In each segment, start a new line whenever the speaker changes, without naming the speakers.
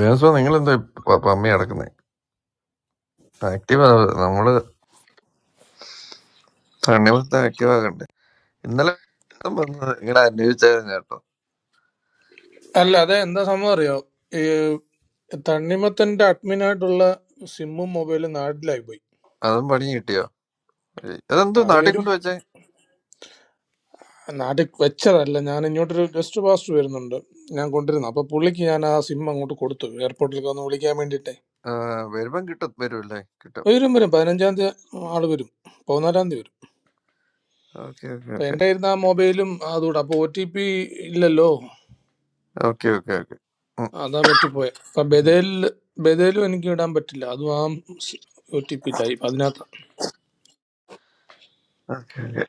ദേവസ്വ നിങ്ങൾ എന്താ പമ്മി കിടക്കുന്നത് ആക്റ്റീവ് നമ്മള് തണ്ണിമത്ത ആക്റ്റീവ് ആകണ്ടേ ഇന്നലെ ഇതും വന്നത് നിങ്ങളെ അന്വേഷിച്ചായിരുന്നു കേട്ടോ
അല്ല അത് എന്താ സംഭവം അറിയോ ഈ തണ്ണിമത്തന്റെ അഡ്മിനായിട്ടുള്ള സിമ്മും മൊബൈലും നാട്ടിലായി പോയി
അതും പണി കിട്ടിയോ അതെന്തോ
അത്
നാട്ടിൽ
വരും
കൊണ്ട് വെച്ചേ
നാട്ടിൽ വെച്ചതല്ല ഞാൻ ഇങ്ങോട്ടൊരു ഗസ്റ്റ് പാസ്റ്റ് വരുന്നുണ്ട് ഞാൻ കൊണ്ടിരുന്നു അപ്പൊ പുള്ളിക്ക് ഞാൻ ആ സിം അങ്ങോട്ട് കൊടുത്തു എയർപോർട്ടിലേക്ക് ഒന്ന് വിളിക്കാൻ വേണ്ടിയിട്ടേ
ആ, വരുമ്പം കിട്ടും വരുമല്ലേ കിട്ടും
വരും വരും പതിനഞ്ചാം തീയതി ആള് വരും പതിനാലാം തീയതി വരും
ഓക്കെ ഓക്കെ
അപ്പൊ
ഓക്കെ
എന്റെ ഇരുന്ന ആ മൊബൈലും അതുകൂടെ അപ്പൊ ഒ ടി പി ഇല്ലല്ലോ
ഓക്കെ ഓക്കെ ഓക്കെ
അതാ പറ്റിപ്പോയെ അപ്പൊ ബദലിൽ ബദലും എനിക്ക് ഇടാൻ പറ്റില്ല അതും ആ ഒ ടി പി ഇല്ല അതിനകത്ത്
ഓക്കെ ഓക്കെ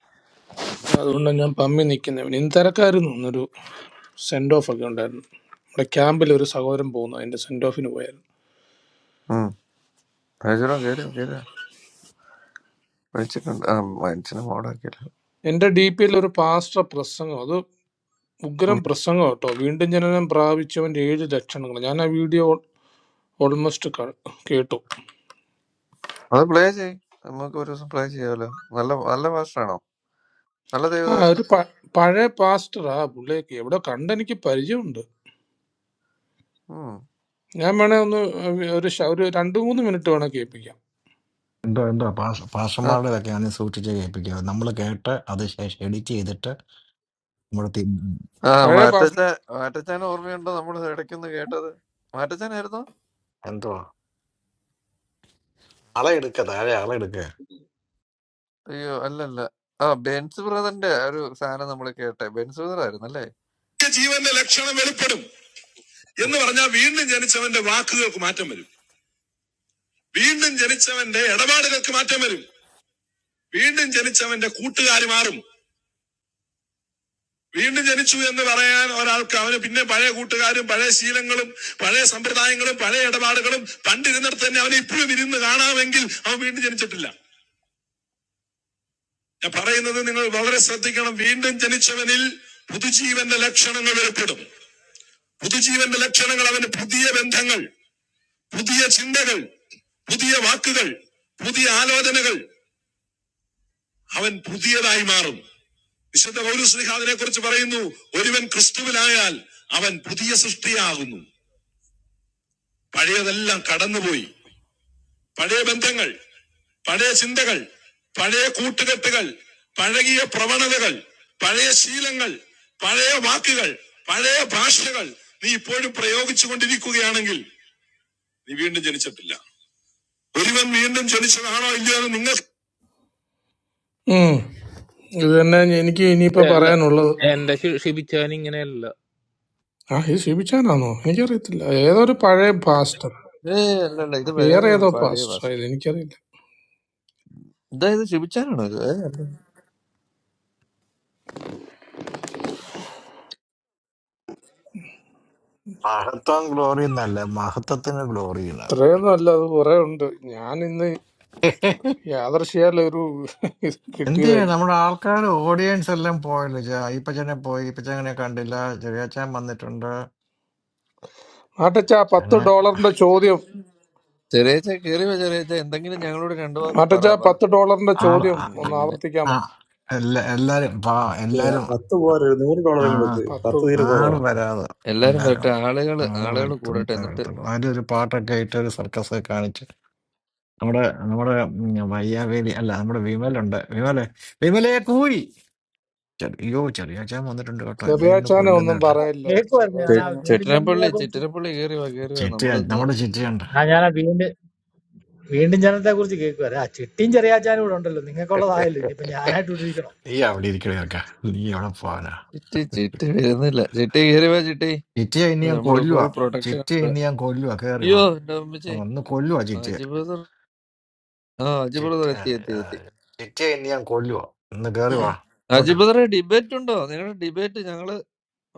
അപ്പൊ അതുകൊണ്ടാണ് ഞാൻ പമ്മി നിൽക്കുന്നത് ഇന്ന് തിരക്കായിരുന്നു ഇന്നൊരു സെൻഡ് ഓഫ് ഒക്കെ ഉണ്ടായിരുന്നു നമ്മുടെ ക്യാമ്പിൽ ഒരു സഹോദരൻ പോകുന്നു അതിന്റെ സെൻഡ് ഓഫിന് പോയായിരുന്നു
ഹജറോ കയറിയോ കയറിയോ വിളിച്ചിട്ടുണ്ട് ആ മനുഷ്യനെ മോഡാക്കിയില്ല
എന്റെ ഡി പിയിൽ ഒരു പാസ്റ്റർ പ്രസംഗം അത്
ഉം.
ഉഗ്രം പ്രസംഗം കേട്ടോ വീണ്ടും ജനനം പ്രാപിച്ചവന്റെ ഏഴ് ലക്ഷണങ്ങൾ ഞാൻ ആ വീഡിയോ ഓൾമോസ്റ്റ് കേട്ടു
അത് പ്ലേ ചെയ് നമുക്ക് ഒരു ദിവസം പ്ലേ ചെയ്യാമല്ലോ നല്ല നല്ല മാസ്റ്ററാണോ നല്ല
ആ ഒരു
ദേവദാസനാണോ
പ- പഴയ പാസ്റ്ററാ പുള്ളിയൊക്കെ എവിടെ കണ്ടെനിക്ക് പരിചയമുണ്ട്
ഉം.
ഞാൻ വേണേ ഒന്ന് ഒരു ശ- ഒരു രണ്ടു മൂന്ന് മിനിറ്റ് വേണേ കേൾപ്പിക്കാം
എന്തോ എന്തോ പാഷ പാഷന്മാരുടേതൊക്കെ ആണ് സൂക്ഷിച്ച് കേൾപ്പിക്കുക നമ്മൾ കേട്ട് അത് ശേഷം എഡിറ്റ് ചെയ്തിട്ട് നമ്മുടെ തി-
ആ
പഴയ പാസ്റ്റർ
മാറ്റച്ച മാറ്റച്ചാൻ ഓർമ്മയുണ്ടോ നമ്മൾ ഇടയ്ക്കൊന്ന് കേട്ടത് മാറ്റച്ചാനായിരുന്നോ
എന്തോ അളയെടുക്ക താഴെ അളയെടുക്ക
അയ്യോ അല്ലല്ല ആ ബെൻസ് ബ്രദറിന്റെ ഒരു സാധനം നമ്മൾ കേട്ടെ ബെൻസ് ബ്രദർ ആയിരുന്നു അല്ലേ
നിത്യ ജീവന്റെ ലക്ഷണം വെളിപ്പെടും എന്ന് പറഞ്ഞാൽ വീണ്ടും ജനിച്ചവന്റെ വാക്കുകൾക്ക് മാറ്റം വരും വീണ്ടും ജനിച്ചവന്റെ ഇടപാടുകൾക്ക് മാറ്റം വരും വീണ്ടും ജനിച്ചവന്റെ കൂട്ടുകാർ മാറും വീണ്ടും ജനിച്ചു എന്ന് പറയാൻ ഒരാൾക്ക് അവന് പിന്നെ പഴയ കൂട്ടുകാരും പഴയ ശീലങ്ങളും പഴയ സമ്പ്രദായങ്ങളും പഴയ ഇടപാടുകളും പണ്ടിരുന്നിടത്ത് തന്നെ അവനെ ഇപ്പോഴും ഇരുന്ന് കാണാമെങ്കിൽ അവൻ വീണ്ടും ജനിച്ചിട്ടില്ല ഞാൻ പറയുന്നത് നിങ്ങൾ വളരെ ശ്രദ്ധിക്കണം വീണ്ടും ജനിച്ചവനിൽ പുതുജീവന്റെ ലക്ഷണങ്ങൾ വെളിപ്പെടും പുതുജീവന്റെ ലക്ഷണങ്ങൾ അവന് പുതിയ ബന്ധങ്ങൾ പുതിയ ചിന്തകൾ പുതിയ വാക്കുകൾ പുതിയ ആലോചനകൾ അവൻ പുതിയതായി മാറും വിശുദ്ധ പൗരസ്ലിഹ അതിനെ കുറിച്ച് പറയുന്നു ഒരുവൻ ക്രിസ്തുവിലായാൽ അവൻ പുതിയ സൃഷ്ടിയാകുന്നു പഴയതെല്ലാം കടന്നുപോയി പഴയ ബന്ധങ്ങൾ പഴയ ചിന്തകൾ പഴയ കൂട്ടുകെട്ടുകൾ പഴകിയ പ്രവണതകൾ പഴയ ശീലങ്ങൾ പഴയ വാക്കുകൾ പഴയ ഭാഷകൾ നീ ഇപ്പോഴും പ്രയോഗിച്ചു കൊണ്ടിരിക്കുകയാണെങ്കിൽ നീ വീണ്ടും ജനിച്ചിട്ടില്ല ഒരുവൻ വീണ്ടും ജനിച്ചതാണോ ഇല്ലയോ എന്ന് നിങ്ങൾ ഉം. ഇത് തന്നെ എനിക്ക് ഇനിയിപ്പോ
ഏ, അല്ല
പറയാനുള്ളത്
എന്റെ ഷി- ഷിബിച്ചാൻ ഇങ്ങനെയല്ല
ആ ഇത് ഷിബിച്ചാനാണോ എനിക്കറിയത്തില്ല ഏതോ ഒരു പഴയ പാസ്റ്റർ
ഏ അല്ലല്ല ഇത് വേറെ
വേറെ ഏതോ
ഒരു പഴയ
പാസ്റ്റർ
പാസ്
ഇത് എനിക്കറിയില്ല
ഇതായത് ശിപിച്ചാനാണോ ഇത് ഏ, അല്ല.
മഹത്വം ഗ്ലോറി എന്നല്ല മഹത്വത്തിന് ഗ്ലോറിയില്ല
ഇത്രയൊന്നും അല്ല അത് കുറെ ഉണ്ട് ഞാൻ ഇന്ന് യാദർശിയാൽ ഒരു ഇത്
എന്ത്
കിട്ടിയത്
ചെയ്യാ
എനിക്ക്
നമ്മുടെ ആൾക്കാർ ഓഡിയൻസ് എല്ലാം പോയല്ലോ ചാ ഈപ്പച്ചനെ പോയി ഈപ്പച്ചനെ കണ്ടില്ല ചെറിയച്ചാൻ വന്നിട്ടുണ്ട്
മാട്ടച്ച പത്ത്
ചാന്
ഡോളറിന്റെ ചോദ്യം
ചെറിയച്ച കേറിയോ ചെറിയച്ച എന്തെങ്കിലും ഞങ്ങളോട് രണ്ടു വാക്ക് പറ
മാട്ടച്ച
വാ
പത്ത് ഡോളറിന്റെ
ആൾ
ചോദ്യം
ആ-
ഒന്ന്
നിങ്ങളിങ്ങനെ
ആ-
ആവർത്തിക്കാമോ
എല്ലാ എല്ലാരും പാ
Yeah,
എല്ലാരും
that too. What are you doing? What
ആ
are you doing? That
പത്ത്
too. Here, go
ആള്
away.
വരാതെ
എല്ലാരും
എല്ലാരും
വരട്ടെ ആളുകള്
ആള്
ആളുകൾ കൂടട്ടെ
വരുത്തുന്ന
എന്നിട്ട്
വരുത്തുള്ളൂ അതിന്റെ ഒരു പാട്ടൊക്കെ ഇട്ട് ഒരു സർക്കസ് ഒക്കെ കാണിച്ച് നമ്മുടെ നമ്മുടെ ഉം, വയ്യാവേലി അല്ല നമ്മുടെ വിമലുണ്ട് വിമലെ വിമലെ കൂയി ചെറി- അയ്യോ ചെറിയാച്ചാൻ വന്നിട്ടുണ്ട് കേട്ടോ എന്നെ ഇന്ന്
ചെറിയാച്ചാനെ ഒന്നും
കൊല്ലുന്നില്ല
പറയല്ലേ
കേൾക്കുമായിരുന്നു ഞാൻ
ചെ-
ആ
ചെറിയാച്ചാനെ
വീണ്ടും
ചെട്ടിനപ്പള്ളി
ജനനത്തെ കുറിച്ച്
ചിറ്റിനപ്പള്ളി കേറി വാ കേറി വാ
ചിറ്റ
നമ്മളിന്ന്
നമ്മുടെ ചിറ്റയുണ്ട്
ആ ഞാൻ ആ വീണ്ടും വീണ്ടും ജനനത്തെ കുറിച്ച് കേൾക്കുമായിരുന്നു ആ ചിട്ടിയും ചെറിയാച്ചാനും ഇവിടെ ഉണ്ടല്ലോ നിങ്ങൾക്കുള്ളതായല്ലോ ഇനിയിപ്പോ ഞാനായിട്ട് ഇട്ടിരിക്കണം
നീ അവിടെ ഇരിക്കണേ ചേർക്ക നീ എവിടെ പോവാനാ
ചിറ്റി ചിറ്റി വരുന്നില്ല ചിറ്റി കേറി വാ ചിറ്റി
ചിറ്റയെ ഇനി ഞാൻ
നമ്മള്
കൊല്ലുക
ഫുൾ പ്രൊട്ടക്ഷൻ
ചിറ്റയെ ഇനി ഞാൻ കൊല്ലുക കേറി
അയ്യോ
വാ
എന്റെ അമ്മച്ചി
ഒന്ന് കൊല്ലുക ചിറ്റയെ
അജി ബ്രദർ ആ അജി
ചിറ്റ
ബ്രദർ എത്തി എത്തി എത്തി
ചിറ്റയെ ഇനി ഞാൻ കൊല്ലുക ഒന്ന് കേറി വാ ഇങ്ങോട്ട്
അജി ബ്രദറെ ഡിബേറ്റ് ഉണ്ടോ നിങ്ങളുടെ ഡിബേറ്റ് ഞങ്ങള്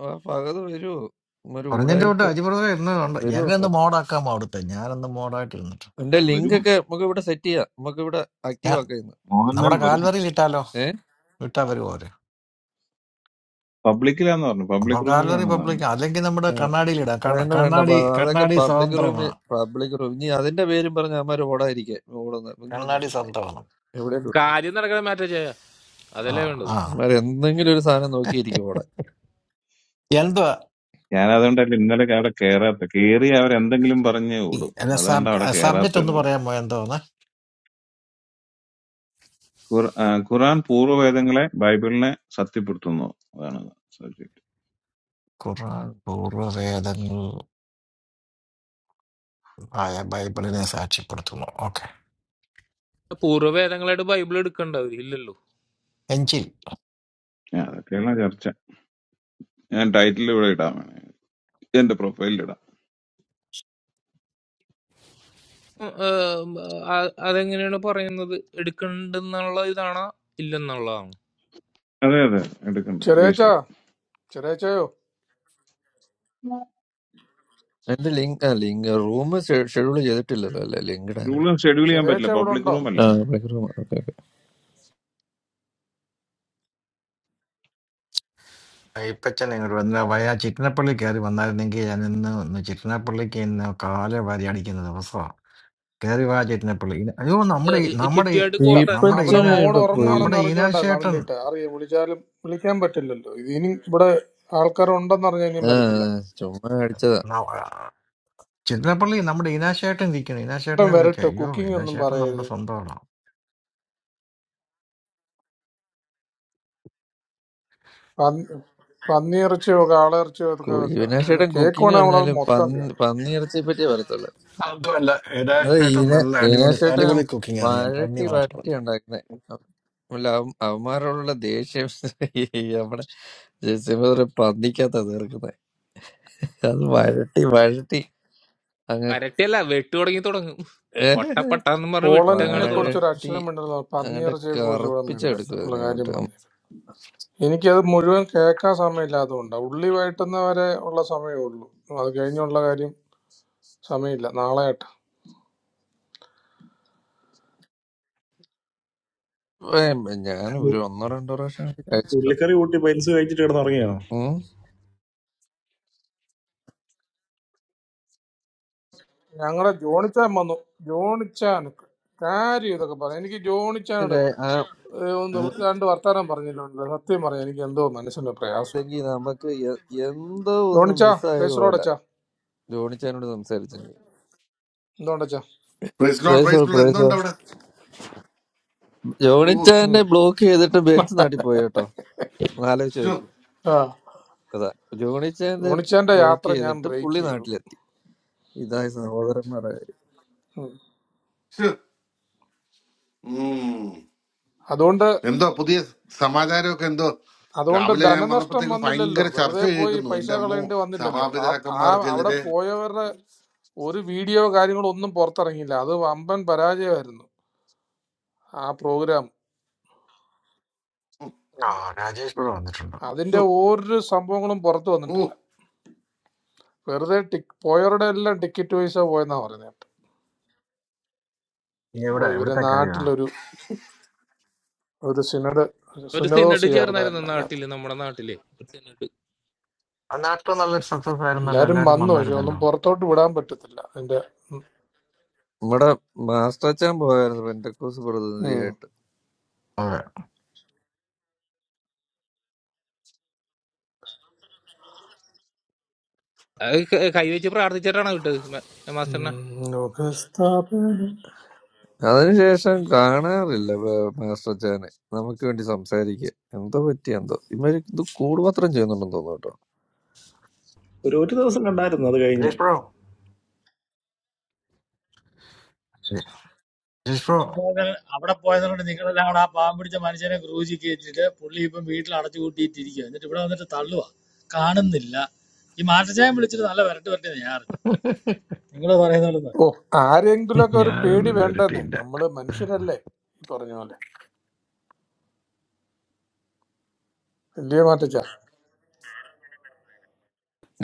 ആ പകത് വരുമോ ഒരു
പറഞ്ഞതിന്റെ കൊണ്ട്
ഉടായ്പ്
അജിപ്രദറെ ഇന്ന് ഉണ്ട്
വരുമോ
ഞാനൊന്ന് മോഡാക്കാം അവിടുത്തെ ഞാനൊന്ന് മോഡായിട്ട് ഇരുന്നിട്ട്
എന്റെ
All vary
ലിങ്ക്
much.
ഒക്കെ നമുക്ക് ഇവിടെ സെറ്റ് ചെയ്യാം നമുക്ക് ഇവിടെ ആക്റ്റീവ്
ഞാൻ
ആക്കാം ഇന്ന്
All
നമ്മുടെ
vary much.
കാൽവറിയിൽ ഇട്ടാലോ
ഏ
ഇട്ടാ വരുമോ അവര്
Publicly also or not,
അപ്പൊ
public room also
Calvary
or not.
Public അല്ലെങ്കിൽ നമ്മുടെ
ആ,
കണ്ണാടിയിൽ ഇടാം കണ്ണ-
വേണ്ട വേണ്ട
കണ്ണാടി
പ- അതൊക്കെ
കണ്ണാടി
പബ്ലിക് റൂമിൽ
സ്വതന്ത്രമാ
പബ്ലിക് റൂം ഇനി അതിന്റെ പേരും പറഞ്ഞ അമ്മമാര് ഓടാതിരിക്കുക ഓടുന്ന നിങ്ങളൊന്ന്
കണ്ണാടി
ചുമ്മാ ഇരിക്കും
സ്വതന്ത്രമാണ്
എവിടെയും
കാര്യം നടക്കണ മാറ്റ ചെയ്യാ
ആ
അതല്ലേ വേണ്ടത്
ആ
അമ്മമാര് എന്തെങ്കിലും ഒരു സാധനം നോക്കിയിരിക്കും ഓടാൻ
എന്തുവാ
Because that one like in that like our Kerala, the Kiri oury and things like that are not. That is our Kerala
subject ഒന്ന്
thing.
പറയാമോ എന്തോന്ന്
Kor Koran pooru and things like that, Bible like, Satipurthuno or something.
ഖുർആൻ പൂർവ്വവേദങ്ങൾ ആയ ബൈബിളിനെ സാക്ഷ്യപ്പെടുത്തുന്നു okay
പൂർവ്വവേദങ്ങളായിട്ട് Bible എടുക്കണ്ട അവരില്ലല്ലോ
എഞ്ചിൽ
Yeah, that Kerala church. That title of that one. That the profile of that.
ഉം, ഏം, ആ, അതെങ്ങനെയാണ് പറയുന്നത് എടുക്കണ്ടെന്നുള്ള ഇതാണോ ഇല്ലെന്നുള്ളതാണ്
That that. That is kind of
ചെറിയാച്ചാ
basically.
ചെറിയാച്ചയോ
എന്റെ ലിങ്ക് ആ ലിങ്ക് റൂം ഷെഡ്യൂൾ ചെയ്തിട്ടില്ലല്ലോ അല്ലേ ലിങ്ക്
Rule
ഇടാനായിട്ട്
and schedule is not
ചെറിയാച്ച
like
ഇവിടെ
public
ഉണ്ടോ
room or not.
ആ public room okay okay
Ayyappachan ഇങ്ങോട്ട് വന്ന വയ ചിറ്റിനപ്പള്ളി കയറി വന്നായിരുന്നെങ്കിൽ ഞാൻ ഇന്ന് ഒന്ന് ചിറ്റിനപ്പള്ളിക്ക് ഇന്ന് കാലെ വാരി അടിക്കുന്ന ദിവസമാണ് കയറി വാ ചിറ്റിനപ്പള്ളി ഇന- അയ്യോ
ഏ,
നമ്മുടെ ഈ-
ഏ,
നമ്മുടെ ഈ-
ചിട്ടിയായിട്ട്
ഇല്ല
കോർത്തായിരുന്നു
നമ്മുടെ
അവിടെ
ഈന
ഈപ്പച്ചനെ
മോഡ്
ഇവിടെ പോയി
ഉറങ്ങുവാണെന്ന്
നമ്മുടെ
അറിഞ്ഞോണ്ടാ
ഈനാശേട്ടൻ
കമന്റ് ഇട്ട് അറിയാം വിളിച്ചാലും വിളിക്കാൻ പറ്റില്ലല്ലോ ഇത് ഇനി ഇവിടെ ആൾക്കാർ ഉണ്ടെന്ന് അറിഞ്ഞാൽ ഇനിയും
ആ,
വരത്തില്ല
ചുമ്മാ അടിച്ചതാ
ന- ചിറ്റിനപ്പള്ളി നമ്മുടെ ഈനാശേട്ടൻ ഇരിക്കണം
ഏട്ടൻ
ഈനാശേട്ടനെ വിളിക്കാം
വരട്ടെ
അയ്യോ
കുക്കിംഗ് ഒന്നും
ഈനാശേട്ടൻ നമ്മുടെ
പറയരുത്
സ്വന്തമാണ്
പന്നി- പന്നിയിറച്ചിയോ കാളയിറച്ചിയോ ഒക്കെ
കു-
വെക്കുക ഒന്ന്
ഇവനാശേട്ടൻ കുക്കിംഗ്
കേൾക്കുവാണെങ്കിൽ നമ്മളത്
പറഞ്ഞാല്
മൊത്തം
പന്നി
കേൾക്കും
പന്നിയിറച്ചിയെ പറ്റിയേ പറയത്തുള്ളൂ
അതുമല്ല
അത്
ഈനാശേട്ടൻ
ഇന
നല്ല അടിപൊളി
ഇനാശേട്ടൻ
അടിപൊളി കുക്കിംഗ് അറിയാം പന്നി
വഴട്ടി
മാത്രം
വഴട്ടി ഉണ്ടാക്കുന്നത് അല്ല അവ- അവന്മാരോടുള്ള ദേഷ്യം ഈ നമ്മുടെ ജയസിംഹ പന്നിക്കാത്ത തീർക്കുന്നത് അത് വഴട്ടി വഴട്ടി അങ്ങ്
അരട്ടിയല്ല വെട്ടു തുടങ്ങി തുടങ്ങും പട്ട പട്ടാന്ന് പറഞ്ഞ്
പോളണ്ടിനെ
വിട്ടങ്ങോട്ട്
കുറിച്ച്
തുടങ്ങും
ഒരു
വഴട്ടി
അക്ഷരം മിണ്ടല്ലോ
അങ്ങോട്ട്
പന്നിയിറച്ചിയെ കുറിച്ച് ഇവിടെ മിണ്ടല്ല
കറുപ്പിച്ചെടുക്കും
ഉള്ള
അതിനെ
കാര്യം
അങ്ങോട്ട് ഉം.
പറഞ്ഞു എനിക്കത് മുഴുവൻ കേൾക്കാൻ സമയമില്ലാത്തതുകൊണ്ടാണ് ഉള്ളി വഴറ്റുന്ന വരെ ഉള്ള സമയമേ ഉള്ളൂ അത് കഴിഞ്ഞുള്ള കാര്യം സമയമില്ല നാളെ
ഏ, ഞാൻ ഒരു ഒന്നോ രണ്ടോ പ്രാവശ്യം
You like
കഴിച്ചിട്ടുണ്ട്
curry? Go eat. By any means, you take it. Don't worry. You
ഉം.
ഞങ്ങളെ ജോണിച്ചാൻ വന്നു ജോണിച്ചാൻ കാര്യം ഇതൊക്കെ പറയാം എനിക്ക്
അത്
ജോണിച്ചാനോട്
കഴി- ആ
ഏഹ്, ഒന്ന് രണ്ട് വർത്താനം പറഞ്ഞിട്ടുണ്ട് സത്യം പറയാം എനിക്ക് എന്തോ മനസ്സിന് പ്രയാസം
അല്ലെങ്കിൽ നമുക്ക് എ- എന്തോ ഒന്ന്
ജോണിച്ചാ
മിസ്സായത് പോലെ
പ്രേസറോടച്ചാ
ജോണിച്ചാനോട് സംസാരിച്ചെങ്കിൽ
എന്തുകൊണ്ടച്ചാ
Price floor,
പ്രൈസോ
price floor. How
പ്രൈസോ
many? Oh,
ഉം
ജോണിച്ചാനെ ബ്ലോക്ക് ചെയ്തിട്ട് ബെൻസ് നാട്ടിൽ പോയി കേട്ടോ ആലോചിച്ച്
sure,
നോക്കി
ആ
അതാ ജോണിച്ചാനെ
ജോണിച്ചാന്റെ
ബ്ലോക്ക്
യാത്ര ഞാൻ
ചെയ്തിട്ട്
ബ്രേക്ക്
പുള്ളി
ചെയ്തു
നാട്ടിലെത്തി ഇതായി സഹോദരന്മാരെ
ഉം.
sure. Hmm.
അതുകൊണ്ട്
How many? Today, society. How many?
അതുകൊണ്ട്
Travelers. I'm not
ധനനഷ്ടം
going to find
വന്നില്ലല്ലോ
a chair
വെറുതെ
seat.
പോയി
No.
പൈസ
That's
കളയേണ്ടി
why
വന്നില്ലല്ലോ
I'm going
ആ
to come
ആ
here
അവിടെ
today.
പോയവരുടെ ഒരു വീഡിയോ കാര്യങ്ങളോ ഒന്നും പുറത്തിറങ്ങിയില്ല അത് വമ്പൻ പരാജയമായിരുന്നു ആ പ്രോഗ്രാം
ആ രാജേഷ് ഇവിടെ വന്നിട്ടുണ്ടോ
അതിന്റെ ഒരു സംഭവങ്ങളും പുറത്തു വന്നിട്ടില്ല
Oh.
വെറുതെ ടിക് പോയവരുടെ എല്ലാം ടിക്കറ്റ് പൈസ പോയെന്നാ പറയുന്നത്
നീ എവിടെ
ഓ ഇവരെ
എവിടുത്തെ കാര്യമാണ്
നാട്ടിലൊരു ഒരു സിനഡ്
ഒരു സിനഡ്
സുനദോസ്
ചേർന്നായിരുന്നു
ചേർന്നായിരുന്നു അതിനകത്ത്
നാട്ടില് നമ്മുടെ നാട്ടില് ഒരു സിനഡ്
ആ നാട്ടിൽ നല്ലൊരു സക്സസ് ആയിരുന്നല്ലോ
എല്ലാരും
എല്ലാരും
വന്നു പക്ഷെ ഒന്നും
വന്നായിരുന്നല്ലോ
പുറത്തോട്ട് വിടാൻ പറ്റത്തില്ല അതിന്റെ ഉം,
നമ്മുടെ മാസ്റ്റർ അച്ചാൻ പോയായിരുന്നു പെന്തക്കോസ്
ഉം.
പ്രതിനിധിയായിട്ട്
അതെ
അത് ക- കൈവച്ച് പ്രാർത്ഥിച്ചിട്ടാണ് വിട്ടത് മാ- മാസ്റ്ററിനെ
ഉം, ലോകസ്ഥാപനം.
അതിനുശേഷം കാണാറില്ല ബ- മാസ്റ്റർ അച്ചാനെ നമുക്ക് വേണ്ടി സംസാരിക്കുക എന്തോ പറ്റി എന്തോ ഇവര് ഇത് കൂടുമാത്രം ചെയ്യുന്നുണ്ടെന്ന് തോന്നുന്നു കേട്ടോ
eat. That's enough.
Rajesh bro just bro
പോയത്- അവിടെ പോയത് കൊണ്ട് നിങ്ങളെല്ലാം കൂടെ ആ പാവം പിടിച്ച മനുഷ്യനെ ക്രൂശി കയറ്റിട്ട് പുള്ളി ഇപ്പം വീട്ടിൽ അടച്ചു കൂട്ടിയിട്ടിരിക്കുക എന്നിട്ട് ഇവിടെ വന്നിട്ട് തള്ളുവാ കാണുന്നില്ല ഈ മാറ്റച്ചായം വിളിച്ചിട്ട് നല്ല വരട്ട് പറ്റിയെന്ന് ഞാൻ അറിഞ്ഞു നിങ്ങൾ പറയുന്ന പോലെ തന്നെ.
ഓ ആരെങ്കിലുമൊക്കെ ഒരു പേടി
ഞാനൊന്നും
വേണ്ടെന്നേ
വരട്ടിയില്ല
നമ്മള് മനുഷ്യരല്ലേ ഈ പറഞ്ഞ പോലെ വലിയ മാറ്റച്ച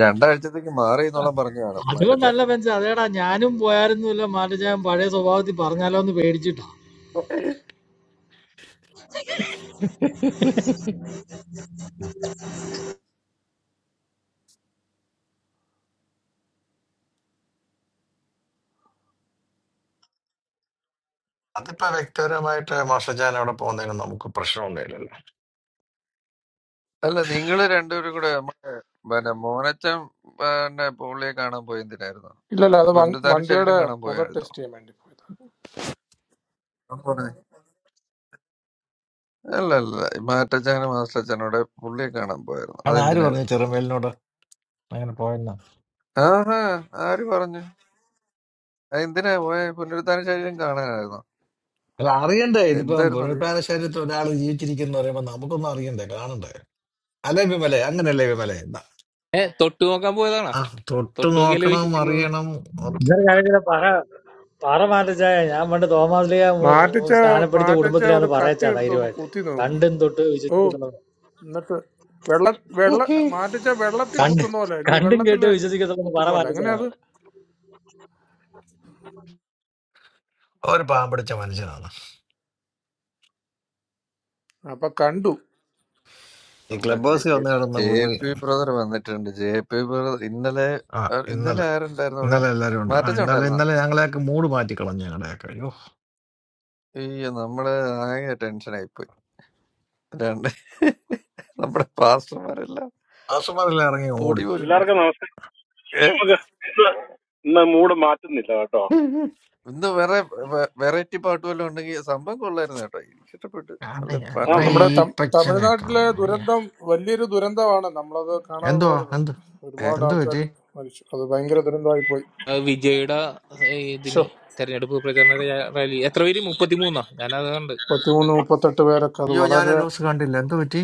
രണ്ടാഴ്ചത്തേക്ക് മാറി എന്നോളം പറഞ്ഞു കാണും മാറ്റച്ചാൻ
അതുകൊണ്ടല്ല ബെഞ്ച് അതേടാ ഞാനും പോയായിരുന്നില്ല മാറ്റച്ചായം പഴയ സ്വഭാവത്തിൽ പറഞ്ഞാലോ എന്ന് പേടിച്ചിട്ടാ
അതിപ്പോ വ്യക്തിപരമായിട്ട് മാഷജാൻ അവിടെ പോകുന്നതിന് നമുക്ക് പ്രശ്നമൊന്നുമില്ലല്ലോ
അല്ല നിങ്ങള് രണ്ടുപേരും കൂടെ നമ്മുടെ പിന്നെ മോനച്ചൻ പിന്നെ പുള്ളിയെ കാണാൻ പോയി എന്തിനായിരുന്നു
ഇല്ലല്ല അത് വൺ-
പുനരുദ്ധാന ശരീരം
വണ്ടിയുടെ
കാണാൻ
പുക
പോയായിരുന്നോ
ടെസ്റ്റ് ചെയ്യാൻ വേണ്ടി പോയതാ
അത് പറഞ്ഞേ. അല്ല അല്ല മാറ്റച്ചനും മാസ്റ്റച്ചനോടെ പുള്ളിയെ കാണാൻ പോയായിരുന്നു
അതാര് പറഞ്ഞു
അതെന്തിനായിരുന്നു
ചെറുമേലിനോട് അങ്ങനെ പോയെന്ന്
ആഹാ ആര് പറഞ്ഞു അതെന്തിനാ പോയ പുനരുദ്ധാന ശരീരം കാണാനായിരുന്നു
അല്ല അറിയണ്ടേ ഇതിപ്പം
എന്തായിരുന്നു അറിയാം
പുനരുത്ഥാന ശരീരത്തിൽ ഒരാൾ ജീവിച്ചിരിക്കുന്നു പറയുമ്പോ നമുക്കൊന്നും അറിയണ്ടേ കാണണ്ടേ അല്ലേ വിമലെ അങ്ങനല്ലേ വിമലെ ന-
ഏ തൊട്ടു നോക്കാൻ പോയതാണോ
ആ, തൊട്ട്
തൊട്ടു നോക്കിയാലേ
നോക്കണം
വിശ്വസിക്കുള്ളൂ
അറിയണം ഒക്കെ.
ഇന്നലെ ഞാൻ ഇങ്ങനെ പറ പറ മാറ്റച്ചായ ഞാൻ പണ്ട് തോമാസ് ലീഗ
മാറ്റച്ച
സ്നാനപ്പെടുത്തിയ
മാറ്റച്ച ഒരു
കുടുംബത്തിലാന്ന്
കത്തി
പറയച്ചാ
എടുത്തൊന്ന്
ധൈര്യമായിട്ട്
കുത്തി നോക്കി
കണ്ടും തൊട്ട്
ഓ
വിശ്വസിക്കുന്നു
എന്നിട്ട് വെള്ള വെള്ള മാറ്റിച്ച വെള്ളത്തിൽ
കണ്ട്
കുത്തുന്ന പോലെ അല്ലേ
കണ്ടും
വെള്ളത്തിൽ
കേട്ട് വിശ്വസിക്കത്തുള്ളൂ പറ
കുത്തുന്ന പോലെ അങ്ങനെ
മാറ്റച്ചായ
അത്
ഒരു പാവം പിടിച്ച മനുഷ്യനാണ്
അപ്പൊ കണ്ടു
ഈ
നമ്മുടെ
ക്ലബ്
ജെ
ഹൗസിൽ വന്നു കിടന്ന
ജെ
പുള്ളി
പി ബ്രദർ വന്നിട്ടുണ്ട് ജെ പി ബ്രദർ ഇന്നലെ
ആ
ആ, ഇന്നലെ
ഇന്നലെ
ആരുണ്ടായിരുന്നു അവിടെ
ഇന്നലെ എല്ലാരും ഉണ്ട് ആ
മാറ്റച്ച
ഇന്നലെ
ഉണ്ടായിരുന്നോ
ഇന്നലെ ഞങ്ങളെയൊക്കെ മൂഡ് മാറ്റി കളഞ്ഞു ഞങ്ങളുടെയൊക്കെ
അയ്യോ നമ്മള് ആകെ ടെൻഷനായി രണ്ട് നമ്മുടെ പാസ്റ്റർമാരെല്ലാം
അസുമതെല്ലാം ഇറങ്ങി
പൊടി
ഓടി
പോലും കേട്ട-
എല്ലാവർക്കും നമസ്കാരം
ഏ
നമുക്ക് ഇന്ന് മൂഡ് മാറ്റുന്നില്ല കേട്ടോ
ഇന്ന് വേറെ വെറൈറ്റി പാട്ട് വല്ലതും ഉണ്ടെങ്കിൽ സംഭവം കൊള്ളായിരുന്നു കേട്ടോ എനിക്ക് ഇഷ്ടപ്പെട്ടു നല്ല
ആണയ്യ.
പാ-
ആ
ആ
നല്ല
നമ്മുടെ
പാട്ട്
തം-
ഈപ്പച്ചനെ
തമിഴ്നാട്ടിലെ
കാണയ്യ.
ദുരന്തം വലിയൊരു ദുരന്തമാണ് നമ്മളത് കാണാതെ
എന്തുവാ
പോരുത്
എന്ത്
ഏ
ഒരുപാട്
എന്ത്
ആൾക്കാർ
പറ്റി
മരിച്ചു അത് ഭയങ്കര ദുരന്തമായി പോയി
ആ വിജയുടെ ഏ,
ഷോ
ഇതിന് തെരഞ്ഞെടുപ്പ് പ്രചരണ റാ- റാലി എത്ര പേര് മുപ്പത്തിമൂന്നാ ഞാൻ അത് കണ്ട്
മുപ്പത്തിമൂന്ന് മുപ്പത്തെട്ട് പേരൊക്കെ അത്
അയ്യോ ഞാൻ ആ
വളരെ
ന്യൂസ് കണ്ടില്ല എന്ത് പറ്റി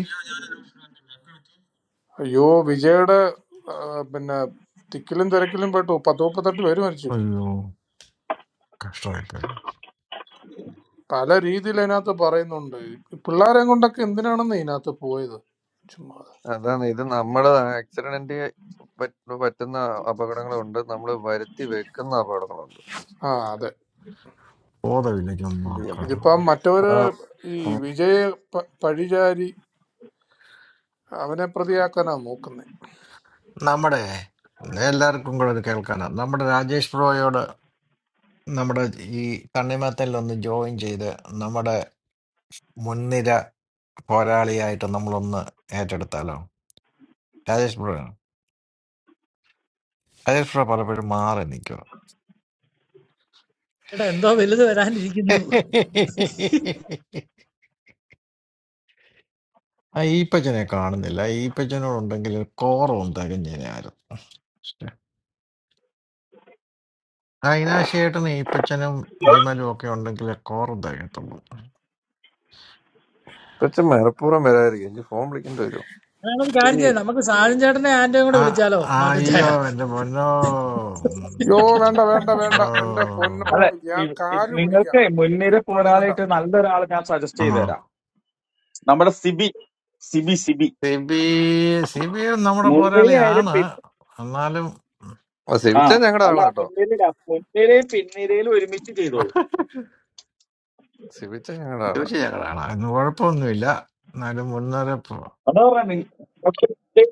അയ്യോ വിജയുടെ ആ, പിന്നെ തിക്കിലും തിരക്കിലും പെട്ടു പത്ത് മുപ്പത്തെട്ട് പേര് മരിച്ചു
അയ്യോ കഷ്ടമായിപ്പോയി
പല രീതിയിൽ അതിനകത്ത് പറയുന്നുണ്ട് ഈ പിള്ളേരെ കൊണ്ടൊക്കെ എന്തിനാണെന്ന് ഇതിനകത്ത് പോയത് ചുമ്മാ
അതാണ് ഇത് നമ്മുടെ ആക്സിഡന്റ് പറ്റുന്ന അപകടങ്ങളുണ്ട് നമ്മൾ വരുത്തി വെക്കുന്ന അപകടങ്ങളുണ്ട്
ആ അതെ
ബോധമില്ല ചുമ്മാ
എന്ത് ചെയ്യാം
കരം.
ഇതിപ്പം മറ്റവര്
ആ
ഈ
ഉം.
വിജയ പ- പഴിചാരി അവനെ പ്രതിയാക്കാനാ നോക്കുന്നത്
നമ്മുടെ എല്ലാവർക്കും കൂടെ ഇത് കേൾക്കാനാ നമ്മുടെ രാജേഷ് ബ്രോയോട് നമ്മുടെ ഈ തണ്ണിമത്തനിലൊന്ന് ജോയിൻ ചെയ്ത് നമ്മുടെ മുൻനിര പോരാളിയായിട്ട് നമ്മളൊന്ന് ഏറ്റെടുത്താലോ രാജേഷ് ബ്രോ രാജേഷ് ബ്രോ പലപ്പോഴും മാറി നിൽക്കുക
എടാ എന്തോ വലുത് വരാനിരിക്കുന്നു
ആ ഈപ്പച്ചനെ കാണുന്നില്ല ഈപ്പച്ചനോടുണ്ടെങ്കിൽ കോറും തികഞ്ഞേനായിരുന്നു പക്ഷേ, അയിനാശേട്ടനും ഈപ്പച്ചനും വിമലും ഒക്കെ ഉണ്ടെങ്കിൽ കോറും തികയത്തുള്ളൂ
പക്ഷെ മനഃപൂർവ്വം വരാതിരിക്കും എനിക്ക് ഫോൺ വിളിക്കേണ്ടി വരും
അതാണ് ഒരു കാര്യം
ഈ
ചെയ്യാം നമുക്ക് സാജൻ ചേട്ടനെ ആന്റോയും കൂടെ
ആ
വിളിച്ചാലോ
ആ,
മാറ്റച്ചായ
അയ്യോ എന്റെ പൊന്നോ ഉം,
യോ
ഇത്
വേണ്ട
എന്റെ
വേണ്ട വേണ്ട
പൊന്നോ
എന്റെ പൊന്നോ
അല്ല
ഞാൻ
ഈ- ഈ
കാല് പിടിക്കാം
നിങ്ങൾക്ക് മുൻനിര
ഇപ്പൊ എടുക്കണ്ട
പോരാളിയായിട്ട് നല്ലൊരാൾ ഞാൻ സജസ്റ്റ്
ആ
ചെയ്ത് തരാം നമ്മുടെ സിബി സിബി സിബി
സിബി സിബിയും നമ്മുടെ
മുൻനിര ആയാലും
പോരാളിയാണ്
പിൻ
എന്നാലും
ആ
ആ
സിവിച്ച ഞങ്ങളുടെ
അല്ല
ആളാ കേട്ടോ
മുൻനിര മുൻനിരയും പിൻനിരയിലും ഒരുമിച്ച് ചെയ്തോളൂ
സിവിച്ച ഞങ്ങളുടെ ആളാ
ചോദിച്ചു ഞങ്ങളാണ് അതിന് കുഴപ്പമൊന്നുമില്ല എന്നാലും മുൻനിര
അതാ പറഞ്ഞ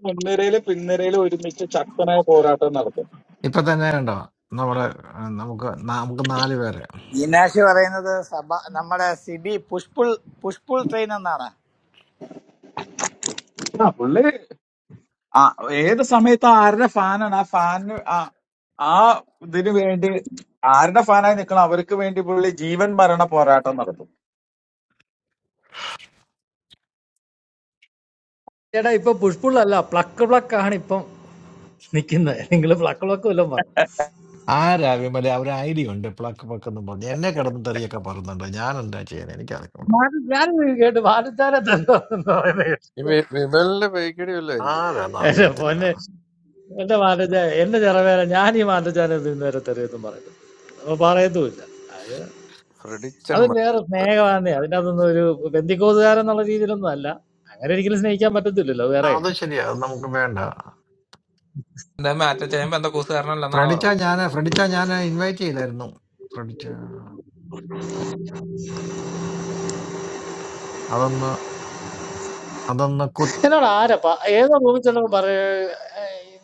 മുൻനിരയിലും പിൻനിരയിലും ഒരുമിച്ച് ശക്തനായ പോരാട്ടം നടത്തും
ഇപ്പൊ തന്നെ കണ്ടോ നമ്മുടെ ആ, നമുക്ക് നാ- നമുക്ക് നാല് പേരെ
International trainer, Sabha. Our CB Pushpull Pushpull trainer, Nara.
ആ പുള്ളി ആ ഏത് സമയത്ത് ആരുടെ ഫാനാണ് ആ ഫാനിന് ആ ആ ഇതിനു വേണ്ടി ആരുടെ ഫാനായി നിൽക്കണം അവർക്ക് വേണ്ടി പുള്ളി ജീവൻ മരണ പോരാട്ടം നടത്തും
ചേട്ടാ ഇപ്പൊ പുഷ്പുള്ളല്ല പ്ലക്ക് പ്ലക്ക് ആണ് ഇപ്പം നിക്കുന്നത് നിങ്ങൾ പ്ലക്ക് പ്ലക്ക് വല്ലതും പറ
ആരാ വിമല ഒരു ഐഡിയ ഉണ്ട് പ്ലക്ക് പ്ലക്ക് എന്ന് പറഞ്ഞു എന്നെ കിടന്ന് തെറിയൊക്കെ പറയുന്നുണ്ട് ഞാൻ എന്താ ചെയ്യാൻ എനിക്കറിയില്ല
മാറ്റ- ഞാൻ ഇത് കേട്ടു മാറ്റച്ചാരെ തന്നോ എന്ന് പറയുന്നത് കേട്ടു.
ഈ വി- വിമലിന്റെ പേക്കിടി വല്ലതായിരിക്കും
ആരാന്ന്
എന്റെ
അറിയത്തില്ല
പൊന്നെ എന്റെ മാറ്റച്ചായ എന്റെ ചെറവേല ഞാൻ ഈ മാറ്റച്ചാനെ ഇന്നുവരെ തെറിയത്തും പറയുന്നത് അപ്പൊ പറയത്തുമില്ല
ഫ്രെഡിച്ചൻ
അത് വേറെ
മംഗലത്ത്
സ്നേഹമാണ് അതിൻ്റെ അതൊന്നും ഒരു ബന്ധിക്കോസുകാരൻ എന്നുള്ള രീതിയിലൊന്നും അല്ല അങ്ങനെ ഒരിക്കലും സ്നേഹിക്കാൻ പറ്റത്തില്ലല്ലോ വേറെ
അത് ശരിയാ അത് നമുക്ക് വേണ്ട
എന്താ മാറ്റച്ചായം ബന്ധക്കോസുകാരനല്ലെന്നാണ്
ഫ്രഡിച്ച
പറയണത്
ഞാൻ ഫ്രഡിച്ച ഞാൻ ഇൻവൈറ്റ് ചെയ്തായിരുന്നു ഫ്രഡിച്ച അതൊന്ന് അതൊന്ന് കു
എന്നോട് ആരാ പ- ഏതോ റൂമിൽ ചെന്നപ്പോൾ പറയ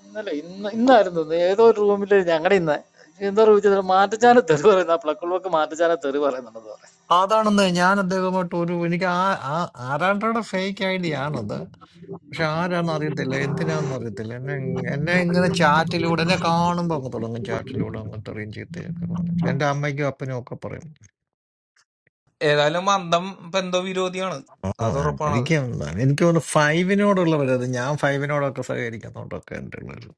ഇന്നലെ ഇന്ന് ഇന്നായിരുന്നു തോന്നുന്നു. ഏതോ ഒരു റൂമിൽ ഞങ്ങളുടെ ഇന്ന് എന്തോ റൂമിൽ ചെന്നപ്പോൾ മാറ്റച്ചാന തെറി പറയുന്ന പ്ലക്കുള്ളവർക്ക് മാറ്റച്ചാന തെറി പറയുന്നുണ്ടെന്ന് പറയാം
അതാണെന്ന് ഞാൻ അദ്ദേഹമായിട്ട് ഒരു എനിക്ക് ആ ആ ആരാണ്ടോടെ ഫേക്ക് ഐഡിയ ആണത് പക്ഷെ ആരാന്ന് അറിയത്തില്ല എന്തിനാന്ന് അറിയത്തില്ല എന്നെ എന്നെ ഇങ്ങനെ ചാറ്റിലൂടെ എന്നെ കാണുമ്പോൾ അങ്ങ് തുടങ്ങും ചാറ്റിലൂടെ അങ്ങ് തെറിയും ചീത്തയൊക്കെ പറഞ്ഞു എന്റെ അമ്മയ്ക്കും അപ്പനും ഒക്കെ പറയും
ഏതായാലും മന്ദം ബന്ധ വിരോധിയാണ്
ആ,
അത് ഉറപ്പാണത്
എനിക്ക് എനിക്ക് തോന്നുന്നു ഫൈവിനോടുള്ള വരത് ഞാൻ ഫൈവിനോടൊക്കെ സഹകരിക്കുന്നതുകൊണ്ടൊക്കെ എൻ്റെ ഉള്ളൊരു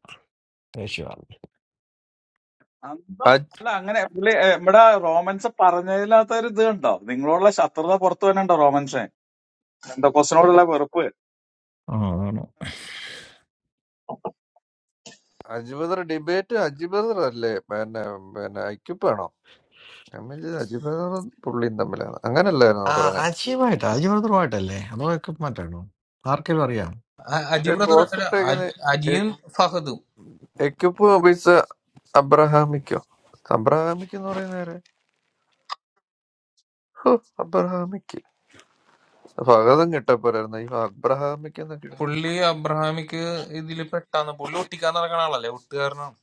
ദേഷ്യമാണ്
അന്തം അല്ല അങ്ങനെ പുള്ളി ഏ, ഇവിടെ റോമൻസ് പറഞ്ഞതിനകത്ത് ഒരു ഇത് ഉണ്ടോ നിങ്ങളോടുള്ള ശത്രുത പുറത്തു വരണ്ടോ റോമൻസ് എന്താ കൊസ്റ്റിനോടുള്ള വെറുപ്പ്
ആ അതാണ്
Aji brother debate Aji brother അല്ലേ പിന്നെ പിന്നെ ഐക്യപ്പ് ആണോ ഞാൻ വിചാരിച്ചു അജി ബദറും പുള്ളിയും തമ്മിലാണ് അങ്ങനല്ലായിരുന്നു
ആ
പറയുന്നത്
അജീവായിട്ട് അജീവൃതമായിട്ടല്ലേ അതോ ഒക്കെ മാറ്റാണോ ആർക്കെങ്കിലും അറിയാം
അ- അജി ബ്രദർ
പോസ്റ്റ്
അല്ല,
ഇട്ടേക്കുന്ന
അജി- അജിയും ഫഹദും
എക്യുപ്പ് ഒബിച്ച അബ്രഹാമിക്കോ അബ്രഹാമിക്ക് എന്ന് പറയുന്ന ആരാ? ഹോ, അബ്രഹാമിക്ക് ഭഗതം കിട്ടപ്പോരായിരുന്നു ഈ അബ്രഹാമിക്ക് എന്നൊക്കെ ഇടുന്നത്
പുള്ളി അബ്രഹാമിക്ക് ഇതിൽ പെട്ടാന്ന് പുള്ളി ഒട്ടിക്കാൻ നടക്കണ ആളല്ലേ ഒട്ടുകാരനാണ്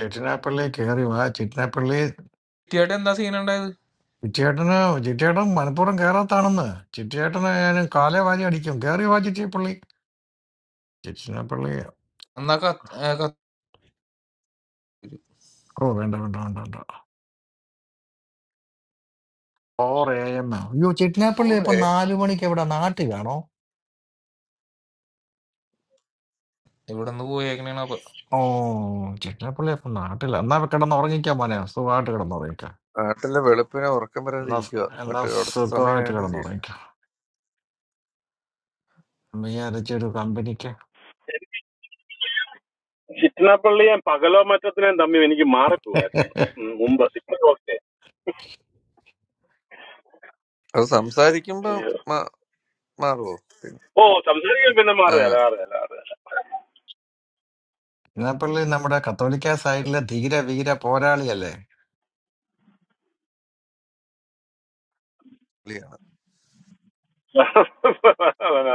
ചിറ്റിനാപ്പള്ളി കയറി വാ ചിറ്റിനാപ്പള്ളി
കുട്ടിയായിട്ട് എന്താ സീൻ ഉണ്ടായത്
ചിറ്റിയേട്ടന് ചിറ്റിയേട്ടൻ മനഃപൂർവ്വം കയറാത്താണെന്ന് ചിറ്റിയേട്ടന് ഞാൻ കാലേ വാരി അടിക്കും കയറി വാ ചിറ്റിയപ്പള്ളി ചിറ്റിനാപ്പള്ളി
എന്നാ കത്ത് ഏ, കത്ത്
ഓ വേണ്ട വേണ്ട വേണ്ട വേണ്ട ഓർ എ എം അയ്യോ ചിറ്റിനാപ്പള്ളി ഇപ്പൊ
ഓറേ
നാലു മണിക്ക് എവിടെ നാട്ടിലാണോ
ഇവിടുന്ന് പോയേക്കണേണ് അപ്പൊ
ഓ ചിറ്റപ്പള്ളി അപ്പൊ നാട്ടില്ല എന്നാ കിടന്ന് ഉറങ്ങിക്കാൻ മോനെ സുഖമായിട്ട് കിടന്ന് ഉറങ്ങിക്കാം
നാട്ടിലെ വെളുപ്പിനെ ഉറക്കം വരാതെ
എന്നാ സ-
ഇരിക്കുക
എന്നാ
മറ്റേ അവിടുത്തെ
സുഖമായിട്ട് കിടന്ന്
സമയമായിട്ട്
ഉറങ്ങിക്കാം വിചാരിച്ചൊരു കമ്പനിക്ക്
ചിറ്റനപ്പള്ളിയും പകലോ മറ്റത്തിനെയും തമ്മിൽ എനിക്ക് മാറിപ്പോവായിരുന്നു ഉം, മുമ്പ് ഇപ്പൊ ഓക്കെ
അത് സംസാരിക്കുമ്പോ മാ- മാറുവോ പിന്നെ
ഓ സംസാരിക്കാൻ പിന്നെ
ആ
മാറുകയല്ല മാറുകയല്ല മാറുകയല്ല
ചിറ്റപ്പള്ളി നമ്മുടെ കത്തോലിക്ക സൈഡിലെ ധീര വീര പോരാളിയല്ലേ
പുള്ളിയാണ്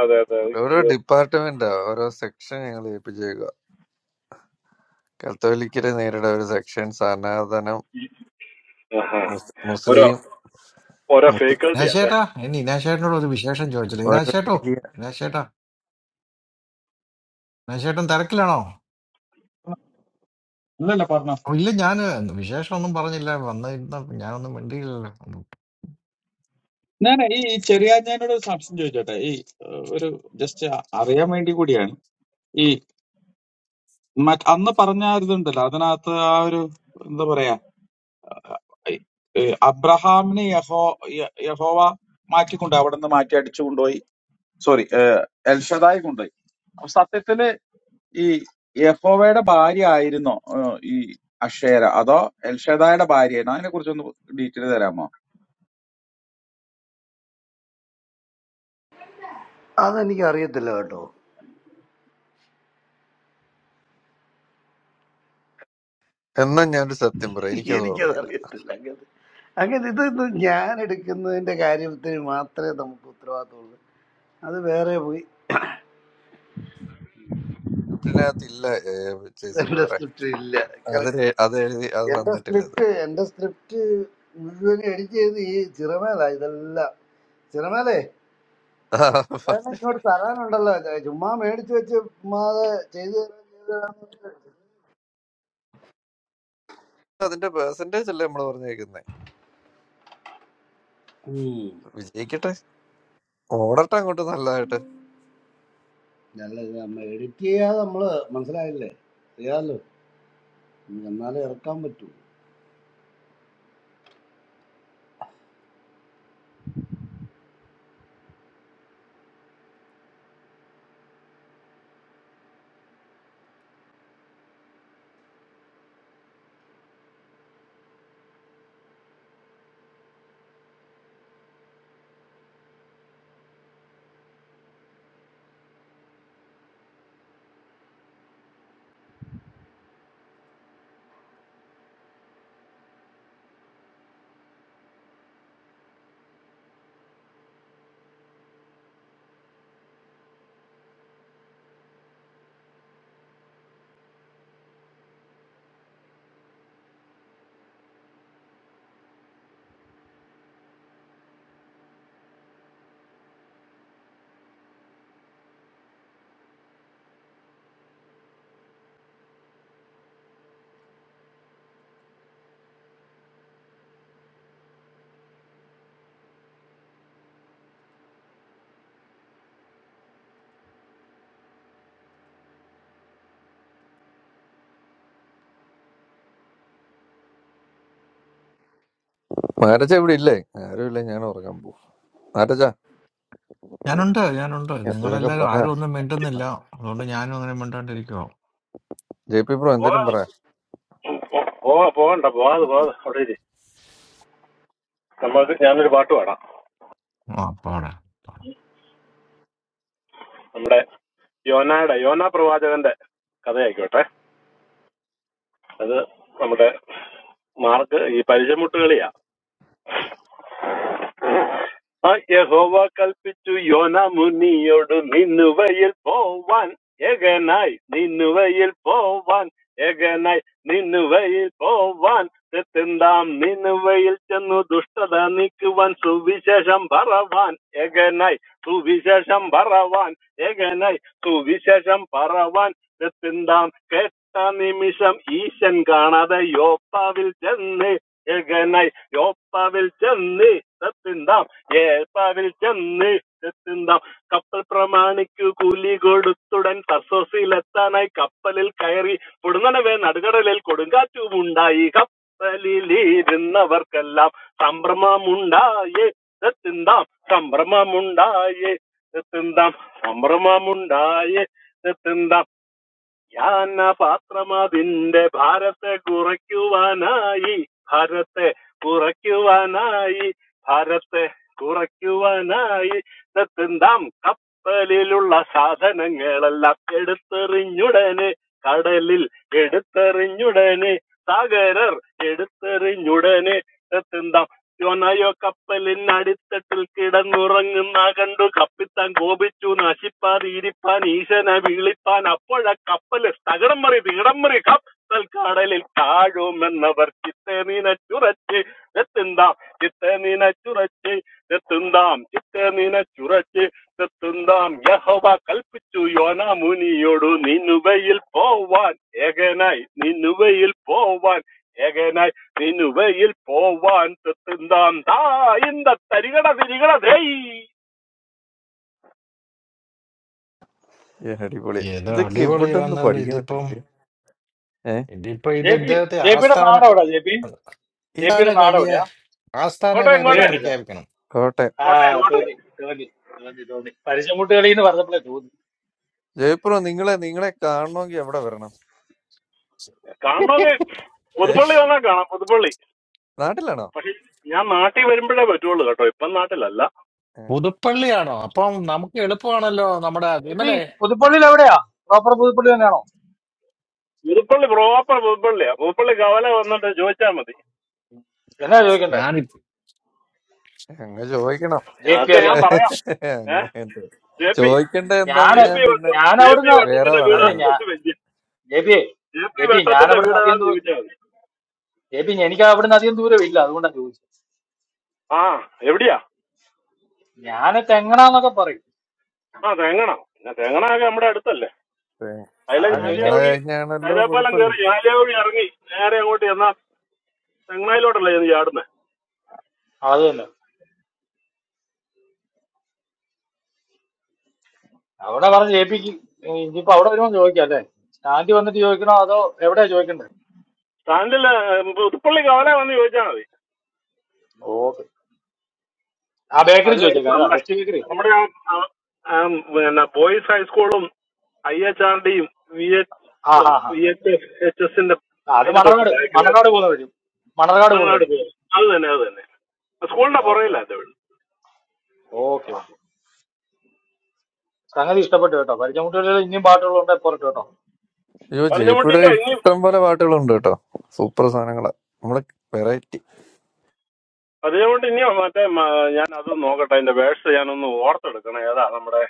അതെ അതെ
ഓരോ
അയ്യോ
ഡിപ്പാർട്ട്മെന്റാ ഓരോ സെക്ഷൻ ഞങ്ങൾ ഏൽപ്പിച്ചേക്കുക കത്തോലിക്കരെ നേരിട ഒരു സെക്ഷൻ സനാതനം
ആഹാ.
മുസ്-
ഓരോ
മുസ്ലിം
ഓരോ
മുസ്-
ഫേക്കൽറ്റി അല്ലേ
ഇനാശേട്ടാ ഇനി ഇനാശേട്ടനോട് ഒരു വിശേഷം ചോദിച്ചില്ല
ഒരു
ഇനാശേട്ടോ
ഏരിയ
ഇനാശേട്ടാ ഇനാശേട്ടൻ തിരക്കിലാണോ
അല്ലല്ല പറഞ്ഞോ
ഓ, ഇല്ല ഞാൻ വിശേഷം ഒന്നും പറഞ്ഞില്ല വന്നിരുന്ന ഞാനൊന്നും മിണ്ടിയില്ലല്ലോ
ഞാൻ ഈ ഈ ചെറിയാഞ്ഞാനോട് ഒരു സംശയം ചോദിച്ചോട്ടെ ഈ ഏഹ്, ഒരു ജസ്റ്റ് അറിയാൻ വേണ്ടി കൂടിയാണ് ഈ മറ്റ് അന്ന് പറഞ്ഞ ആ ഇതുണ്ടല്ലോ അതിനകത്ത് ആ ഒരു എന്താ പറയാ ഏഹ്, ഏഹ്, അബ്രഹാമിനെ യഹോ യ- യഹോവ മാറ്റിക്കൊണ്ട് അവിടെ നിന്ന് മാറ്റി അടിച്ചു കൊണ്ടുപോയി സോറി എൽഷദായി കൊണ്ടുപോയി അപ്പൊ സത്യത്തില് ഈ യഹോവയുടെ ഭാര്യ ആയിരുന്നോ ഏഹ്, ഈ അക്ഷേര അതോ എൽഷദായുടെ ഭാര്യയായിരുന്നു അതിനെ കുറിച്ചൊന്ന് ഡീറ്റെയിൽ തരാമോ
അതെനിക്ക് അറിയത്തില്ല കേട്ടോ
എന്നാ ഞാനൊരു സത്യം പറയാം എനിക്കത്
എനിക്കത്
ഓർമ്മയില്ല
അറിയത്തില്ല അങ്ങനെ അങ്ങനെ ഇത് ഞാൻ എടുക്കുന്നതിന്റെ കാര്യത്തിൽ മാത്രമേ നമുക്ക് ഉത്തരവാദിത്തമുള്ളൂ അത് വേറെ പോയി
സ്ക്രിപ്റ്റിനകത്ത് ഇല്ല ചേച്ചൻ
എന്റെ
ബ്രദറെ
സ്ക്രിപ്റ്റ് ഇല്ല
അത്
കറക്റ്റ്
രേ- അത് എഴുതി അത്
എന്റെ
വന്നിട്ടില്ല അത്
സ്ക്രിപ്റ്റ് എന്റെ സ്ക്രിപ്റ്റ് മുഴുവൻ എഡിറ്റ് ചെയ്ത് ഈ ചിറമേല ഇതെല്ലാം ചിറമേലേ
ആ,
വേറെ
പറഞ്ഞ-
ഇങ്ങോട്ട് തരാനുണ്ടല്ലോ ചുമ്മാ മേടിച്ചു വെച്ച് ചുമ്മാതെ ചെയ്ത് തരാൻ ചെയ്ത് തരാം.
അതിന്റെ പേഴ്സന്റേജ് അല്ലേ നമ്മൾ പറഞ്ഞേക്കുന്നേ
ഉം.
വിജയിക്കട്ടെ ഓടട്ടെ അങ്ങോട്ട് നല്ലതായിട്ട്
നല്ല നമ്മൾ എഡിറ്റ് ചെയ്യാതെ നമ്മള് മനസ്സിലായില്ലേ അറിയാലോ എന്നാലേ ഇറക്കാൻ പറ്റൂ
മാരജ ഇവിടെ ഇല്ലേ ആരും ഇല്ല ഞാൻ ഉറങ്ങാൻ പോകും മാരജ
ഞാനുണ്ട് ഞാനുണ്ട്
എന്തെങ്കിലുമൊക്കെ
നിങ്ങളെല്ലാരും
പറ
ആരും ഒന്നും മിണ്ടുന്നില്ല അതുകൊണ്ട് ഞാനും അങ്ങനെ മിണ്ടാണ്ടിരിക്കുവോ
ജെ പി ബ്രോ എന്തേലും പറ
പോവാ- പോവാ പോകണ്ട പോവാതെ പോവാതെ അവിടെ ഇരി. നമുക്ക് ഞാനൊരു പാട്ട് പാടാം
ആ, അപ്പാടെ
നമ്മുടെ യോനയുടെ യോന പ്രവാചകന്റെ കഥയായിക്കോട്ടെ അത് നമ്മുടെ മാർക്ക് ഈ പരിചയമുട്ടുകളിയാ ആ യഹോവ കൽപ്പിച്ചു യോന മുനിയോട് നിന്നുവയിൽ പോവാൻ ഏകനായി നിന്നുവയിൽ പോവാൻ ഏകനായി നിന്നുവയിൽ പോവാൻ തെത്തെന്താം നിന്നുവയിൽ ചെന്നു ദുഷ്ടത നീക്കുവാൻ സുവിശേഷം പറവാൻ ഏകനായി സുവിശേഷം പറവാൻ ഏകനായി സുവിശേഷം പറവാൻ തെത്തെന്താം കേട്ട നിമിഷം ഈശൻ കാണാതെ യോപ്പാവിൽ ചെന്ന് ഏകനായി യോപ്പാവിൽ ചെന്ന് ഇഷ്ടത്തിന്താം ഏപ്പാവിൽ ചെന്ന് ഇഷ്ടത്തിന്താം കപ്പൽ പ്രമാണിക്ക് കൂലി കൊടുത്തുടൻ സസോസിലെത്താനായി കപ്പലിൽ കയറി പൊടുന്നനവേ നടുകടലിൽ കൊടുങ്കാറ്റുമുണ്ടായി കപ്പലിലിരുന്നവർക്കെല്ലാം സംഭ്രമമുണ്ടായേ ഇതെത്തിന്താം സംഭ്രമമുണ്ടായേ ഇതെത്തിന്താം സംഭ്രമമുണ്ടായേ തിന്താം. യാന പാത്രമതിന്റെ ഭാരത്തെ കുറയ്ക്കുവാനായി ഭാരത്തെ കുറയ്ക്കുവാനായി ഭാരത്തെ കുറയ്ക്കുവാനായി തെത്തുന്താം കപ്പലിലുള്ള സാധനങ്ങളെല്ലാം എടുത്തെറിഞ്ഞുടനെ കടലിൽ എടുത്തെറിഞ്ഞുടനെ സാഗരർ എടുത്തെറിഞ്ഞുടനെ തെത്തുന്താം യോനായോ കപ്പലിൻ അടിത്തട്ടിൽ കിടന്നുറങ്ങുന്ന കണ്ടു കപ്പിത്താൻ കോപിച്ചു നശിപ്പാൻ ഇരിപ്പാൻ ഈശനെ വിളിപ്പാൻ അപ്പോഴ കപ്പല് തകിടം മറി തീടം മറി കപ്പൽ കടലിൽ താഴുമെന്നവർ ചിത്തെ നീനച്ചുറച്ച് എത്തുന്താം ചിത്തെ നീനച്ചുറച്ച് എത്തുന്താം ചിത്തെ നീനച്ചുറച്ച് എത്തുന്താം യഹോവ കൽപ്പിച്ചു യോന മുനിയോടു നിന്നുവയിൽ പോവാൻ ഏകനായി നിന്നുവയിൽ പോവാൻ ഏകനായി നിനുവയിൽ പോവാൻ തെത്തുന്നാം താ ഇന്ത തരികട തിരികട ധേയ്
ഏ, അടിപൊളി
ഏതോ
ഇതൊക്കെ എവിടെ നിന്ന്
അടിപൊളിയാന്നല്ലോ
പഠിക്കണം
ഇതിപ്പം
ഇതൊക്കെ ഏഹ്
ഇതിപ്പോ ഇത്
ജെ പി
ഇദ്ദേഹത്തെ
ജെ പിയുടെ
ആസ്ഥാന
നാട് എവിടെയാ ജെ പി
ഈ
ജെ
ആസ്ഥാന
പിയുടെ നാട്
കവിയെ
എവിടെയാ
ആസ്ഥാന
കോട്ടെ
ഒരു
കവിയെ
കോട്ടെ
മിനിറ്റ്
പ്രഖ്യാപിക്കണം
കോട്ടെ
ആ
കോട്ടെ കോട്ടെ
തോന്നി തോന്നി തോന്നി തോന്നി പരിചമുട്ടുകളി എന്ന് പറഞ്ഞപ്പോഴേ തോന്നി
ജയപ്രോ നിങ്ങളെ നിങ്ങളെ കാണണമെങ്കിൽ എവിടെ വരണം
കാണണമെങ്കിൽ
ഏ
പുതുപ്പള്ളി വന്നാൽ കാണാം പുതുപ്പള്ളി
നാട്ടിലാണോ
പക്ഷെ ഞാൻ നാട്ടിൽ വരുമ്പോഴേ പറ്റുള്ളൂ കേട്ടോ ഇപ്പം നാട്ടിലല്ല
ഏ,
പുതുപ്പള്ളിയാണോ അപ്പം നമുക്ക് എളുപ്പമാണല്ലോ നമ്മുടെ
ജെ പി
വിമലേ
പുതുപ്പള്ളിയിൽ എവിടെയാ പ്രോപ്പർ പുതുപ്പള്ളി തന്നെയാണോ
പുതുപ്പള്ളി പ്രോപ്പർ പുതുപ്പള്ളിയാ പുതുപ്പള്ളി കവല വന്നിട്ട് ചോദിച്ചാൽ മതി
എന്നാ ചോദിക്കണ്ടേ
ഞാൻ
അങ്ങ് ചോദിക്കണം
ജെ പി
ഒക്കെ ഞാൻ
അറിയാൻ
പറയാം ഏ
അങ്ങ് എന്ത്?
ജെ പി
ചോദിക്കണ്ട എന്താന്ന്
ജെ
ഞാന്
ഞാൻ
പി
പിന്നെ
വട്ടം
ഞാൻ
ജെ പി
അവിടുന്ന്
വേറെ
വട്ടത്തിന്റെ വീടാ
അതെ
പറയാം
ഞാൻ ജെബി
ജെ പി
ജെബി ഞാൻ
വട്ടത്തിന്റെ
അവിടുന്ന് അധികം
വീടാണെന്ന്
ദൂ
ചോദിച്ചാൽ മതി
ജെബി എനിക്ക് അവിടുന്ന് അധികം ദൂരം ഇല്ല അതുകൊണ്ടാണ് ചോദിച്ചത്
ആ എവിടെയാ
ഞാൻ തെങ്ങണാന്നൊക്കെ പറയും
ആ തേങ്ങണ പിന്നെ തേങ്ങണ ഒക്കെ നമ്മുടെ അടുത്തല്ലേ അതിലെ
അതാണ് ചോദിച്ചേ
തെങ്ങടെ
ഞാലിയാവഴി
കഴിഞ്ഞാണല്ലോ
കൈതാപ്പാലം
പുതുപ്പള്ളി
കയറി ഞാലിയാവഴി ഇറങ്ങി നേരെ അങ്ങോട്ട് ചെന്നാ തെങ്ങായിലോട്ടല്ല ചെന്ന് ചാടുന്നത്
അത് തന്നെ അവിടെ പറഞ്ഞ് ജെബിക്ക് ഇനിയിപ്പോ അവിടെ വരുമ്പോൾ ചോദിക്കാം അല്ലേ സ്റ്റാൻഡ് വന്നിട്ട് ചോദിക്കണോ അതോ എവിടെയാ ചോദിക്കണ്ടേ
സ്റ്റാൻഡില് പുതുപ്പള്ളി കവല വന്ന് ചോദിച്ചാൽ മതി
ഓക്കെ ആ ബേക്കറി
അതിനടുത്ത്
ചോദിച്ചേക്കാം
നമ്മുടെ
ബെസ്റ്റ് ബേക്കറി
നമ്മുടെ ആ ആ- ആ പിന്നെ ബോയ്സ് ഹൈസ്കൂളും ഐ എച്ച് ആർ ഡിയും വി എച്ച്
ആ ആ ആ
വി എച്ച് എച്ച് എസിന്റെ
അത്
അതിന്റെ തൊട്ട്
മണർകാട് മണർകാട്
ബാക്കിലായിരുന്നു
പോകുന്ന വഴി മണർകാട് പോകുന്ന
മലനാട്
വഴി
പോകും അത് തന്നെ അത് തന്നെ സ്കൂളിന്റെ
ഓക്കെ
പുറകില്ല എന്റെ വീട്
ഓക്കെ ഓക്കെ സംഗതി ഇഷ്ടപ്പെട്ടു കേട്ടോ പരിചയമുട്ടികളിൽ ഇനിയും പാട്ടുകളുണ്ട് പുറത്ത് കേട്ടോ
അയ്യോ ജയപ്പിയുടെ
പതിനമുട്ടിന്റെ ഇനി
ഇഷ്ടം പോലെ പാട്ടുകളുണ്ട് കേട്ടോ സൂപ്പർ സാധനങ്ങളാ നമ്മളെ വെറൈറ്റി
പതിനമുട്ടി ഇനി മറ്റേ മ- ഞാൻ അത് നോക്കട്ടെ അതിന്റെ വേഴ്സ് ഞാനൊന്ന് ഓർത്തെടുക്കണം ഏതാ നമ്മുടെ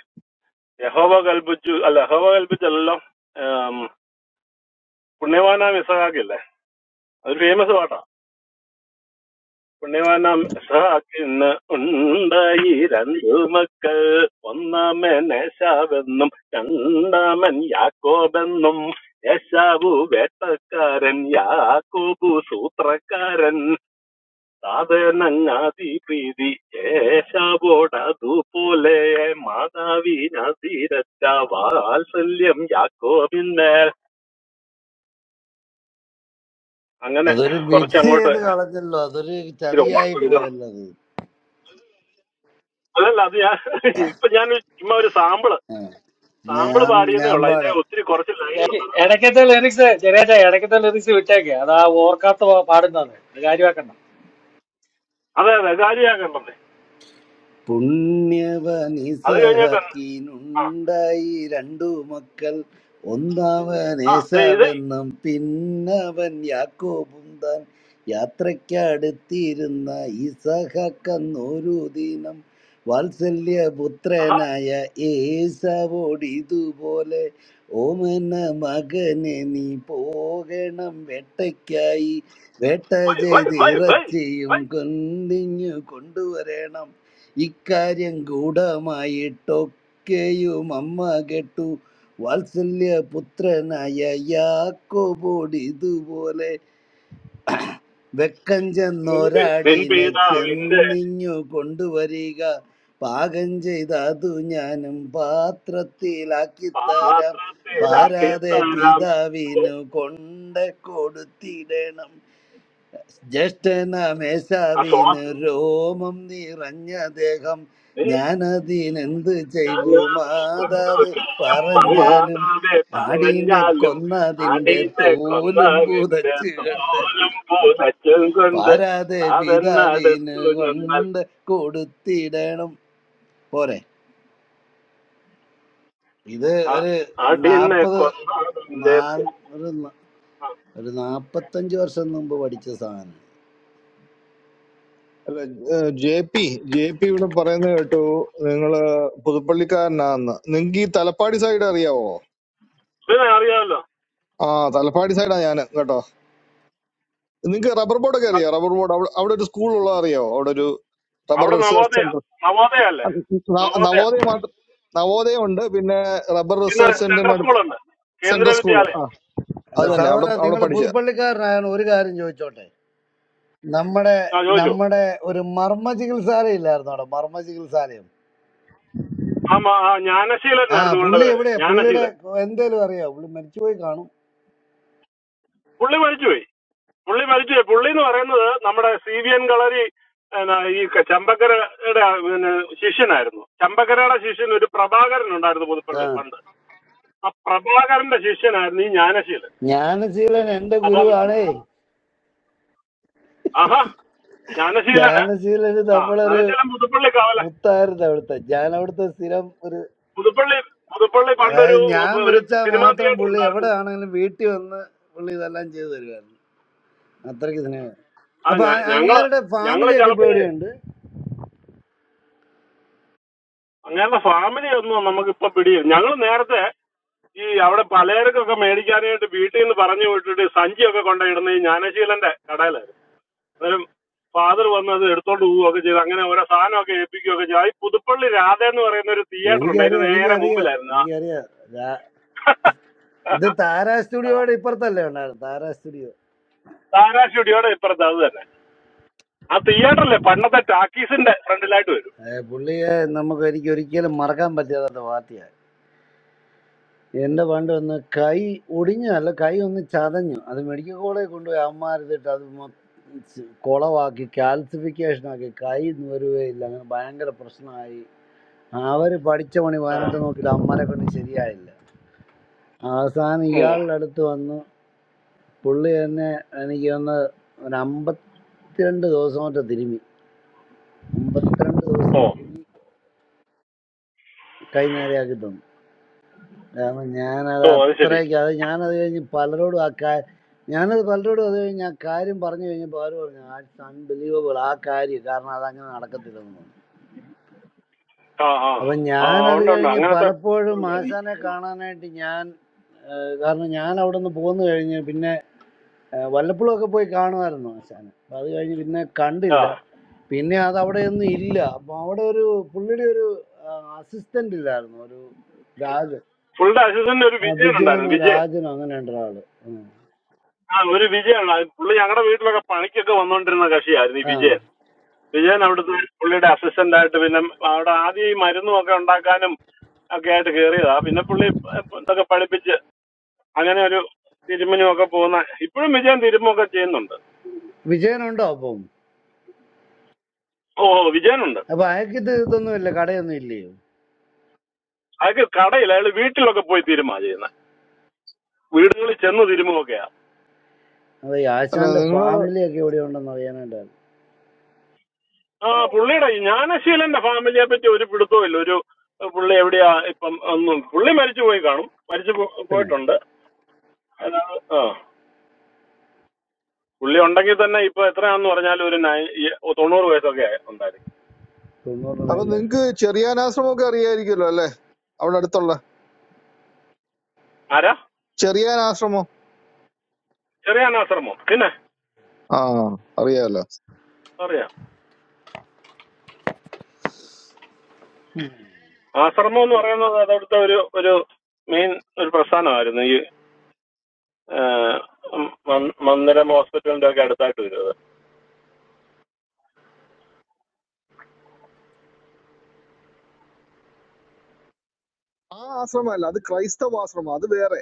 യഹോവ കൽപ്പിച്ചു അല്ല യഹോവ കൽപ്പിച്ചെല്ലാം ആം, പുണ്യവാനാം ഇസഹാക്കില്ലേ അതൊരു ഫേമസ് പാട്ടാ പുണ്യവാനാം ഇസഹാക്കിന് ഉണ്ടായി രണ്ടു മക്കൾ ഒന്നാമൻ ഏശാവെന്നും രണ്ടാമൻ യാക്കോബെന്നും യേശാവു വേട്ടക്കാരൻ യാക്കോബു സൂത്രക്കാരൻ സാധനങ്ങാതി പ്രീതി യേശാവോടതുപോലെ മാതാവിനതിരച്ച വാത്സല്യം യാക്കോബിന്മേൽ അങ്ങനെ
അതൊരു മിക്സ്
കുറച്ചങ്ങോട്ട്
ചെയ്ത്
ഇച്ചിരി
കളഞ്ഞല്ലോ അതൊരു ചതിയായി
ഓർമ്മ
പോയല്ലോ അത്
അതല്ല അത് ഞാൻ ഇപ്പൊ ഞാൻ ചുമ്മാ ഒരു സാമ്പിള് സാമ്പിള്
ഞാൻ
പാടിയെന്നേ
ഞാൻ
ഉള്ളു അതിന്റെ
പാടാ
ഒത്തിരി കുറച്ച് ലൈൻ ഉണ്ട്
ഇടയ്ക്കത്തെ ലിറിക്സ് ചെറിയ ഇടയ്ക്കത്തെ ലിറിക്സ് വിട്ടേക്ക് അത് ആ ഓർക്കാത്ത പാ- പാടുന്നതാണ് അത് കാര്യമാക്കണ്ട
അതെ അതെ കാര്യമാക്കണ്ടത് അത് കഴിഞ്ഞിട്ട് ആ
പുണ്യവനിസഹക്കിനുണ്ടായി രണ്ടു മക്കൾ ഒന്നാവൻ
ആ ദേ ഇത്
ഏശാവെന്നും പിന്നവൻ യാക്കോബും താൻ യാത്രയ്ക്കടുത്തിരുന്ന ഇസഹക്കന്നൊരു ദിനം
ആഹാ.
വാത്സല്യപുത്രനായ ഏശാവോട് ഇതുപോലെ ഓമന മകനെ നീ പോകണം വേട്ടയ്ക്കായി വേട്ട
ഹൊയ്, ഹൊയ്,
ചെയ്ത്
ഹൊയ്, ഹൊയ്,
ഇറച്ചിയും
ഹൊയ്.
കൊണ്ടിങ്ങു കൊണ്ടുവരണം ഇക്കാര്യം ഗൂഢമായിട്ടൊക്കെയും അമ്മ കേട്ടു വാത്സല്യപുത്രനായ യാക്കോബോട് ഇതുപോലെ വെക്കം
നിന്റെ നിൻ
ചെന്നൊരാടിനെ
പിതാവിന്റെ
ചെന്നിങ്ങു കൊണ്ടുവരിക പാകം ചെയ്ത അതു ഞാനും പാത്രത്തിലാക്കി തരാം
പാത്രത്തിലാക്കി
പാരാതെ
തരാം
പിതാവിനു കൊണ്ട കൊടുത്തിടണം
ആ സ്വാ
ജ്യേഷ്ഠനമേശാവിന് രോമം നിറഞ്ഞ ദേഹം ഞാനതിനെന്ത് ചെയ്തു മാതാവ്
സന്തോഷം
പറഞ്ഞാലും
മാതാവെ
ആടിനെ
പറഞ്ഞാലും
കൊന്നതിൻ്റെ
ആടീനെ
തോലും
കൊന്നതിന്റെ
പുതച്ചു കണ്ട്
തോലും പൂതച്ചും കൊണ്ട്
പാരാതെ പിതാവിന്
താതന്നടുത്തു നിന്നാൽ
കൊണ്ട് കൊടുത്തിടണം പോരെ ഇത്
ആ-
ഒരു
ആടീനെ
നാൽപ്പത്
കൊന്നതിന്റെ
നാല് ഒരു ന- ഒരു നാൽപ്പത്തഞ്ച് വർഷം മുമ്പ് പഠിച്ച സാധനം
അല്ല ജെ പി ജെ പി ഇവിടെ പറയുന്നത് കേട്ടു നിങ്ങള് പുതുപ്പള്ളിക്കാരനാന്ന് നിങ്ങക്ക് ഈ തലപ്പാടി സൈഡ് അറിയാവോ
ഇതിനെ അറിയാമല്ലോ
ആ തലപ്പാടി സൈഡാ ഞാൻ കേട്ടോ നിങ്ങക്ക് റബ്ബർ ബോർഡൊക്കെ അറിയാം റബ്ബർ ബോർഡ് അവിടെ അവിടെ ഒരു സ്കൂൾ ഉള്ളത് അറിയാവോ അവിടെ ഒരു റബ്ബർ
അവിടെ
റിസർച്ച്
നവോദയ
സെന്റർ
നവോദയ അല്ലേ നവോദയ
നവോദയ മാത്രം നവോദയം ഉണ്ട് പിന്നെ റബ്ബർ
പിന്നെ
റിസർച്ച്
സെൻട്രൽ
സെന്ററിന്റെ അടുത്ത്
സ്കൂളുണ്ട് കേന്ദ്ര
സെൻട്രൽ സ്കൂൾ ആ
വിദ്യാലയം
അല്ല
അത്
ആ
തന്നെ അവിടെ
സഹോദര
അവിടെ
നിങ്ങൾ
പഠിച്ച
പുതുപ്പള്ളിക്കാരനായാണ് ഒരു കാര്യം ചോദിച്ചോട്ടെ നമ്മുടെ
ആ ചോദിച്ചു
നമ്മുടെ ഒരു മർമ്മ ചികിത്സാലയം ഇല്ലായിരുന്നു അവിടെ മർമ്മ ചികിത്സാലയം
ആ മ- ആ ജ്ഞാനശീലൻ
ആ
ആയിരുന്നു ഇവളുടെ
പുള്ളി
പേര്
എവിടെയാ പുള്ളിയുടെ
ജ്ഞാനശീലൻ
എന്തേലും അറിയോ പുള്ളി മരിച്ചുപോയി കാണും
പുള്ളി മരിച്ചുപോയി പുള്ളി മരിച്ചു പുള്ളി എന്ന് പറയുന്നത് നമ്മുടെ സി വി എൻ കളരി എന്നാ, ഈ ക- ചമ്പക്കരയുടെ പിന്നെ ശിഷ്യനായിരുന്നു ചമ്പക്കരയുടെ ശിഷ്യൻ ഒരു പ്രഭാകരൻ ഉണ്ടായിരുന്നു
ആ
പുതുപ്പള്ളി പണ്ട് ആ പ്രഭാകരന്റെ ശിഷ്യനായിരുന്നു ഈ ജ്ഞാനശീലൻ
ജ്ഞാനശീലൻ എന്റെ
അപ്പം
ഗുരുവാണേ
ആഹാ ജ്ഞാനശീലന്
ജ്ഞാനശീലന്
ആ
നമ്മളൊരു
ജ്ഞാനശീലൻ പുതുപ്പള്ളി കാവല
മുത്തായിരുന്നു അവിടുത്തെ ഞാൻ അവിടുത്തെ സ്ഥിരം ഒരു
പുതുപ്പള്ളി പുതുപ്പള്ളി പണ്ടൊരു
അതായത് ഞാൻ
ഒരു
വിളിച്ചാൽ
സിനിമാ
മാത്രം
തിയേറ്റർ
പുള്ളി
ഉണ്ടായിരുന്നു
എവിടെ ആണെങ്കിലും വീട്ടിൽ വന്ന് പുള്ളി ഇതെല്ലാം ചെയ്തു തരുമായിരുന്നു അത്രയ്ക്ക് സ്നേഹം
ആ
അപ്പൊ
ഞ-
ആ-
ഞങ്ങള്
അങ്ങേരുടെ
ഞങ്ങള്
ഫാമിലി ഒക്കെ ഇപ്പൊ
ചിലപ്പോഴേ
എവിടെയുണ്ട്
അങ്ങനെയുള്ള ഫാമിലി ഒന്നും നമുക്ക് ഇപ്പൊ പിടിയില്ല ഞങ്ങൾ നേരത്തെ ഈ അവിടെ പലചരക്കൊക്കെ മേടിക്കാനായിട്ട് വീട്ടിൽ നിന്ന് പറഞ്ഞു വിട്ടിട്ട് സഞ്ചിയൊക്കെ കൊണ്ടിടുന്ന ഈ ജ്ഞാനശീലന്റെ കടയിലായിരുന്നു അന്നേരം ഫാദർ വന്ന് അത് എടുത്തോണ്ട് പോവുകയൊക്കെ ചെയ്ത് അങ്ങനെ ഓരോ സാധനമൊക്കെ ഏൽപ്പിക്കുകയൊക്കെ ചെയ്തു ആ ഈ പുതുപ്പള്ളി രാധ എന്ന് പറയുന്ന ഒരു തിയേറ്റർ ഉണ്ട്
എനിക്കറിയാം
അതിന് നേരെ
എനിക്കറിയാം
മുമ്പിലായിരുന്നു ആ
എനിക്കറിയാം രാ- ഇത് താര സ്റ്റുഡിയോയുടെ ഇപ്പുറത്തല്ലേ ഉണ്ടായിരുന്നു താര സ്റ്റുഡിയോ
താരാ സ്റ്റുഡിയോയുടെ ഇപ്പുറത്ത് അത് തന്നെ ആ തിയേറ്ററിലെ പണ്ടത്തെ ടാക്കീസിന്റെ ഫ്രണ്ടിലായിട്ട് വരും
ഏ, പുള്ളിയെ നമുക്ക് എനിക്ക് ഒരിക്കലും മറക്കാൻ പറ്റാത്ത പാർട്ടിയാണ് എന്റെ പണ്ട് ഒന്ന് കൈ ഒടിഞ്ഞു അല്ല കൈ ഒന്ന് ചതഞ്ഞു അത് മെഡിക്കൽ കോളേജിൽ കൊണ്ടുപോയി അമ്മമാരുതിട്ട് അത് മൊ- ച് കുളവാക്കി calcification ആക്കി കൈ വരുകയില്ല അങ്ങനെ ഭയങ്കര പ്രശ്നമായി അവര് പഠിച്ച പണി
ആ,
പതിനെട്ട് നോക്കിയിട്ട് അമ്മമാരെ കൊണ്ട് ശരിയായില്ല അവസാനം
ഉം.
ഇയാളുടെ അടുത്ത് വന്നു പുള്ളി തന്നെ എനിക്ക് ഒന്ന് ഒരു അമ്പത്തിരണ്ട് ദിവസം മറ്റോ തിരുമി അമ്പത്തിരണ്ട് ദിവസം
ഓ
തിരുമി കൈ നേരെയാക്കി തന്നു കാരണം ഞാനത്
ഓ അത് ശരി
അത്രയ്ക്ക് അത് ഞാനത് കഴിഞ്ഞ് പലരോടും ആ കാ ഞാനത് പലരോടും അത് കഴിഞ്ഞ് ആ കാര്യം പറഞ്ഞു കഴിഞ്ഞപ്പോൾ അവർ പറഞ്ഞു ആ അൺബിലീവബിൾ ആ കാര്യം കാരണം അതങ്ങനെ നടക്കത്തില്ലെന്ന് പറഞ്ഞു
ആ ആ
അപ്പൊ
ആ
ഞാൻ അത്
ഉണ്ട് ഉണ്ട്
കഴിഞ്ഞ്
അങ്ങനത്തെ
പലപ്പോഴും ആശാനെ കാണാനായിട്ട് ഞാൻ കാരണം ഞാൻ അവിടെ നിന്ന് പോന്നു കഴിഞ്ഞ് പിന്നെ ഏഹ്, വല്ലപ്പോഴും ഒക്കെ പോയി കാണുമായിരുന്നു ആശാനെ അപ്പൊ അത് കഴിഞ്ഞ് പിന്നെ
ആ
കണ്ടില്ല പിന്നെ അത് അവിടെ ഒന്നും ഇല്ല അപ്പൊ അവിടെ ഒരു പുള്ളിയുടെ ഒരു അസിസ്റ്റന്റ് ഇല്ലായിരുന്നു ഒരു രാജൻ
ഫുൾ അസിസ്റ്റന്റ് ഒരു
ആ
വിജയൻ
വിജയനോ
ഉണ്ടായിരുന്നു വിജയൻ
രാജനോ അങ്ങനെ ഉണ്ട് ഒരാള്
ആ ഒരു വിജയൻ പുള്ളി ഞങ്ങളുടെ വീട്ടിലൊക്കെ പണിക്കൊക്കെ വന്നുകൊണ്ടിരുന്ന കക്ഷിയായിരുന്നു ഈ
ഉം.
വിജയൻ വിജയൻ അവിടുത്തെ പുള്ളിയുടെ അസിസ്റ്റന്റ് ആയിട്ട് പിന്നെ അവിടെ ആദ്യം ഈ മരുന്നും ഒക്കെ ഉണ്ടാക്കാനും ഒക്കെ ആയിട്ട് കയറിയതാ പിന്നെ പുള്ളി ഇതൊക്കെ പഠിപ്പിച്ച് അങ്ങനെ ഒരു തിരുമനും ഒക്കെ പോകുന്ന ഇപ്പോഴും വിജയൻ തിരുമൊക്കെ ചെയ്യുന്നുണ്ട്
വിജയനുണ്ടോ അപ്പം
ഓ വിജയനുണ്ട്
അപ്പൊ അയാൾക്ക് ഇത് ഇതൊന്നുമില്ല കടയൊന്നും ഇല്ലയോ
അതൊക്കെ കടയിൽ അയാൾ വീട്ടിലൊക്കെ പോയി തിരുമാ ചെയ്യുന്ന വീടുകളിൽ ചെന്ന് തിരുമൊക്കെയാ
അതെ ഈ
അല്ല
ആശാന്റെ
നിങ്ങള്
ഫാമിലി ഒക്കെ എവിടെ ഉണ്ടെന്ന് അറിയാനായിട്ടാണ്
ആ പുള്ളിയുടെ ഈ ജ്ഞാനശീലന്റെ ഫാമിലിയെ പറ്റി ഒരു പിടുത്തവും ഇല്ല ഒരു പുള്ളി എവിടെയാ ഇപ്പം ഒന്നും പുള്ളി മരിച്ചു പോയി കാണും മരിച്ചു പോ-
പിന്നെ
പോയിട്ടുണ്ട് അതാണ് ആ പുള്ളി ഉണ്ടെങ്കിൽ തന്നെ ഇപ്പൊ എത്രയാണെന്ന് പറഞ്ഞാൽ ഒരു നയ- ഈ- തൊണ്ണൂറ് വയസ്സൊക്കെ ഉണ്ടായിരിക്കും
തൊണ്ണൂറിന്
അപ്പൊ
മേളില്
നിങ്ങക്ക് ചെറിയാനാശ്രമം ഒക്കെ അറിയായിരിക്കുമല്ലോ അല്ലെ അവിടെ അടുത്തുള്ള
ആരാ
ചെറിയാനാശ്രമം
ചെറിയാണ് ആശ്രമം പിന്നെ
ആ അറിയാലോ
അറിയാം ആശ്രമം എന്ന് പറയുന്നത് അതവിടുത്തെ ഒരു ഒരു മെയിൻ ഒരു പ്രസ്ഥാനമായിരുന്നു ഈ ആ, മ- മ- മന്ദിരം ഹോസ്പിറ്റലിന്റെ ഒക്കെ അടുത്തായിട്ട് വരുന്നത്
ആ ആശ്രമമല്ല അത് ക്രൈസ്തവാശ്രമം അത് വേറെ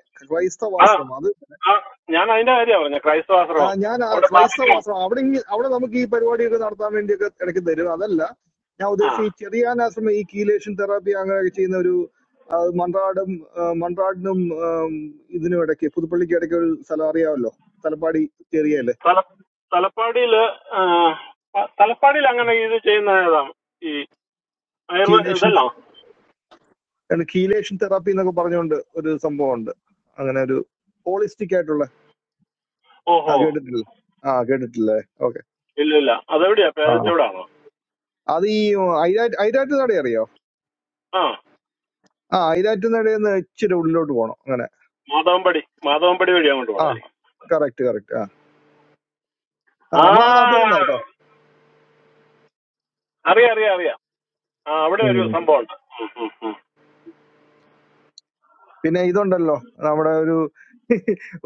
ആ
ക്രൈസ്തവാശ്രമം അത്
ആ ഞാൻ അതിന്റെ കാര്യമാണ് പറഞ്ഞ ക്രൈസ്തവ
ആ,
ആശ്രമം
ഞാൻ ആ
അവിടെ ബാലഗ്രാം
ക്രൈസ്തവാശ്രമം അവിടെ ഇങ്ങ- അവിടെ നമുക്ക് ഈ പരിപാടിയൊക്കെ നടത്താൻ വേണ്ടിയൊക്കെ ഇടയ്ക്ക് തരും അതല്ല ഞാൻ
ആ
ഉദ്ദേശിച്ച ഈ ചെറിയാൻ ആശ്രമം ഈ കീലേഷൻ തെറാപ്പി അങ്ങനെയൊക്കെ ചെയ്യുന്ന ഒരു ആ, മൺറാടും ആ, മൺറാടിനും ആം, ഇതിനും ഇടയ്ക്ക് പുതുപ്പള്ളിക്ക് ഇടയ്ക്ക് ഒരു സ്ഥലം അറിയാമല്ലോ തലപ്പാടി ചെറിയല്ലേ
തല- തലപ്പാടിയില് ആ, ത- തലപ്പാടിയിൽ അങ്ങനെ ഇത് ചെയ്യുന്ന ഏതാ ഈ ആയുർവേദ
കീലേഷൻ
ഇതല്ല
കീലേഷൻ തെറാപ്പി എന്നൊക്കെ പറഞ്ഞുകൊണ്ട് ഒരു സംഭവം ഉണ്ട് അങ്ങനെ ഒരു ഹോളിസ്റ്റിക് ആയിട്ടുള്ള ആ
ഓഹോ
കേട്ടിട്ടില്ല ആ കേട്ടിട്ടില്ലേ
ഇല്ല ഇല്ല അതെവിടെയാ
ഓക്കെ
പേരച്ചോടാണോ
അത് ഈ ഐരാറ്റ് ഐരാറ്റ് നട അറിയോ
ആ
ആ ഐരാറ്റ് നടയെന്ന് ഇച്ചിരി ഉള്ളിലോട്ട് പോണം അങ്ങനെ
മാതവൻപടി മാതവൻപടി വഴി അങ്ങോട്ട്
ആ
പോകണമായിരിക്കും
കറക്റ്റ് കറക്റ്റ് ആ ആ
ആ
നമ്മൾ ആ നാട്ടിൽ തന്നെ കേട്ടോ
അറിയാം അറിയാം അറിയാം ആ അവിടെ ഒരു
ഉം.
സംഭവമുണ്ട് ഉം, ഉം, ഉം.
പിന്നെ ഇതുണ്ടല്ലോ നമ്മുടെ ഒരു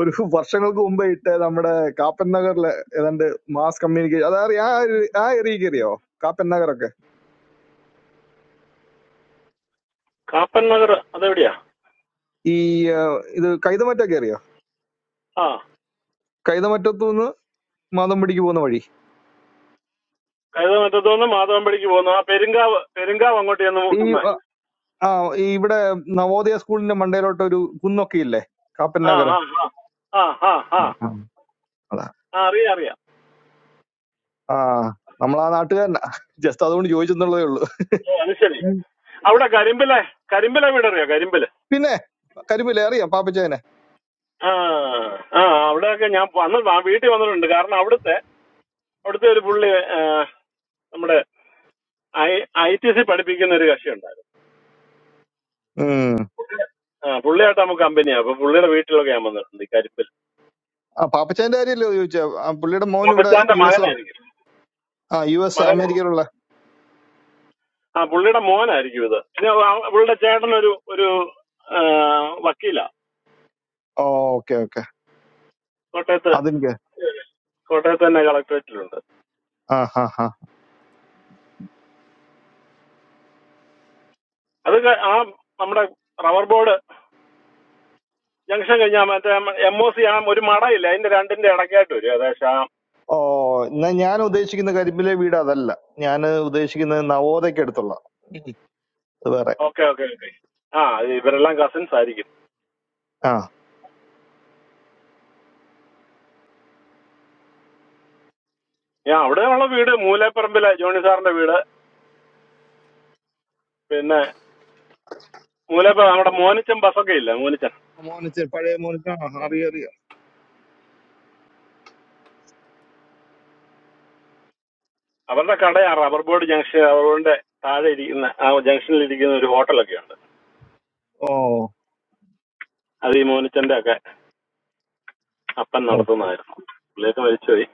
ഒരു വർഷങ്ങൾക്ക് മുമ്പേ ഇട്ട് നമ്മുടെ കാപ്പൻ നഗറിലെ ഏതാണ്ട് മാസ് കമ്മ്യൂണിക്കേഷൻ അതറിയ ആ ഒരു- ആ ഏരിയ കയറിയോ കാപ്പൻ നഗറൊക്കെ
കാപ്പൻ നഗർ അതെവിടെയാ
ഈ ആ, ഇത് കൈതമറ്റൊക്കെ അറിയോ
ആ
കൈതമറ്റത്തു നിന്ന് മാതമ്പടിക്ക് പോകുന്ന വഴി
കൈതമറ്റത്തു നിന്ന് മാതവൻപടിക്ക് പോകുന്നു ആ പെരുങ്കാവ് പെരുങ്കാവ് അങ്ങോട്ട് ചെന്ന്
ഈ
മുട്ടുന്നേ
ആ ആ, ഈ ഇവിടെ നവോദയ സ്കൂളിന്റെ മണ്ടയിലോട്ട് ഒരു കുന്നൊക്കെ ഇല്ലേ കാപ്പൻ
ആ ആ ആ ആ ആ ആ
നഗർ
ആ അറിയാം അറിയാം
ആ നമ്മളാ നാട്ടുകാരനാ ജസ്റ്റ് അതുകൊണ്ട് ചോദിച്ചെന്നുള്ളതേ ഉള്ളൂ
ഓ അത് ശരി
ഉം.
അവിടെ കരിമ്പിലെ കരിമ്പിലെ വീടറിയോ കരിമ്പില്
പിന്നെ കരിമില്ലേ അറിയാം പാപ്പച്ചേനെ
ആ ആ അവിടെയൊക്കെ ഞാൻ വന്ന് ആ വീട്ടിൽ വന്നിട്ടുണ്ട് കാരണം അവിടുത്തെ അവിടുത്തെ ഒരു പുള്ളി ആ, നമ്മുടെ ഐ ടി സി പഠിപ്പിക്കുന്ന ഒരു കക്ഷി ഉണ്ടായിരുന്നു
ഉം
ആ പുള്ളിയായിട്ട് നമുക്ക് കമ്പനിയാണ് അപ്പൊ പുള്ളിയുടെ വീട്ടിലൊക്കെ ഞാൻ വന്നിട്ടുണ്ട് ഈ കരിമ്പിൽ
ആ പാപ്പച്ചേന്റെ കാര്യമല്ലോ ചോദിച്ചേ ആ, പുള്ളിയുടെ മോൻ ഇവിടെ
മുത്തച്ഛാന്റെ
യു എസ്
മകനായിരിക്കും
ആ യു എസ്
മകൻ
അമേരിക്കയിലുള്ള
ആ പുള്ളിയുടെ മോനായിരിക്കും ഇത് പിന്നെ അവ- അവളുടെ ചേട്ടനൊരു ഒരു ആ, വക്കീലാ
ഓക്കെ ഓക്കെ
കോട്ടയത്ത്
അതെനിക്ക്
കോട്ടയത്ത് തന്നെ കളക്ടറേറ്റിലുണ്ട്
ആ ഹാ ഹാ
അതൊക്കെ ആ നമ്മുടെ റബ്ബർ ബോർഡ് ജംഗ്ഷൻ കഴിഞ്ഞാൽ മറ്റേ എം ഒ സി ആ ഒരു മടയില്ല അതിന്റെ രണ്ടിന്റെ ഇടയ്ക്കായിട്ട് വരും ഏകദേശം ആ
ഓ എന്നാ ഞാൻ ഉദ്ദേശിക്കുന്ന കരിമ്പിലെ വീട് അതല്ല ഞാൻ ഉദ്ദേശിക്കുന്നത് നവോദയ്ക്ക് അടുത്തുള്ള അത് വേറെ
ഓക്കെ ഓക്കെ ഓക്കെ ആ ഇത് ഇവരെല്ലാം കസിൻസ് ആയിരിക്കും
ആ
ഞാൻ അവിടെ ഉള്ള വീട് മൂലേപ്പറമ്പിലെ ജോണി സാറിന്റെ വീട് പിന്നെ മൂലേപ്പറ നമ്മുടെ മോനിച്ചൻ ബസ്സൊക്കെ ഇല്ല മോനിച്ചൻ
മോനിച്ച പഴയ മോനിച്ച അറിയാം അറിയാം
അവരുടെ കടയാ റബ്ബർ ബോർഡ് ജംഗ്ഷൻ റബ്ബർ ബോർഡിന്റെ താഴെ ഇരിക്കുന്ന ആ ജംഗ്ഷനിൽ ഇരിക്കുന്ന ഒരു ഹോട്ടലൊക്കെ ഉണ്ട്
ഓ
അത് ഈ മോനിച്ചന്റെ ഒക്കെ അപ്പൻ
ഓ.
നടത്തുന്നതായിരുന്നു പുള്ളിയൊക്കെ മരിച്ചുപോയി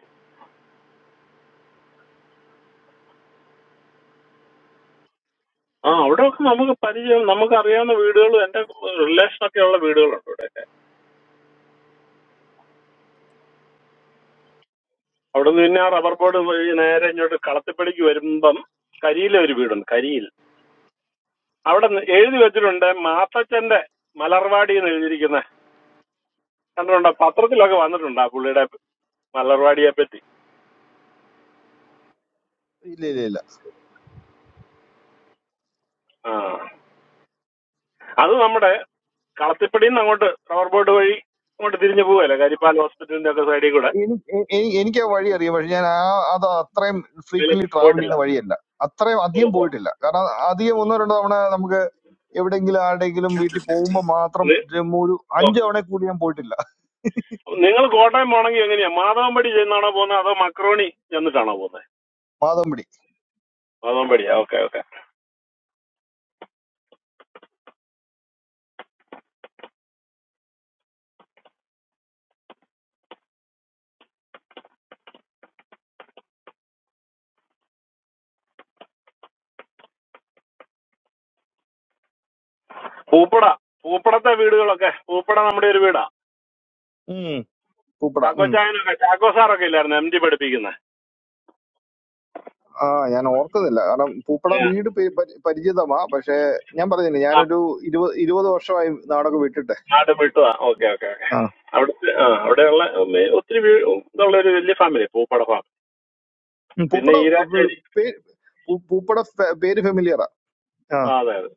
ആ അവിടെ ഒക്കെ നമുക്ക് പരിചയം നമുക്ക് അറിയാവുന്ന വീടുകളും എന്റെ റിലേഷൻ ഒക്കെ ഉള്ള വീടുകളുണ്ട് ഇവിടെയൊക്കെ അവിടെ നിന്ന് പിന്നെ ആ റബ്ബർ ബോർഡ് വഴി നേരെ ഇങ്ങോട്ട് കളത്തിപ്പടിക്ക് വരുമ്പം കരിയിലെ ഒരു വീടുണ്ട് കരിയിൽ അവിടെ നി- എഴുതി വെച്ചിട്ടുണ്ട് മാത്തച്ഛന്റെ മലർവാടി എന്ന് എഴുതിയിരിക്കുന്ന കണ്ടിട്ടുണ്ട് പത്രത്തിലൊക്കെ വന്നിട്ടുണ്ട് ആ പുള്ളിയുടെ മലർവാടിയെ പറ്റി
ഇല്ല ഇല്ല ഇല്ല
ആ അത് നമ്മുടെ കളത്തിപ്പടിയിൽ നിന്ന് അങ്ങോട്ട് റബ്ബർ ബോർഡ് വഴി അങ്ങോട്ട് തിരിഞ്ഞ് പോവുകയല്ലേ കരിപ്പാൽ ഹോസ്പിറ്റലിന്റെ ഒക്കെ സൈഡിൽ കൂടെ
എനി- എ- എനി- എനിക്ക് ആ വഴി അറിയാം പക്ഷെ ഞാൻ ആ അത് അത്രയും
അതിൽ
ഫ്രീക്വന്റ് ട്രാവൽ
പോയിട്ടില്ല
ചെയ്യുന്ന വഴിയല്ല അത്രയും
ഓ,
അധികം
ഓ.
പോയിട്ടില്ല കാരണം അധികം ഒന്നോ രണ്ടോ തവണ നമുക്ക് എവിടെയെങ്കിലും ആരുടെയെങ്കിലും വീട്ടിൽ പോകുമ്പോൾ മാത്രം
നി-
ജമ്മു ഒരു
ഓ.
അഞ്ച് തവണ കൂടി ഞാൻ പോയിട്ടില്ല
നിങ്ങൾ കോട്ടയം പോകണമെങ്കിൽ എങ്ങനെയാ മാധവൻപടി ചെന്നാണോ പോകുന്നത് അതോ മക്രോണി ചെന്നിട്ടാണോ പോകുന്നത്
മാതമ്പടി
മാധവൻപടിയാ ഓക്കെ ഓക്കെ പൂപ്പട പൂപ്പടത്തെ വീടുകളൊക്കെ പൂപ്പട നമ്മുടെ ഒരു വീടാ
ഉം. പൂപ്പട ഉം.
ചാക്കോച്ചായനൊക്കെ ചാക്കോ സാറൊക്കെ ഇല്ലായിരുന്നു എം ഡി പഠിപ്പിക്കുന്നത്
ആ ഞാൻ ഓർക്കുന്നില്ല കാരണം പൂപ്പട വീട് പേ- പരി- പരിചിതമാ പക്ഷെ ഞാൻ പറഞ്ഞില്ലേ ഞാനൊരു ഇരുപത് ഇരുപത് വർഷമായി നാടൊക്കെ വിട്ടിട്ട്
നാട് വിട്ടുവാ ഓക്കെ ഓക്കെ ഓക്കെ
ആ.
അവിടുത്തെ ആ അവിടെയുള്ള ഉം, ഒത്തിരി വീ- ഇതുള്ള ഒരു വലിയ ഫാമിലി പൂപ്പട ഫാം
ഉം.
പിന്നെ
പൂപ്പട പേ-
ഈരാച്ചേരി
പേ- പൂ- പൂപ്പട പേ- പേര് ഫെമിലിയറാ ആ
ആ അതെ അതെ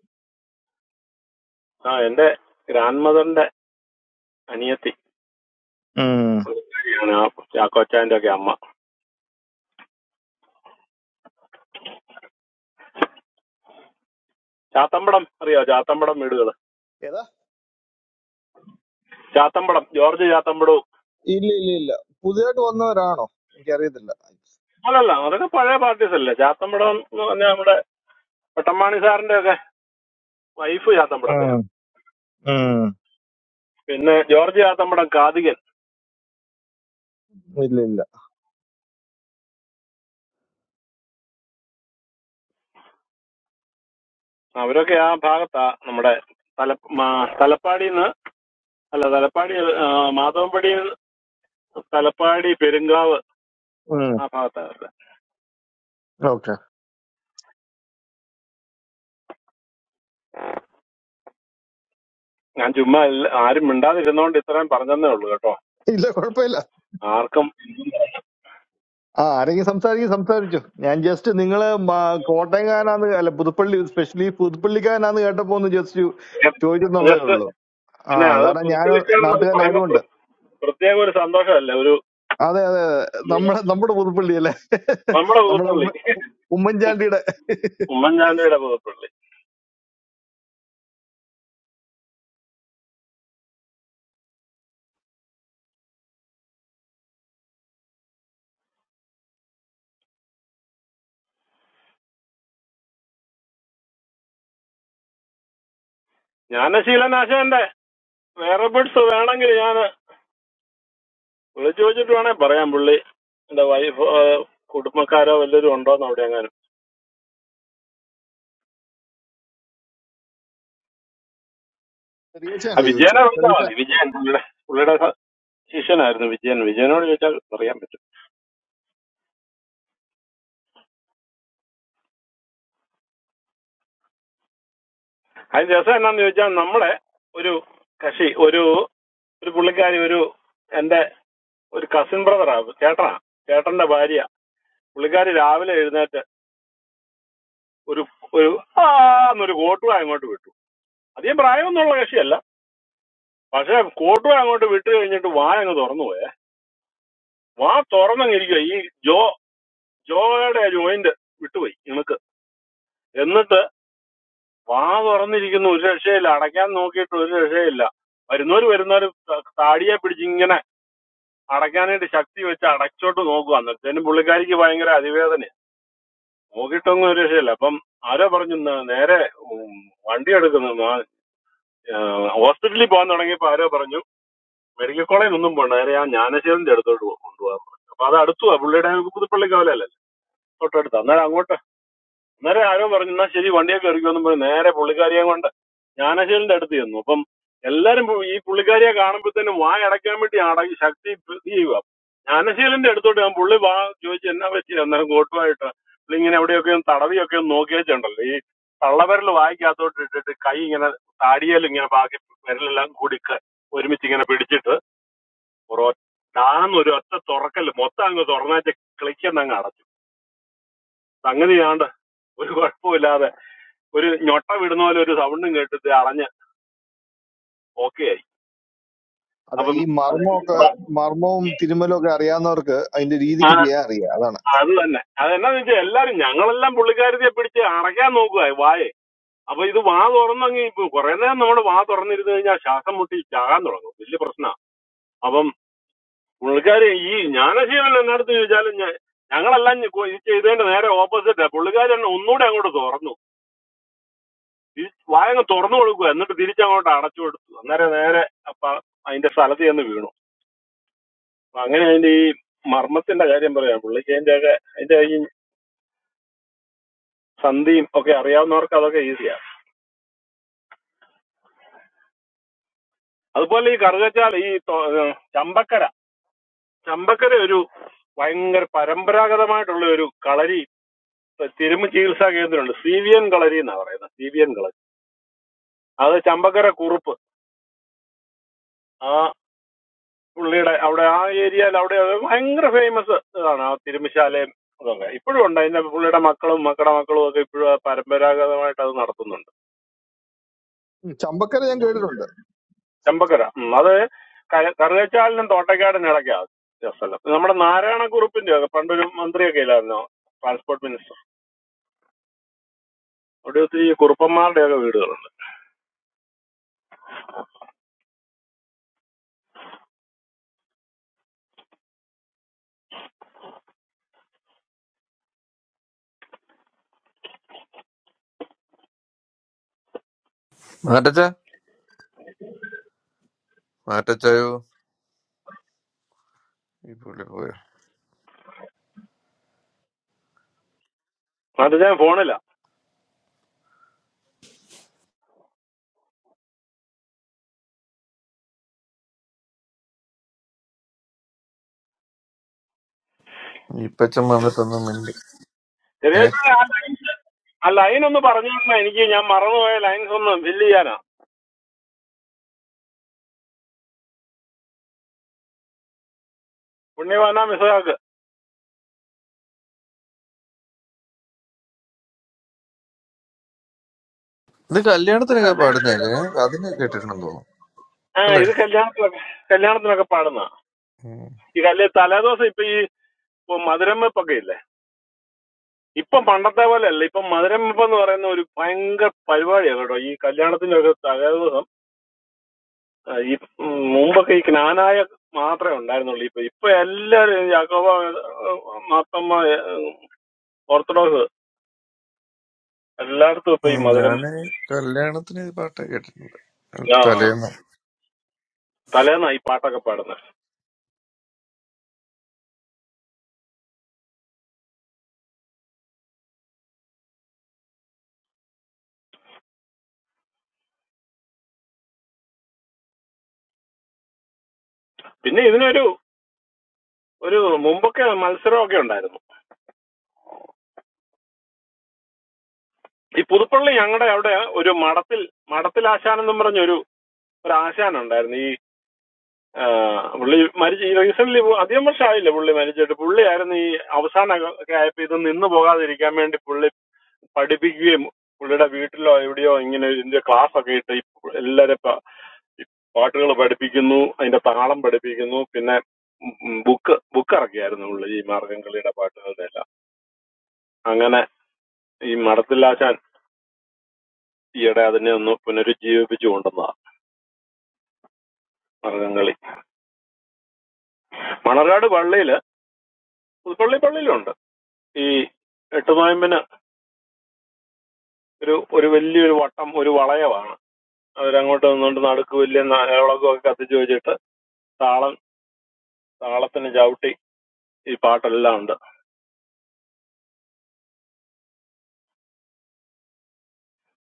ആ എന്റെ ഗ്രാൻഡ് മദറിന്റെ അനിയത്തി ആണ് ആ ചാക്കോച്ചാന്റെ ഒക്കെ അമ്മ ചാത്തമ്പടം അറിയോ ചാത്തമ്പടം വീടുകള്
ഉം.
ചാത്തമ്പടം ജോർജ് ചാത്തമ്പടവും
ഇല്ല ഇല്ല ഇല്ല പുതിയതായിട്ട് വന്നവരാണോ എനിക്കറിയത്തില്ല
അല്ലല്ല അതൊക്കെ പഴയ പാർട്ടീസ് അല്ലേ ചാത്തമ്പടം എന്ന് പറഞ്ഞാൽ നമ്മുടെ പെട്ടമ്മാണി സാറിന്റെ ഒക്കെ വൈഫ്
ഉം,
ചാത്തമ്പടത്തെയാണ്
ഉം.
പിന്നെ ജോർജ് ചാത്തമ്പടം കാതികൻ
ഇല്ല ഇല്ല
അവരൊക്കെ ആ ഭാഗത്താ നമ്മുടെ തല മാ- തലപ്പാടിന്ന് അല്ല തലപ്പാടി ആ, മാധവൻപടി തലപ്പാടി പെരുങ്കാവ് ആ ഭാഗത്താ അവരുടെ
ഓക്കെ
ഞാൻ ചുമ്മാ ഇല്ല- ആരും മിണ്ടാതിരുന്നോണ്ട് ഇത്രയും പറഞ്ഞതേ ഉള്ളൂ കേട്ടോ
ഇല്ല കുഴപ്പമില്ല
ആർക്കും
ആ ആരെങ്കിലും സംസാരിക്കും സംസാരിച്ചു ഞാൻ ജസ്റ്റ് നിങ്ങള് മ- കോട്ടയംകാരനാന്ന് അല്ല പുതുപ്പള്ളി സ്പെഷ്യലി പുതുപ്പള്ളിക്കാരനാന്ന് കേട്ടപ്പോ ഒന്ന് ജസ്റ്റ് ചോദിച്ചെന്നുള്ളതേ
ജസ്റ്റ്
ഉള്ളൂ ആ
പിന്നെ അത്
കാരണം ഞാൻ
പുതുപ്പള്ളിക്കാരൻ അത് പറയുമ്പോൾ
നാട്ടുകാരനായതുകൊണ്ട്
പ്ര- പ്രത്യേക ഒരു സന്തോഷമല്ലേ ഒരു
അതെ അതെ അതെ.
ഉം,
നമ്മുടെ നമ്മുടെ പുതുപ്പള്ളി അല്ലേ
നമ്മുടെ
നമ്മുടെ
പുതുപ്പള്ളി
ഉമ്മ- ഉമ്മൻചാണ്ടിയുടെ
ഉമ്മൻചാണ്ടിയുടെ പുതുപ്പള്ളി ജ്ഞാനശീലനാശന്റെ വേറെ ബിഡ്സ് വേണമെങ്കിൽ ഞാൻ വിളിച്ചു ചോദിച്ചിട്ട് വേണേ പറയാം പുള്ളി എന്റെ വൈഫ് കുടുംബക്കാരോ വല്ലവരും ഉണ്ടോന്ന് അവിടെ എങ്ങാനും ആ
റിയച്ചാണല്ലോ
വിജയനെ വിളിച്ചാൽ
ചോദിച്ചു
മതി വിജയൻ പുള്ളിയുടെ പുള്ളിയുടെ സ- ശിഷ്യനായിരുന്നു വിജയൻ വിജയനോട് ചോദിച്ചാൽ പറയാൻ പറ്റും അതിന് രസം എന്നാന്ന് ചോദിച്ചാൽ നമ്മുടെ ഒരു കക്ഷി ഒരു ഒരു പുള്ളിക്കാരി ഒരു എന്റെ ഒരു കസിൻ ബ്രദറാ ചേട്ടനാ ചേട്ടന്റെ ഭാര്യ പുള്ളിക്കാരി രാവിലെ എഴുന്നേറ്റ് ഒരു ഒരു ആ എന്നൊരു കോട്ടുവാ അങ്ങോട്ട് വിട്ടു അധികം പ്രായമൊന്നുള്ള കക്ഷിയല്ല പക്ഷെ കോട്ടുവാ അങ്ങോട്ട് വിട്ട് കഴിഞ്ഞിട്ട് വാ അങ്ങ് തുറന്നു പോയേ വാ തുറന്നങ്ങിരിക്കുക ഈ ജോ ജോയുടെ ജോയിന്റ് വിട്ടുപോയി ഇണക്ക് എന്നിട്ട് വാ തുറന്നിരിക്കുന്ന ഒരു രക്ഷയില്ല അടയ്ക്കാൻ നോക്കിയിട്ട് ഒരു രക്ഷയില്ല വരുന്നവര് വരുന്നവര് ത- താടിയെ പിടിച്ച് ഇങ്ങനെ അടയ്ക്കാനായിട്ട് ശക്തി വെച്ച് അടച്ചോട്ട് നോക്കുക അന്നേരത്തേനും പുള്ളിക്കാരിക്ക് ഭയങ്കര അതിവേദന നോക്കിയിട്ടൊന്നും ഒരു രക്ഷയില്ല അപ്പം ആരോ പറഞ്ഞു "ന- നേരെ ഉം, വണ്ടി എടുക്കുന്നു നാ- ആ, ഹോസ്പിറ്റലിൽ പോകാൻ തുടങ്ങിയപ്പോ ആരോ പറഞ്ഞു മെഡിക്കൽ കോളേജിൽ ഒന്നും പോകണ്ട നേരെ ആ ജ്ഞാനശേഖരന്റെ അടുത്തോട്ട് കൊണ്ടുപോകാൻ പറഞ്ഞു അപ്പൊ അത് അടുത്തു പുള്ളിയുടെ പുതുപ്പള്ളി കവലല്ലേ തൊട്ടടുത്ത് അന്നേരം അങ്ങോട്ട് അന്നേരം ആരോ പറഞ്ഞു എന്നാ ശരി വണ്ടിയൊക്കെ ഇറക്കുമെന്നും പറഞ്ഞു നേരെ പുള്ളിക്കാരിയെ കൊണ്ട് ജ്ഞാനശീലന്റെ അടുത്ത് ചെന്നു അപ്പം എല്ലാരും പു- ഈ പുള്ളിക്കാരിയെ കാണുമ്പോഴത്തേനും വായ അടയ്ക്കാൻ വേണ്ടി അടക്കി ശക്തി ഇത് ചെയ്യുക ജ്ഞാനശീലന്റെ അടുത്തോട്ട് ഞാൻ പുള്ളി വാ ചോദിച്ചു എന്നാ പറ്റി അന്നേരം കോട്ടുമായിട്ട് പുള്ളി ഇങ്ങനെ എവിടെയൊക്കെ ഒന്ന് തടവിയൊക്കെ ഒന്ന് നോക്കി വെച്ചിട്ടുണ്ടല്ലോ ഈ തള്ളവിരൽ വായിക്കാത്തോട്ട് ഇട്ടിട്ട് കൈ ഇങ്ങനെ താടിയേൽ ഇങ്ങനെ ബാക്കി വിരലെല്ലാം കൂടി ക- ഒരുമിച്ച് ഇങ്ങനെ പിടിച്ചിട്ട് ഒരൊ- ഡാന്ന് ഒരു ഒറ്റ തുറക്കല് മൊത്തം അങ്ങ് തുറന്നേച്ച് ക്ലിക്കെന്ന് അങ്ങ് അടച്ചു സംഗതി ഞാണ്ട് ഒരു കുഴപ്പമില്ലാതെ ഒരു ഞൊട്ട വിടുന്ന പോലെ ഒരു സൗണ്ടും കേട്ടിട്ട് അടഞ്ഞ് ഓക്കെ ആയി
അത്
അപ്പം
ഈ മർമ്മമൊക്കെ മർമ്മവും തിരുമ്മലും ഒക്കെ അറിയാവുന്നവർക്ക് അതിന്റെ
ആ
രീതിക്ക് ചെയ്യാൻ അറിയാം അതാണ്
അത് തന്നെ അതെന്നാന്ന് വെച്ചാൽ എല്ലാരും ഞങ്ങളെല്ലാം പുള്ളിക്കാരത്തെ പിടിച്ച് അടയ്ക്കാൻ നോക്കുക വായെ അപ്പൊ ഇത് വാ തുറന്നങ്ങി ഇപ്പൊ കുറെ നേരം നമ്മുടെ വാ തുറന്നിരുന്ന് കഴിഞ്ഞാൽ ശ്വാസം മുട്ടി ചാകാൻ തുടങ്ങും വലിയ പ്രശ്നമാണ് അപ്പം പുള്ളിക്കാരി ഈ ജ്ഞാനശീലൻ എന്നടുത്ത് ചോദിച്ചാലും ഞ- ഞങ്ങളെല്ലാം ഞ- ഇത് ചെയ്തതിന്റെ നേരെ ഓപ്പോസിറ്റ് പുള്ളിക്കാരി എന്നെ ഒന്നുകൂടെ അങ്ങോട്ട് തുറന്നു ഈ വായങ്ങ് തുറന്നു കൊടുക്കുക എന്നിട്ട് തിരിച്ചങ്ങോട്ട് അടച്ചു കൊടുത്തു അന്നേരം നേരെ അപ്പൊ അതിന്റെ സ്ഥലത്ത് ചെന്ന് വീണു അപ്പൊ അങ്ങനെ അതിന്റെ ഈ മർമ്മത്തിന്റെ കാര്യം പറയാം പുള്ളിക്ക് അതിന്റെ ഒക്കെ അതിന്റെ ഈ സന്ധിയും ഒക്കെ അറിയാവുന്നവർക്ക് അതൊക്കെ ഈസിയാ അതുപോലെ ഈ കറുകച്ചാൽ ഈ തോ- ഏഹ് ചമ്പക്കര ചമ്പക്കര ഒരു ഭയങ്കര പരമ്പരാഗതമായിട്ടുള്ള ഒരു കളരി തിരുമ ചികിത്സാ കേന്ദ്രമുണ്ട് സി വി എൻ കളരി എന്നാ പറയുന്നത് സി വി എൻ കളരി അത് ചമ്പക്കര കുറുപ്പ് ആ പുള്ളിയുടെ അവിടെ ആ ഏരിയയിൽ അവിടെ അത് ഭയങ്കര ഫേമസ് ഇതാണ് ആ തിരുമശാലയും അതൊക്കെ ഇപ്പോഴും ഉണ്ട് അതിന്റെ പുള്ളിയുടെ മക്കളും മക്കളുടെ മക്കളും ഒക്കെ ഇപ്പോഴും ആ പരമ്പരാഗതമായിട്ട് അത് നടത്തുന്നുണ്ട്
ഉം. ചമ്പക്കര ഞാൻ കേട്ടിട്ടുണ്ട്
ചെമ്പക്കര ഉം. അത് ക- കറുകച്ചാലിനും തോട്ടക്കാടിനും ഇടയ്ക്കാ ആ സ്ഥലം നമ്മുടെ നാരായണ കുറുപ്പിന്റെ ഒക്കെ പണ്ടൊരു മന്ത്രിയൊക്കെ ഇല്ലായിരുന്നോ ട്രാൻസ്പോർട്ട് മിനിസ്റ്റർ അവിടെ ഒത്തിരി കുറുപ്പന്മാരുടെ ഒക്കെ വീടുകളുണ്ട്
മാറ്റച്ച മാറ്റച്ചായോ ഈ പുള്ളി പോയോ
അത് ഞാൻ ഫോണില്ല
ഈപ്പച്ചൻ വന്നിട്ടൊന്നും മിണ്ടി
ചെറിയ
ഏ
ആ ലൈൻ ഒന്ന് പറഞ്ഞു തരണം. എനിക്ക് ഞാൻ മറന്നുപോയ ലൈൻസ് ഒന്ന് ഫില്ല് ചെയ്യാനാ പുണ്യവാന മിസ്സാക്ക്
ഇത് കല്യാണത്തിനൊക്കെ പാടുന്നല്ലേ അതിന് കേട്ടിട്ടുണ്ടെന്ന് തോന്നുന്നു
ആ ഇത് കല്യാണത്തിനൊക്കെ കല്യാണത്തിനൊക്കെ പാടുന്ന
അല്ലേ
ഈ കല്യ തലേദിവസം ഇപ്പൊ ഈ ഇപ്പൊ മധുരം വെപ്പൊക്കെ ഇല്ലേ ഇപ്പം പണ്ടത്തെ പോലെ അല്ല ഇപ്പം മധുരം വെപ്പ് എന്ന് പറയുന്ന ഒരു ഭയങ്കര പരിപാടിയാണ് കേട്ടോ ഈ കല്യാണത്തിന്റെ ഒക്കെ തലേദിവസം ആ, ഈ ഉം, മുമ്പൊക്കെ ഈ ജ്ഞാനായ മാത്രമേ ഉണ്ടായിരുന്നുള്ളൂ ഇപ്പൊ ഇപ്പൊ എല്ലാരും യാക്കോബ മാത്തമ്മ ഏഹ്, ഓർത്തഡോക്സ് എല്ലായിടത്തും ഇപ്പൊ ഈ
ഉം,
മധുരം
ഞാന് കല്യാണത്തിന് ഈ പാട്ട് കേട്ടിട്ടുണ്ട്
ആ
തലേന്ന്
തലേന്നാ ഈ പാട്ടൊക്കെ പാടുന്നത് പിന്നെ ഇതിനൊരു ഒരു മുമ്പൊക്കെ മത്സരമൊക്കെ ഉണ്ടായിരുന്നു ഈ പുതുപ്പള്ളി ഞങ്ങളുടെ അവിടെ ഒരു മഠത്തിൽ മഠത്തിൽ ആശാൻ എന്നും പറഞ്ഞ ഒരു ഒരു ആശാൻ ഉണ്ടായിരുന്നു ഈ ആ, പുള്ളി മരിച്ച് ഈ റീസെന്റ് അധികം വർഷമായില്ല പുള്ളി മരിച്ചിട്ട് പുള്ളിയായിരുന്നു ഈ അവസാനമൊക്കെ ആയപ്പോ ഇത് നിന്ന് പോകാതിരിക്കാൻ വേണ്ടി പുള്ളി പഠിപ്പിക്കുകയും പുള്ളിയുടെ വീട്ടിലോ എവിടെയോ ഇങ്ങനെ ഇതിന്റെ ക്ലാസ് ഒക്കെ ഇട്ട് എല്ലാരെ പാട്ടുകൾ പഠിപ്പിക്കുന്നു അതിന്റെ താളം പഠിപ്പിക്കുന്നു പിന്നെ ബുക്ക് ബുക്ക് ഇറക്കിയായിരുന്നു പുള്ളി ഈ മാർഗം കളിയുടെ പാട്ടുകളുടെ എല്ലാം അങ്ങനെ ഈ മടത്തിലാശാൻ ഈയിടെ അതിനെ ഒന്ന് പുനരുജ്ജീവിപ്പിച്ചു കൊണ്ടുവന്നതാ മാർഗം കളി മണർകാട് പള്ളിയില് പുതുപ്പള്ളി പള്ളിയിലുണ്ട് ഈ എട്ട് നോയമ്പിന് ഒരു ഒരു വലിയൊരു വട്ടം ഒരു വളയമാണ് അവരങ്ങോട്ട് നിന്നുകൊണ്ട് നടുക്ക് വലിയ നായളൊക്കെ കത്തിച്ചു വെച്ചിട്ട് താളം താളത്തിന് ചവിട്ടി ഈ പാട്ടെല്ലാം ഉണ്ട്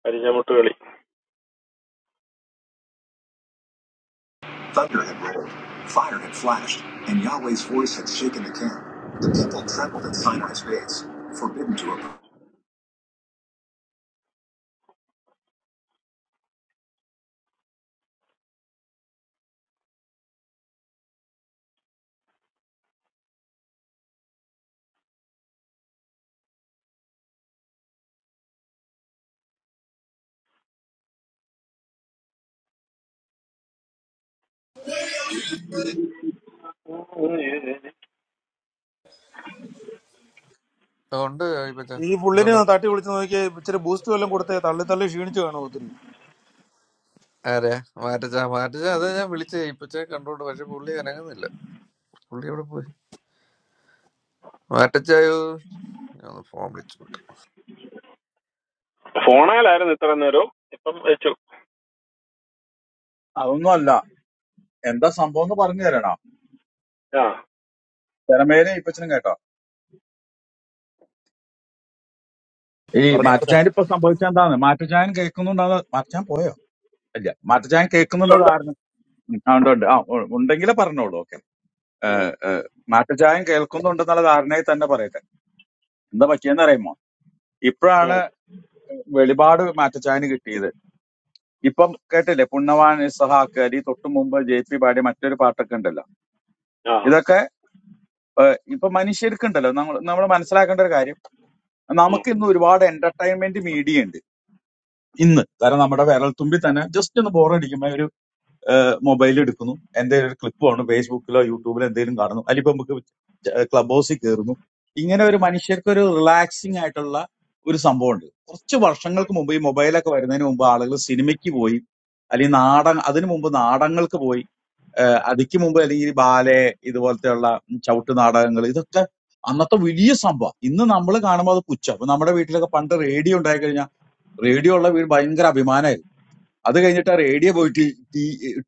അരിഞ്ഞമുട്ട് കളി
Thunder had rolled, fire had flashed, and Yahweh's voice had shaken the camp. The people trembled in Sinai's ways, forbidden to approach.
അതുകൊണ്ട് ഇപ്പച്ച
ഈ പുള്ളിന്
എന്തുണ്ട്
തട്ടി വിളിച്ച് നോക്കി ഇച്ചിരി ബൂസ്റ്റ് വല്ലതും കൊടുത്തേ തള്ളി തള്ളി ക്ഷീണിച്ചു കാണും ഒത്തിരി
ആരെയാ മാറ്റച്ച മാറ്റച്ച അത് ഞാൻ വിളിച്ച ഇപ്പച്ച കണ്ടോണ്ട് പക്ഷെ പുള്ളി അനങ്ങുന്നില്ല പുള്ളി എവിടെ പോയി മാറ്റച്ചായോ ഞാൻ ഫോൺ വിളിച്ചോട്ടെ
ഫോണേലായിരുന്നു ഇത്ര നേരവും ഇപ്പം വെച്ചു
അതൊന്നും അല്ല എന്താ സംഭവം എന്ന് പറഞ്ഞു തരണോ
ആ
തിരമേലെ ഇപ്പച്ചനും കേട്ടോ ഈ
പറഞ്ഞു പറഞ്ഞു
മാറ്റച്ചായൻ ഇപ്പൊ സംഭവിച്ച എന്താണ് മാറ്റച്ചായൻ കേൾക്കുന്നുണ്ടോ മാറ്റച്ചാൻ പോയോ ഇല്ല മാറ്റച്ചായൻ കേൾക്കുന്നുണ്ടോ
ഉണ്ട്
ധാരണ ഉം, ആ, ഉണ്ട് ഉണ്ട് ആ ഉ- ഉണ്ടെങ്കിലേ പറഞ്ഞോളൂ ഓക്കെ
ഉം,
മാറ്റച്ചായൻ കേൾക്കുന്നുണ്ടെന്നുള്ള ധാരണയിൽ തന്നെ പറയട്ടെ എന്താ പറ്റിയെന്ന് അറിയുമോ
ഉം,
ഇപ്പോഴാണ് വെളിപാട് മാറ്റച്ചായന് കിട്ടിയത് ഇപ്പം കേട്ടില്ലേ പുണ്ണവാൻ ഇസഹാക്ക് അലി തൊട്ടു മുമ്പ് ജെ പി പാടിയ മറ്റൊരു പാട്ടൊക്കെ ഉണ്ടല്ലോ
ആ
ഇതൊക്കെ ഏഹ്, ഇപ്പൊ മനുഷ്യർക്കുണ്ടല്ലോ നമ്മൾ നമ്മൾ മനസ്സിലാക്കേണ്ട ഒരു കാര്യം
ഉം,
നമുക്ക് ഇന്ന് ഒരുപാട് എന്റർടൈൻമെന്റ് മീഡിയ ഉണ്ട് ഇന്ന് കാരണം നമ്മുടെ വിരൽത്തുമ്പിൽ തന്നെ ജസ്റ്റ് ഒന്ന് ബോറടിക്കുമ്പോൾ ഒരു മൊബൈൽ എടുക്കുന്നു എന്തെങ്കിലും ഒരു ക്ലിപ്പ് കാണുന്നു ഫേസ്ബുക്കിലോ യൂട്യൂബിലോ എന്തെങ്കിലും കാണുന്നു അല്ലെങ്കിൽ ഇപ്പൊ നമുക്ക് ക്ലബ് ഹൗസിൽ കയറുന്നു ഇങ്ങനെ ഒരു മനുഷ്യർക്ക് ഒരു റിലാക്സിങ് ആയിട്ടുള്ള ഒരു സംഭവമുണ്ട് കുറച്ച് വർഷങ്ങൾക്ക് മുമ്പ് ഈ മൊബൈലൊക്കെ വരുന്നതിന് മുമ്പ് ആളുകൾ സിനിമയ്ക്ക് പോയി അല്ലെങ്കിൽ നാടക അതിനു മുമ്പ് നാടങ്ങൾക്ക് പോയി ഏഹ് അതിക്ക് മുമ്പ് അല്ലെങ്കിൽ ബാലെ ഇതുപോലത്തെയുള്ള ചവിട്ട് നാടകങ്ങൾ ഇതൊക്കെ അന്നത്തെ വലിയ സംഭവം ഇന്ന് നമ്മൾ കാണുമ്പോൾ അത് പുച്ഛം അപ്പൊ നമ്മുടെ വീട്ടിലൊക്കെ പണ്ട് റേഡിയോ ഉണ്ടായി കഴിഞ്ഞാൽ റേഡിയോ ഉള്ള വീട് ഭയങ്കര അഭിമാനമായിരുന്നു അത് കഴിഞ്ഞിട്ട് ആ റേഡിയോ പോയിട്ട്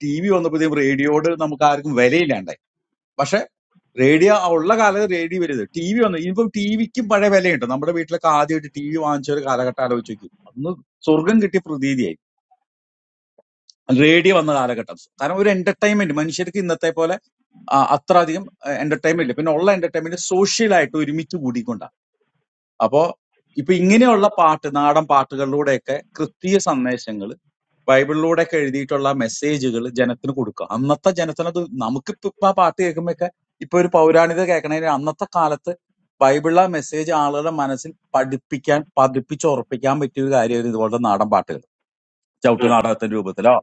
ടി വി വന്നപ്പോഴത്തേക്കും റേഡിയോട് നമുക്ക് ആർക്കും വിലയില്ലാണ്ടായി പക്ഷെ റേഡിയോ ഉള്ള കാലത്ത് റേഡിയോ വരുത് ടി വി വന്നു ഇനിയിപ്പം ടി വിക്കും പഴയ വിലയുണ്ട് നമ്മുടെ വീട്ടിലൊക്കെ ആദ്യമായിട്ട് ടി വി വാങ്ങിച്ച ഒരു കാലഘട്ടം ആലോചിച്ച് നോക്കി അന്ന് സ്വർഗം കിട്ടിയ പ്രതീതിയായി റേഡിയോ വന്ന കാലഘട്ടം കാരണം ഒരു എന്റർടൈൻമെന്റ് മനുഷ്യർക്ക് ഇന്നത്തെ പോലെ ആ, അത്ര അധികം എന്റർടൈൻമെന്റ് ഇല്ല പിന്നെ ഉള്ള എന്റർടൈൻമെന്റ് സോഷ്യലായിട്ട് ഒരുമിച്ച് കൂടിക്കൊണ്ടാണ് അപ്പോ ഇപ്പൊ ഇങ്ങനെയുള്ള പാട്ട് നാടൻ പാട്ടുകളിലൂടെയൊക്കെ ക്രിസ്തീയ സന്ദേശങ്ങൾ ബൈബിളിലൂടെയൊക്കെ എഴുതിയിട്ടുള്ള മെസ്സേജുകൾ ജനത്തിന് കൊടുക്കുക അന്നത്തെ ജനത്തിനത് നമുക്കിപ്പോ ഇപ്പൊ ആ പാട്ട് കേൾക്കുമ്പോഴൊക്കെ ഇപ്പൊ ഒരു പൗരാണിത കേൾക്കണേന് അന്നത്തെ കാലത്ത് ബൈബിളിലെ മെസ്സേജ് ആളുകളുടെ മനസ്സിൽ പഠിപ്പിക്കാൻ പതിപ്പിച്ചുറപ്പിക്കാൻ പറ്റിയ ഒരു കാര്യമായിരുന്നു ഇതുപോലത്തെ നാടൻ പാട്ടുകൾ ചവിട്ട്
ഉം.
നാടകത്തിന്റെ രൂപത്തിലോ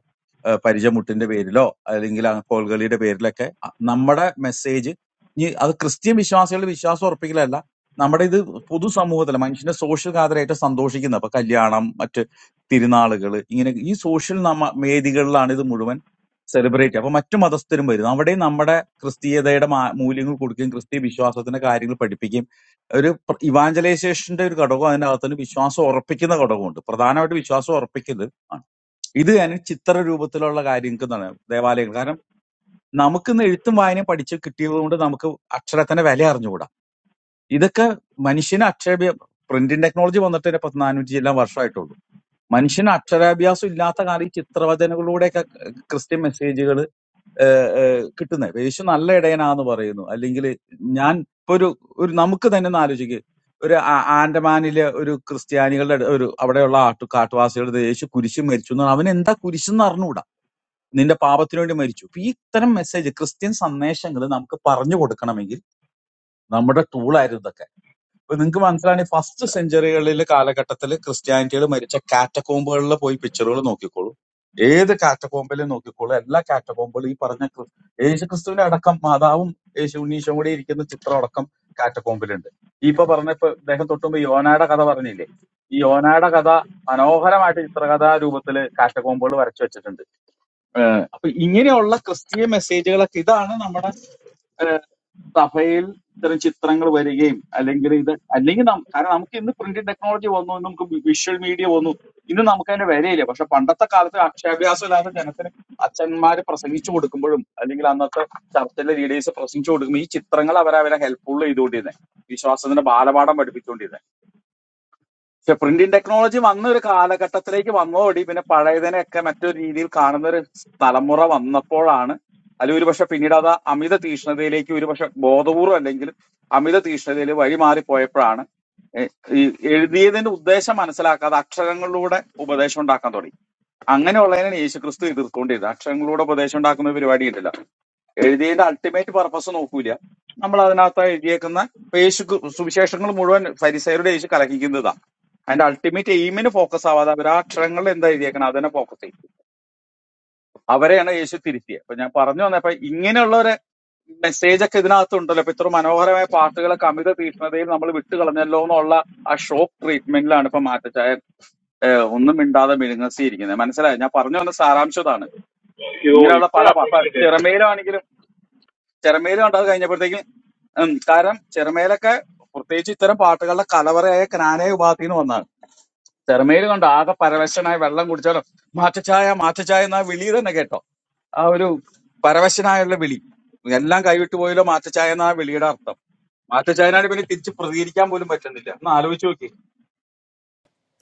ഏഹ് പരിചമുട്ടിന്റെ പേരിലോ അല്ലെങ്കിൽ ആ കോൽകളിയുടെ പേരിലൊക്കെ അ- നമ്മുടെ മെസ്സേജ് ഇനി അത് ക്രിസ്ത്യൻ വിശ്വാസികളുടെ വിശ്വാസം ഉറപ്പിക്കലല്ല നമ്മുടെ ഇത് പൊതുസമൂഹത്തിൽ മനുഷ്യന്റെ സോഷ്യൽ ഗാദറായിട്ട് സന്തോഷിക്കുന്ന ഇപ്പൊ കല്യാണം മറ്റ് തിരുനാളുകൾ ഇങ്ങനെ ഈ സോഷ്യൽ നമ്മ വേദികളിലാണ് ഇത് മുഴുവൻ സെലിബ്രേറ്റ് അപ്പൊ മറ്റു മതസ്ഥരും വരുന്നു അവിടെ നമ്മുടെ ക്രിസ്തീയതയുടെ മാ- മൂല്യങ്ങൾ കൊടുക്കുകയും ക്രിസ്തീയ വിശ്വാസത്തിന്റെ കാര്യങ്ങൾ പഠിപ്പിക്കുകയും ഒരു പ്ര- ഇവാഞ്ചലൈസേഷന്റെ ഒരു ഘടകം അതിനകത്തുനിന്ന് വിശ്വാസം ഉറപ്പിക്കുന്ന ഘടകമുണ്ട് പ്രധാനമായിട്ട് വിശ്വാസം ഉറപ്പിക്കല് ഇത് ഞാൻ ചിത്ര രൂപത്തിലുള്ള കാര്യങ്ങൾക്കെന്നാണ് ദേവാലയങ്ങൾ കാരണം നമുക്കിന്ന് എഴുത്തും വായനയും പഠിച്ച് കിട്ടിയത് കൊണ്ട് നമുക്ക് അക്ഷരത്തിന്റെ വില അറിഞ്ഞുകൂടാ ഇതൊക്കെ മനുഷ്യന് അക്ഷരാഭ്യ പ്രിന്റിംഗ് ടെക്നോളജി വന്നിട്ട് തന്നെ പത്ത് നാനൂറ്റി എല്ലാം വർഷമായിട്ടുള്ളൂ മനുഷ്യന് അക്ഷരാഭ്യാസം ഇല്ലാത്ത കാലം ഈ ചിത്രവചനകളിലൂടെയൊക്കെ ക്രിസ്ത്യൻ മെസ്സേജുകൾ കിട്ടുന്നത് യേശു നല്ല ഇടയനാന്ന് പറയുന്നു അല്ലെങ്കിൽ ഞാൻ ഇപ്പൊ ഒരു ഒരു നമുക്ക് തന്നെ ഒന്ന് ആലോചിക്കുക ഒരു ആ- ആൻഡമാനിലെ ഒരു ക്രിസ്ത്യാനികളുടെ ഒരു അവിടെയുള്ള ആട്ടു കാട്ടുവാസികളുടെ യേശു കുരിശ് മരിച്ചു എന്ന് പറഞ്ഞാൽ അവൻ എന്താ കുരിശ് എന്ന് അറിഞ്ഞുകൂടാ നിന്റെ പാപത്തിനു വേണ്ടി മരിച്ചു അപ്പൊ ഈ ഇത്തരം മെസ്സേജ് ക്രിസ്ത്യൻ സന്ദേശങ്ങൾ നമുക്ക് പറഞ്ഞു കൊടുക്കണമെങ്കിൽ നമ്മുടെ ടൂളായിരുന്നു ഇതൊക്കെ ഇപ്പൊ നിങ്ങൾക്ക് മനസ്സിലാണ് ഫസ്റ്റ് സെഞ്ചുറികളിലെ കാലഘട്ടത്തിൽ ക്രിസ്ത്യാനിറ്റികൾ മരിച്ച കാറ്റക്കോമ്പുകളിൽ പോയി പിക്ചറുകൾ നോക്കിക്കോളൂ ഏത് കാറ്റക്കോമ്പിലും നോക്കിക്കോളൂ എല്ലാ കാറ്റക്കോമ്പുകളും ഈ പറഞ്ഞ ക്രി- യേശു ക്രിസ്തുവിന്റെ അടക്കം മാതാവും യേശു ഉണ്ണീഷും കൂടി ഇരിക്കുന്ന ചിത്രം അടക്കം കാറ്റക്കോമ്പിലുണ്ട് ഈ ഇപ്പൊ പറഞ്ഞ ഇപ്പൊ ഇദ്ദേഹം തൊട്ടുമ്പോ യോനയുടെ കഥ പറഞ്ഞില്ലേ ഈ യോനയുടെ കഥ മനോഹരമായിട്ട് ചിത്രകഥാ രൂപത്തിൽ കാറ്റക്കോമ്പുകൾ വരച്ചു വെച്ചിട്ടുണ്ട് ഏഹ് അപ്പൊ ഇങ്ങനെയുള്ള ക്രിസ്തീയ മെസ്സേജുകളൊക്കെ ഇതാണ് നമ്മുടെ ഏഹ് സഭയിൽ ഇത്തരം ചിത്രങ്ങൾ വരികയും അല്ലെങ്കിൽ ഇത് അല്ലെങ്കിൽ നം- കാരണം നമുക്ക് ഇന്ന് പ്രിന്റിംഗ് ടെക്നോളജി വന്നു ഇന്ന് നമുക്ക് വിഷ്വൽ മീഡിയ വന്നു ഇന്ന് നമുക്ക് അതിന്റെ വിലയില്ല പക്ഷെ പണ്ടത്തെ കാലത്ത് അക്ഷരാഭ്യാസം ഇല്ലാത്ത ജനത്തിന് അച്ഛന്മാര് പ്രസംഗിച്ചു കൊടുക്കുമ്പോഴും അല്ലെങ്കിൽ അന്നത്തെ ചർച്ചിലെ ലീഡേഴ്സ് പ്രസംഗിച്ചു കൊടുക്കുമ്പോൾ ഈ ചിത്രങ്ങൾ അവരവരെ ഹെൽപ്ഫുൾ ചെയ്തുകൊണ്ടിരുന്നത് വിശ്വാസത്തിന്റെ ബാലപാഠം പഠിപ്പിച്ചുകൊണ്ടിരുന്നത് പക്ഷെ പ്രിന്റിംഗ് ടെക്നോളജി വന്ന ഒരു കാലഘട്ടത്തിലേക്ക് വന്നതോടി പിന്നെ പഴയതിനെയൊക്കെ മറ്റൊരു രീതിയിൽ കാണുന്ന ഒരു തലമുറ വന്നപ്പോഴാണ് അല്ല ഒരുപക്ഷെ പിന്നീട് അത് അമിത തീഷ്ണതയിലേക്ക് ഒരുപക്ഷെ ബോധപൂർവം അല്ലെങ്കിലും അമിത തീഷ്ണതയിൽ വഴിമാറിപ്പോയപ്പോഴാണ് എ- ഈ എഴുതിയതിന്റെ ഉദ്ദേശം മനസ്സിലാക്കാതെ അക്ഷരങ്ങളിലൂടെ ഉപദേശം ഉണ്ടാക്കാൻ തുടങ്ങി അങ്ങനെയുള്ളതിനാണ് യേശു ക്രിസ്തു എതിർക്കൊണ്ടിരുന്നത് അക്ഷരങ്ങളിലൂടെ ഉപദേശം ഉണ്ടാക്കുന്ന പരിപാടി ഉണ്ടല്ല എഴുതിയതിന്റെ അൾട്ടിമേറ്റ് പർപ്പസ് നോക്കൂല നമ്മൾ അതിനകത്ത് എഴുതിയേക്കുന്ന ഇപ്പൊ യേശു കു- സുവിശേഷങ്ങൾ മുഴുവൻ ഫരിസയരുടെ യേശു കലഹിക്കുന്നത് അതിന്റെ അൾട്ടിമേറ്റ് എയിമിന് ഫോക്കസ് ആവാതെ അവർ ആ അക്ഷരങ്ങളിൽ എന്താ എഴുതിയേക്കണം അതിനെ ഫോക്കസ് ചെയ്യും അവരെയാണ് യേശു തിരുത്തിയത് അപ്പൊ ഞാൻ പറഞ്ഞു വന്നപ്പോ ഇങ്ങനെയുള്ള ഒരു മെസ്സേജ് ഒക്കെ ഇതിനകത്ത് ഉണ്ടല്ലോ ഇപ്പൊ ഇത്ര മനോഹരമായ പാട്ടുകളെ കവിത തീഷ്ണതയിൽ നമ്മൾ വിട്ടു കളഞ്ഞല്ലോ എന്നുള്ള ആ ഷോക്ക് ട്രീറ്റ്മെന്റിലാണ് ഇപ്പൊ മാറ്റച്ചായ ഏഹ്, ഒന്നും മിണ്ടാതെ മിനുങ്ങസിയിരിക്കുന്നത് മനസ്സിലായോ ഞാൻ പറഞ്ഞു വന്ന സാരാംശം ഇതാണ്
അയ്യോ
ഇങ്ങനെയുള്ള പല
ഇപ്പഴാ
പ- പ-
പിടിക്കട്ടെ
ചെറമേലാണെങ്കിലും ചെറമേലും കണ്ടത് കഴിഞ്ഞപ്പോഴത്തേക്കും ഉം, കാരണം ചെറമേലൊക്കെ പ്രത്യേകിച്ച് ഇത്തരം പാട്ടുകളുടെ കലവറയായ ക്നാനയ ഉപാധിന്ന് വന്നതാണ് തെർമയിൽ കണ്ടോ ആകെ പരവശനായ വെള്ളം കുടിച്ചാലോ മാറ്റച്ചായ മാറ്റച്ചായ എന്നാ വിളി തന്നെ കേട്ടോ ആ ഒരു പരവശനായുള്ള വിളി എല്ലാം കൈവിട്ട് പോയല്ലോ മാറ്റച്ചായ എന്നാ വിളിയുടെ അർത്ഥം മാറ്റച്ചായനായിട്ട് പിന്നെ തിരിച്ച് പ്രതികരിക്കാൻ പോലും പറ്റുന്നില്ല ഒന്ന് ആലോചിച്ച് നോക്കി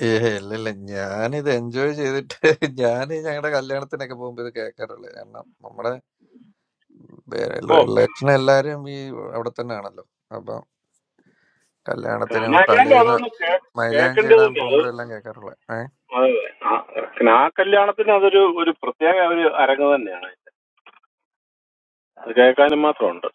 ഏ ഇല്ല ഇല്ല ഞാനിത് എൻജോയ് ചെയ്തിട്ട് ഞാൻ ഞങ്ങളുടെ കല്യാണത്തിനൊക്കെ പോകുമ്പോ ഇത് കേൾക്കാറുള്ളത് കാരണം നമ്മുടെ
ഓ
ഇലക്ഷൻ എല്ലാരും ഈ അവിടെ തന്നെ ആണല്ലോ അപ്പൊ കല്യാണത്തിനും
കാനാക്കാണ്ട്
തലേന്ന്
അതൊന്ന് കേ-
മൈലാഞ്ചി
കേക്കേണ്ടത്
ഇടാൻ
തന്നെ അത്
പോകുമ്പോഴെല്ലാം കേൾക്കാറുള്ളത്
അതെ അതെ. ആ കല്യാണത്തിന് അതൊരു ഒരു പ്രത്യേക ഒരു അരങ്ങ് തന്നെയാണ് അത് കേൾക്കാനും മാത്രമുണ്ട്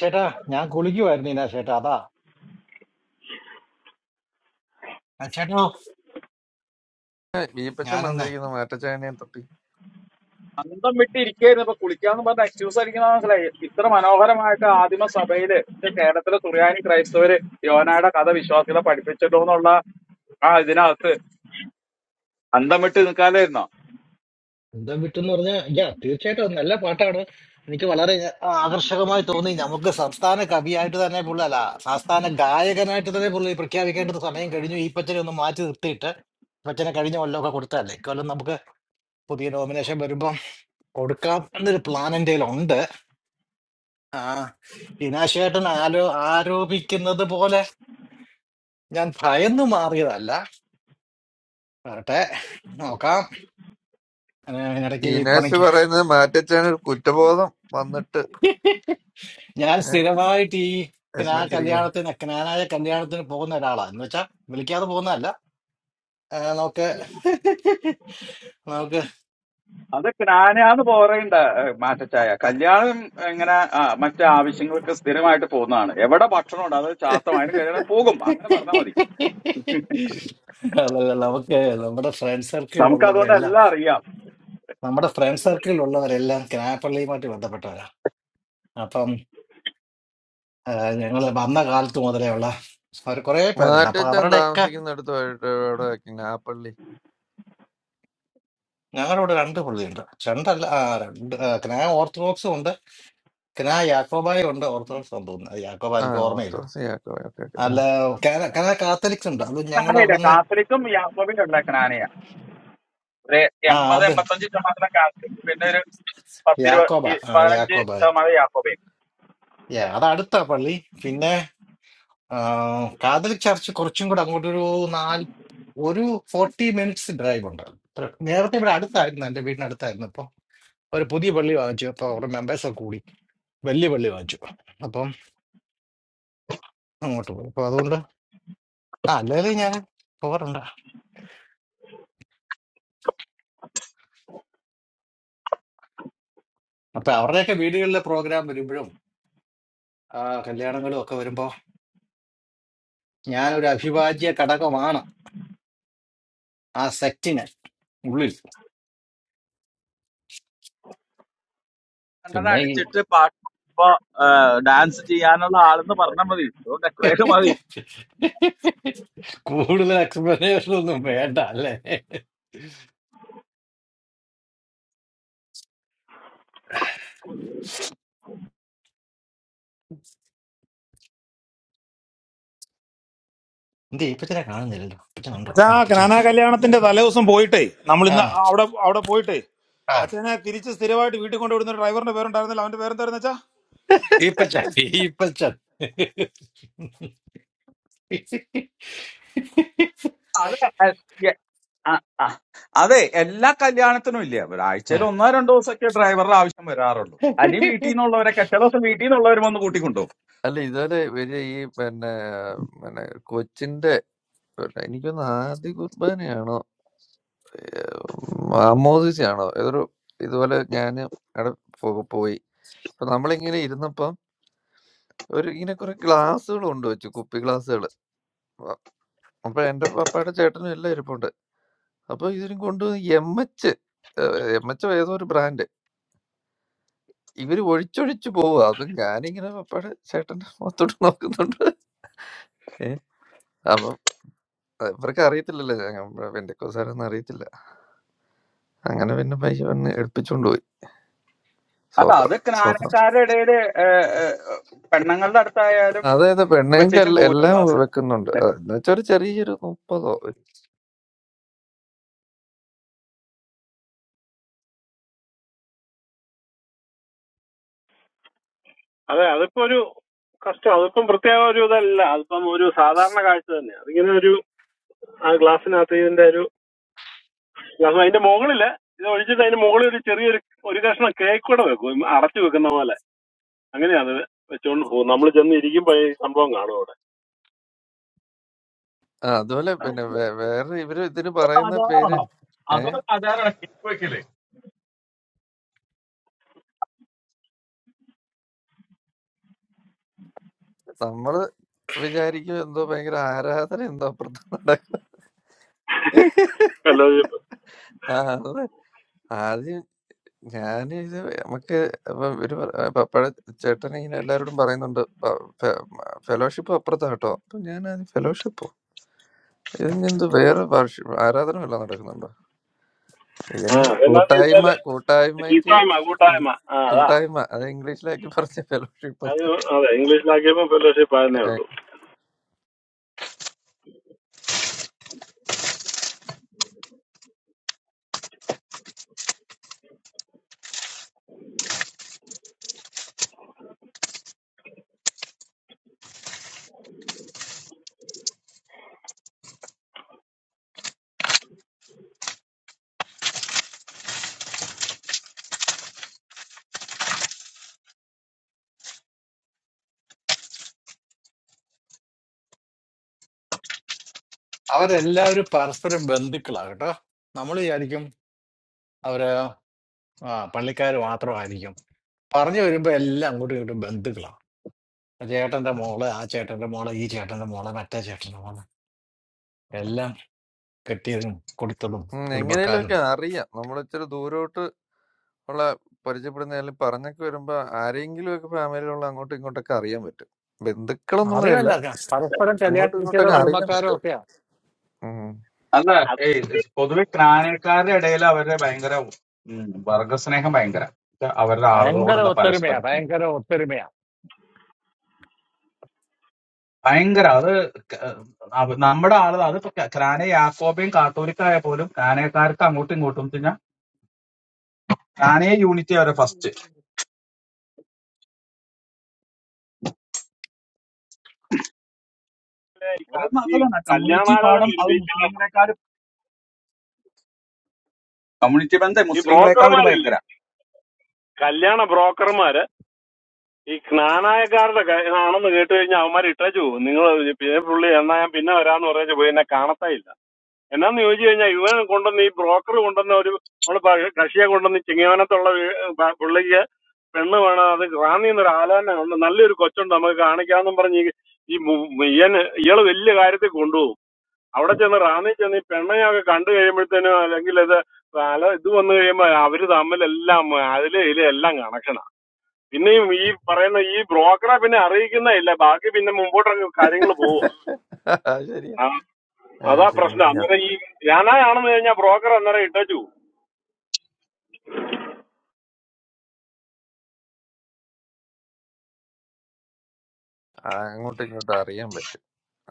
ചേട്ടാ ഞാൻ കുളിക്കുമായിരുന്നു ഇനാ ചേട്ടാ അതാ ആ ചേട്ടാ
വീപ്പച്ചൻ
ഞാനൊന്ന്
വന്നിരിക്കുന്നു മാറ്റച്ചായനെയും തട്ടി
അന്തം വിട്ടിരിക്കായിരുന്നു ഇപ്പൊ കുളിക്കാന്ന് പറഞ്ഞ എക്സ്ക്യൂസ് അടിക്കുന്ന മനസ്സിലായി ഇത്ര മനോഹരമായിട്ട് ആദിമ സഭയില് ഇത് കേരളത്തിലെ തുറയാനി ക്രൈസ്തവര് യോനായുടെ കഥ വിശ്വാസികളെ പഠിപ്പിച്ചല്ലോ എന്നുള്ള ആ ഇതിനകത്ത് അന്തം വിട്ട് നിൽക്കാലായിരുന്നോ
സ്വന്തം വിട്ടെന്ന് പറഞ്ഞാൽ യാ തീർച്ചയായിട്ടും അത് നല്ല പാട്ടാണ് എനിക്ക് വളരെ ആ- ആകർഷകമായി തോന്നി നമുക്ക് സംസ്ഥാന കവിയായിട്ട് തന്നെ പുള്ളി അല്ല സംസ്ഥാന ഗായകനായിട്ട് തന്നെ പുള്ളി പ്രഖ്യാപിക്കേണ്ടത് സമയം കഴിഞ്ഞു ഈ പച്ചനെ ഒന്ന് മാറ്റി നിർത്തിയിട്ട് പച്ചനെ കഴിഞ്ഞ കൊല്ലമൊക്കെ കൊടുത്തതല്ലേ ഇക്കൊല്ലം നമുക്ക് പുതിയ നോമിനേഷൻ വരുമ്പം കൊടുക്കാം എന്നൊരു പ്ലാൻ എൻ്റെ ഉണ്ട് ആ ഇനാശേട്ടൻ ആലോ ആരോപിക്കുന്നത് പോലെ ഞാൻ ഭയന്നു മാറിയതല്ല വരട്ടെ നോക്കാം ഞാൻ ഇടയ്ക്ക് ഈ
ദിനേശ് പറയുന്നത് മാറ്റച്ചായന് ഒരു കുറ്റബോധം വന്നിട്ട്
പണിക്ക് ഞാൻ
ഏഹ്,
സ്ഥിരമായിട്ട് ഈ ക്നാ
വിഷമിച്ചിരിക്കുന്നു
കല്യാണത്തിന് ക്നാനായ കല്യാണത്തിന് പോകുന്ന ഒരാളാ എന്ന് വെച്ചാ വിളിക്കാതെ പോകുന്നതല്ല ആ, നമുക്ക് നമുക്ക്
അത് ഞാനാന്ന് പോറേണ്ട മാറ്റച്ചായ കല്യാണം എങ്ങനെ ആ, മറ്റു ആവശ്യങ്ങൾക്ക് സ്ഥിരമായിട്ട് പോകുന്നതാണ് എവിടെ ഭക്ഷണം ഉണ്ട് അത് ചാത്തമായാലും കഴിയാതെ പോകും അങ്ങനെ പറഞ്ഞാൽ മതി
അതല്ല നമുക്ക് നമ്മുടെ ഫ്രണ്ട് സർക്കിളിൽ
നമുക്ക് അതുകൊണ്ട്
ഉള്ളവരെല്ലാം
എല്ലാം അറിയാം
നമ്മുടെ ഫ്രണ്ട് സർക്കിളിൽ ഉള്ളവരെല്ലാം ക്നാപ്പള്ളിയുമായിട്ട് ബന്ധപ്പെട്ടവരാ അപ്പം ഞങ്ങൾ വന്ന കാലത്ത് മുതലേ ഉള്ള അവർ കുറെ പേരുണ്ട് അപ്പൊ
മാറ്റച്ചാൻ
അവരുടെയൊക്കെ
താമസിക്കുന്നിടത്ത് പോയിട്ട് എവിടെ നാപ്പള്ളി
ഞങ്ങളുടെ ഇവിടെ രണ്ട് പുള്ളിയുണ്ട് രണ്ടല്ല ആ, രണ്ട് ആ, ക്നാ ഓർത്തഡോക്സും ഉണ്ട് ക്നാ യാക്കോബായും ഉണ്ട് ഓർത്തഡോക്സ് തോന്നുന്നു അത് യാക്കോബ
ആ
എനിക്ക് ഓർമ്മയില്ല
ഓർത്തോസ് ഓക്കെ ഓക്കെ ഓക്കെ ആ.
അല്ല കാന- കാന കാത്തലിക്സ് ഉണ്ട് അത് ഞങ്ങളുടെ
ക്നാനയില്ല
അവിടുന്ന്
കാത്തലിക്കും യാക്കോബിനും ഉള്ള ക്നാനയ ഒരു
ആ
എൺപത്
അത്
എൺപത്തഞ്ച് ശതമാനം കാത്തലിക് പിന്നെ ഒരു പത്തിരുപത്
യാക്കോബ
ഈ
ആ
പതിനഞ്ച്
യാക്കോബ
ശതമാനം യാക്കോബയും
യാ, അത് അടുത്ത പള്ളി പിന്നെ ആ, കാത്തലിക് ചർച്ച് കുറച്ചും കൂടെ അങ്ങോട്ട് ഒരു നാല് ഒരു ഫോർട്ടി മിനിറ്റ്സ് ഡ്രൈവ് ഉണ്ട് അത്ര- നേരത്തെ ഇവിടെ അടുത്തായിരുന്നു എന്റെ വീടിന് അടുത്തായിരുന്നു ഇപ്പൊ ഒരു പുതിയ പള്ളി വാങ്ങിച്ചു അപ്പൊ അവിടെ മെമ്പേഴ്സ് ഒക്കെ കൂടി വലിയ പള്ളി വാങ്ങിച്ചു അപ്പം അങ്ങോട്ട് പോയി അപ്പൊ അതുകൊണ്ട് ആ അല്ലെങ്കിൽ ഞാൻ പോകാറുണ്ട് അപ്പൊ അവരുടെയൊക്കെ വീടുകളിലെ പ്രോഗ്രാം വരുമ്പോഴും ആ കല്യാണങ്ങളും ഒക്കെ വരുമ്പോ ഞാനൊരു അഭിവാജ്യ ഘടകമാണ് ആ സെറ്റിന് ഉള്ളിൽ
രണ്ടെണ്ണം
പിന്നെ ഈ
അടിച്ചിട്ട് പാട്ട് ഇപ്പൊ ഡാൻസ് ചെയ്യാനുള്ള ആളെന്ന് പറഞ്ഞാൽ മതി അതുകൊണ്ട് എത്രയും മതി
കൂടുതൽ എക്സ്പ്ലനേഷൻ ഒന്നും വേണ്ട അല്ലേ എന്തേ ഈപ്പച്ചനെ കാണുന്നില്ലല്ലോ ഇപ്പച്ചൻ ഉണ്ടോ
അച്ഛാ
ആ ഇപ്പച്ചൻ
ക്നാന കല്യാണത്തിന്റെ തലേദിവസം പോയിട്ടേ നമ്മൾ
ആ
ഇന്ന് അവിടെ അവിടെ പോയിട്ടേ
ആ
അച്ഛനെ തിരിച്ച് സ്ഥിരമായിട്ട് വീട്ടിൽ കൊണ്ടുവിടുന്ന ഒരു ഡ്രൈവറിന്റെ പേരുണ്ടായിരുന്നല്ലോ അവന്റെ പേരെന്തായിരുന്നു അച്ഛാ
ഈപ്പച്ചൻ ഈപ്പച്ചൻ
അതെ ആ, ആ. അതെ എല്ലാ കല്യാണത്തിനും ഇല്ല
ആ.
ഒരാഴ്ചയിൽ ഒന്നോ രണ്ടോ ദിവസമൊക്കെ ഡ്രൈവറുടെ ആവശ്യം വരാറുള്ളൂ അല്ലെങ്കിൽ വീട്ടിൽ നിന്നുള്ളവരൊക്കെ ചില ദിവസം വീട്ടിൽ നിന്നുള്ളവരും വന്ന് കൂട്ടിക്കൊണ്ടുപോകും
അല്ല ഇതുവരെ ഇവര് ഈ പിന്നെ പിന്നെ കൊച്ചിന്റെ പിന്നെ എനിക്കൊന്ന് ആദ്യ കുർബാനയാണോ ആമോദിച്ചാണോ ഏതൊരു ഇതുപോലെ ഞാൻ അവിടെ പോ- പോയി അപ്പൊ നമ്മളിങ്ങനെ ഇരുന്നപ്പം ഒരു ഇങ്ങനെ കുറെ ഗ്ലാസ്സുകൾ കൊണ്ട് വെച്ചു കുപ്പി ഗ്ലാസ്സുകൾ അപ്പൊ എന്റെ പപ്പായുടെ ചേട്ടനും എല്ലാം ഇരിപ്പുണ്ട്. അപ്പൊ ഇതിനും കൊണ്ട് എംഎച്ച് ഏഹ്, എംഎച്ചോ ഏതോ ഒരു ബ്രാൻഡ്. ഇവര് ഒഴിച്ചൊഴിച്ച് പോവാ. അപ്പൊ ഞാനിങ്ങനെ പപ്പായുടെ ചേട്ടന്റെ മുഖത്തോട്ട് നോക്കുന്നുണ്ട്. ഏഹ്? അപ്പം ഇവർക്ക് അറിയത്തില്ലല്ലോ ഞാൻ പെന്തിക്കോസ്കാരാന്ന് അറിയത്തില്ല. അങ്ങനെ പിന്നെ പയ്യെ വന്ന് എടുപ്പിച്ചോണ്ട് പോയി.
അല്ല
സ്തോത്രം,
അത്
സ്തോത്രം.
ക്നാനക്കാരുടെ ഇടയിൽ പെണ്ണുങ്ങളുടെ അടുത്തായാലും
അതായത് പെണ്ണുങ്ങൾക്ക് എൽ
വെച്ചേച്ചും പോകില്ല
എല്ലാം
ഗ്ലാസ്
വെക്കുന്നുണ്ട്. ആഹ്, എന്ന് വെച്ചാ ഒരു ചെറിയൊരു 30ഓ.
അതെ അതിപ്പോ ഒരു കഷ്ടം അതിപ്പം പ്രത്യേക ഒരു ഇതല്ല അതിപ്പം ഒരു സാധാരണ കാഴ്ച തന്നെ അതിങ്ങനെ ഒരു ആ ഗ്ലാസ്സിനകത്ത് ഇതിന്റെ ഒരു കാരണം അതിന്റെ മുകളില് ഇത് ഒഴിച്ചിട്ട് അതിന്റെ മുകളിൽ ഒരു ചെറിയൊരു ഒരു കഷ്ണം കേക്ക് കൂടെ വെക്കും അടച്ചു വെക്കുന്ന പോലെ അങ്ങനെയാണ് ഇത് വെച്ചോണ്ട് പോകും നമ്മൾ ചെന്ന് ഇരിക്കുമ്പോ ഈ സംഭവം കാണും അവിടെ
ആഹ്, അതുപോലെ പിന്നെ വേ വേറെ ഇവര് ഇതിന് പറയുന്ന പേര്
ആചാരമാണോ
ഏഹ്?
അതൊരു ആചാരമാണ് കേക്ക് വെക്കല്
നമ്മള് വിചാരിക്കും എന്തോ ഭയങ്കര ആരാധന എന്തോ അപ്പുറത്ത് നടക്കും
എല്ലാവരും
ആ, അത് ആദ്യം ഞാൻ ഇത് നമുക്ക് ഇപ്പൊ ഒരു പപ്പഴ ചേട്ടൻ ഇങ്ങനെ എല്ലാവരോടും പറയുന്നുണ്ട് ഫെലോഷിപ്പ് അപ്പുറത്താ കേട്ടോ അപ്പൊ ഞാൻ ആദ്യം ഫെലോഷിപ്പോ ഇതിന് എന്ത് വേറെ വർഷ- ആരാധന വല്ലതും നടക്കുന്നുണ്ടോ
ആ
ഇതിന്
എന്നാന്ന്
കൂട്ടായ്മ
ചോദിച്ചാല്
കൂട്ടായ്മയ്ക്ക്
കൂട്ടായ്മ
ഇ-
കൂട്ടായ്മ ആ അതാ
കൂട്ടായ്മ അത് ഇംഗ്ലീഷിലാക്കി പറഞ്ഞ ഫെലോഷിപ്പ്
അത് അതെ ഇംഗ്ലീഷിലാക്കിയപ്പോ ഫെലോഷിപ്പ് ആയിരുന്നേ ഉള്ളൂ
അവരെല്ലാവരും പരസ്പരം ബന്ധുക്കളാ കേട്ടോ നമ്മൾ വിചാരിക്കും അവര് ആ പള്ളിക്കാർ മാത്രമായിരിക്കും പറഞ്ഞു വരുമ്പോ എല്ലാം അങ്ങോട്ടും ഇങ്ങോട്ടും ബന്ധുക്കളാണ് ആ ചേട്ടന്റെ മോള് ആ ചേട്ടന്റെ മോള് ഈ ചേട്ടന്റെ മോള് മറ്റേ ചേട്ടന്റെ മോള് എല്ലാം കെട്ടിയതും കൊടുത്തതും
എങ്ങനെയല്ലോ
കുടുംബക്കാരും
ഒക്കെ അറിയാം നമ്മൾ ഇച്ചിരി ദൂരോട്ട് ഉള്ള പരിചയപ്പെടുന്നതിലും പറഞ്ഞൊക്കെ വരുമ്പോ ആരെങ്കിലും ഒക്കെ ഫാമിലിയിലുള്ള അങ്ങോട്ടും ഇങ്ങോട്ടൊക്കെ അറിയാൻ പറ്റും ബന്ധുക്കളെന്നുള്ളതല്ല
അറിവില്ല ക- പരസ്പരം
അങ്ങോട്ടും
കല്യാണിച്ചതോ
ഇങ്ങോട്ടൊക്കെ അറിയാൻ
കുടുംബക്കാരോ
പറ്റും
ഒക്കെയാ
ഉം.
അല്ല
അത്
ഏയ് പൊതുവെ ക്നാനക്കാരുടെ ഇടയിൽ അവരുടെ ഭയങ്കര ഉം, വർഗസ്നേഹം ഭയങ്കര അവരുടെ
ഭയങ്കര
ആളുകളോടുള്ള പരസ്പരം
ഒത്തൊരുമയാ
സ്നേഹം.
ഭയങ്കര ഒത്തൊരുമയാ
ഭയങ്കര അത് ക- അവ- നമ്മുടെ ആള് അത് ഇപ്പൊ ക- കാനെ യാക്കോബയും കാത്തോലിക്കായ പോലും കാനേക്കാർക്ക് അങ്ങോട്ടും ഇങ്ങോട്ടും പിന്നെ കാനയെ യൂണിറ്റി അവരെ ഫസ്റ്റ് ഒരു
ഈ
നല്ലതാണ് കമ്മ്യൂണിറ്റി
കല്യാണാലോചന
പാഠം അത്
ഒരുമിച്ചുള്ള
മുസ്ലിങ്ങളെക്കാൾ കമ്മ്യൂണിറ്റി ബന്ധം
ഈ
മുസ്ലിങ്ങളെക്കാൾ ഒരു
ബ്രോക്കർമാരില്ലേ
ഭയങ്കര
കല്യാണ ബ്രോക്കർമാര് ഈ ജ്ഞാനായക്കാരുടെ ക- ആണെന്ന് കേട്ട് കഴിഞ്ഞാൽ അവന്മാർ ഇട്ടേച്ചു പോകും നിങ്ങൾ പിന്നെ പുള്ളി എന്നാ ഞാൻ പിന്നെ വരാന്ന് പറഞ്ഞു പോയി എന്നെ കാണത്തേ ഇല്ല എന്നാന്ന് ചോദിച്ചു കഴിഞ്ഞാൽ ഇവൻ കൊണ്ടുവന്ന ഈ ബ്രോക്കർ കൊണ്ടുവന്ന ഒരു നമ്മള് പ- കക്ഷിയെ കൊണ്ടുവന്ന ചിങ്ങവനത്തുള്ള വീ- പ- പുള്ളിക്ക് പെണ്ണ് വേണം അത് റാന്നി എന്നൊരു ആലോചന ഉണ്ട് നല്ലൊരു കൊച്ചുണ്ട് നമുക്ക് കാണിക്കാന്നും പറഞ്ഞ് ഈ ഈ മു- ഇയന് ഇയാള് വലിയ കാര്യത്തിൽ കൊണ്ടുപോകും അവിടെ ചെന്ന് റാന്നി ചെന്ന് ഈ പെണ്ണയൊക്കെ കണ്ടു കഴിയുമ്പോഴത്തേനും അല്ലെങ്കിൽ ഇത് അല ഇത് വന്നു കഴിയുമ്പോ അവര് തമ്മിലെല്ലാം അതിലെ ഇതിലെ എല്ലാം കണക്ഷനാ പിന്നെയും ഈ പറയുന്ന ഈ ബ്രോക്കറെ പിന്നെ അറിയിക്കുന്നേ ഇല്ല ബാക്കി പിന്നെ മുമ്പോട്ടൊക്കെ കാര്യങ്ങൾ പോകും
ആ, ശരിയാ
ആ,
ആ,
അതാ
ശരി,
പ്രശ്നം
ശരിയാ.
അന്നേരം ഈ ഞാനാണെന്ന് കഴിഞ്ഞാൽ ബ്രോക്കർ അന്നേരം ഇട്ടു
ആ, അങ്ങോട്ടും ഇങ്ങോട്ടും അറിയാൻ പറ്റും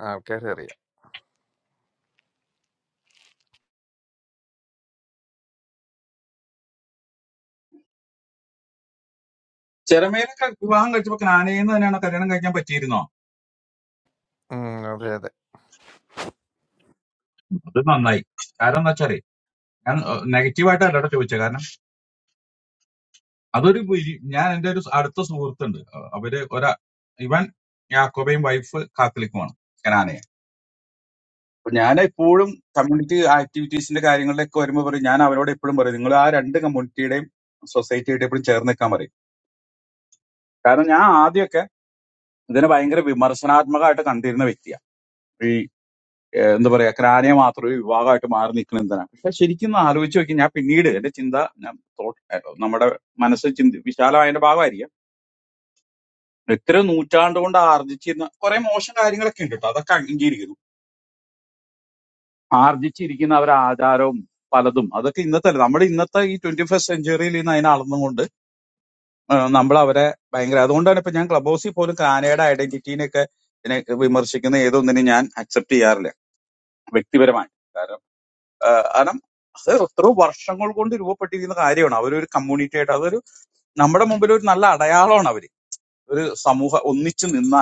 ആൾക്കാരെ അറിയാം
ചെറുമേലൊക്കെ വിവാഹം കഴിച്ചപ്പോ കാനയിൽ നിന്ന് തന്നെയാണ് കല്യാണം കഴിക്കാൻ പറ്റിയിരുന്നോ
ഉം, അതെ അതെ
അത് നന്നായി കാരണം എന്താ വെച്ചാല് ഞാൻ നെഗറ്റീവായിട്ട് അല്ലാട്ടോ ചോദിച്ചത് കാരണം അതൊരു വിരി- ഞാൻ എന്റെ ഒരു അടുത്ത സുഹൃത്തുണ്ട് അഹ് അവര് ഒരാ ഇവൻ യാക്കോബയും വൈഫ് കാത്തലിക്കുമാണ് അപ്പൊ ഞാൻ എപ്പോഴും കമ്മ്യൂണിറ്റി ആക്ടിവിറ്റീസിന്റെ കാര്യങ്ങളിലൊക്കെ വരുമ്പോൾ പറയും ഞാൻ അവരോട് എപ്പോഴും പറയും നിങ്ങൾ ആ രണ്ട് കമ്മ്യൂണിറ്റിയുടെയും സൊസൈറ്റിയായിട്ട് എപ്പോഴും ചേർന്ന് നിൽക്കാൻ പറയും കാരണം ഞാൻ ആദ്യമൊക്കെ ഇതിനെ ഭയങ്കര വിമർശനാത്മകമായിട്ട് കണ്ടിരുന്ന വ്യക്തിയാണ് ഈ ഏഹ്, എന്താ പറയാ ക്രാനിയ മാത്രം ഒരു വിഭാഗമായിട്ട് മാറി നിൽക്കുന്ന എന്തിനാണ് പക്ഷെ ശരിക്കും ഒന്ന് ആലോചിച്ച് നോക്കി ഞാൻ പിന്നീട് എന്റെ ചിന്ത ഞാൻ thought- ഏഹ്, നമ്മുടെ മനസ്സ് ചിന്തി വിശാലമായതിന്റെ ഭാഗമായിരിക്കാം എത്ര നൂറ്റാണ്ട് കൊണ്ട് ആർജിച്ചിരുന്ന കുറെ മോശം കാര്യങ്ങളൊക്കെ ഉണ്ട് കേട്ടോ അതൊക്കെ അംഗീകരിക്കുന്നു ആർജിച്ചിരിക്കുന്ന അവരെ ആചാരവും പലതും അതൊക്കെ ഇന്നത്തെ നമ്മുടെ ഇന്നത്തെ ഈ ട്വന്റി ഫസ്റ്റ് സെഞ്ചുറിയിൽ നിന്ന് അതിനെ അളന്നുകൊണ്ട് നമ്മൾ അവരെ ഭയങ്കര അതുകൊണ്ടാണ് ഇപ്പൊ ഞാൻ ക്ലബ് ഹൗസിൽ പോലും കാനയുടെ ഐഡന്റിറ്റീനെയൊക്കെ ഇതിനെ വിമർശിക്കുന്ന ഏതൊന്നിനും ഞാൻ അക്സെപ്റ്റ് ചെയ്യാറില്ല വ്യക്തിപരമായി കാരണം ആ, കാരണം അത് എത്രയോ വർഷങ്ങൾ കൊണ്ട് രൂപപ്പെട്ടിരിക്കുന്ന കാര്യമാണ് അവരൊരു കമ്മ്യൂണിറ്റി ആയിട്ട് അതൊരു നമ്മുടെ മുമ്പിൽ ഒരു നല്ല അടയാളമാണ് അവര് ഒരു സമൂഹം ഒന്നിച്ചു നിന്നാൽ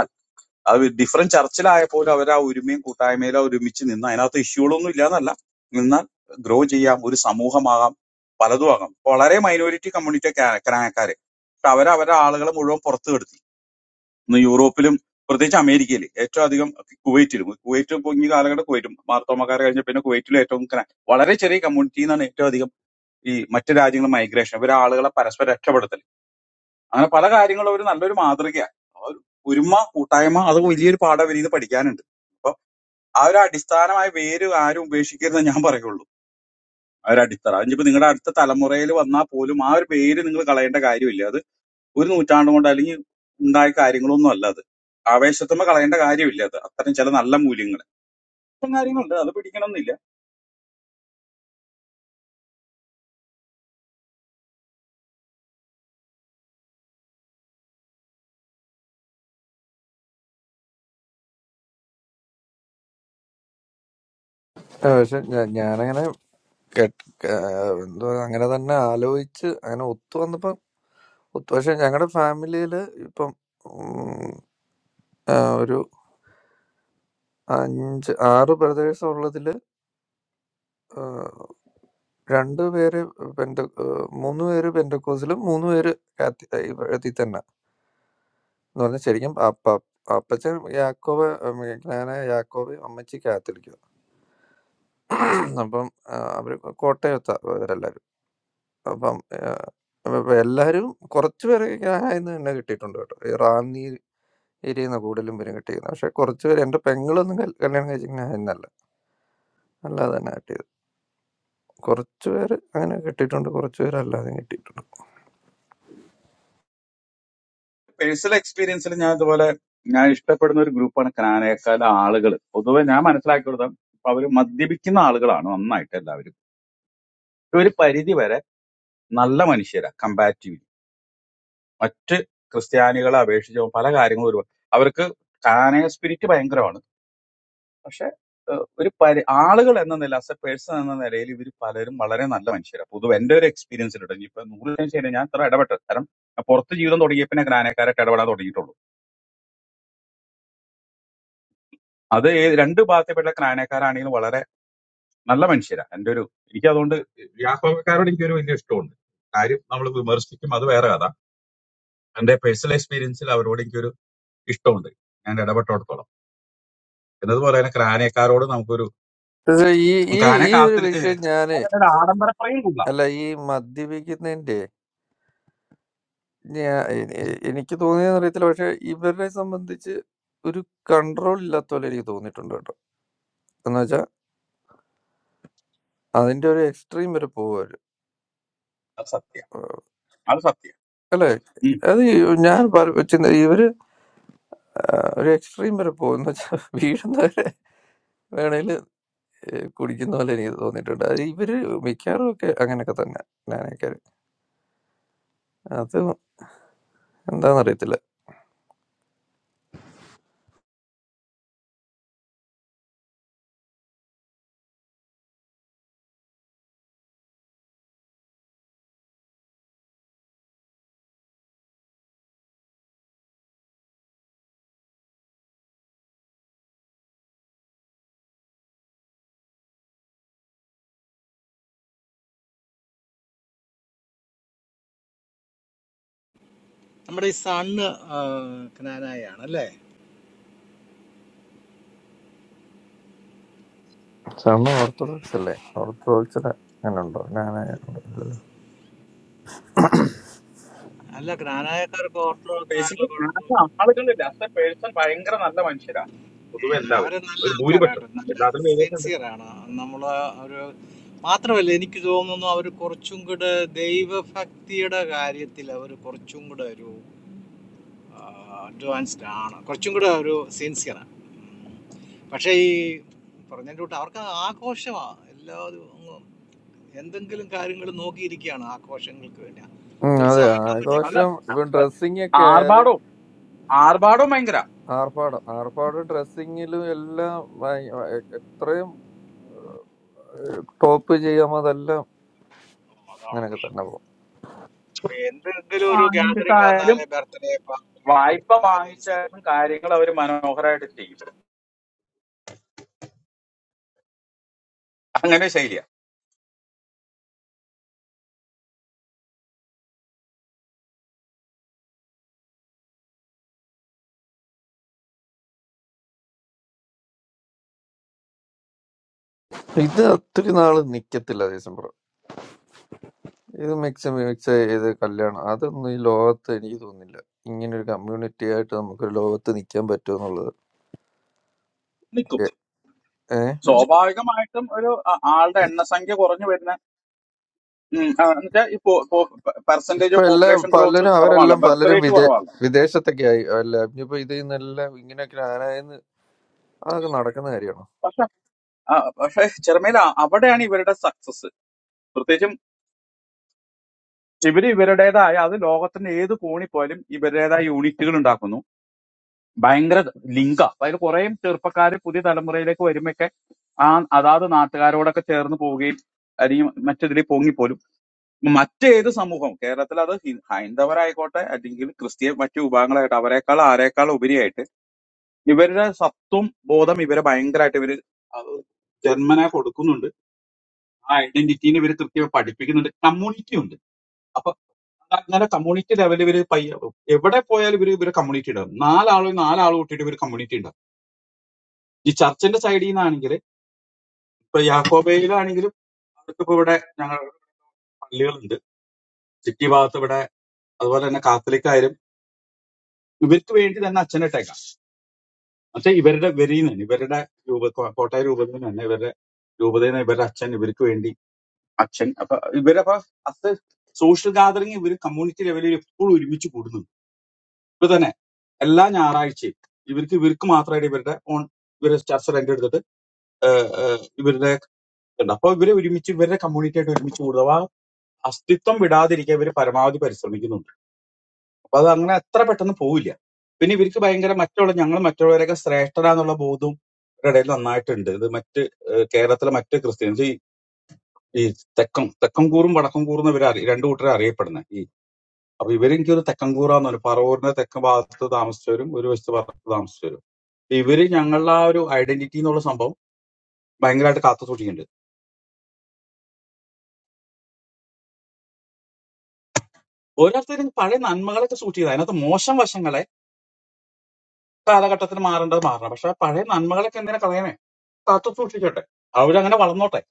അത് ഡിഫറെന്റ് ചർച്ചിലായപ്പോലും അവർ ആ ഒരുമയും കൂട്ടായ്മയിലും ഒരുമിച്ച് നിന്ന് അതിനകത്ത് ഇഷ്യൂകളൊന്നും ഇല്ലാന്നല്ല നിന്നാൽ ഗ്രോ ചെയ്യാം ഒരു സമൂഹമാകാം പലതും ആകാം വളരെ മൈനോറിറ്റി കമ്മ്യൂണിറ്റി ക്രാനക്കാര് പക്ഷെ അവർ അവരുടെ ആളുകളെ മുഴുവൻ പുറത്തു കിടത്തി ഇന്ന് യൂറോപ്പിലും പ്രത്യേകിച്ച് അമേരിക്കയിൽ ഏറ്റവും അധികം കുവൈറ്റിലും കുവൈറ്റ് ഇപ്പൊ ഈ കാലഘട്ടം കുവൈറ്റും മാർത്തോമക്കാരെ കഴിഞ്ഞ പിന്നെ കുവൈറ്റിലും ഏറ്റവും ക്രാ- വളരെ ചെറിയ കമ്മ്യൂണിറ്റിയിൽ നിന്നാണ് ഏറ്റവും അധികം ഈ മറ്റു രാജ്യങ്ങൾ മൈഗ്രേഷൻ ഇവരെ ആളുകളെ പരസ്പരം രക്ഷപ്പെടുത്തൽ അങ്ങനെ പല കാര്യങ്ങളും ഒരു നല്ലൊരു മാതൃകയാണ് ആ ഒരു ഒരുമ കൂട്ടായ്മ അത് വലിയൊരു പാഠം ഇവരിന്ന് പഠിക്കാനുണ്ട് അപ്പൊ ആ ഒരു അടിസ്ഥാനമായ വേര് ആരും ഉപേക്ഷിക്കരുതെന്ന് ഞാൻ പറയുള്ളൂ ആ ഒരു അടിത്തറ അതിപ്പോ നിങ്ങളുടെ അടുത്ത തലമുറയിൽ വന്നാൽ പോലും ആ ഒരു വേര് നിങ്ങൾ കളയേണ്ട കാര്യമില്ല അത് ഒരു നൂറ്റാണ്ട് കൊണ്ട് അല്ലെങ്കിൽ ഉണ്ടായ കാര്യങ്ങളൊന്നും അല്ല അത് ആവേശത്തുമ്പോ കളയേണ്ട കാര്യമില്ല അത് അത്തരം ചില നല്ല മൂല്യങ്ങൾ ഇത്തരം കാര്യങ്ങളുണ്ട് അത് പിടിക്കണമെന്നില്ല
ആ, പക്ഷെ ഞാ- ഞാനങ്ങനെ കേട്ട് ആ, എന്തോ അങ്ങനെ തന്നെ ആലോചിച്ച് അങ്ങനെ ഒത്തു വന്നപ്പോ ഒത്തു പക്ഷെ ഞങ്ങളുടെ ഫാമിലിയില് ഇപ്പം ഉം, ആ, ഒരു അഞ്ച് ആറ് ബ്രദേഴ്സ് ഉള്ളതില് ഏഹ് രണ്ട് പേര് പെന്ത ഏഹ് മൂന്ന് പേര് പെന്തക്കോസിലും മൂന്ന് പേര് കാത്തി- ഏഹ് ഇവ- ഇതിൽ തന്നെ എന്ന് പറഞ്ഞാൽ ശരിക്കും അപ്പ അപ്പച്ചൻ യാക്കോബ് ഉം, ഞാന് യാക്കോബ് അമ്മച്ചി കാത്തലിക്കും അപ്പം ഏഹ് അവര് കോട്ടയത്താ അവരെല്ലാരും അപ്പം ഏഹ്, അപ്പൊ എല്ലാരും കുറച്ച് പേര് ഇന്ന് തന്നെ കിട്ടിയിട്ടുണ്ട് കേട്ടോ ഈ റാന്നി ഏരിയ കൂടുതലും പേരും കിട്ടിയിരുന്നത് പക്ഷെ കുറച്ച് പേര് എന്റെ പെങ്ങളൊന്നും കൽ- കല്യാണം കഴിച്ചിങ്ങനെ എന്നല്ല അല്ലാതെ തന്നെ കിട്ടിയത് കുറച്ച് പേര് അങ്ങനെ കിട്ടിയിട്ടുണ്ട് കുറച്ച് പേര് അല്ലാതെ കിട്ടിയിട്ടുണ്ട്
പേഴ്സണൽ എക്സ്പീരിയൻസിൽ ഞാൻ ഇതുപോലെ ഞാൻ ഇഷ്ടപ്പെടുന്ന ഒരു ഗ്രൂപ്പാണ് കാനേക്കാല ആളുകൾ പൊതുവെ ഞാൻ മനസ്സിലാക്കി കൊടുത്ത അവര് മദ്യപിക്കുന്ന ആളുകളാണ് നന്നായിട്ട് എല്ലാവരും ഒരു പരിധി വരെ നല്ല മനുഷ്യരാ കമ്പാരിറ്റീവ്ലി മറ്റ് ക്രിസ്ത്യാനികളെ അപേക്ഷിച്ച് പല കാര്യങ്ങളും ഒരു അവർക്ക് കാനയ സ്പിരിറ്റ് ഭയങ്കരമാണ് പക്ഷെ ഏഹ്, ഒരു പരി ആളുകൾ എന്ന നില ആസ് എ പേഴ്സൺ എന്ന നിലയിൽ ഇവർ പലരും വളരെ നല്ല മനുഷ്യരാണ് പൊതുവെ എന്റെ ഒരു എക്സ്പീരിയൻസിലുണ്ട് ഇനിയിപ്പോ നൂറ് ശതമാനം ശരി ഞാൻ ഇത്ര ഇടപെട്ടത് കാരണം ഞാൻ പുറത്ത് ജീവിതം തുടങ്ങിയ പിന്നെ ക്രാനക്കാരായിട്ട് ഇടപെടാൻ തുടങ്ങിയിട്ടുള്ളൂ അത് ഏ- രണ്ട് ഭാഗത്തെപ്പെട്ട ക്രാനക്കാരാണെങ്കിലും വളരെ നല്ല മനുഷ്യരാണ് എന്റെ ഒരു എനിക്ക് അതുകൊണ്ട് വ്യാപകക്കാരോട് എനിക്കൊരു വലിയ ഇഷ്ടമുണ്ട് കാര്യം നമ്മൾ വിമർശിക്കും അത് വേറെ കഥ എന്റെ പേഴ്സണൽ എക്സ്പീരിയൻസിൽ അവരോട് എനിക്കൊരു ഇഷ്ടമുണ്ട് ഞാൻ ഇടപെട്ടോടത്തോളം എന്നതുപോലെ തന്നെ ക്രാനേക്കാരോട് നമുക്കൊരു
ഇത് ഈ ഈ
ക്രാനെ
ഈ ഒരു
കാത്തിൽ
വിഷയം ഞാന്
ആഡംബരപ്രയും കൊള്ളാം
അല്ല ഈ മദ്യപിക്കുന്നതിന്റെ ഞാ എ- എ- എനിക്ക് തോന്നിയെന്ന് അറിയത്തില്ല പക്ഷെ ഇവരെ സംബന്ധിച്ച് ഒരു കൺട്രോൾ ഇല്ലാത്ത പോലെ എനിക്ക് തോന്നിയിട്ടുണ്ട് കേട്ടോ എന്ന് വെച്ചാൽ അതിന്റെ ഒരു എക്സ്ട്രീം വരെ പോവാര്
അത് സത്യം അത് സത്യം
അല്ലെ അത് ഈ ഞാൻ പറ- ചിന്ത- ഇവര് ആ, ഒരു എക്സ്ട്രീം വരെ പോകും എന്ന് വെച്ചാൽ വീഴുന്നവരെ വേണേല് ഏ, കുടിക്കുന്ന പോലെ എനിക്ക് തോന്നിയിട്ടുണ്ട് അത് ഇവര് മിക്കവാറും ഒക്കെ അങ്ങനെയൊക്കെ തന്നെ ഞാനൊക്കെ അത് എന്താണെന്നറിയത്തില്ല സമ്മ ഓർത്തഡോക്സ് അല്ലേ ഓർത്തഡോക്സിന് അങ്ങനെ ഉണ്ടോ ഞാൻ അങ്ങനെ ഇല്ലല്ലോ
ബേസിക്കലി ആളുകൾ ലാസ്റ്റ് പേഴ്സൺ ഭയങ്കര നല്ല മനുഷ്യരാ പൊതുവെ എല്ലാവരും ഒരു ഭൂരിപക്ഷം എല്ലാത്തിലും വേരിയേഷൻ
ഉം, അതെ
അല്ല
ആഘോഷം ഇപ്പൊ ഡ്രസ്സിംഗ് ഒക്കെ ആയാലും
ആർഭാടവും ആർഭാടവും ഭയങ്കര
ആർഭാടം ആർഭാടം ഡ്രസ്സിങ്ങിലും എല്ലാം ഭയ- ഭയ- എത്രയും ടോപ്പ് ചെയ്യാമോ അതെല്ലാം അങ്ങനെയൊക്കെ തന്നെ പോകും
വാങ്ങിച്ചിട്ടായാലും വായ്പ വാങ്ങിച്ചാലും കാര്യങ്ങൾ അവർ മനോഹരമായിട്ട് ചെയ്യും അങ്ങനെ ശൈലിയാ
ഇത് ഒത്തിരി നാള് നിക്കത്തില്ല ഡിസംബർ ഇത് മിക്സ് മിക്സ് ചെയ്ത് കല്യാണം അതൊന്നും ഈ ലോകത്ത് എനിക്ക് തോന്നുന്നില്ല ഇങ്ങനെ ഒരു കമ്മ്യൂണിറ്റി ആയിട്ട് നമുക്കൊരു ലോകത്ത് നിൽക്കാൻ പറ്റുമെന്നുള്ളത്
നിൽക്കും
ഏഹ്
സ്വാഭാവികമായിട്ടും ഒരു ആ- ആളുടെ എണ്ണസംഖ്യ കുറഞ്ഞു വരുന്ന ഉം, ആ, എന്നുവെച്ചാ ഈ പെർസെന്റേജ്
ഇപ്പൊ
ഓഫ്
എല്ലാ
പോപ്പുലേഷൻ ഗ്രോത്ത്
പലരും
കുറവാണല്ലോ
അവരെല്ലാം
ബർത്ത്
പലരും
റേറ്റ്
വിദേ
കുറവാണല്ലോ
വിദേശത്തൊക്കെ ആയി അല്ല ഇനിയിപ്പോ ഇതിൽ നിന്നെല്ലാം ഇങ്ങനെയൊക്കെ ആനായെന്ന് അതൊക്കെ നടക്കുന്ന കാര്യമാണോ
പക്ഷെ ആ, പക്ഷെ ചെറുമേല അവിടെയാണ് ഇവരുടെ സക്സസ് പ്രത്യേകിച്ചും ഇവർ ഇവരുടേതായ അത് ലോകത്തിന്റെ ഏത് കോണി പോയാലും ഇവരുടേതായ യൂണിറ്റുകൾ ഉണ്ടാക്കുന്നു ഭയങ്കര ലിങ്ക അതായത് കുറെ ചെറുപ്പക്കാർ പുതിയ തലമുറയിലേക്ക് വരുമ്പൊക്കെ ആ അതാത് നാട്ടുകാരോടൊക്കെ ചേർന്ന് പോവുകയും അല്ലെങ്കിൽ മറ്റേതിൽ പോങ്ങിപ്പോലും മറ്റേത് സമൂഹം കേരളത്തിൽ അത് ഹി- ഹൈന്ദവരായിക്കോട്ടെ അല്ലെങ്കിൽ ക്രിസ്ത്യൻ മറ്റു വിഭാഗങ്ങളായിട്ട് അവരെക്കാൾ ആരെക്കാൾ ഉപരിയായിട്ട് ഇവരുടെ സത്വം ബോധം ഇവരെ ഭയങ്കരമായിട്ട് ഇവര് അത് ജന്മനെ കൊടുക്കുന്നുണ്ട് ആ ഐഡന്റിറ്റീനെ ഇവര് കൃത്യമായി പഠിപ്പിക്കുന്നുണ്ട് കമ്മ്യൂണിറ്റി ഉണ്ട് അപ്പൊ അങ്ങനെ കമ്മ്യൂണിറ്റി ലെവലിൽ ഇവര് പയ്യ എവിടെ പോയാലും ഇവര് ഇവര് കമ്മ്യൂണിറ്റി ഉണ്ടാവും നാലാളും നാലാളും കൂട്ടിയിട്ട് ഇവര് കമ്മ്യൂണിറ്റി ഉണ്ടാവും ഈ ചർച്ചിന്റെ സൈഡിൽ നിന്നാണെങ്കിൽ ഇപ്പൊ യാക്കോബയിലാണെങ്കിലും അവർക്കിപ്പോ ഇവിടെ ഞങ്ങളുടെ പള്ളികളുണ്ട് സിറ്റി ഭാഗത്ത് ഇവിടെ അതുപോലെ തന്നെ കാത്തലിക് ആയാലും ഇവർക്ക് വേണ്ടി തന്നെ അച്ഛനിട്ടേക്കാം പക്ഷെ ഇവരുടെ വെരിയിൽ നിന്ന് തന്നെ, ഇവരുടെ രൂപ കോട്ടയ രൂപത്തിൽ നിന്ന് തന്നെ ഇവരുടെ രൂപതയിൽ നിന്ന് ഇവരുടെ അച്ഛൻ ഇവർക്ക് വേണ്ടി അച്ഛൻ അപ്പൊ ഇവരപ്പൊ അത് സോഷ്യൽ ഗാദറിങ് ഇവര് കമ്മ്യൂണിറ്റി ലെവലിൽ എപ്പോഴും ഒരുമിച്ച് കൂടുന്നുണ്ട് ഇപ്പൊ തന്നെ എല്ലാ ഞായറാഴ്ചയും ഇവർക്ക് ഇവർക്ക് മാത്രമായിട്ട് ഇവരുടെ ഓൺ ഇവരെ സ്റ്റാഫ് റെന്റ് എടുത്തിട്ട് ഏഹ്, ഏഹ്, ഇവരുടെ ഇതുണ്ട് അപ്പൊ ഇവരെ ഒരുമിച്ച് ഇവരുടെ കമ്മ്യൂണിറ്റി ആയിട്ട് ഒരുമിച്ച് കൂടുക അപ്പൊ ആ അസ്തിത്വം വിടാതിരിക്കാൻ ഇവര് പരമാവധി പരിശ്രമിക്കുന്നുണ്ട് അപ്പൊ അത് അങ്ങനെ അത്ര പെട്ടെന്ന് പോവില്ല പിന്നെ ഇവർക്ക് ഭയങ്കര മറ്റുള്ള ഞങ്ങൾ മറ്റുള്ളവരൊക്കെ ശ്രേഷ്ഠരാന്നുള്ള ബോധവും ഇവരുടെ ഇടയിൽ നന്നായിട്ടുണ്ട് ഇത് മറ്റ് ഏഹ്, കേരളത്തിലെ മറ്റ് ക്രിസ്ത്യൻസ് ഈ ഈ തെക്കം തെക്കം കൂറും വടക്കം കൂറും ഇവർ രണ്ടു കൂട്ടരെ അറിയപ്പെടുന്നത് അപ്പൊ ഇവരെനിക്ക് ഒരു തെക്കൻകൂറാന്ന് പറഞ്ഞു പറവൂരിന്റെ തെക്ക് ഭാഗത്ത് താമസിച്ചവരും ഒരു വശത്ത് ഭാഗത്ത് താമസിച്ചവരും അപ്പൊ ഇവര് ഞങ്ങളുടെ ആ ഒരു ഐഡന്റിറ്റി എന്നുള്ള സംഭവം ഭയങ്കരമായിട്ട് കാത്തു സൂക്ഷിക്കുന്നുണ്ട് ഓരോരുത്തരും പഴയ നന്മകളൊക്കെ സൂക്ഷിച്ചത് അതിനകത്ത് മോശം വശങ്ങളെ കാലഘട്ടത്തിൽ മാറേണ്ടത് മാറണം പക്ഷെ പഴയ നന്മകളൊക്കെ എന്തിനാ കളയണേ കാത്തു സൂക്ഷിക്കട്ടെ അവരങ്ങനെ വളർന്നോട്ടെ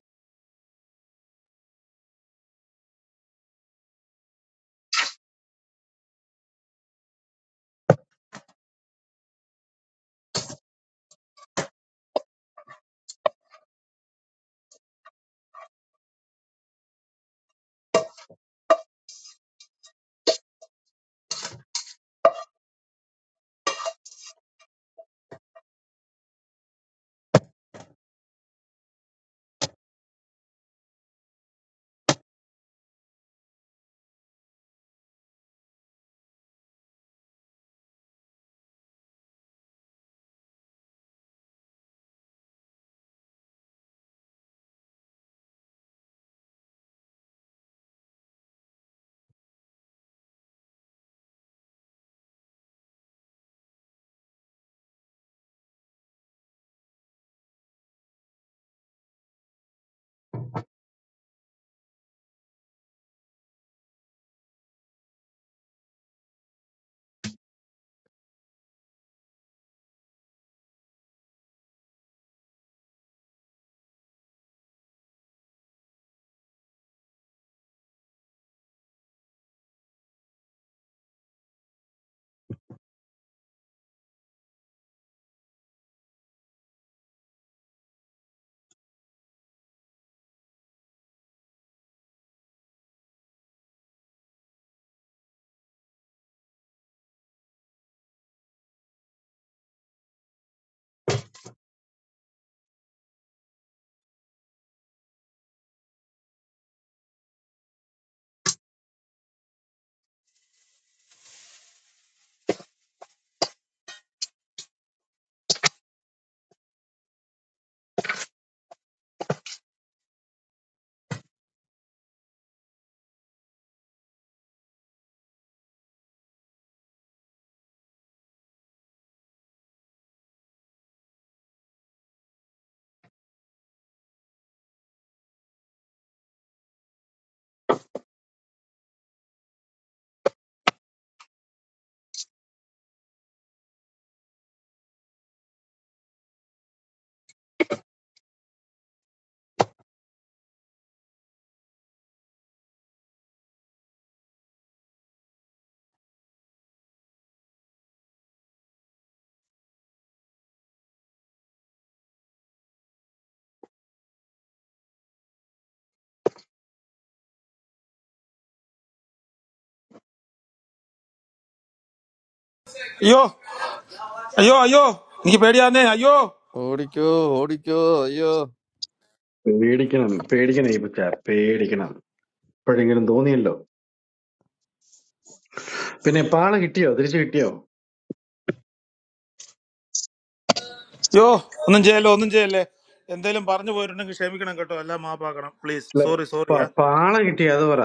അയ്യോ അയ്യോ അയ്യോ എനിക്ക് പേടിയാന്നേ അയ്യോ
ഓടിക്കോ ഓടിക്കോ അയ്യോ
പേടിക്കണം പേടിക്കണം ഈ പച്ച പേടിക്കണം ഇപ്പോഴെങ്കിലും തോന്നിയല്ലോ പിന്നെ പാള കിട്ടിയോ തിരിച്ചു കിട്ടിയോ
അയ്യോ ഒന്നും ചെയ്യല്ലോ ഒന്നും ചെയ്യല്ലേ എന്തേലും പറഞ്ഞു പോയിട്ടുണ്ടെങ്കിൽ ക്ഷമിക്കണം കേട്ടോ എല്ലാം മാപ്പാക്കണം പ്ലീസ്
അല്ല
സോറി സോറിയാ
പ- പാള കിട്ടിയോ അത് പറ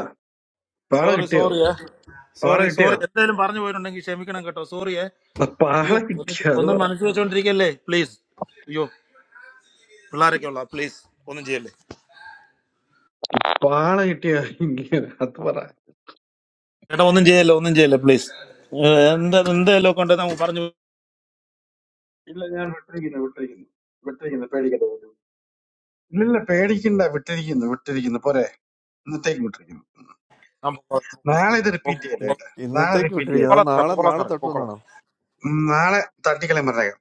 പാള
സോറി
കിട്ടിയോ
സോറിയേ
പാള
സോറി
കിട്ടിയോ
സോറി എന്തെങ്കിലും പറഞ്ഞു പോയിട്ടുണ്ടെങ്കിൽ ക്ഷമിക്കണം കേട്ടോ സോറിയേ
അല്ല, പാള
അയ്യോ ഒന്ന്
കിട്ടിയോ അത്
ഒന്നും
പറ
മനസ്സിൽ വെച്ചോണ്ടിരിക്കല്ലേ പ്ലീസ് അയ്യോ പിള്ളേരൊക്കെ ഉള്ള പ്ലീസ് ഒന്നും ചെയ്യല്ലേ
പാള കിട്ടിയോ ഇങ്ങനെ അത് പറ
ചേട്ടാ ഒന്നും ചെയ്യല്ലേ ഒന്നും ചെയ്യല്ലേ പ്ലീസ് എന്താ എന്തെല്ലോ കൊണ്ട് നമുക്ക് പറഞ്ഞു
ഇല്ല ഞാൻ വിട്ടിരിക്കുന്നു വിട്ടിരിക്കുന്നു വിട്ടിരിക്കുന്നു പേടിക്കണ്ട പോലും. ഇല്ല ഇല്ല പേടിക്കണ്ട വിട്ടിരിക്കുന്നു വിട്ടിരിക്കുന്നു പോരെ ഇന്നത്തേക്ക് വിട്ടിരിക്കുന്നു
ഞാൻ പൊക്കോളാം
നാളെ ഇത്
പൊ-
റിപ്പീറ്റ് ചെയ്യല്ലേ
പൊ-
ഇ-
കേട്ടോ നാളെ
ഇന്നത്തേക്ക്
റിപ്പീറ്റ് ചെയ്യല്ലേ
വിട്ടിരിക്കുന്നത്
പൊക്കോളാം സാറേ
നാളെ
പൊക്കോളാം
നാളെ
സാറേ പൊക്കോളാം
തട്ടുമെന്നാണോ
ഉം, നാളെ തട്ടിക്കളയും പറഞ്ഞേക്കാം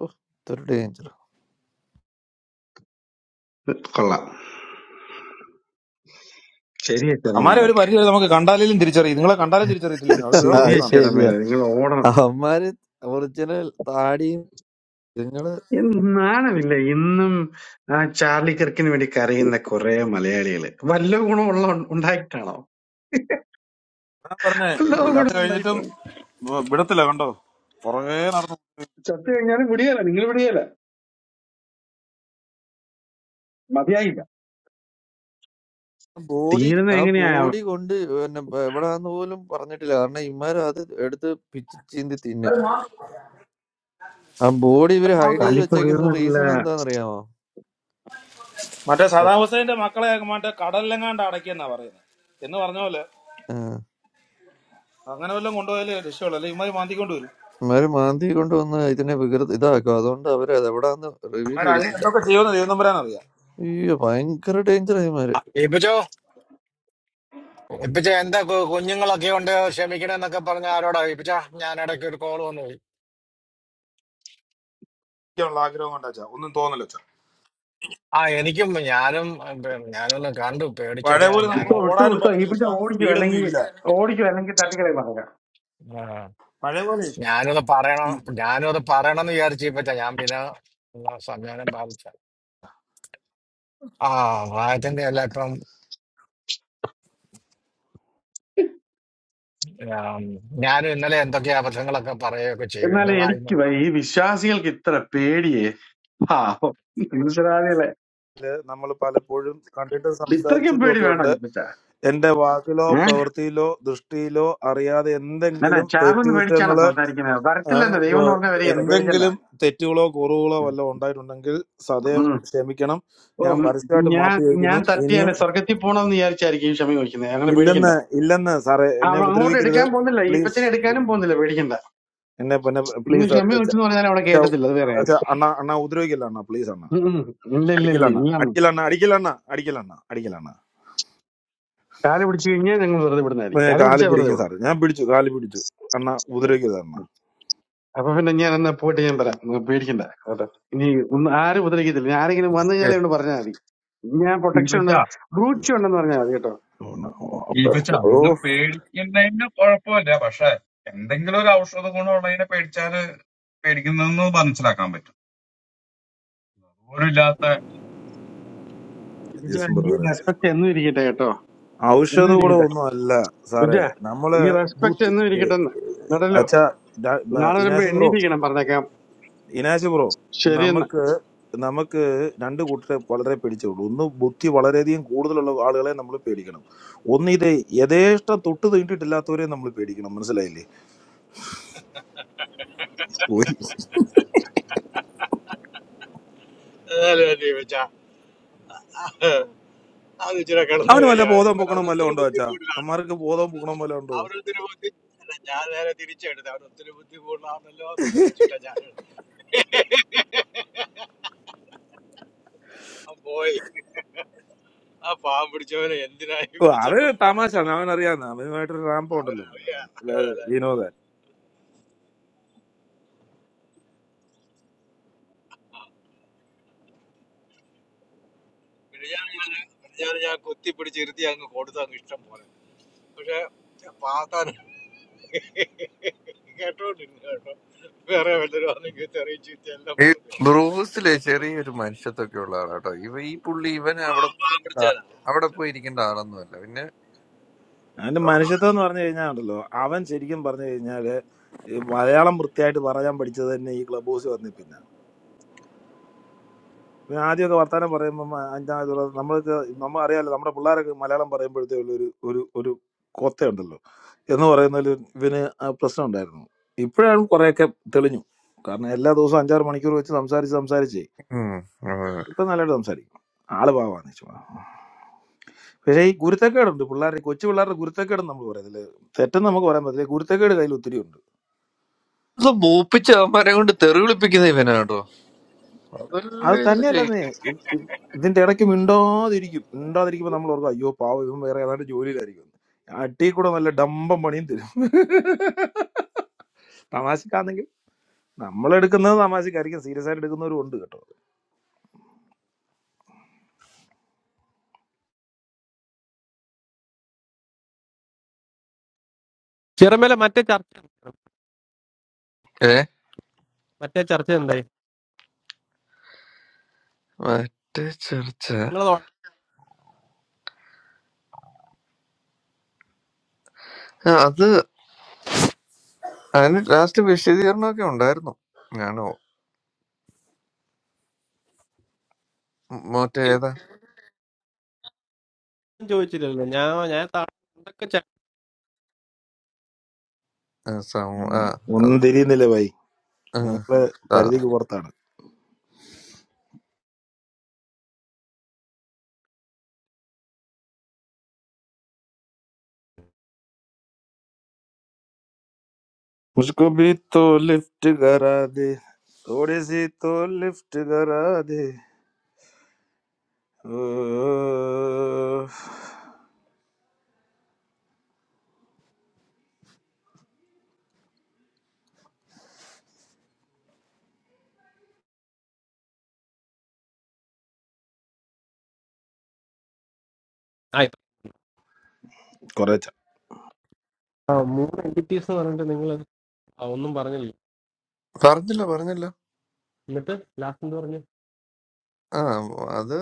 ഓ, ഇതൊരു ഡേഞ്ചർ
കൊള്ളാം ശരിയാ
അമ്മാരെ
ചെറമേല
ഒരു പരിധി വരെ നമുക്ക് കണ്ടാലും തിരിച്ചറിയും നിങ്ങളെ കണ്ടാലും തിരിച്ചറിയത്തില്ലെന്ന് അത് വേറൊരു
അത്
ശരിയാ
പ്രശ്നമാണ്
ശരിയാ
ചെറമേല നിങ്ങൾ ഓടണം
അവന്മാര് ഒറിജിനൽ താടിയും നിങ്ങള്
നാണമില്ല ഇന്നും ആ ചാർലി കിർക്കിന് വേണ്ടി കരയുന്ന കുറെ മലയാളികള് വല്ല ഗുണമുള്ള ഉണ്ടായിട്ടാണോ
ഞാൻ പറഞ്ഞേ
വല്ല
ചത്ത്
ഗുണം
കഴിഞ്ഞിട്ടും
ഉണ്ടായിട്ടാണോ
വിടത്തില്ല കണ്ടോ പുറകെ നടന്നു
ചത്തു കഴിഞ്ഞാലും വിടിയല്ല നിങ്ങൾ വിടിയല്ല മതിയായില്ല
ബോഡി
തീരുന്ന
ആ
എങ്ങനെയാ
ബോഡി കൊണ്ട് പിന്നെ എവിടാന്ന് പോലും പറഞ്ഞിട്ടില്ല കാരണം ഇമാര് അത് എടുത്ത് പിച്ച് ചീന്തി തിന്നും ആ ബോഡി ഇവര് ഹൈഡ് ചെയ്ത്
കലിപ്പ്
വെച്ചേക്കുന്ന
തീർന്നില്ല
റീസൺ എന്താണെന്നറിയാമോ
മറ്റേ സദാം ഹുസൈന്റെ മക്കളെ മറ്റേ കടലിലെങ്ങാണ്ട് അടക്കിയെന്നാ പറയുന്നത് എന്ന് പറഞ്ഞ പോലെ അങ്ങനെ വല്ലതും കൊണ്ടുപോയാലേ രക്ഷയുള്ളൂ അല്ലെങ്കിൽ ഇമാര് മാന്തിക്കൊണ്ട് വരും
ഇവര് മാന്തി കൊണ്ടുവന്ന് ഇതിനെ വികൃത ഇതാക്കും അതുകൊണ്ട് അവര് അത് എവിടാന്ന് റിവീൽ
ഇമാര് അതിന്
ചെയ്തിട്ടില്ല
എന്തൊക്കെ ചെയ്യുമെന്ന് ദൈവം തമ്പരാൻ അറിയാം
അയ്യോ ഭയങ്കര ഡേഞ്ചർ ഇവര്
ആ, ഇപ്പിച്ചോ ഇപ്പിച്ച എന്താ കു- കുഞ്ഞുങ്ങളൊക്കെ ഉണ്ട് ക്ഷമിക്കണെന്നൊക്കെ പറഞ്ഞ ആരോടാ ഇപ്പിച്ച ഞാൻ ഇടയ്ക്ക് ഒരു കോൾ വന്നു പോയി
ഒക്കെയുള്ള ആഗ്രഹം കൊണ്ടാ ചാ. ഒന്നും തോന്നല
ആ എനിക്കും ഞാനും ഉം, പി- ഞാനൊന്ന് കണ്ടു
പഴയ
പേടിച്ചൊക്കെയാ
പോലെ നമുക്ക്
വിട്ടോ
ഞാനും
വിട്ടോ
ഓടാനും
വിട്ടോ ഈ
പറ്റത്തില്ല
പിന്നെ
ചാ.
ഓടിക്കും
സ്പീഡൊന്നും
അല്ലെങ്കിൽ
ഇല്ല
ഓടിക്കും അല്ലെങ്കിൽ തട്ടിക്കളെ പറഞ്ഞ
ആ,
പഴയ പോലെ
ഞാനത് പറയണം ഞാനും അത് പറയണമെന്ന് വിചാരിച്ചു ഇപ്പച്ച ഞാൻ പിന്നെ ഒന്ന് സംവിധാനം ബാധിച്ച ആ വായത്തിന്റെ അല്ല ഇപ്പം ഉം, ഞാനും ഇന്നലെ എന്തൊക്കെ അബദ്ധങ്ങളൊക്കെ പറയുകയൊക്കെ ചെയ്തു
എന്നാലും
എന്റെ വായി
എനിക്ക് വയ്യ. ഈ വിശ്വാസികൾക്ക് ഇത്ര പേടിയേ പാവം മനുഷ്യരാളികളെ
നമ്മൾ പലപ്പോഴും കണ്ടിട്ട്
ഇത്രയ്ക്കും
സംസാരിച്ചിട്ടും
പേടി
ഒക്കെ
വേണോ
ഉണ്ട്
ഇപ്പച്ച
എന്റെ വാക്കിലോ
ഏഹ്
പ്രവൃത്തിയിലോ ദൃഷ്ടിയിലോ അറിയാതെ
ഞാൻ
എന്തെങ്കിലും
ചാകുന്ന് പേടിച്ചാണോ
തെറ്റുകുറ്റങ്ങള്
സംസാരിക്കുന്നത്
ആ,
വരത്തില്ലെന്ന്
ഇപ്പോ
ദൈവം എന്ന് പറഞ്ഞ വരികയല്ലേ പേടിക്കണ്ട.
എന്തെങ്കിലും തെറ്റുകളോ കുറവുകളോ
ഉം.
വല്ലതും ഉണ്ടായിട്ടുണ്ടെങ്കിൽ സദയം ക്ഷമിക്കണം
ഓ
ഞാൻ
ഉം.
പരസ്യമായിട്ട്
ഞാൻ
മാപ്പ് ചോദിക്കുന്നു
ഞാൻ
ഇനിയും
തട്ടിയാലേ സ്വർഗത്തിൽ പോണെന്ന് വിചാരിച്ചായിരിക്കും ഈ ക്ഷമ ചോദിക്കുന്നത് അങ്ങനെ പേടിക്കണ്ട
ഇല്ലെന്ന് ഇല്ലെന്ന് സാറേ
ആ,
എന്നെ
അവ അങ്ങോട്ട്
ഉപദ്രവിക്കരുത്
എടുക്കാൻ പോകുന്നില്ല
പ്ലീസ്
ഈപ്പച്ചനെ എടുക്കാനും പോകുന്നില്ല പേടിക്കണ്ട
എന്നെ പിന്നെ
നിങ്ങൾ
പ്ലീസ്
ക്ഷമ ചോദിച്ചെന്ന് പറഞ്ഞാൽ അവിടെ കേറ്റത്തില്ല അത് വേറെ കാര്യം
അണ്ണ അണ്ണ ഉപദ്രവിക്കില്ല അണ്ണ പ്ലീസ് അണ്ണ
ഉം, ഉം. ഇല്ല ഇല്ല
അടിക്കില്ല
ഇല്ല
അണ്ണ
ഇല്ല
അടിക്കില്ല അണ്ണ അടിക്കില്ല അണ്ണ അടിക്കില്ല അണ്ണ അടിക്കില്ല അണ്ണ
കാല് പിടിച്ചു കഴിഞ്ഞാൽ ഞങ്ങൾ വെറുതെ
ഇപ്പൊ
വിടുന്നതായിരിക്കും
ഞാൻ
കാല്
കാല്
പിടിച്ചാൽ വെറുതെ
പിടിക്കും
വിടും
സാറ് ഞാൻ പിടിച്ചു കാല് പിടിച്ചു അണ്ണ
ഉം,
ഉപദ്രവിക്കരുത് അണ്ണ
ഉം. അപ്പൊ പിന്നെ ഞാൻ എന്നാ പോയിട്ട് ഞാൻ പറയാം നിങ്ങൾ പേടിക്കണ്ട കേട്ടോ ഇനി ഒന്നും ആരും ഉപദ്രവിക്കത്തില്ല ഇനി ആരെങ്കിലും വന്നു
ഓക്കേ.
കഴിഞ്ഞാലേ ഒന്ന് പറഞ്ഞാൽ മതി ഞാൻ പ്രൊട്ടക്ഷൻ
ഈപ്പച്ച
ഉണ്ട് ബ്രൂച്ച് ഉണ്ടെന്ന് പറഞ്ഞാൽ മതി കേട്ടോ
ഓ, അണ്ണ, ഓ, അപ്പൊ,
ഈപ്പച്ച
ഓ,
നിങ്ങൾ പേടിക്കുന്നതിന് കുഴപ്പമില്ല പക്ഷെ എന്തെങ്കിലും ഒരു ഔഷധ ഗുണമുള്ളതിനെ പേടിച്ചാല് പേടിക്കുന്നതെന്ന് മനസ്സിലാക്കാൻ പറ്റും
യേശുവും
ഈ
brother ഏ.
റെസ്പെക്ട് എന്നും ഇരിക്കട്ടെ കേട്ടോ
ഔഷധ
എന്നും
കൂടെ
ഇരിക്കട്ടെ
ഒന്നും അല്ല
ബുജ
സാറേ നമ്മള്
ഈ റെസ്പെക്ട്
ബൂത്ത്
എന്നും ഇരിക്കട്ടെന്ന് നടല്ലോ
അച്ഛാ ഡാ- ബ-
നാളെ വരുമ്പോ
ഇനാശ് ബ്രോ
എണ്ണീറ്റിരിക്കണം പറഞ്ഞേക്കാം
ഇനാശ് ബ്രോ
ശരിയെന്ന്
നമുക്ക് നമുക്ക് രണ്ട് കൂട്ടരെ വളരെ പേടിച്ചുള്ളൂ ഒന്ന് ബുദ്ധി വളരെയധികം കൂടുതലുള്ള ആളുകളെ നമ്മൾ പേടിക്കണം ഒന്ന് ഇത് യഥേഷ്ടം തൊട്ട് തീണ്ടിട്ടില്ലാത്തവരെ നമ്മൾ പേടിക്കണം മനസ്സിലായില്ലേ പോയി അവന് വല്ല ബോധം പൊക്കണം വല്ല ഉണ്ടോ അച്ഛാ അമ്മാർക്ക് ബോധം പൊക്കണം വല്ല ഉണ്ടോ ഓ, അത് തമാശ അവൻ അറിയാവുന്ന അവനുമായിട്ടൊരു റാമ്പ് ഉണ്ടല്ലോ അല്ലാതെ വിനോദ
ഈ ബ്രൂസിലെ ചെറിയൊരു മനുഷ്യത്വമൊക്കെ ഉള്ള ആളാട്ടോ ഇവ ഈ പുള്ളി ഇവൻ അവിടെ പോയിരിക്കേണ്ട ആ- അവിടെ പോയിരിക്കേണ്ട ആളൊന്നുമല്ല പിന്നെ
അവന്റെ മനുഷ്യത്വം എന്ന് പറഞ്ഞു കഴിഞ്ഞാൽ ഉണ്ടല്ലോ അവൻ ശരിക്കും പറഞ്ഞു കഴിഞ്ഞാല് ഈ മലയാളം വൃത്തിയായിട്ട് പറയാൻ പഠിച്ചത് തന്നെ ഈ ക്ലബ് ഹൗസിൽ വന്നേ പിന്നെ പിന്നെ ആദ്യമൊക്കെ വർത്താനം പറയുമ്പോൾ അഞ്ചാമത് നമ്മൾക്ക് നമ്മൾ അറിയാലോ നമ്മുടെ പിള്ളേരൊക്കെ മലയാളം പറയുമ്പോഴത്തേ ഉള്ള ഒരു ഒരു ഒരു കൊത്തയുണ്ടല്ലോ എന്ന് പറയുന്നതിൽ ഇവന് ആ പ്രശ്നം ഉണ്ടായിരുന്നു ഇപ്പോഴാണ് കുറെയൊക്കെ തെളിഞ്ഞു കാരണം എല്ലാ ദിവസവും അഞ്ചാറ് മണിക്കൂർ വെച്ച് സംസാരിച്ച് സംസാരിച്ചേ
ഉം, ഉം.
ഇപ്പൊ നല്ലതായിട്ട് സംസാരിക്കും ആള് പാവാന്ന് വെച്ചു പക്ഷേ ഈ ഗുരുത്തക്കേടുണ്ട് പിള്ളേരുടെ കൊച്ചു പിള്ളേരുടെ ഗുരുത്തക്കേട് നമ്മൾ പറയത്തില്ല തെറ്റെന്ന് നമുക്ക് പറയാൻ പറ്റില്ല ഗുരുത്തക്കേട് കയ്യിൽ ഒത്തിരി ഉണ്ട്
ഇത് മൂപ്പിച്ച അവന്മാരെ കൊണ്ട് തെറി വിളിപ്പിക്കുന്ന ഇവനാട്ടോ
അത്
അതല്ലേ ഇരുന്ന് ചെയ്യും
തന്നെയല്ലെന്നേ ഇത് ഇത് ഇതിന്റെ ഇടയ്ക്ക് മിണ്ടാതിരിക്കും മിണ്ടാതിരിക്കുമ്പോ നമ്മൾ ഓർക്കും അയ്യോ പാവം ഇവൻ വേറെ ഏതാണ്ട് ജോലിയിലായിരിക്കും അട്ടി കൂടെ നല്ല ഡമ്പം പണിയും തരും തമാശക്കാണെങ്കിൽ നമ്മൾ എടുക്കുന്നത് തമാശക്കായിരിക്കും സീരിയസ് ആയിട്ട് എടുക്കുന്നവരും ഉണ്ട് കേട്ടോ
ചെറുമേലെ മറ്റേ ചർച്ച എന്തായി?
ഏ
മറ്റേ ചർച്ച എന്തായി
മറ്റേ ചെറുച്ച
നിങ്ങൾ
ആ, അത് അതിന് ലാസ്റ്റ് വിശദീകരണമൊക്കെ ഉണ്ടായിരുന്നു ഞാനോ മറ്റേ ഏതാ
ഒന്നും ചോദിച്ചില്ലല്ലോ ഞാൻ ഞാൻ താ- എന്തൊക്കെ ചെ-
ആ, സമ
ഉം,
ആ
ഒന്നും തിരിയുന്നില്ല ഭായി
ആ,
നിങ്ങള്
ആ,
പരിധിക്ക് പുറത്താണ് മുസ്കോ ഭി തോ ലിഫ്റ്റ് കരാതെ തോടെ സി തോ ലിഫ്റ്റ് കരാതെ ഓ.
ആ, ഇപ്പ-
കുറെ
ആ, മൂന്ന് എൻറ്റിറ്റീസ് എന്ന് പറഞ്ഞിട്ട് നിങ്ങൾ ഒന്നും പറഞ്ഞില്ല
പറഞ്ഞില്ല പറഞ്ഞില്ല
എന്നിട്ട് ലാസ്റ്റ് എന്ത് പറഞ്ഞു
ആ അത്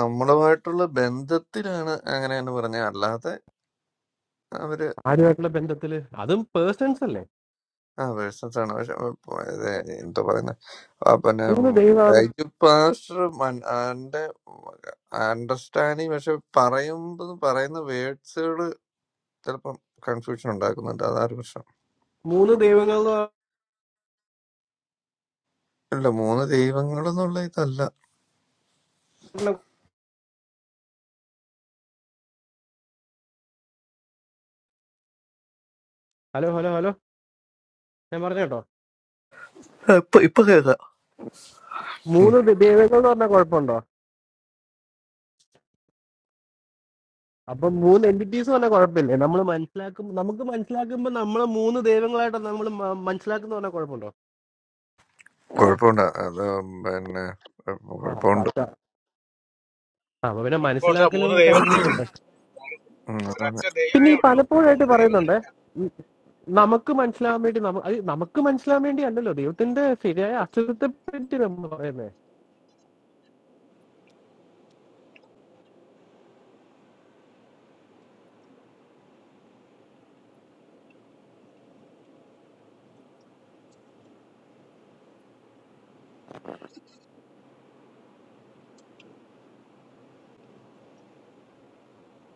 നമ്മളുമായിട്ടുള്ള ബന്ധത്തിലാണ് അങ്ങനെ തന്നെ പറഞ്ഞത് അല്ലാതെ അവര്
ആരുമായിട്ടുള്ള ബന്ധത്തില് അതും പേഴ്സൺസ് അല്ലേ
ആ വേഴ്സസ് ആണ് പക്ഷെ ഇപ്പൊ ഇത് എന്താ പറയുന്നത് പിന്നെ
മൂന്ന് ദൈവമാണ്
ലൈജു പാസ്റ്റർ മൻ- ആന്റെ അണ്ടർസ്റ്റാൻഡിങ് പക്ഷെ പറയുമ്പോൾ പറയുന്ന വേർഡ്സുകൾ ചിലപ്പം കൺഫ്യൂഷൻ ഉണ്ടാക്കുന്നുണ്ട് അതാണ് പ്രശ്നം
മൂന്ന് ദൈവങ്ങൾ എന്ന്
ഇല്ല മൂന്ന് ദൈവങ്ങൾ എന്നുള്ള ഇതല്ല
പറഞ്ഞ ഹലോ ഹലോ ഹലോ ഞാൻ പറഞ്ഞു കേട്ടോ
ആ, ഇപ്പൊ ഇപ്പൊ കേൾക്കാം ഉം,
മൂന്ന് ദ- ദൈവങ്ങൾ എന്ന് പറഞ്ഞ കുഴപ്പമുണ്ടോ അപ്പൊ മൂന്ന് എൻറ്റിറ്റീസ് പറഞ്ഞ കുഴപ്പമില്ലേ നമ്മൾ മനസ്സിലാക്കും നമുക്ക് മനസ്സിലാക്കുമ്പോ നമ്മൾ മൂന്ന് ദൈവങ്ങളായിട്ടാണ് നമ്മൾ മനസ്സിലാക്കുന്ന പറഞ്ഞ കുഴപ്പമുണ്ടോ
കുഴപ്പമുണ്ട് അത് പിന്നെ
ആ,
കുഴപ്പമുണ്ട്
സത്യം. ആ, അപ്പൊ പിന്നെ മനസ്സിലാക്കലും കാര്യങ്ങളൊക്കെ ഉണ്ട് പിന്നെ ഈ പലപ്പോഴായിട്ട് പറയുന്നുണ്ട് ഉം, നമുക്ക് മനസ്സിലാവാൻ വേണ്ടി നമ്മ- അത് നമുക്ക് മനസ്സിലാവാൻ വേണ്ടി അല്ലല്ലോ ദൈവത്തിന്റെ ശരിയായ അസുഖത്തെ പറ്റി നമ്മൾ പറയുന്നേ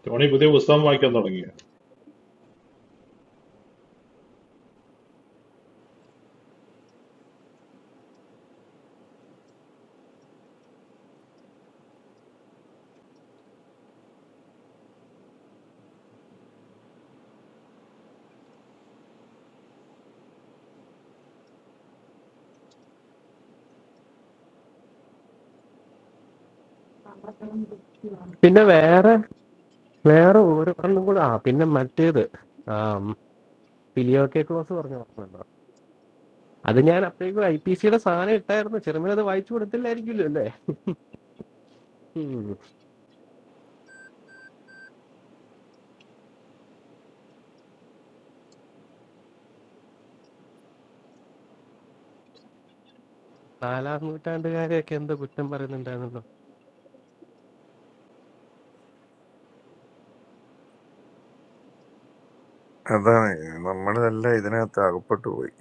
The only new system I can tell you,
പിന്നെ വേറെ വേറെ ഓരോന്നും കൂടെ ആ പിന്നെ മറ്റേത് ഫിലിയോക്കെ ക്ലോസ് പറഞ്ഞു പറഞ്ഞല്ലോ അത് ഞാൻ അപ്പോഴേക്കും ഐ പി സിയുടെ സാധനം ഇട്ടായിരുന്നു ചെറുമിന് അത് വായിച്ചു കൊടുത്തില്ലായിരിക്കുമല്ലോ അല്ലേ ഉം. നാലാം നൂറ്റാണ്ടുകാരെയൊക്കെ എന്തോ കുറ്റം പറയുന്നുണ്ടായിരുന്നല്ലോ
അതാണ് നമ്മളല്ല ഇതിനകത്ത് അകപ്പെട്ടു പോയി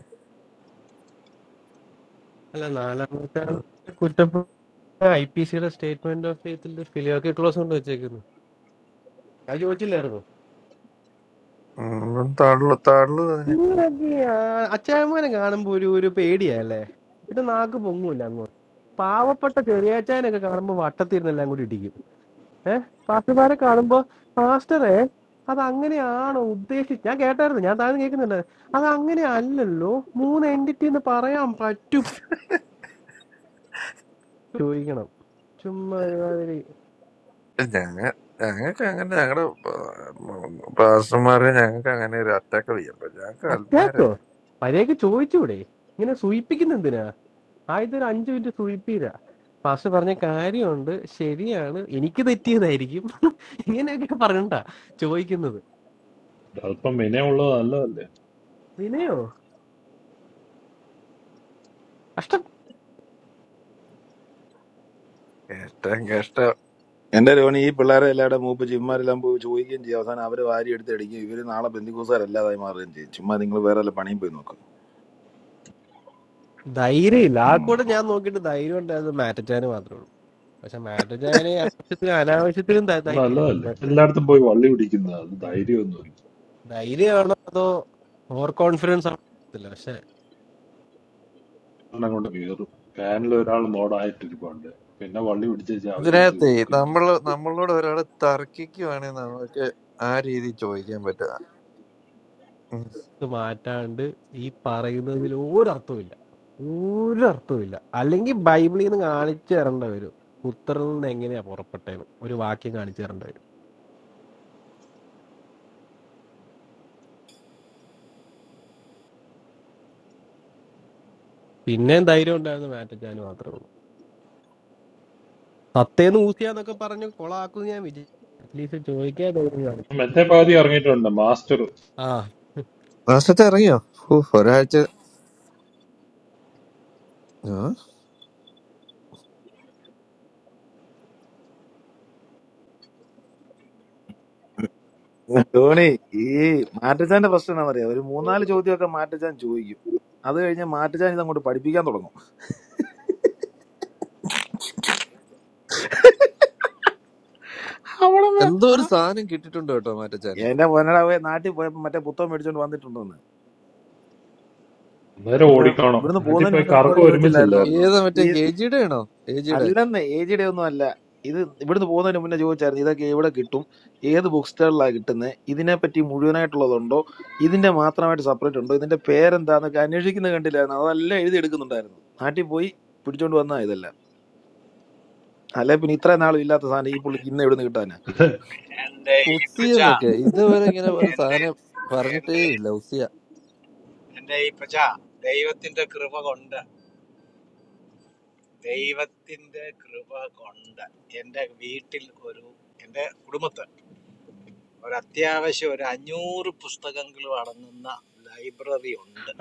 അല്ല നാലാം നൂറ്റാണ്ട് കുറ്റം ഐ പി സിയുടെ സ്റ്റേറ്റ്മെന്റ് ഓഫ് ഫെയ്ത്തിൽ ഫിലിയോക്കെ ക്ലോസ് കൊണ്ട് വെച്ചേക്കുന്നു അത് ചോദിച്ചില്ലായിരുന്നു
നമ്മളും താഴുള്ളു താഴുള്ളു അതിന്
നിങ്ങളൊക്കെ ആ അച്ചായമ്മേനെ കാണുമ്പോ ഒരു ഒരു പേടിയല്ലേ പിന്നെ നാക്ക് പൊങ്ങൂല അങ്ങോട്ട് പാവപ്പെട്ട ചെറിയാച്ചായനൊക്കെ കാണുമ്പോ വട്ടത്തിരുന്നെല്ലാം കൂടി ഇടിക്കും ഏഹ് പാസ്റ്റർമാരെ കാണുമ്പോ പാസ്റ്ററെ അത് അങ്ങനെയാണോ ഉദ്ദേശിച്ച് ഞാൻ കേട്ടായിരുന്നു ഞാൻ താഴ്ന്ന് കേൾക്കുന്നുണ്ട് അത് അങ്ങനെ അല്ലല്ലോ മൂന്ന് എൻറ്റിറ്റി എന്ന് പറയാൻ പറ്റും ചോദിക്കണം ചുമ്മാ ഒരുമാതിരി
ഞങ്ങ ഞങ്ങൾക്ക് അങ്ങനെ ഞങ്ങളുടെ പാസ്റ്റർമാരെ ഞങ്ങൾക്ക് അങ്ങനെ ഒരു അറ്റാക്ക് ചെയ്യാൻ പറ്റും ഞങ്ങൾക്ക്
അറ്റാക്കോ
ആത്മാരല്ലേ
പരേക്ക് ചോദിച്ചൂടെ ഇങ്ങനെ സൂയിപ്പിക്കുന്ന എന്തിനാ ആയത് ഒരു അഞ്ചു മിനിറ്റ് സുയിപ്പീരാ പാസ്റ്റർ പറഞ്ഞ കാര്യമുണ്ട് ശരിയാണ് എനിക്ക് തെറ്റിയതായിരിക്കും ഇങ്ങനെയൊക്കെ പറഞ്ഞിട്ടാ ചോദിക്കുന്നത്
the helpman, many of them are all. All,
വിനയോ കഷ്ടം
കേഷ്ടം കേഷ്ടം
എന്റെ രോണി ഈ പിള്ളേരെ എല്ലാവരുടെ മൂപ്പ് ചിമ്മാരെല്ലാം പോയി ചോദിക്കുകയും ചെയ്യും അവസാനം അവര് വാരി എടുത്ത് അടിക്കും ഇവര് നാളെ ബന്ധുക്കൂസാരല്ലാതായി മാറുകയും ചെയ്യും ചുമ്മാ നിങ്ങൾ വേറെ വല്ല പണിയും പോയി നോക്കും
ധൈര്യമില്ല ആ കൂടെ ഞാൻ നോക്കിയിട്ട് ധൈര്യം ഉണ്ടായത് മാറ്റച്ചാന് മാത്രമേ ഉള്ളൂ പക്ഷെ മാറ്റച്ചാന് ആവശ്യത്തിന് അനാവശ്യത്തിനും
all, all.
ധൈര്യമായിരുന്നു
All of them buy valley woody kind of. That's the irony.
ധൈര്യമാണോ അതോ ഓവർ കോൺഫിഡൻസ് ആണോ അറിയത്തില്ല പക്ഷെ
I'm not going to give you a paneler or a modern type of wood. Why do you buy wood? Just a very little
ഇതിനകത്ത്
wood.
നമ്മള് നമ്മളോട് ഒരാൾ തർക്കിക്കുവാണെങ്കിൽ നമുക്ക് ആ രീതി ചോദിക്കാൻ പറ്റുക
ഇത് മാറ്റാണ്ട് ഈ പറയുന്നതിൽ ഒരർത്ഥവുമില്ല ഒരർത്ഥവുമില്ല അല്ലെങ്കിൽ ബൈബിളിൽ നിന്ന് കാണിച്ചു തരേണ്ട വരും പുത്രനിൽ നിന്ന് എങ്ങനെയാ പുറപ്പെട്ടേന്ന് ഒരു വാക്യം കാണിച്ചു തരേണ്ട വരും പിന്നെയും ധൈര്യം ഉണ്ടായിരുന്നു മാറ്റച്ചാൻ മാത്രമേ ഉള്ളൂ സത്തേന്ന് ഊസിയാന്നൊക്കെ പറഞ്ഞ് കൊളാക്കുന്നു ഞാൻ വിചാരിച്ചു അറ്റ്ലീസ്റ്റ് ചോദിക്കാൻ ധൈര്യം കാണിച്ചു
I'm going to buy a master.
ആ
നാശത്തെ ഇറങ്ങിയോ ഹൂ, ഒരാഴ്ച ആ?
ധോണി ഈ മാറ്റച്ചാന്റെ പ്രശ്നം എന്താണെന്നറിയാം ഒരു മൂന്നാല് ചോദ്യമൊക്കെ മാറ്റച്ചാൻ ചോദിക്കും അത് കഴിഞ്ഞ് മാറ്റച്ചാൻ ഇത് അങ്ങോട്ട് പഠിപ്പിക്കാൻ തുടങ്ങും അവളെ
എന്തോ ഒരു സാധനം കിട്ടിയിട്ടുണ്ട് കേട്ടോ മാറ്റച്ചാന്
എന്റെ പൊന്നടാവേ നാട്ടിൽ പോയപ്പോ മറ്റേ പുത്തം മേടിച്ചോണ്ട് വന്നിട്ടുണ്ടെന്ന്
I'm going to buy a
ഇപ്പൊ
woodie kind of.
ഇവിടുന്ന്
I think
പോകുന്നതിന്
by
മുന്നേ
car
നമ്മളോട്
cover image is
ചോദിച്ചില്ലായിരുന്നോ
ഏതാ
there.
മറ്റേ ഏജിയുടെ ആണോ ഏജിയുടെ
അല്ലെന്ന് ഏജിയുടെ ഒന്നും അല്ല ഇത് ഇവിടുന്ന് പോകുന്നതിന് മുന്നേ ചോദിച്ചായിരുന്നു ഇതൊക്കെ എവിടെ കിട്ടും ഏത് ബുക്ക് സ്റ്റാളിലാണ് കിട്ടുന്നത് ഇതിനെപ്പറ്റി മുഴുവനായിട്ടുള്ളതുണ്ടോ ഇതിന്റെ മാത്രമായിട്ട് സെപ്പറേറ്റ് ഉണ്ടോ ഇതിന്റെ പേരെന്താന്നൊക്കെ അന്വേഷിക്കുന്നത് കണ്ടില്ലായിരുന്നു അതെല്ലാം എഴുതി എടുക്കുന്നുണ്ടായിരുന്നു നാട്ടിൽ പോയി പിടിച്ചോണ്ട് വന്നാ ഇതെല്ലാം അല്ലെ പിന്നെ ഇത്ര നാളും ഇല്ലാത്ത സാധനം ഈ പുള്ളിക്ക് ഇന്ന് എവിടുന്ന് കിട്ടാനാ
ഉസി എന്നൊക്കെ ഇതുവരെ ഇങ്ങനെ ഒരു സാധനം പറഞ്ഞിട്ടേ ഇല്ല ഉസിയ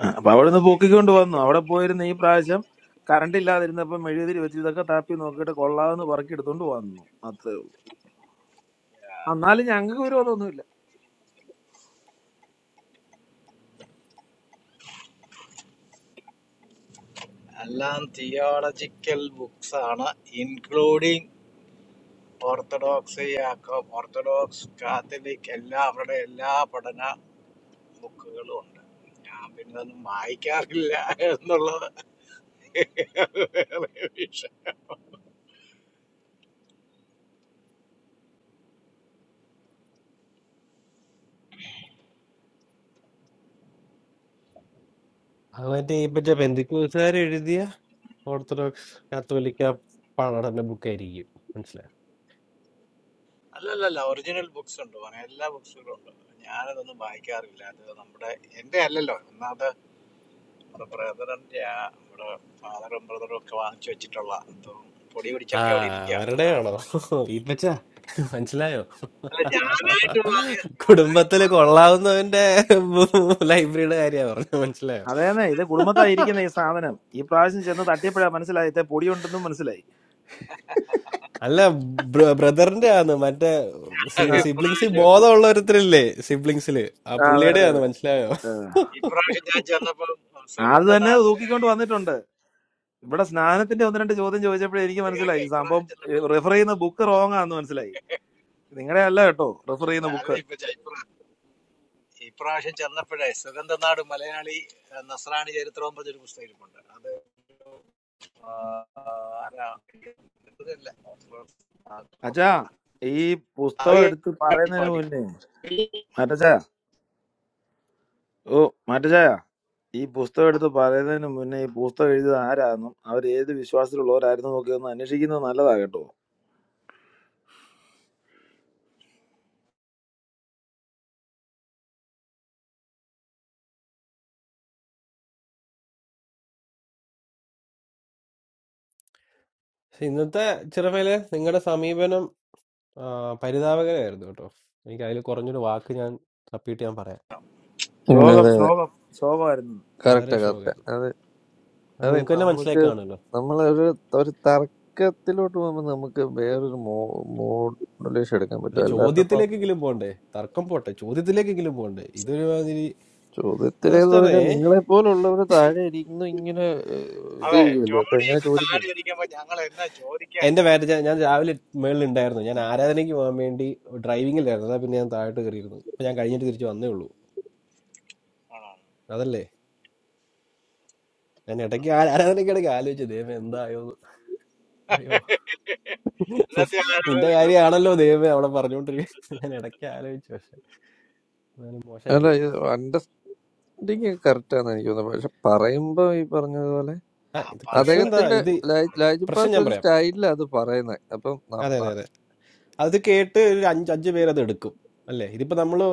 ആ, അപ്പൊ അവിടെ നിന്ന് പൊക്കിക്കൊണ്ട് വന്നു അവിടെ പോയിരുന്ന ഈ പ്രാവശ്യം കറണ്ട് ഇല്ലാതിരുന്നപ്പം മെഴുതിരി വെച്ച് ഇതൊക്കെ താപ്പി നോക്കിയിട്ട് കൊള്ളാമെന്ന് പറക്കി എടുത്തോണ്ട് വന്നു അത്രേ ഉള്ളൂ എന്നാലും ഞങ്ങൾക്ക് വിരോധമൊന്നുമില്ല
അത് മറ്റേ ഈ മറ്റേ പെന്തിക്കൂസുകാർ എഴുതിയ ഓർത്തഡോക്സ് കാത്തോലിക്ക പഠന ബുക്കായിരിക്കും മനസ്സിലായി ആ അവരുടെയാണോ ഈപ്പച്ച മനസ്സിലായോ കുടുംബത്തില് കൊള്ളാവുന്നവന്റെ ലൈബ്രറിയുടെ കാര്യ പറഞ്ഞു മനസ്സിലായോ
അതേന്നെ ഇത് കുടുംബത്തായിരിക്കുന്ന ഈ സാധനം ഈ പ്രാവശ്യം ചെന്ന് തട്ടിയപ്പോഴാ മനസ്സിലായി ഇത് പൊടിയുണ്ടെന്നും മനസ്സിലായി
അല്ല ബ്രദറിന്റെ ആണ് മറ്റേ
ആ,
സിബ്ലിങ്സ് ബോധമുള്ള ഒരുത്തരില്ലേ സിബ്ലിങ്സില് ആ
ആ, അതെ
പുള്ളിയുടെ
അതെ
ആണ്
അതെ
മനസ്സിലായോ
ആ. അത് തന്നെ തൂക്കിക്കൊണ്ട് വന്നിട്ടുണ്ട് ഇവിടെ സ്നാനത്തിന്റെ ഒന്ന് രണ്ട് ചോദ്യം ചോദിച്ചപ്പോഴേ എനിക്ക് മനസ്സിലായി ഈ സംഭവം റെഫർ ചെയ്യുന്ന ബുക്ക് റോങ് ആന്ന് മനസ്സിലായി നിങ്ങളുടെ അല്ല കേട്ടോ റെഫർ ചെയ്യുന്ന ബുക്ക് അച്ഛാ ഈ പുസ്തകം എടുത്ത് പറയുന്നതിന് മുന്നേ മാറ്റച്ചായ ഓ മാറ്റച്ചായ ഈ പുസ്തകം എടുത്ത് പറയുന്നതിന് മുന്നേ ഈ പുസ്തകം എഴുതിയത് ആരാന്നും അവർ ഏത് വിശ്വാസത്തിലുള്ളവരായിരുന്നു എന്നൊക്കെ ഒന്ന് അന്വേഷിക്കുന്നത് നല്ലതാ കേട്ടോ
ഇന്നത്തെ ചെറുമേലെ നിങ്ങളുടെ സമീപനം ആ, പരിതാപകരമായിരുന്നു കേട്ടോ എനിക്ക് അതിൽ കുറഞ്ഞൊരു വാക്ക് ഞാൻ തപ്പിയിട്ട് ഞാൻ പറയാം
ഉം,
ശോകം
അതെ അതെ
ശോകം ശോകമായിരുന്നു
കറക്റ്റാ
വളരെ
കറക്റ്റാ
ശോകം
അതെ അതെ
നിങ്ങൾക്ക് തന്നെ മനസ്സിലായി
നമുക്ക്
കാണുമല്ലോ
നമ്മളൊരു ഒരു തർക്കത്തിലോട്ട് പോകുമ്പോൾ നമുക്ക് വേറൊരു മോഡലേഷൻ എടുക്കാൻ
ഒരു
പറ്റും അല്ലാത്തപ്പോ
ചോദ്യത്തിലേക്കെങ്കിലും പോണ്ടേ തർക്കം പോട്ടെ ചോദ്യത്തിലേക്കെങ്കിലും പോണ്ടേ ഇതൊരു മാതിരി
ചോദ്യത്തിലെന്ന്
മാസ്റ്ററേ
പറഞ്ഞാൽ നിങ്ങളെ പോലുള്ളവർ താഴെ ഇരിക്കുന്നു ഇങ്ങനെ ഏഹ്, ഇത് ചെയ്യൂലേ അപ്പൊ എങ്ങനെ ചോദിക്കും
എന്റെ മാരേജ് ഞാൻ രാവിലെ മേളിൽ ഉണ്ടായിരുന്നു ഞാൻ ആരാധനയ്ക്ക് പോകാൻ വേണ്ടി ഡ്രൈവിംഗിലായിരുന്നു അതാ പിന്നെ ഞാൻ താഴോട്ട് കയറിയിരുന്നു അപ്പൊ ഞാൻ കഴിഞ്ഞിട്ട് തിരിച്ചു വന്നേ ഉള്ളൂ അതല്ലേ ഞാൻ ഇടയ്ക്ക് ആ- ആരാധനയ്ക്കിടയ്ക്ക് ആലോചിച്ചു ദൈവം എന്തായോ എന്ന് അറിയോ നിന്റെ കാര്യമാണല്ലോ ദൈവം അവിടെ പറഞ്ഞുകൊണ്ടിരിക്കുന്നത് ഞാൻ ഇടയ്ക്ക് ആലോചിച്ചു പക്ഷെ മോശമായി
അല്ല
പോയി
ഇത് അണ്ടർസ്റ്റാൻഡിങ് കറക്റ്റാന്ന് എനിക്ക് തോന്നുന്നത് പക്ഷെ പറയുമ്പോ ഈ പറഞ്ഞതുപോലെ
ആ ഇത് പ്രശ്നം എന്താ
അദ്ദേഹത്തിന്റെ
ഇത്
ലാ- ലാൽജി
പ്രശ്നം
പാസ്റ്റ്
ഞാൻ
ഒരു
പറയാം
സ്റ്റൈലിലാണ് അത് പറയുന്നത് അപ്പം ന-
അതെ അതെ
ന-
അതെ അത് കേട്ട് ഒരു അഞ്ച് അഞ്ച് പേരത് എടുക്കും അല്ലേ ഇതിപ്പോ നമ്മള്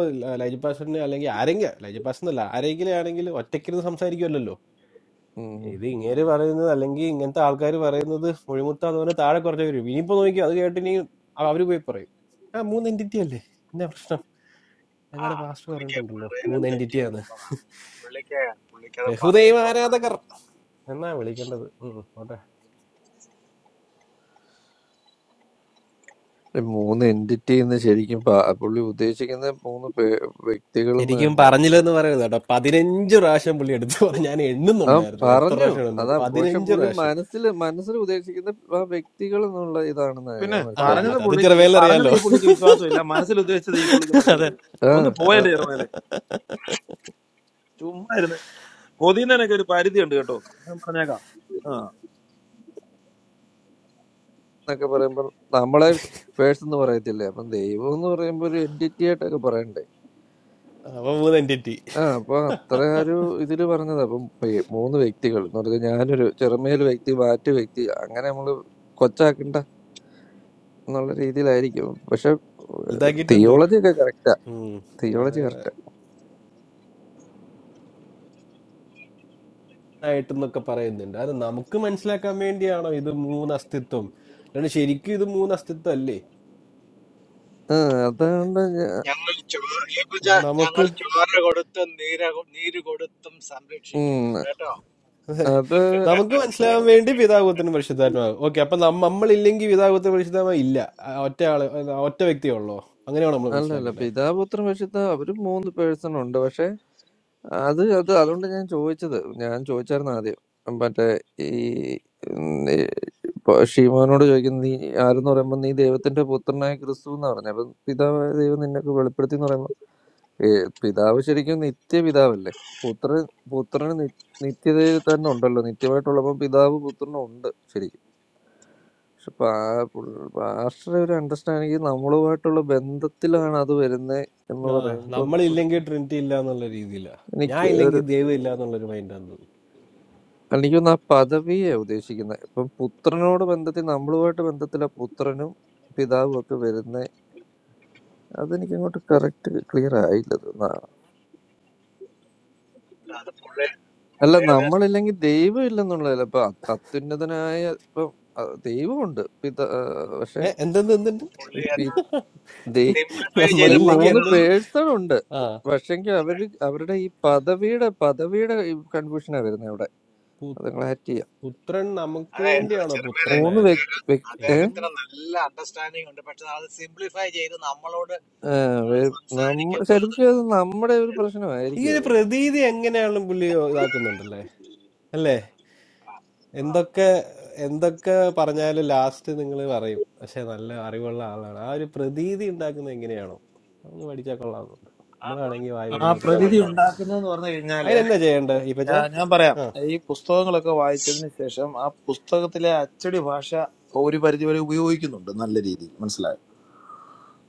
ലൈജു പാഷന് അല്ലെങ്കിൽ ആരെങ്കിലും ലൈജു പാഷൻ എന്നല്ല ആരെങ്കിലും ആണെങ്കിൽ ഒറ്റയ്ക്കിരുന്ന് സംസാരിക്കുമല്ലോ
ഉം
ഇത് ഇങ്ങേര് പറയുന്നത് അല്ലെങ്കിൽ ഇങ്ങനത്തെ ആൾക്കാർ പറയുന്നത് മുഴിമുത്താന്ന് പറഞ്ഞാൽ താഴെ കുറച്ച് വരും ഇനിയിപ്പോ നോക്കി അത് കേട്ട് ഇനി അവ- അവര് പോയി പറയും ആ മൂന്ന് എൻറ്റിറ്റി അല്ലേ എന്നാ പ്രശ്നം ഞങ്ങളുടെ പാസ്റ്റർ പറഞ്ഞിട്ടുണ്ടല്ലോ മൂന്ന് എൻറ്റിറ്റിയാണ് ബഹുദൈവ ആരാധകർ എന്നാ വിളിക്കേണ്ടത് ഉം പോട്ടെ
ഈ മൂന്ന് എന്റിറ്റി എന്ന് ശരിക്കും പ- പുള്ളി ഉദ്ദേശിക്കുന്ന മൂന്ന് പേ- വ്യക്തികളെന്ന്
ശരിക്കും
തന്നെ
പറഞ്ഞില്ലെന്ന് പറയുന്നത് കേട്ടോ പതിനഞ്ച് പ്രാവശ്യം പുള്ളി എടുത്തു പറഞ്ഞു ഞാൻ
ആ
എണ്ണുന്നുണ്ടായിരുന്നു എത്ര
പറഞ്ഞു
പ്രാവശ്യം എണ്ണുന്നു
അതാ പക്ഷെ
പതിനഞ്ച്
പുള്ളി
പ്രാവശ്യം
മനസ്സിൽ മനസ്സിൽ ഉദ്ദേശിക്കുന്ന ആ വ്യക്തികൾ എന്നുള്ള ഇതാണെന്ന്
പിന്നെ
ഞാൻ
ആ
മനസ്സിലാക്കിയത്
പറഞ്ഞത്
അത് അത്
പുള്ളി ഈ പറഞ്ഞത്
ചെറുവേലറിയാലോ
ഈ പുള്ളിക്ക് വിശ്വാസമില്ല മനസ്സിൽ ഉദ്ദേശിച്ചത് ഈ പുള്ളിക്ക്
അതെ
മനസ്സിലായി
ആ
ഒന്ന് പോയന്റെ ചേർന്നാലേ ചുമ്മാ ഇരുന്ന് പൊതിയുന്നതിനൊക്കെ ഒരു പരിധി ഉണ്ട് കേട്ടോ ഞാൻ പറഞ്ഞേക്കാം ആ
എന്നൊക്കെ പറയുമ്പോ നമ്മളെ പേഴ്സൺ എന്ന് പറയത്തില്ലേ അപ്പം ദൈവം എന്ന് പറയുമ്പോ ഒരു എന്റിറ്റി ആയിട്ടൊക്കെ പറയണ്ടേ
അവ മൂന്ന് എൻറ്റിറ്റി
ആ അപ്പൊ അത്ര ഒരു ഇതില് പറഞ്ഞത് അപ്പം ഈ മൂന്ന് വ്യക്തികൾ എന്ന് പറഞ്ഞാൽ ഞാനൊരു ചെറുമേൽ വ്യക്തി മാറ്റു വ്യക്തി അങ്ങനെ നമ്മള് കൊച്ചാക്കണ്ട എന്നുള്ള രീതിയിലായിരിക്കും പക്ഷെ
ഇതാക്കിയിട്ടുണ്ട്
തിയോളജി ഒക്കെ correct ആ.
ഉം.
തിയോളജി
അതെ
കറക്റ്റ്
ആയിട്ടെന്നൊക്കെ പറയുന്നുണ്ട് അത് നമുക്ക് മനസ്സിലാക്കാൻ വേണ്ടിയാണോ ഇത് മൂന്ന് അസ്തിത്വം അല്ലാണ്ട് ശരിക്കും ഇത് മൂന്ന് അസ്തിത്വം അല്ലേ
ആ അതുകൊണ്ട് ഞാ-
നമുക്ക്
ഉം,
അതെ,
അത്
നമുക്ക് മനസ്സിലാകാൻ വേണ്ടി പിതാകുത്തനും പരിശുദ്ധാത്മാവും ഓക്കെ അപ്പൊ നമ്മ- നമ്മളില്ലെങ്കിൽ പിതാകുത്ത പരിശുദ്ധാത്മാവ് ഇല്ല ആ, ഒറ്റ ആള് ആ, ഒറ്റ വ്യക്തിയേ ഉള്ളോ അങ്ങനെയാണോ നമ്മൾ
അല്ലല്ല
മനസ്സിലാക്കേണ്ടത്
പിതാപുത്രൻ പരിശുദ്ധ അവര് മൂന്ന് പേഴ്സൺ ഉണ്ട് പക്ഷെ അത് അത് അതുകൊണ്ട് ഞാൻ ചോദിച്ചത് ഞാൻ ചോദിച്ചായിരുന്നു ആദ്യം മറ്റേ ഈ ഉം, ഈ ഇപ്പൊ ഷീമോനോട് ചോദിക്കുന്നത് നീ ആരെന്ന് പറയുമ്പോ നീ ദൈവത്തിന്റെ പുത്രനായ ക്രിസ്തു എന്ന് പറഞ്ഞു അപ്പൊ പിതാവ് ദൈവം നിന്നൊക്കെ വെളിപ്പെടുത്തി എന്ന് പറയുമ്പോ ഏ, പിതാവ് ശരിക്കും നിത്യ പിതാവല്ലേ പുത്രൻ പുത്രന് നി- നിത്യതയിൽ തന്നെ ഉണ്ടല്ലോ നിത്യമായിട്ടുള്ളപ്പോ പിതാവ് പുത്രനും ഉണ്ട് ശരിക്കും പക്ഷെ പാ പുൾ പാസ്റ്ററെ ഒരു അണ്ടർസ്റ്റാൻഡിങ് നമ്മളുമായിട്ടുള്ള ബന്ധത്തിലാണ് അത് വരുന്നേ എന്ന്
ആ
പറയുമ്പം
നമ്മളില്ലെങ്കിൽ ട്രിനിറ്റി ഇല്ല എന്നുള്ള രീതിയിലാ ഞാൻ
എനിക്ക് ഒരു
ഇല്ലെങ്കിൽ ദൈവം ഇല്ല എന്നുള്ളൊരു മൈൻഡാന്ന് തോന്നുന്നു
എനിക്ക് തോന്നുന്നു ആ പദവിയെ ഉദ്ദേശിക്കുന്നത് ഇപ്പം പുത്രനോട് ബന്ധത്തിൽ നമ്മളുമായിട്ട് ബന്ധത്തില പുത്രനും പിതാവും ഒക്കെ വരുന്നേ അതെനിക്ക് അങ്ങോട്ട് കറക്റ്റ് ക്ലിയർ ആയില്ല ഇത്. ന- അല്ല നമ്മളില്ലെങ്കിൽ ദൈവം ഇല്ലെന്നുള്ളതല്ല ഇപ്പൊ അത് അത്യുന്നതനായ ഇപ്പം അഹ് ദൈവമുണ്ട് പിതാ
ഏ എന്തെന്ത് എന്തുണ്ട്
പക്ഷെ ദേ- ഈ
നമ്മളില്ലെങ്കിൽ
മൂന്ന്
എന്തുണ്ട്
പേഴ്സൺ ഉണ്ട്
ആ
പക്ഷെങ്കിൽ അവര് അവരുടെ ഈ പദവിയുടെ പദവിയുടെ കൺഫ്യൂഷനാ വരുന്നത് ഇവിടെ
പു-
അത് നിങ്ങൾ ഹാറ്റ് ചെയ്യാം
പുത്രൻ നമുക്ക്
മൂ-
വേണ്ടിയാണോ
മൂന്ന്
പുത്രനായത്
വ്യക്തി വ്യക്തി ഏ?
ഏയ്.
ആ, വേ- നമ്മുടെ ശരിക്കും അത് നമ്മുടെ ഒരു
ഈ
പ്രശ്നമായിരിക്കും
ഒരു
അത്
പ്രതീതി എങ്ങനെയാണ് പുള്ളി ഇതാക്കുന്നുണ്ടല്ലേ അല്ലേ എന്തൊക്കെ എന്തൊക്കെ പറഞ്ഞാലും ലാസ്റ്റ് നിങ്ങൾ പറയും പക്ഷെ നല്ല അറിവുള്ള ആളാണ് ആ ഒരു പ്രതീതി ഉണ്ടാക്കുന്നത് എങ്ങനെയാണോ അതൊന്ന് പഠിച്ചാൽ കൊള്ളാമെന്നുണ്ട് നമ്മളാണെങ്കിൽ വായി
ആ
വരുന്നൊക്കെ
പ്രതീതി
പറയുകയും ചെയ്യും
ഉണ്ടാക്കുന്നതെന്ന് പറഞ്ഞു കഴിഞ്ഞാല്
അതിനെന്നാ ചെയ്യണ്ടേ
ആ,
ഇപ്പച്ച
ഞാൻ പറയാം ഈ പുസ്തകങ്ങളൊക്കെ വായിച്ചതിന് ശേഷം ആ പുസ്തകത്തിലെ അച്ചടി ഭാഷ ഒരു പരിധി വരെ ഉപയോഗിക്കുന്നുണ്ട് നല്ല രീതിയിൽ മനസ്സിലായോ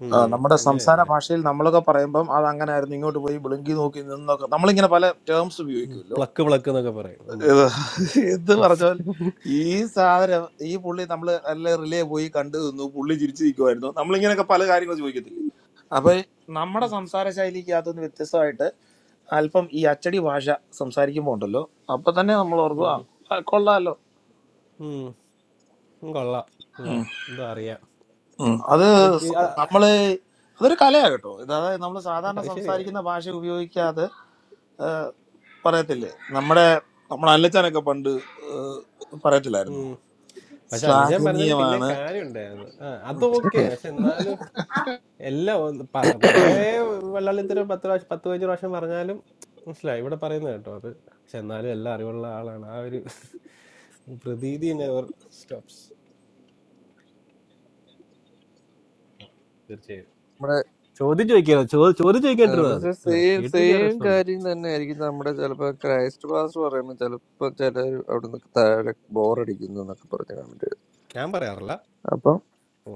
ഉം.
ആ, നമ്മുടെ സംസാര
അങ്ങനെയല്ലേ?
ഭാഷയിൽ നമ്മളൊക്കെ പറയുമ്പം അത് അങ്ങനെ ആയിരുന്നു ഇങ്ങോട്ട് പോയി വിളുങ്കി നോക്കി നിന്നൊക്കെ നമ്മളിങ്ങനെ പല ടേംസ്
ഉം.
ഉപയോഗിക്കുമല്ലോ
പ്ലക്ക് പ്ലക്ക് എന്നൊക്കെ പറയും നമ്മള്.
ഇത് എന്ത്
ഉം.
പറഞ്ഞാൽ ഈ സാധനം ഈ പുള്ളി നമ്മൾ നല്ല റിലേ പോയി കണ്ടു നിന്നു പുള്ളി ചിരിച്ചു നിൽക്കുമായിരുന്നു നമ്മളിങ്ങനെയൊക്കെ പല കാര്യങ്ങൾ ചോദിക്കത്തില്ലേ അപ്പൊ നമ്മുടെ
ഉം.
സംസാര ശൈലിക്കകത്തുനിന്ന് വ്യത്യസ്തമായിട്ട് അല്പം ഈ അച്ചടി ഭാഷ സംസാരിക്കുമ്പോ ഉണ്ടല്ലോ അപ്പൊ തന്നെ നമ്മൾ ഓർക്കും ആ
ഉം.
ആ, കൊള്ളാലോ
ഉം. കൊള്ളാം. അല്ലേ?
ഉം,
എന്തോ അറിയാം.
ഉം. അത്
ഐപി
സ-
ആ,
നമ്മള് അതൊരു കലയാ കേട്ടോ ഇത് അതായത് നമ്മൾ സാധാരണ
അത് ശരിയാ.
സംസാരിക്കുന്ന ഭാഷ ഉപയോഗിക്കാതെ പറയത്തില്ലേ നമ്മുടെ നമ്മുടെ അല്ലച്ചാനൊക്കെ പണ്ട് ഏഹ്, പറയത്തില്ലായിരുന്നു
ഉം. പക്ഷെ അല്ല ഞാൻ പറഞ്ഞാലും പിന്നെ
ശ്ലാഘനീയമാണ്
കാര്യമുണ്ടായിരുന്നു. ആ,
ഉം.
അതൊക്കെ. പക്ഷെ എന്നാലും എല്ലാം ഒന്ന് പറ കുറേ വെള്ളാളിത്തരം പത്ത് പ്രാവശ്യം പത്ത് പതിനഞ്ച് പ്രാവശ്യം പറഞ്ഞാലും മനസ്സിലായി. ഇവിടെ പറയുന്നത് കേട്ടോ അത്. പക്ഷെ എന്നാലും എല്ലാം അറിവുള്ള ആളാണ്. ആ ഒരു പ്രതീതി നെവർ സ്റ്റോപ്സ്. തീർച്ചയായും.
നമ്മുടെ
ചോദ്യം ചോദിക്കാതെ ചോദ്യം ചോദ്യം
ആ,
ചോദിക്കാണ്ടിരുന്നാ
പക്ഷെ
മതി അല്ലെ
സെയിം
കേട്ടിരിക്കാൻ ഒരു
സെയിം
രസമുണ്ട്
കാര്യം തന്നെ ആയിരിക്കും നമ്മുടെ ചിലപ്പോ ക്രൈസ്റ്റ് പാസ് പറയുമ്പോൾ ചിലപ്പോ ചിലർ അവിടെ നിന്ന് താഴെ ബോറടിക്കുന്നു എന്നൊക്കെ പറഞ്ഞ് കമന്റ്
ഞാൻ പറയാറില്ല
അപ്പം
ഓ,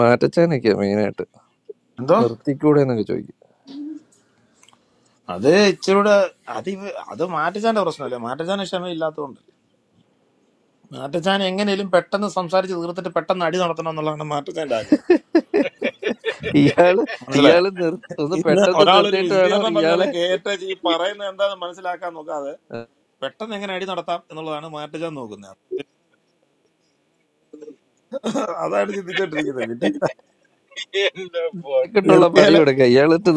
മാറ്റച്ചാനൊക്കെയാ മെയിനായിട്ട്
എന്തോ
നിർത്തിക്കൂടെ എന്നൊക്കെ ചോദിക്കും
അത് ഇച്ചിരൂടെ അത് ഇവ അത് മാറ്റച്ചാന്റെ പ്രശ്നമല്ലേ മാറ്റച്ചാൻ ക്ഷമയില്ലാത്തതുകൊണ്ട് മാറ്റച്ചാൻ എങ്ങനെയും പെട്ടെന്ന് സംസാരിച്ച് തീർത്തിട്ട് പെട്ടെന്ന് അടി നടത്തണം എന്നുള്ളതാണ് മാറ്റച്ചാന്റെ ആഗ്രഹം
ഇയാള്
മനസ്സിലായോ
ഇയാള് നിർ ഒന്ന്
ഇന്ന്
പെട്ടെന്ന്
ഒരാളൊരു
നിർത്തിയിട്ട് വേണം
വിശദീകരണം പറഞ്ഞാൽ
ഇയാളെ
കേട്ട ഈ പറയുന്നത് എന്താണെന്ന് മനസ്സിലാക്കാൻ നോക്കാതെ പെട്ടെന്ന് എങ്ങനെ അടി നടത്താം എന്നുള്ളതാണ് മാറ്റച്ചാൻ നോക്കുന്നത് അതാണ് ചിന്തിച്ചോണ്ടിരിക്കുന്നത് പിന്നെ
ഇട്ടുള്ള പണി
നിർത്തിയാല്
കൊടുക്കുക ഇയാളിട്ട്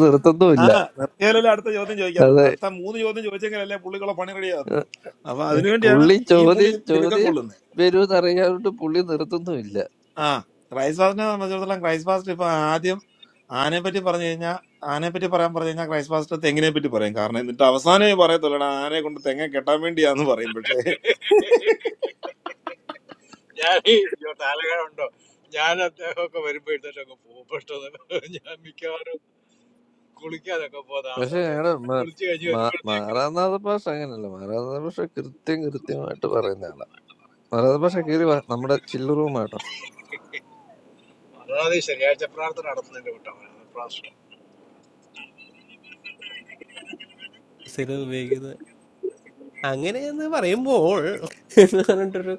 ആ
നിർത്തുന്നുമില്ല
നിർത്തിയാലല്ലേ അടുത്ത ചോദ്യം ചോദിക്കാൻ പറ്റും
അതെ
അടുത്ത മൂന്ന് ചോദ്യം ചോദിച്ചെങ്കിലല്ലേ പുള്ളിക്കുള്ള പണി റെഡി ആകത്തുള്ളൂ അപ്പൊ അതിനുവേണ്ടിയാണ്
പുള്ളി
ഈ പുള്ളി
ചോദ്യം
തിടുക്കം
ചോദ്യം
കൊള്ളുന്നത്
വരുമെന്ന് അറിയാണ്ട് പുള്ളി നിർത്തുന്നുമില്ല
ആ ക്രൈസ്റ്റ് ഫാസ്റ്റിനെ സംബന്ധിച്ചിടത്തോളം ക്രൈസ്റ്റ് ഫാസ്റ്റ് ഇപ്പൊ ആദ്യം ആനയെ പറ്റി പറഞ്ഞു കഴിഞ്ഞാൽ ആനയെ പറ്റി പറയാൻ പറഞ്ഞു കഴിഞ്ഞാൽ ക്രൈസ്റ്റ് ഫാസ്റ്റ് തെങ്ങിനെ പറ്റി പറയും കാരണം എന്നിട്ട് അവസാനമേ പറയത്തുള്ളടാ ആനയെ കൊണ്ട് തെങ്ങ കെട്ടാൻ വേണ്ടിയാന്ന് പറയും പക്ഷേ
പക്ഷെ ഞങ്ങളുടെ മ- മ- മാറാനാഥ ഭാഷ അങ്ങനല്ല മാറാനാഥ ഭാഷ കൃത്യം കൃത്യമായിട്ട് പറയുന്ന ആളാ മാറാനാഥ ഭാഷ കീറി വാ, നമ്മുടെ ചില്ലുറൂമാട്ടോ
സ്ഥിരം ഉപയോഗിക്കുന്നത് അങ്ങനെയെന്ന് പറയുമ്പോൾ എന്ന് പറഞ്ഞിട്ടൊരു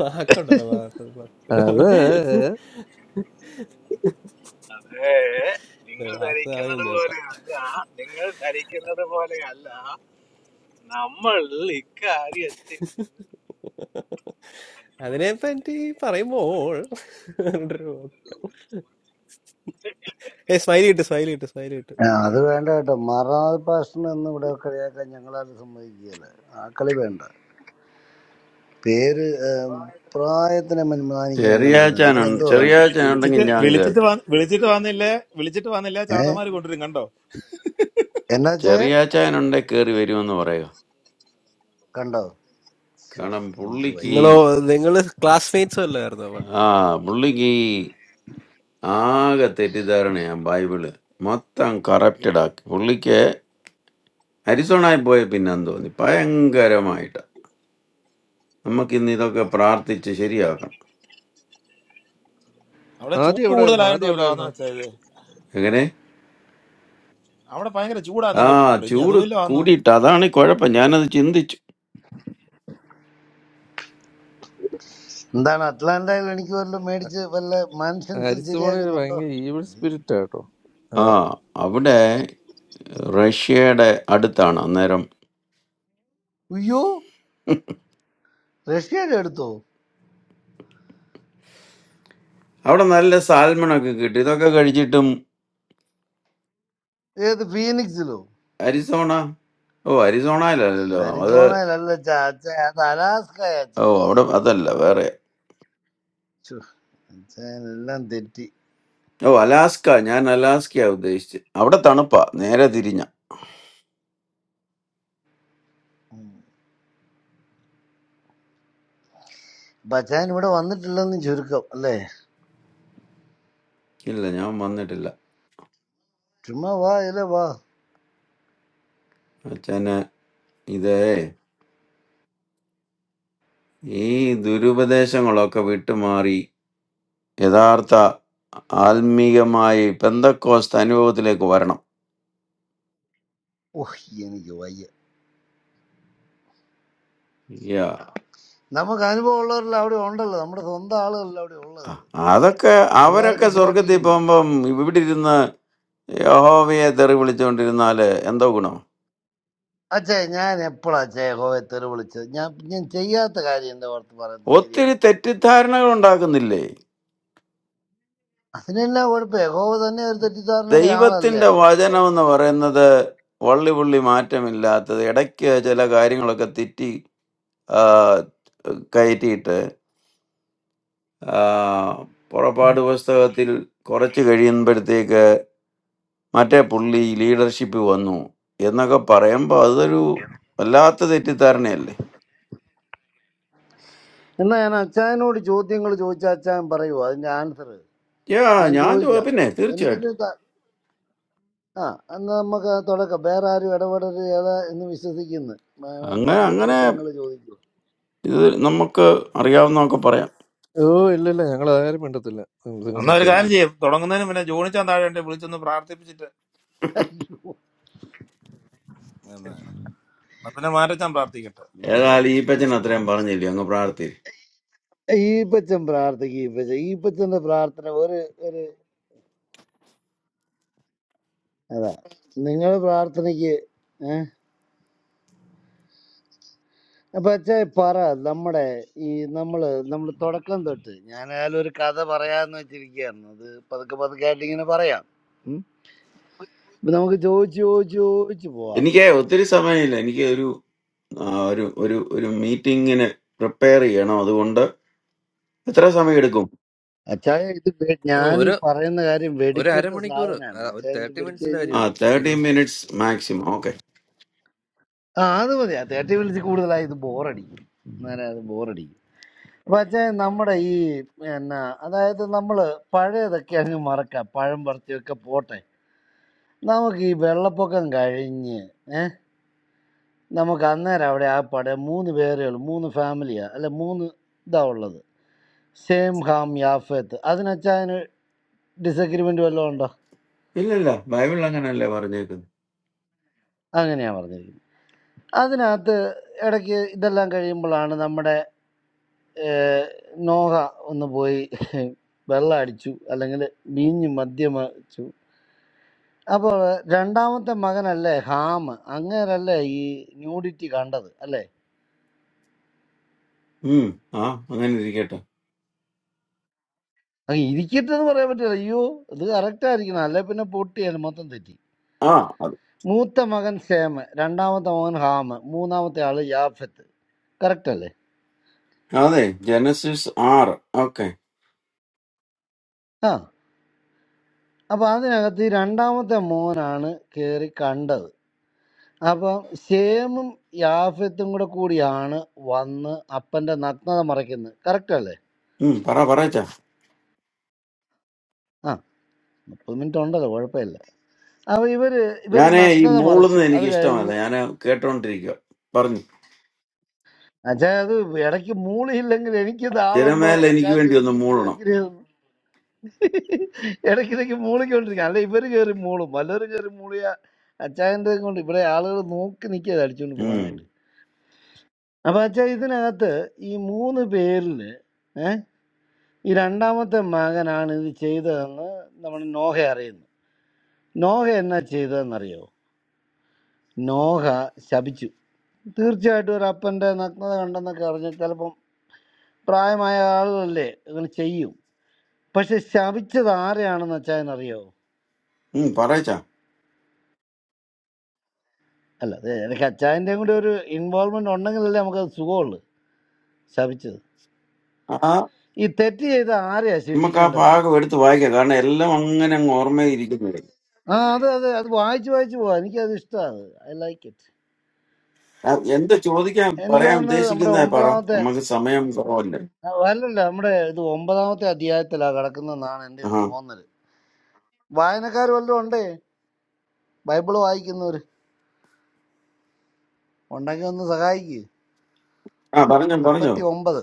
വാക്കുണ്ടല്ലോ വാ- വാ- സ്ഥിരം
അത്
പറ- ഇത് വാസു പറയുന്നുണ്ട് കേട്ടോ അതിനെപ്പറ്റി പറയുമ്പോൾ പറഞ്ഞിട്ടൊരു വാക്ക്. ഏ സ്മൈലി ഇട്ട് സ്മൈലി ഇട്ട് സ്മൈലി ഇട്ട്
ആ, അത് വേണ്ട കേട്ടോ മറനാഥ് പാസ്റ്ററിനെ ഒന്നും ഇവിടെ കളിയാക്കാൻ ഞങ്ങളാരും സമ്മതിക്കുകയില്ല ആ കളി വേണ്ട പേര് ഏം, പ്രായത്തിനെ മാനിക്കുന്ന മനുഷ്യനാണ് നിങ്ങൾ
ചെറിയാച്ചാനുണ്ട്
എന്തോ കാണിക്കുന്നത്
ചെറിയാച്ചാനുണ്ടെങ്കിൽ
വിളിച്ചിട്ട്
ഞാൻ
വിളിച്ചിട്ട്
കയറി
വന്ന് വിളിച്ചിട്ട് വന്നില്ലേ വിളിച്ചിട്ട് വന്നില്ല
ഏ
ചാത്തമാര് കൊണ്ടുവരും കണ്ടോ
എന്നാ വെച്ചേ
ചെറിയാച്ചാനുണ്ടെ കയറി വരുമെന്ന് പറയുക
കണ്ടോ ശ്ശോ,
കാരണം
എനിക്ക്
പുള്ളിക്ക്
വയ്യ
ഈ
നിങ്ങളോ നിങ്ങള് ക്ലാസ്മേറ്റ്സോ അല്ലായിരുന്നോ
ആ പുള്ളിക്ക് ഈ ആകെ തെറ്റിദ്ധാരണയാ ബൈബിള് മൊത്തം കറപ്റ്റഡ് ആക്കി പുള്ളിക്ക് അരിസോണായി പോയ പിന്നെന്ന് തോന്നി ഭയങ്കരമായിട്ട് നമുക്ക് ഇന്ന് ഇതൊക്കെ പ്രാർത്ഥിച്ച് ശരിയാക്കണം
അവിടെ
ആദ്യം
ചൂട്
എവിടെ ആയിരുന്നു ആദ്യം എവിടെ
കൂടുതലായോണ്ടല്ലോ ആന്ന്
ആയിരുന്നു
വെച്ചാ ഇത്
എങ്ങനെ
അവിടെ ഭയങ്കര ചൂടാന്ന്
ആ
കേട്ടിട്ടുണ്ട് ഇനി
ചൂട്
അതുമല്ലോ ആന്നു
കൂടിയിട്ട് അതാണ് ഈ കുഴപ്പം ഞാനത് ചിന്തിച്ചു
എന്താണ് അറ്റ്ലാന്റയിൽ എനിക്ക് വല്ല മേടിച്ച് വല്ല മാൻഷൻസ്
അരിസ്റ്റോണിൽ
ശരിയാക്കുന്നുണ്ടോ
ഭയങ്കര ഈവിൾ സ്പിരിറ്റ് ആട്ടോ
ആ അവിടെ റഷ്യയുടെ അടുത്താണ് അന്നേരം
അയ്യോ റഷ്യയുടെ എടുത്തോ
അവിടെ നല്ല സാൽമൺ ഒക്കെ കിട്ടി ഇതൊക്കെ കഴിച്ചിട്ടും
ഏത് ഫീനിക്സിലോ
അരിസോണ ഓ അരിസോണയിലല്ലല്ലോ അത്
അരിസോണയിലല്ല ചാച്ച അത് അലാസ്കയാച്ച
ഓ
അത്
അവിടെ അതല്ല
ചുമ്മാതെ
വേറെ
ഛു, അച്ചായൻ എല്ലാം തെറ്റി
ഓ അലാസ്ക ഞാൻ അലാസ്കയാ ഉദ്ദേശിച്ച് അവിടെ തണുപ്പാ നേരെ തിരിഞ്ഞ
അപ്പൊ അച്ചായൻ ഇവിടെ വന്നിട്ടില്ലെന്ന് ചുരുക്കം അല്ലേ
ഇല്ല ഞാൻ വന്നിട്ടില്ല
ചുമ്മാ വാ ഇല്ല വാ
അച്ഛന് ഇത് ഈ ദുരുപദേശങ്ങളൊക്കെ വിട്ടുമാറി യഥാർത്ഥ ആത്മീയമായി പെന്തക്കോസ്ത് അനുഭവത്തിലേക്ക് വരണം
ഓഹ് എനിക്ക് വയ്യ
യാ
നമുക്ക് അനുഭവം ഉള്ളവരെല്ലാം അവിടെ ഉണ്ടല്ലോ നമ്മുടെ സ്വന്തം ആളുകളല്ല അവിടെ ഉള്ളത്
അ- അതൊക്കെ അവരൊക്കെ
പിള്ളേരൊക്കെ
സ്വർഗത്തിൽ
സുഖമായിട്ടിരിക്കുന്നു
പോകുമ്പം ഇവിടെ ഇരുന്ന് യഹോവയെ തെറി വിളിച്ചുകൊണ്ടിരുന്നാല് എന്തോ ഗുണം
അച്ഛേ ഞാൻ എപ്പോഴാ അച്ഛേ യഹോവത്തേര് വിളിച്ചത് ഞാൻ ഞാൻ ചെയ്യാത്ത കാര്യം എന്റെ ഓർത്ത് പറയുന്നത്
ഒത്തിരി
ശരിയാണ്
തെറ്റിദ്ധാരണകൾ ഉണ്ടാക്കുന്നില്ലേ
അതിനെല്ലാം കുഴപ്പം യഹോവ തന്നെ ഒരു തെറ്റിദ്ധാരണയുടെ ആളല്ലേ
ദൈവത്തിന്റെ
അതുകൊണ്ട്
വചനം
ഇപ്പം
എന്ന് പറയുന്നത് വള്ളി പുള്ളി മാറ്റമില്ലാത്തത് ഇടയ്ക്ക് ചില കാര്യങ്ങളൊക്കെ തെറ്റി ആ, കയറ്റിയിട്ട് ആ, പുറപ്പാട് പുസ്തകത്തിൽ കുറച്ച് കഴിയുമ്പോഴത്തേക്ക് മറ്റേ പുള്ളി ലീഡർഷിപ്പ് വന്നു എന്നൊക്കെ പറയുമ്പോൾ അതൊരു വല്ലാത്ത തെറ്റിദ്ധാരണയല്ലേ
എന്നാ ഞാൻ അച്ഛാനോട് ചോദ്യങ്ങൾ ചോദിച്ച അച്ഛാൻ പറയുമോ അതിന്റെ ആൻസർ
യാ
ഞാൻ
ഞാൻ ചോ-
ചോദിക്കാം
പിന്നെ
എനിക്കിത്
തീർച്ചയായിട്ടും
ത- ആ എന്നാ നമുക്ക് അത് തുടക്കം വേറെ ആരും ഇടപെടരുത് ഏതാ എന്ന് വിശ്വസിക്കുന്നു
അങ്ങനെ
നമ്മൾ
അങ്ങനെ
ചോദ്യങ്ങൾ ചോദിക്കും
ഇത് നമുക്ക് അറിയാവുന്നതൊക്കെ പറയാം
ഓ ഇല്ല ഇല്ല ഞങ്ങൾ ആരും മിണ്ടത്തില്ല നിങ്ങൾ
എന്നാ ഒരു
ആ
കാര്യം
സംസാരിക്കും
ചെയ്യും തുടങ്ങുന്നതിന് പിന്നെ ജോണിച്ചാൻ താഴെ ഉണ്ടെ വിളിച്ചൊന്ന് പ്രാർത്ഥിപ്പിച്ചിട്ട് പിന്നെ എന്നാ പിന്നെ മാറ്റച്ചാൻ പ്രാർത്ഥിക്കട്ടെ അല്ലേ
ഏതായാലും ഈ പച്ചൻ
അത്
അത്രയും പറഞ്ഞില്ലേ അങ്ങ് പ്രാർത്ഥി
ഈപ്പച്ചൻ പ്രാർത്ഥിക്കും ഈപ്പച്ചൻ ഈപ്പച്ചന്റെ പ്രാർത്ഥന ഒരു ഒരു അതാ നിങ്ങളുടെ പ്രാർത്ഥനയ്ക്ക് പക്ഷേ പറ നമ്മുടെ ഈ നമ്മള് നമ്മൾ തുടക്കം തൊട്ട് ഞാനായാലും ഒരു കഥ പറയാന്ന് വെച്ചിരിക്കുകയായിരുന്നു അത് പതുക്കെ പതുക്കെ ആയിട്ട് ഇങ്ങനെ പറയാം ഉം. ഇപ്പൊ നമുക്ക് ചോദിച്ച് ചോദിച്ച് ചോദിച്ച് പോവാം
എനിക്ക് ഒത്തിരി സമയമില്ല എനിക്ക് ഒരു ആ, ഒരു ഒരു ഒരു മീറ്റിങ്ങിന് പ്രിപ്പയർ ചെയ്യണം അതുകൊണ്ട് എത്ര സമയം എടുക്കും
അച്ചായ ഇത് വെ-
ഓ,
ഞാൻ ഈ
ഒരു
പറയുന്ന കാര്യം
ഒരു
വെടിക്കെട്ട
അരമണിക്കൂർ
സാധനമാണ്
ആ, ഒരു
അച്ചായ ഇത്
തേർട്ടി
പിടിച്ചു
മിനിറ്റ്സിന്റെ
കഴിഞ്ഞാൽ
ആ
കാര്യമുള്ളൂ
തേർട്ടി
ഇരുന്നു
മിനിറ്റ്സ് മാക്സിമം ഓക്കെ
ആ അത് മതി ആ തേട്ടി വിളിച്ച് കൂടുതലായി ഇത് ബോറടിക്കും എന്നാലും അത് ബോറടിക്കും അപ്പൊ അച്ചായ നമ്മുടെ ഈ എന്നാ അതായത് നമ്മള് പഴയതൊക്കെ അങ്ങ് മറക്കാം പഴം പറിച്ചൊക്കെ പോട്ടെ നമുക്ക് ഈ വെള്ളപ്പൊക്കം കഴിഞ്ഞ് നമുക്ക് അന്നേരം അവിടെ ആ പടം മൂന്ന് പേരേ ഉള്ളൂ മൂന്ന് ഫാമിലിയാ അല്ല മൂന്ന് ഇതാ ഉള്ളത് സെയിം ഹാം യാഫത്ത് അതിനച്ചാ അതിന് ഡിസഗ്രിമെൻ്റ് വല്ലതും ഉണ്ടോ
ഇല്ല ഇല്ല ബൈബിൾ അങ്ങനല്ലേ പറഞ്ഞേക്കുന്നത്
അങ്ങനെയാണ് പറഞ്ഞിരിക്കുന്നത് അതിനകത്ത് ഇടയ്ക്ക് ഇതെല്ലാം കഴിയുമ്പോഴാണ് നമ്മുടെ ഏഹ്, നോഹ ഒന്ന് പോയി വെള്ളം അടിച്ചു അല്ലെങ്കിൽ വീഞ്ഞ് മദ്യമച്ചു അപ്പോൾ രണ്ടാമത്തെ മകനല്ലേ ഹാം അങ്ങേരല്ലേ ഈ ന്യൂഡിറ്റി കണ്ടത് അല്ലേ
ഉം ആ അങ്ങനെ ഇരിക്കട്ടെ
അങ്ങ് ഇരിക്കട്ടെന്ന് പറയാൻ പറ്റില്ല അയ്യോ ഇത് കറക്റ്റ് ആയിരിക്കണം അല്ലെ പിന്നെ പൊട്ടിയാണ് മൊത്തം തെറ്റി
ആ അത്
മൂത്ത മകൻ സേമ് രണ്ടാമത്തെ മകൻ ഹാമ് മൂന്നാമത്തെ ആള് യാഫത്ത് കറക്റ്റ് അല്ലേ
അതെ ജനസിസ് ആറ് ഓക്കെ
ആ അപ്പൊ അതിനകത്ത് ഈ രണ്ടാമത്തെ മോനാണ് കേറി കണ്ടത് അപ്പം സേമും യാഫത്തും കൂടെ കൂടിയാണ് വന്ന് അപ്പന്റെ നഗ്നത മറയ്ക്കുന്നത് കറക്റ്റ് അല്ലേ
ഉം പറ പറയച്ച
ആ മുപ്പത് മിനിറ്റ് ഉണ്ടല്ലോ കുഴപ്പമില്ല അപ്പൊ ഇവര് ഇവര്
ഞാനേ ഈ
നഗ്നത മറച്ചു
മൂളുന്നത്
അത്
എനിക്ക് ഇഷ്ടമല്ല
കഴിഞ്ഞ്
ഞാൻ കേട്ടോണ്ടിരിക്കുക പറഞ്ഞു
അച്ഛാ അത് ഇടയ്ക്ക് മൂളിയില്ലെങ്കിൽ എനിക്ക് ഇത് ആളുണ്ടോ
ജനമേല എനിക്ക്
അച്ഛാൻ ഇത്
വേണ്ടി ഒന്ന്
പിടികിട്ടിയോ
മൂളണം
എങ്ങനെയാ ഇടയ്ക്കിടയ്ക്ക് മൂളിക്കൊണ്ടിരിക്കുക അല്ല ഇവര് കയറി മൂളും വല്ലവരും കയറി മൂളിയ അച്ചായന്റെ കൊണ്ട് ഇവിടെ ആളുകൾ നോക്കി നിൽക്കുക അടിച്ചുകൊണ്ട്
ഉം
പോകാനായിട്ട് അപ്പൊ അച്ഛാ ഇതിനകത്ത് ഈ മൂന്ന് പേരില് ഏഹ് ഈ രണ്ടാമത്തെ മകനാണ് ഇത് ചെയ്തതെന്ന് നമ്മൾ നോഹ അറിയുന്നു നോഹ എന്നാ ചെയ്തതെന്നറിയോ നോഹ ശപിച്ചു തീർച്ചയായിട്ടും ഒരു അപ്പന്റെ നഗ്നത കണ്ടെന്നൊക്കെ അറിഞ്ഞ ചിലപ്പം പ്രായമായ ആളുകളല്ലേ അങ്ങനെ ചെയ്യും പക്ഷെ ശപിച്ചത് ആരെയാണെന്ന് അച്ചായനറിയോ
ഉം പറയച്ച
അല്ല അത് എനിക്ക് അച്ചായൻ്റെയും കൂടി ഒരു ഇൻവോൾവ്മെന്റ് ഉണ്ടെങ്കിലല്ലേ നമുക്കത് സുഖമുള്ളു ശപിച്ചത്
ആ
ഈ തെറ്റ് ചെയ്ത ആരെയാ
നമുക്ക് ആ
ശിക്ഷിക്കേണ്ടത്
ഭാഗം എടുത്ത് വായിക്കാം കാരണം എല്ലാം അങ്ങനെ അങ്ങ് ഓർമ്മയിരിക്കുന്നു
ആ അതെ അതെ അത് വായിച്ച് വായിച്ച് പോവാ എനിക്കത് ഇഷ്ടമാണ് ഐ ലൈക്ക് ഇറ്റ്
ആ, എന്ത് ചോദിക്കാൻ
എനിക്ക്
പറയാൻ
തോന്നുന്നത് നമ്മുടെ
ഉദ്ദേശിക്കുന്നേ പറ
ഒമ്പതാമത്തെ
നമുക്ക് സമയം കുറവല്ലേ
ആ, അല്ലല്ല നമ്മുടെ ഇത് ഒമ്പതാമത്തെ അധ്യായത്തിലാണ് കിടക്കുന്നതെന്നാണ് എൻ്റെ ഒരു
ആഹാ
തോന്നൽ വായനക്കാർ വല്ലതും ഉണ്ടേ ബൈബിള് വായിക്കുന്നവർ ഉണ്ടെങ്കിൽ ഒന്ന് സഹായിക്ക്
ആ പറഞ്ഞോ പറഞ്ഞോ
ഉൽപ്പത്തി ഒമ്പത്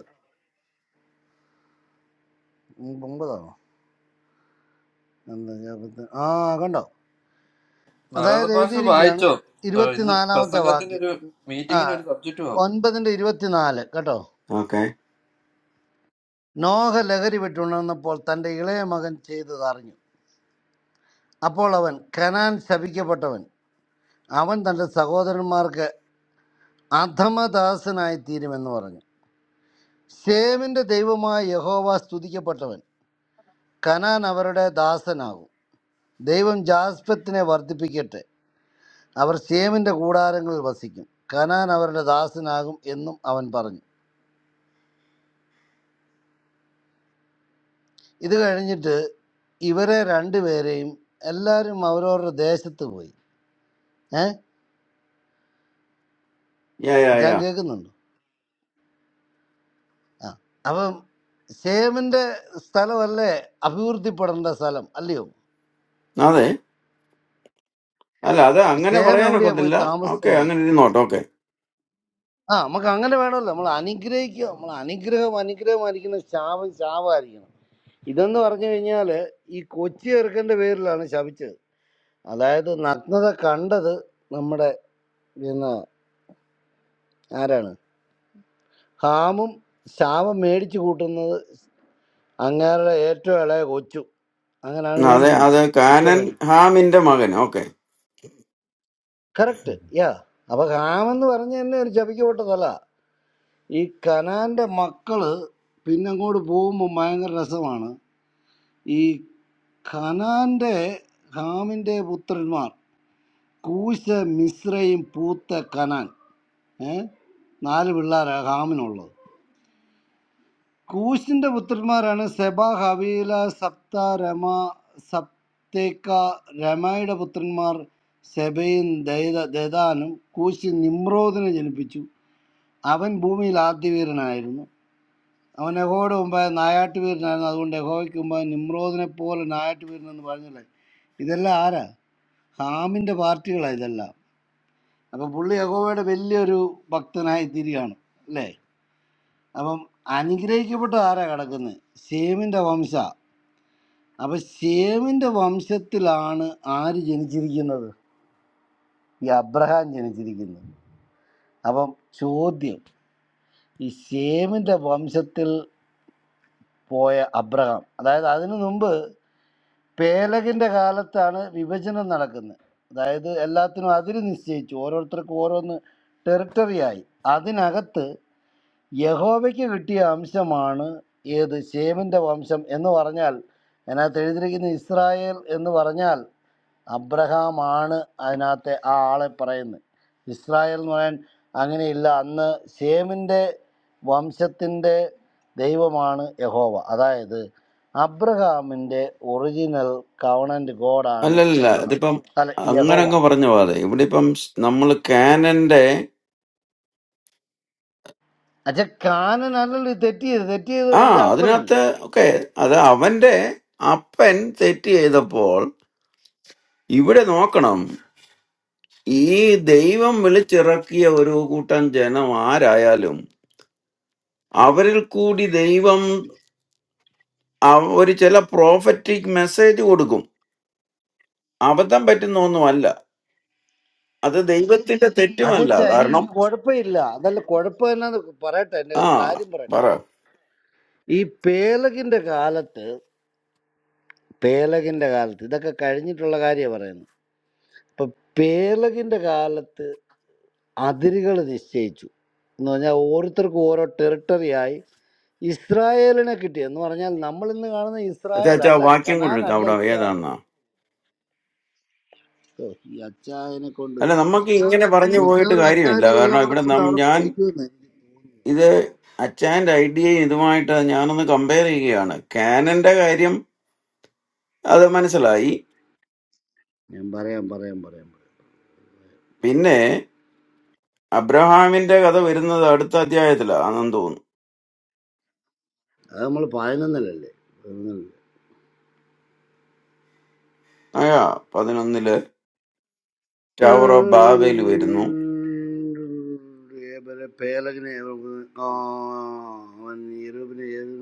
ഉം, ഒമ്പതാണോ എന്താ, ഇരുപത്തി- ആ കണ്ടോ
നാരായണ
അതായത്
പാഷ
എഴുതിയിരിക്കുകയാണ്
വായിച്ചോ ആ, ഇന്ന്
ഇരുപത്തിനാലാമത്തെ
പ്രസംഗത്തിന്
വാക്യം
ഒരു
ആ
മീറ്റിംഗിന് ഒരു സബ്ജക്റ്റ് ആവും
ഒൻപതിൻ്റെ ഇരുപത്തിനാല് കേട്ടോ
ഓക്കെ
നോഹ ലഹരി വിട്ടുണർന്നപ്പോൾ തൻ്റെ ഇളയ മകൻ ചെയ്തത് അറിഞ്ഞു അപ്പോൾ അവൻ കനാൻ ശപിക്കപ്പെട്ടവൻ അവൻ തൻ്റെ സഹോദരന്മാർക്ക് അധമദാസനായി തീരുമെന്ന് പറഞ്ഞു ശേമിൻ്റെ ദൈവമായ യഹോവ സ്തുതിക്കപ്പെട്ടവൻ കനാൻ അവരുടെ ദാസനാകും ദൈവം ജാസ്പത്തിനെ വർദ്ധിപ്പിക്കട്ടെ അവർ ശേമിൻ്റെ കൂടാരങ്ങളിൽ വസിക്കും കനാൻ അവരുടെ ദാസനാകും എന്നും അവൻ പറഞ്ഞു ഇത് കഴിഞ്ഞിട്ട് ഇവരെ രണ്ടുപേരെയും എല്ലാവരും അവരവരുടെ ദേശത്ത് പോയി ഏഹ്
യാ യാ
ഞാൻ
യാ
കേൾക്കുന്നുണ്ട് ആ അപ്പം ശേമിന്റെ സ്ഥലമല്ലേ അഭിവൃദ്ധിപ്പെടേണ്ട സ്ഥലം അല്ലയോ
അതെ അല്ല അത്
അപ്പൊ
അങ്ങനെ
ശേം എവിടെയാ പോയി
പറയാനൊക്കത്തില്ല ഓക്കെ
താമസിച്ചത്
അങ്ങനെ ഇരുന്നോട്ടെ ഓക്കെ
ആ നമുക്ക് അങ്ങനെ വേണമല്ലോ നമ്മൾ അനുഗ്രഹിക്കുക നമ്മൾ അനുഗ്രഹം അനുഗ്രഹമായിരിക്കുന്ന ശാപം ശാപമായിരിക്കണം ഇതെന്ന് പറഞ്ഞു കഴിഞ്ഞാല് ഈ കൊച്ചി ചെറുക്കന്റെ പേരിലാണ് ശപിച്ചത് അതായത് നഗ്നത കണ്ടത് നമ്മുടെ പിന്നെ ആരാണ് ഹാമും ശാപം മേടിച്ചു കൂട്ടുന്നത് അങ്ങേരുടെ ഏറ്റവും ഇളയ കൊച്ചു അങ്ങനാണ്
അതെ
മേടിക്കുന്നത്
അത്
സ്വിച്ച
കാനൻ
മേടിക്കും
ഹാമിന്റെ മകൻ ഓക്കെ
കറക്റ്റ് യാ അപ്പൊ കാമെന്ന് പറഞ്ഞ തന്നെ ഒരു ചപിക്ക് പൊട്ടതല്ല ഈ കനാന്റെ മക്കള് പിന്നെ അങ്ങോട്ട് പോകുമ്പോൾ ഭയങ്കര രസമാണ് ഈ കനാന്റെ ഹാമിന്റെ പുത്രന്മാർ കൂശ മിശ്രയും പൂത്ത കനാൻ ഏ നാല് പിള്ളേരാ ഹാമിനുള്ളത് കൂശിന്റെ പുത്രന്മാരാണ് സെബ ഹവീല സപ്ത രമ സപ്തേക്ക രമയുടെ പുത്രന്മാർ സെബയും ദൈത ദദാനും കൂശി നിമ്രോദിനെ ജനിപ്പിച്ചു അവൻ ഭൂമിയിൽ ആദ്യവീരനായിരുന്നു അവൻ യഹോയുടെ മുമ്പായ നായാട്ടുവീരനായിരുന്നു അതുകൊണ്ട് യഹോയ്ക്ക് മുമ്പായ നിമ്രോദിനെ പോലെ നായാട്ടുവീരനെന്ന് പറഞ്ഞില്ലേ ഇതെല്ലാം ആരാ ഹാമിൻ്റെ പാർട്ടികളാണ് ഇതെല്ലാം അപ്പം പുള്ളി യഹോവയുടെ വലിയൊരു ഭക്തനായി തിരികാണ് അല്ലേ അപ്പം അനുഗ്രഹിക്കപ്പെട്ട ആരാ കിടക്കുന്നത് സേമിൻ്റെ വംശ അപ്പൊ ശേമിന്റെ വംശത്തിലാണ് ആര് ജനിച്ചിരിക്കുന്നത് ഈ അബ്രഹാം ജനിച്ചിരിക്കുന്നത് അപ്പം ചോദ്യം ഈ ശേമിന്റെ വംശത്തിൽ പോയ അബ്രഹാം അതായത് അതിനു മുമ്പ് പേലകിന്റെ കാലത്താണ് വിഭജനം നടക്കുന്നത് അതായത് എല്ലാത്തിനും അതിര് നിശ്ചയിച്ചു ഓരോരുത്തർക്കും ഓരോന്ന് ടെറിട്ടറിയായി അതിനകത്ത് യഹോവയ്ക്ക് കിട്ടിയ അംശമാണ് ഏത് ശേമിന്റെ വംശം എന്ന് പറഞ്ഞാൽ അതിനകത്ത് എഴുതിയിരിക്കുന്ന ഇസ്രായേൽ എന്ന് പറഞ്ഞാൽ അബ്രഹാമാണ് അതിനകത്തെ ആ ആളെ പറയുന്നത് ഇസ്രായേൽ എന്ന് പറയാൻ അങ്ങനെയില്ല അന്ന് ശേമിൻ്റെ വംശത്തിൻ്റെ ദൈവമാണ് യഹോവ അതായത് അബ്രഹാമിൻ്റെ ഒറിജിനൽ കവണൻ്റ് ഗോഡാണ്
അല്ലല്ല
എബ്രഹാം
അതിപ്പം
അല്ല യഹോ
അങ്ങനെ അങ്ങ് പറഞ്ഞു പോകാതെ ഇവിടെ ഇപ്പം നമ്മൾ കാനന്റെ
അച്ഛ കാനനല്ലല്ലോ ഇത് തെറ്റിയത് തെറ്റിയത്
ആ
അവൻ്റെ അപ്പനല്ലേ
അതിനകത്ത് ഓക്കെ അത് അവന്റെ അപ്പൻ തെറ്റ് ചെയ്തപ്പോൾ ഇവിടെ നോക്കണം ഈ ദൈവം വിളിച്ചിറക്കിയ ഒരു കൂട്ടം ജനം ആരായാലും അവരിൽ കൂടി ദൈവം അവ- ഒരു ചില പ്രോഫറ്റിക് മെസ്സേജ് കൊടുക്കും അബദ്ധം പറ്റുന്ന ഒന്നുമല്ല അത് ദൈവത്തിന്റെ തെറ്റുമല്ല
അതച്ഛ എനിക്ക്
കാരണം
കുഴപ്പമില്ല അതല്ല കുഴപ്പമെന്നാന്ന് പറയട്ടെ എൻ്റെ
ആ
അത് കാര്യം
പറ
പറയട്ടെ ഈ പേലകിൻ്റെ കാലത്ത് പേലകിൻ്റെ കാലത്ത് ഇതൊക്കെ കഴിഞ്ഞിട്ടുള്ള കാര്യമാണ് പറയുന്നത് ഇപ്പൊ പേർലകിന്റെ കാലത്ത് അതിരുകൾ നിശ്ചയിച്ചു എന്ന് പറഞ്ഞാൽ ഓരോരുത്തർക്കും ഓരോ ടെറിട്ടറിയായി ഇസ്രായേലിനെ കിട്ടി എന്ന് പറഞ്ഞാൽ നമ്മൾ ഇന്ന് കാണുന്ന ഇസ്രായേൽ
അച്ഛാ
അല്ല
വാക്യം
കനാൻ
കൊണ്ടിരിക്കാം
അല്ല
അവിടെ
ഇസ്രായേൽ
ഏതാന്നാ
ഓ, ഈ അച്ചായനെ കൊണ്ട്
അല്ല നമുക്ക് ഇങ്ങനെ പറഞ്ഞു പോയിട്ട്
മിക്കവാറും അച്ചായൻ
കാര്യമില്ല
ഇതെല്ലാം
കാരണം
കൂടെ
ഇവിടെ
കൊണ്ട്
നം
അവിടെ
ഞാൻ
പൊളിക്കുമെന്ന് എനിക്ക് തോന്നുന്നു
ഇത് അച്ഛൻ്റെ ഐഡിയയും ഇതുമായിട്ട് ഞാനൊന്ന് കമ്പയർ ചെയ്യുകയാണ് കാനന്റെ കാര്യം അത് മനസ്സിലായി
ഞാൻ പറയാം പറയാം പറയാം പറയാം
പിന്നെ അബ്രഹാമിന്റെ കഥ വരുന്നത് അടുത്ത അധ്യായത്തിലാണെന്ന് തോന്നുന്നു
അത് നമ്മൾ പതിനൊന്നിലല്ലേ
അയ്യാ പതിനൊന്നില് ടവർ ഓഫ് ബാബേൽ വരുന്നു
ഏബലെ പേലകിനെ ഏവ- ആ, അവൻ യൂറോപ്പിനെ ഏത്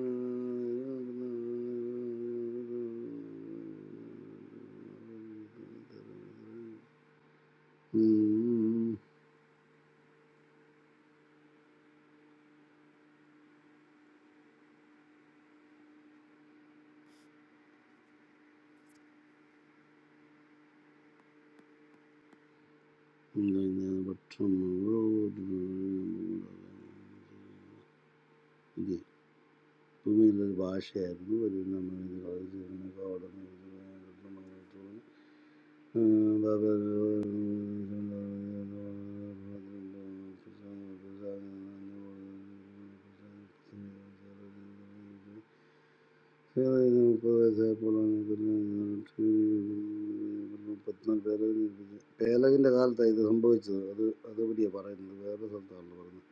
ഉം. ഇങ്ങനെ ഭക്ഷണം ഇത് ഭൂമിയിലൊരു ഭാഷയായിരുന്നു വരുന്ന പേലകിൻ്റെ കാലത്താണ് ഇത് സംഭവിച്ചത് അത് അതുപടിയാണ് പറയുന്നത് വേറെ സ്ഥലത്താണല്ലോ പറയുന്നത്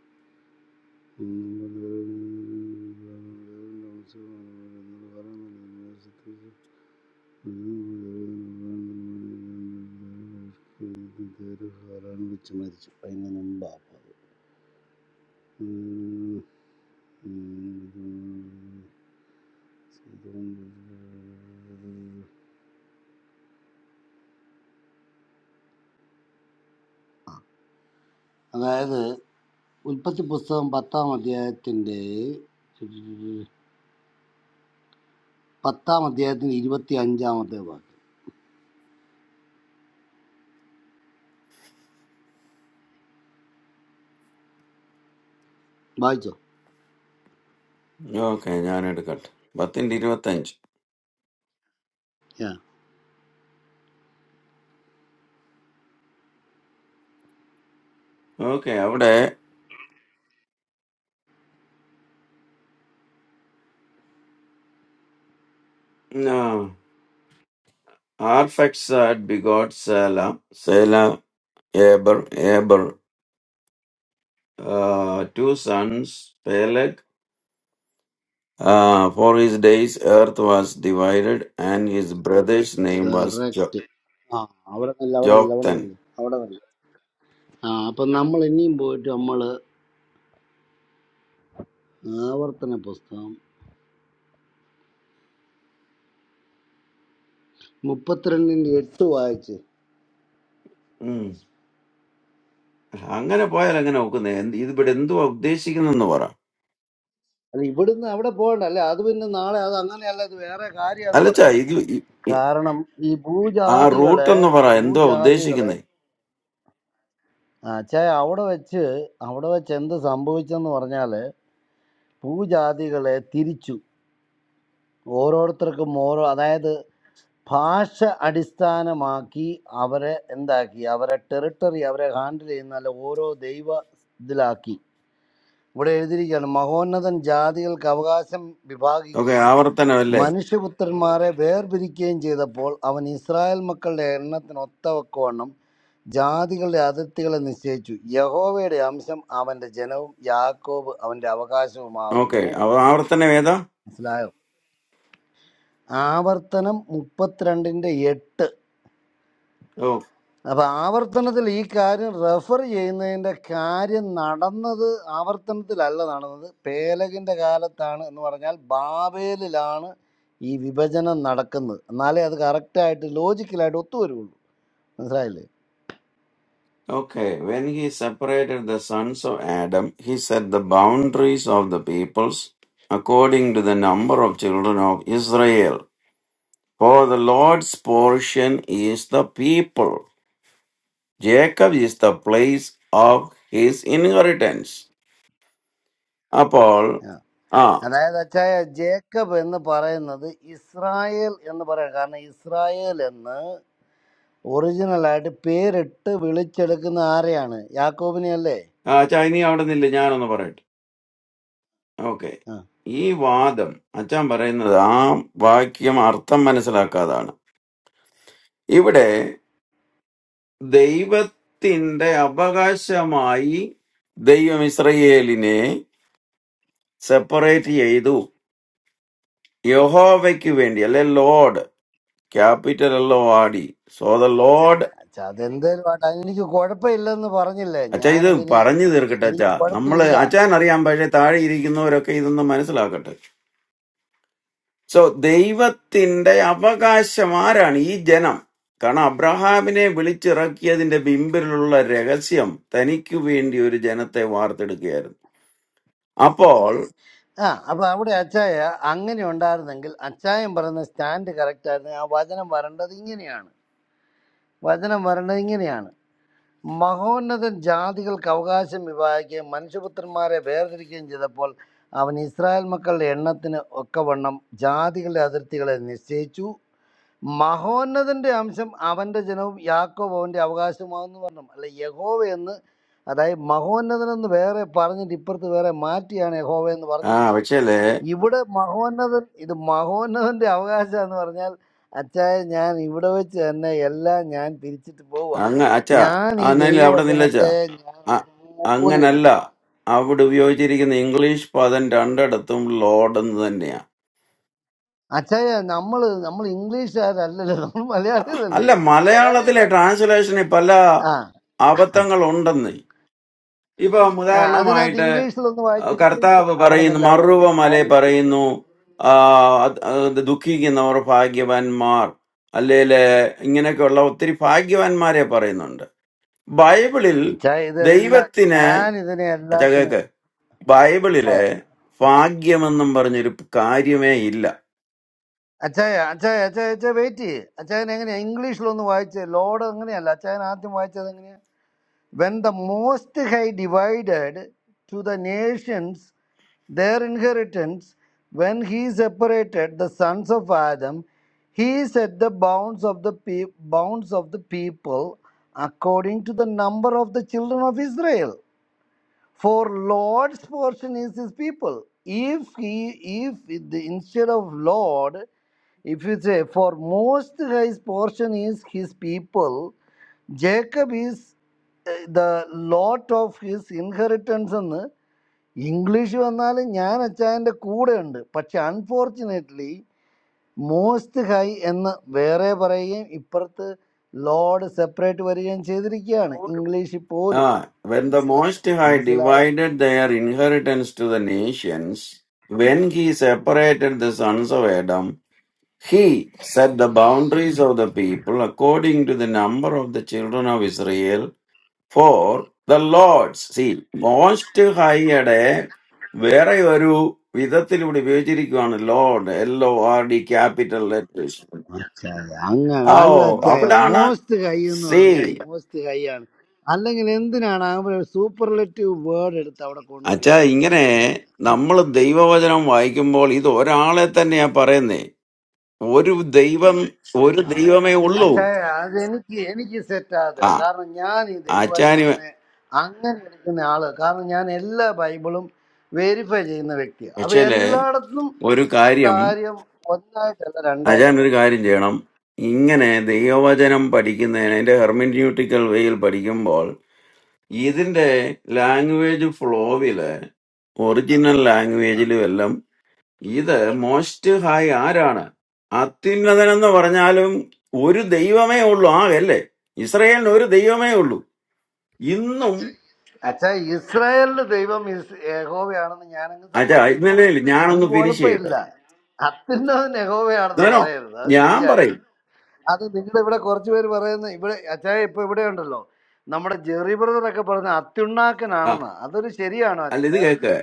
ഉം. ഹാറാണ് വെച്ച് മരിച്ചു അതിന് മുമ്പാണ് അത് ഉം. ഉം. അതായത് ഉൽപ്പത്തി പുസ്തകം പത്താം അധ്യായത്തിന്റെ പത്താം അധ്യായത്തിന്റെ ഇരുപത്തി അഞ്ചാമത്തെ വാക്യം വായിച്ചോ
ഓക്കെ ഞാൻ എടുക്കട്ടെ പത്തിന്റെ ഇരുപത്തഞ്ച്
ആ
ഓക്കെ അവിടെ Arphaxad begot Shelah Shelah Eber Eber two sons Peleg for his days earth was divided and his brother's name was
correct ആ അവിടെ നില്ല അവിടെ നില്ല അവിടെ
ജോക്തൻ
നില്ല അവിടെ നില്ല ആ അപ്പൊ നമ്മൾ ഇനിയും പോയിട്ട് നമ്മൾ ആവർത്തന പുസ്തകം മുപ്പത്തിരണ്ടിന്റെ എട്ട് വായിച്ച്
അങ്ങനെ പോയാൽ എങ്ങനെ നോക്കുന്നത് എന്ത് ഇതിവിടെ എന്തുവാ ഉദ്ദേശിക്കുന്നെന്ന് പറ
അല്ല ഇവിടുന്ന് അവിടെ പോകണ്ട അല്ലെ അത് പിന്നെ നാളെ അത് അങ്ങനെയല്ല ഇത് വേറെ കാര്യാന്ന്
അല്ലച്ചാ
പറയും
ഇത് ഇ- ഇ-
കാരണം ഈ
ആ റൂട്ട്
ഭൂജാതികളെ
എന്ന് പറ എന്തോ
ഭൂജാതികളെ
ഉദ്ദേശിക്കുന്നേ
ആ, ഛേ അവിടെ വെച്ച് അവിടെ വെച്ച് എന്ത് സംഭവിച്ചെന്ന് പറഞ്ഞാല് ഭൂജാതികളെ തിരിച്ചു ഓരോരുത്തർക്കും ഓരോ അതായത് ഭാഷ അടിസ്ഥാനമാക്കി അവരെ എന്താക്കി അവരെ ടെറിട്ടറി അവരെ ഹാൻഡിൽ ചെയ്യുന്ന അല്ല ഓരോ ദൈവ ഇതിലാക്കി ഇവിടെ എഴുതിയിരിക്കുകയാണ് മഹോന്നതൻ ജാതികൾക്ക് അവകാശം
ഓക്കെ
വിഭാഗിക്കുകയും
ആവർത്തനം അല്ലേ
മനുഷ്യപുത്രന്മാരെ വേർപിരിക്കുകയും ചെയ്തപ്പോൾ അവൻ ഇസ്രായേൽ മക്കളുടെ എണ്ണത്തിന് ഒത്തവക്കവണ്ണം ജാതികളുടെ അതിർത്തികളെ നിശ്ചയിച്ചു യഹോവയുടെ അംശം അവന്റെ ജനവും യാക്കോബ് അവന്റെ
ഓക്കെ
അവകാശവുമാകുന്നു
ആവർത്തനം ഏതാ
മനസ്സിലായോ ആവർത്തനം മുപ്പത്തിരണ്ടിന്റെ എട്ട് അപ്പൊ ആവർത്തനത്തിൽ ഈ കാര്യം റെഫർ ചെയ്യുന്നതിന്റെ കാര്യം നടന്നത് ആവർത്തനത്തിലല്ല നടന്നത് പേലകിന്റെ കാലത്താണ് എന്ന് പറഞ്ഞാൽ ബാബേലിലാണ് ഈ വിഭജനം നടക്കുന്നത് എന്നാലേ അത് കറക്റ്റായിട്ട് ലോജിക്കലായിട്ട് ഒത്തുവരുള്ളൂ മനസ്സിലായില്ലേ
okay when he separated the sons of Adam he set the boundaries of the peoples according to the number of children of Israel for the Lord's portion is the people Jacob is the place of his inheritance അപ്പോൾ
ആ.
ആ
അതായത് അച്ചായ Jacob എന്ന് പറയുന്നത് Israel എന്ന് പറയാം കാരണം ഇസ്രായേൽ എന്ന് ഒറിജിനലായിട്ട് പേരിട്ട് വിളിച്ചെടുക്കുന്ന ആരെയാണ് യാക്കോബിനെ അല്ലേ
ആ, ചാ ഇനി അവിടെ നിന്നില്ല ഞാനൊന്ന് പറയട്ടെ ഓക്കെ ഈ വാദം അച്ഛൻ പറയുന്നത് ആ വാക്യം അർത്ഥം മനസ്സിലാക്കാതാണ് ഇവിടെ ദൈവത്തിന്റെ അവകാശമായി ദൈവം ഇസ്രയേലിനെ സെപ്പറേറ്റ് ചെയ്തു യഹോവയ്ക്ക് വേണ്ടി അല്ലെ ലോഡ് ക്യാപിറ്റൽ എല്ലോ ആടി സോ ദ ലോഡ്
ചാ, അതെന്തേലും ആട്ടെ അതെനിക്ക് കുഴപ്പമില്ലെന്ന് പറഞ്ഞില്ലേ
അച്ഛ ഇത്
ഞാനതിന്
പറഞ്ഞു തീർക്കട്ടെ
എനിക്ക്
അച്ഛാ നമ്മള്
കുഴപ്പമില്ല
അച്ഛൻ അറിയാൻ പക്ഷേ താഴെ ഇരിക്കുന്നവരൊക്കെ ഇതൊന്ന് മനസ്സിലാക്കട്ടെ സോ ദൈവത്തിന്റെ അവകാശം ആരാണ് ഈ ജനം കാരണം അബ്രഹാമിനെ വിളിച്ചിറക്കിയതിന്റെ പിമ്പിലുള്ള രഹസ്യം തനിക്ക് വേണ്ടി ഒരു ജനത്തെ വാർത്തെടുക്കുകയായിരുന്നു അപ്പോൾ
ആ അപ്പൊ അവിടെ അച്ചായ അങ്ങനെ ഉണ്ടായിരുന്നെങ്കിൽ അച്ചായൻ പറയുന്ന സ്റ്റാൻഡ് കറക്റ്റ് ആയിരുന്നു ആ വചനം വരേണ്ടത് ഇങ്ങനെയാണ് വചനം വരേണ്ടത് ഇങ്ങനെയാണ് മഹോന്നതൻ ജാതികൾക്ക് അവകാശം വിഭാഗിക്കുകയും മനുഷ്യപുത്രന്മാരെ വേർതിരിക്കുകയും ചെയ്തപ്പോൾ അവൻ ഇസ്രായേൽ മക്കളുടെ എണ്ണത്തിന് ഒക്കവണ്ണം ജാതികളുടെ അതിർത്തികളെ നിശ്ചയിച്ചു മഹോന്നതന്റെ അംശം അവന്റെ ജനവും യാക്കോബ് അവന്റെ അവകാശമാവെന്ന് പറഞ്ഞു അല്ല യഹോവ എന്ന് അതായത് മഹോന്നതൻ എന്ന് വേറെ പറഞ്ഞിട്ട് ഇപ്പുറത്ത് വേറെ മാറ്റിയാണ് യഹോവ എന്ന്
ആ
പറഞ്ഞിരിക്കുന്നത്
പക്ഷേലേ
ഇവിടെ മഹോന്നതൻ ഇത് മഹോന്നതന്റെ അവകാശം എന്ന് പറഞ്ഞാൽ അച്ചായ ഞാൻ ഇവിടെ വെച്ച് തന്നെ എല്ലാം ഞാൻ തിരിച്ചിട്ട് പോവുക
അങ്ങ അച്ഛാ
ഞാൻ ഈ
അന്നില്ല അവിടെ നില്ലച്ചാ
ദൈവവചനത്തെ ഞാൻ അതുപോലെ
അങ്ങനല്ല
എടുക്കും
അവിടെ ഉപയോഗിച്ചിരിക്കുന്ന ഇംഗ്ലീഷ് പദം രണ്ടിടത്തും ലോഡ് എന്ന് തന്നെയാ
അച്ചായ നമ്മൾ നമ്മൾ ഇംഗ്ലീഷുകാരല്ലല്ലോ നമ്മൾ
അല്ല
മലയാളികളല്ലേ നമ്മൾ
മലയാളത്തിലെ
മലയാളികളാണ്
ട്രാൻസ്ലേഷനിൽ പല
ആ
അബദ്ധങ്ങൾ ഉണ്ടെന്ന് ഇപ്പം
ആ അതിനകത്ത്
ഉദാഹരണമായിട്ട്
ഇംഗ്ലീഷിലൊന്ന്
ആ,
വായിച്ച് ഇംഗ്ലീഷ്
കർത്താവ്
അവിടെ
പറയുന്നു
നില്ല അവിടെ നില്ല
മറുവ മല
ഞാൻ ഇംഗ്ലീഷ്
പറയുന്നു
പഠിക്കാം
ആ, അത് അത് ദുഃഖിക്കുന്നവർ ഭാഗ്യവാന്മാർ അല്ലേല് ഇങ്ങനെയൊക്കെയുള്ള ഒത്തിരി ഭാഗ്യവാന്മാരെ പറയുന്നുണ്ട് ബൈബിളിൽ
അച്ചായ ഇതെല്ലാം
ദൈവത്തിന്
ഞാൻ ഇതിനെ എല്ലാത്തിനും
ചകേക്ക് ബൈബിളില്
അച്ചായ
ഭാഗ്യമെന്നും പറഞ്ഞൊരു കാര്യമേ ഇല്ല
അച്ചായ അച്ചായ അച്ചായ അച്ചായ വെയിറ്റ് ചെയ്യേ അച്ചായൻ എങ്ങനെയാ ഇംഗ്ലീഷിലൊന്ന് വായിച്ച് ലോഡ് അങ്ങനെയല്ല അച്ചായൻ ആദ്യം വായിച്ചത് എങ്ങനെയാ When the Most High divided to the nations their inheritance, when he separated the sons of Adam, he set the bounds of the pe- bounds of the people according to the number of the children of Israel. For Lord's portion is his people. If he, if the, instead of Lord If you say, For most high portion is his people, Jacob is uh, the lot of his inheritance എന്ന് English വന്നാൽ ഞാൻ അച്ചായൻ്റെ കൂടെ ഉണ്ട് പക്ഷെ unfortunately most high എന്ന് വേറെ പറയുകയും ഇപ്പുറത്ത് ലോഡ് സെപ്പറേറ്റ് വരികയും ചെയ്തിരിക്കുകയാണ് ഇംഗ്ലീഷിൽ
ആ
പോലും
വെൻ ദ മോസ്റ്റ് ഹൈ
മനസ്സിലായോ
divided their inheritance to the nations when he separated the sons of Adam He set the boundaries of the people according to the number of the children of Israel for the Lord's. See, most ഹൈയുടെ വേറെ ഒരു വിധത്തിൽ ഇവിടെ ഉപയോഗിച്ചിരിക്കുകയാണ് Lord L O R D capital letters
അച്ചായ അങ്ങ
ഓ
നല്ല അച്ചായ
അവിടാണ്
മോസ്റ്റ് ഹൈ എന്ന്
സേ
പറഞ്ഞാൽ മോസ്റ്റ് ഹൈ ആണ് അല്ലെങ്കിൽ എന്തിനാണ് ആ ഒരു സൂപ്പർലെറ്റീവ് വേർഡ് എടുത്ത് അവിടെ കൊണ്ട്
അച്ഛാ
വെച്ചിരിക്കുന്നത്
ഇങ്ങനെ
അച്ചായ ഒന്ന്
നമ്മൾ
പറഞ്ഞു
ദൈവവചനം വായിക്കുമ്പോൾ ഇത് ഒരാളെ തന്നെയാ പറയുന്നേ ഒരു ദൈവം ഒരു
ആ.
ദൈവമേ ഉള്ളൂ
അച്ചായ അത് എനിക്ക് എനിക്ക് സെറ്റ്
ആ
ആകത്തില്ല കാരണം ഞാൻ ഈ
ആചാര്യ
ദൈവവചനത്തിനെ അങ്ങനെ എടുക്കുന്ന ആള് കാരണം ഞാൻ എല്ലാ ബൈബിളും വെരിഫൈ ചെയ്യുന്ന വ്യക്തിയാണ് അപ്പൊ
പക്ഷേ
എല്ലായിടത്തും
ഒരു
ഈ
കാര്യം
കാര്യം ഒന്നായിട്ടല്ല
അജാൻ
രണ്ടായിട്ടാണ്
ഒരു
പറഞ്ഞത്
കാര്യം ചെയ്യണം ഇങ്ങനെ ദൈവവചനം പഠിക്കുന്നതിന് അതിന്റെ ഹെർമിന്യൂട്ടിക്കൽ വേയിൽ പഠിക്കുമ്പോൾ ഇതിന്റെ ലാംഗ്വേജ് ഫ്ലോവില് ഒറിജിനൽ ലാംഗ്വേജിലും എല്ലാം ഇത് മോസ്റ്റ് ഹൈ ആരാണ് അത്യുന്നതൻ എന്ന് പറഞ്ഞാലും ഒരു ദൈവമേ ഉള്ളൂ ആ അല്ലേ ഇസ്രയേലിന് ഒരു ദൈവമേ ഉള്ളൂ ഇന്നും
അച്ഛാ ഇസ്രായേലിന്റെ ദൈവം ഇസ് യഹോവയാണെന്ന് ഞാനങ്ങ്
അജാ
സമ്മതിച്ചു
ഇന്നലെ
തന്നേക്കാം
ഇല്ല, ഞാനൊന്ന്
എനിക്ക്
ഫിനിഷ് ചെയ്യട്ടെ
കുഴപ്പമില്ല അത്യുന്നതൻ യഹോവയാണെന്ന്
ഞാനോ
പറയരുത് അത്
ഞാൻ
ശരിയായി
പറയും
അത് നിങ്ങളുടെ ഇവിടെ കുറച്ച് പേര് പറയുന്ന ഇവിടെ അച്ഛാ ഇപ്പൊ ഇവിടെ ഉണ്ടല്ലോ നമ്മുടെ ജെറി ബ്രദറൊക്കെ പറയുന്ന
ആ
അത്യുണ്ണാക്കനാണെന്നാ അതൊരു ശരിയാണോ
അല്ല ഇത്
അച്ഛാ
കേക്ക്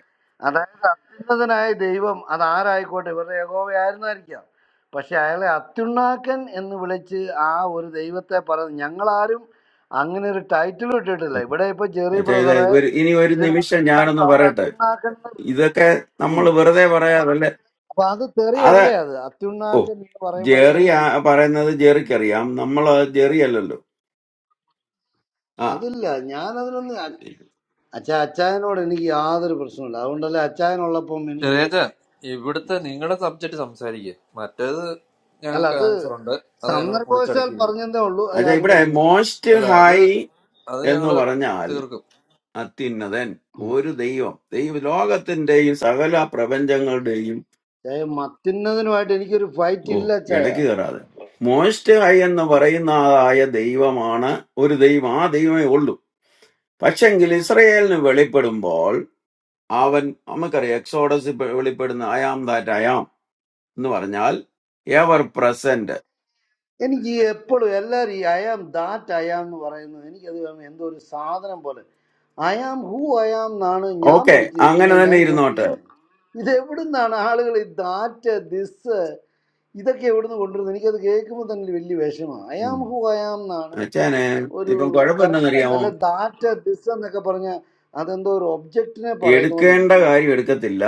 അതായത് അത്യുന്നതനായ ദൈവം അതാരായിക്കോട്ടെ ഇവരുടെ യഹോവയായിരുന്നായിരിക്കാം പക്ഷെ അയാളെ അത്യുണ്ണാക്കൻ എന്ന് വിളിച്ച് ആ ഒരു ദൈവത്തെ പറഞ്ഞ് ഞങ്ങളാരും അങ്ങനെ ഒരു ടൈറ്റിൽ ഇട്ടിട്ടില്ല ഇവിടെ ഇപ്പൊ ജെറി
അച്ഛാ ഇത്
ബ്രദറെ
ഒരു ഇനി ഒരു നിമിഷം ഞാനൊന്ന്
ഇതിനകത്തെല്ലാവർക്കും അവർ
പറയട്ടെ
അത്യുണ്ണാക്കൻ എന്ന് വിളിക്കും.
ഇതൊക്കെ നമ്മൾ
ഉം.
വെറുതെ പറയാതല്ലേ
അപ്പൊ അത്
അത്
തെറിയല്ലേ അത് അത്യുണ്ണാക്കൻ എന്ന് പറയുമ്പോ അത്
ജെറി ആ
തെറിയല്ലേ
പറയുന്നത് ജെറിക്കറിയാം നമ്മൾ ജെറി അല്ലല്ലോ ആ
അതില്ല ഞാൻ അതിനൊന്നും അച്ഛ അച്ചായനോട് എനിക്ക് യാതൊരു പ്രശ്നമില്ല അതുകൊണ്ടല്ലേ അച്ചായനുള്ളപ്പം എനിക്ക്
ചെറിയ ഇവിടുത്തെ നിങ്ങളുടെ സബ്ജക്റ്റ് സംസാരിക്കുക മറ്റേത്
അല്ല
ഞങ്ങൾക്ക്
അത്
ആൻസർ ഉണ്ട് അത് ഞങ്ങൾ
സന്ദർഭവശാൽ
പൊളിച്ചടക്കി
പറഞ്ഞതേ ഉള്ളൂ
അച്ഛാ
അതിനാരും
ഇവിടെ
വിഷമിക്കുന്നു
മോസ്റ്റ്
അല്ല അത്
ഹൈ
അത്
എന്ന്
ഞങ്ങള്
പറഞ്ഞാൽ
തീർക്കും
അത്യുന്നതൻ ഒരു ദൈവം ദൈവ ലോകത്തിന്റെയും സകല പ്രപഞ്ചങ്ങളുടെയും
ചായ മത്തുന്നതിനുമായിട്ട് എനിക്കൊരു ഫൈറ്റ്
ഓ
ഇല്ല ചായ
ഇടയ്ക്ക് കയറാതെ മോസ്റ്റ് ഹൈ എന്ന് പറയുന്നതായ ദൈവമാണ് ഒരു ദൈവം ആ ദൈവമേ ഉള്ളൂ പക്ഷെങ്കിൽ ഇസ്രയേലിന് വെളിപ്പെടുമ്പോൾ അവൻ നമുക്കറിയാം എക്സോഡസ് വെളിപ്പെടുന്ന അയാം ദാറ്റ് അയാം, എന്ന് പറഞ്ഞാൽ എവർ പ്രസന്റ്
എനിക്ക് എപ്പോഴും എല്ലാവരും ഈ അയാം ദാറ്റ് അയാം എന്ന് പറയുന്നത് എനിക്കത് വേണം എന്തോ ഒരു സാധനം പോലെ അയാം ഹൂ അയാം എന്നാണ് ഞാൻ
ഓക്കെ അങ്ങനെ
പഠിച്ചിരിക്കുന്നത്
തന്നെ
ഞാൻ
ഇരുന്നോട്ടെ
കേട്ടിരിക്കുന്നത് ഇത് എവിടുന്നാണ് ആളുകൾ ഈ ദാറ്റ് ദിസ് ഇതൊക്കെ എവിടുന്ന് കൊണ്ടുവരുന്നത് എനിക്കത് കേൾക്കുമ്പോൾ തന്നെ ഒരു വലിയ വിഷമമാണ് അയാം
ഉം.
ഹൂ അയാം എന്നാണ്
അച്ഛനെ
ഒരു
ഇപ്പം
കറക്റ്റ് ആയിട്ട്
കുഴപ്പമെന്തെന്നറിയാമോ
അല്ല ദാറ്റ് ദിസ് എന്നൊക്കെ പറഞ്ഞാൽ അതെന്തോ ഒരു ഒബ്ജക്റ്റിനെ പറയുന്ന പോലെ
എടുക്കേണ്ട
ഇരിക്കുന്നു
കാര്യം എടുക്കത്തില്ല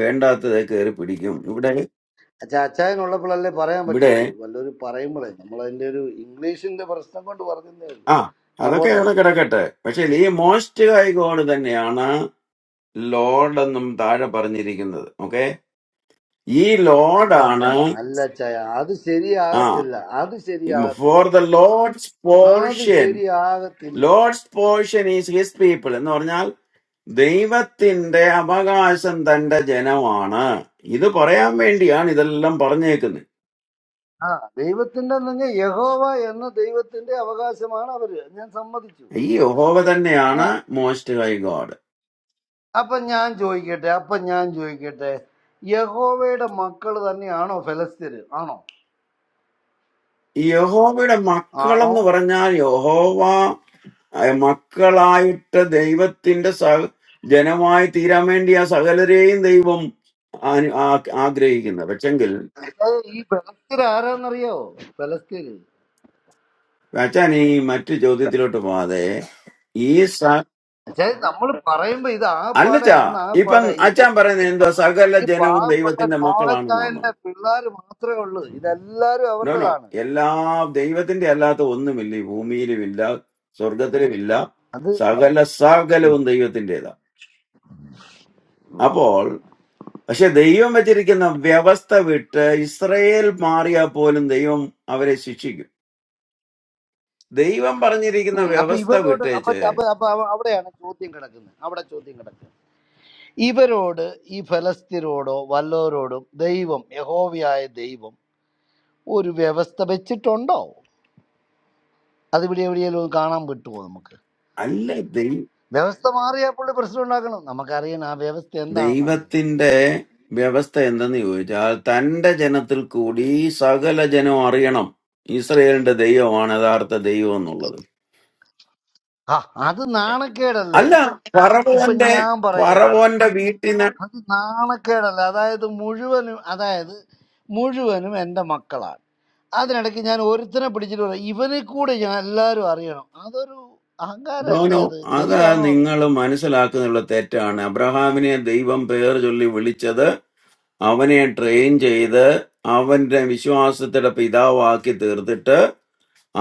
വേണ്ടാത്തത് കയറി പിടിക്കും ഇവിടെ
ചാച്ചായനുള്ളപ്പോഴല്ലേ പറയാൻ
ഇവിടെ
പറ്റുള്ളൂ വല്ലൊരു പറയുമ്പോഴേ നമ്മളതിന്റെ ഒരു ഇംഗ്ലീഷിന്റെ പ്രശ്നം കൊണ്ട് പറഞ്ഞതേ ഉള്ളൂ
ആ
ആ
അതൊക്കെ
പോട്ടെ
അവിടെ കിടക്കട്ടെ പക്ഷെ ഈ മോസ്റ്റ് ഹൈ ഗോഡ് തന്നെയാണ് ലോർഡ് എന്നും താഴെ പറഞ്ഞിരിക്കുന്നത് ഓക്കെ ഈ ലോർഡാണ്
അല്ല ചായ അത്
ആ
ശരിയാകത്തില്ല അത്
ഫോർ
ശരിയാകത്തില്ല
ദ ലോർഡ്സ്
അത്
പോർഷൻ
ശരിയാകത്തില്ല
Lord's portion is his people എന്ന് പറഞ്ഞാൽ ദൈവത്തിന്റെ അവകാശം തന്റെ ജനമാണ് ഇത് പറയാൻ വേണ്ടിയാണ് ഇതെല്ലാം പറഞ്ഞേക്കുന്നത്
ആ ദൈവത്തിന്റെ നിങ്ങൾ യഹോവ എന്ന ദൈവത്തിന്റെ അവകാശമാണ് അവര് ഞാൻ സമ്മതിച്ചു
ഈ യഹോവ
ആ
തന്നെയാണ് മോസ്റ്റ് ഹൈ ഗോഡ്
അപ്പൊ ഞാൻ ചോദിക്കട്ടെ അപ്പൊ ഞാൻ ചോദിക്കട്ടെ യഹോവയുടെ മക്കൾ തന്നെയാണോ ഫലസ്തീര് ആണോ
ഈ യഹോവയുടെ
ആണോ
മക്കളെന്ന് പറഞ്ഞാൽ യഹോവ അഹ് മക്കളായിട്ട് ദൈവത്തിന്റെ സ ജനമായി തീരാൻ വേണ്ടി ആ സകലരെയും ദൈവം അനു- ആ- ആഗ്രഹിക്കുന്നത് പക്ഷെങ്കിൽ
ഏയ് ഈ ഫലസ്തീർ ആരാന്നറിയോ ഫലസ്തീര്
അച്ഛൻ ഈ മറ്റു ചോദ്യത്തിലോട്ട് പോവാതെ ഈ സ
പക്ഷേ നമ്മൾ പറയുമ്പോ ഇത് ആകപ്പാടെ
അല്ലച്ചാ
അന്ന്
ഇപ്പം
ആകപ്പാടെ ഈ
അച്ഛൻ പറയുന്നത് എന്താ സകല
ഈ
ജനവും
പാവപ്പെട്ട
ദൈവത്തിന്റെ മക്കളാണെന്നാണോ
നോഹച്ചായന്റെ പിള്ളേർ മാത്രമേ ഉള്ളൂ ഇതെല്ലാരും
നോ നോ
അവരുടേതാണ്
എല്ലാ ദൈവത്തിന്റെ അല്ലാത്ത ഒന്നുമില്ല ഈ ഭൂമിയിലുമില്ല സ്വർഗത്തിലുമില്ല
അത് പറ
സകല
ഉം.
സകലവും ദൈവത്തിൻ്റെതാ അപ്പോൾ പക്ഷെ ദൈവം വെച്ചിരിക്കുന്ന വ്യവസ്ഥ വിട്ട് ഇസ്രയേൽ മാറിയാൽ പോലും ദൈവം അവരെ ശിക്ഷിക്കും ദൈവം പറഞ്ഞിരിക്കുന്ന
ഉം. അപ്പൊ
വ്യവസ്ഥ
ഇവരോട് അപ്പൊ
വിട്ടേച്ച്
അപ്പൊ അപ്പൊ അവ- അവിടെയാണ് ചോദ്യം കിടക്കുന്നത് അവിടെ ചോദ്യം കിടക്കുന്നത് ഇവരോട് ഈ ഫലസ്തീനോടോ വല്ലവരോടും ദൈവം യഹോവയായ ദൈവം ഒരു വ്യവസ്ഥ വെച്ചിട്ടുണ്ടോ അത് ഇവിടെ എവിടെയെങ്കിലും ഒന്ന് കാണാൻ പറ്റുമോ നമുക്ക്
അല്ല ദൈ-
വ്യവസ്ഥ മാറിയാൽ പുള്ളി പ്രശ്നം ഉണ്ടാക്കണം നമുക്കറിയണം ആ വ്യവസ്ഥ എന്താണെന്ന് അറിയണം
ദൈവത്തിന്റെ വ്യവസ്ഥ എന്തെന്ന് ചോദിച്ചാൽ തന്റെ ജനത്തിൽ കൂടി സകല ജനം അറിയണം ഇസ്രയേലിന്റെ ദൈവമാണ് യഥാർത്ഥ ദൈവം എന്നുള്ളത്
ആ അത് നാണക്കേടല്ലേ
അല്ല
ഇപ്പൊ
പറവോന്റെ
ഞാൻ പറയുകയാണ്
പറവോന്റെ വീട്ടിന്
അത് നാണക്കേടല്ല അതായത് മുഴുവനും അതായത് മുഴുവനും എൻ്റെ മക്കളാണ് അതിനിടയ്ക്ക് ഞാൻ ഒരുത്തനെ പിടിച്ചിട്ട് പറയാം ഇവനെ കൂടെ ഞാൻ എല്ലാവരും അറിയണം അതൊരു അഹങ്കാരമല്ലേ
നോനോ
അത്
അതാ
ശരിയാണോ അത്
നിങ്ങൾ മനസ്സിലാക്കുന്നുള്ള തെറ്റാണ് അബ്രഹാമിനെ ദൈവം പേർ ചൊല്ലി വിളിച്ചത് അവനെ ട്രെയിൻ ചെയ്ത് അവന്റെ വിശ്വാസത്തിന്റെ പിതാവാക്കി തീർത്തിട്ട്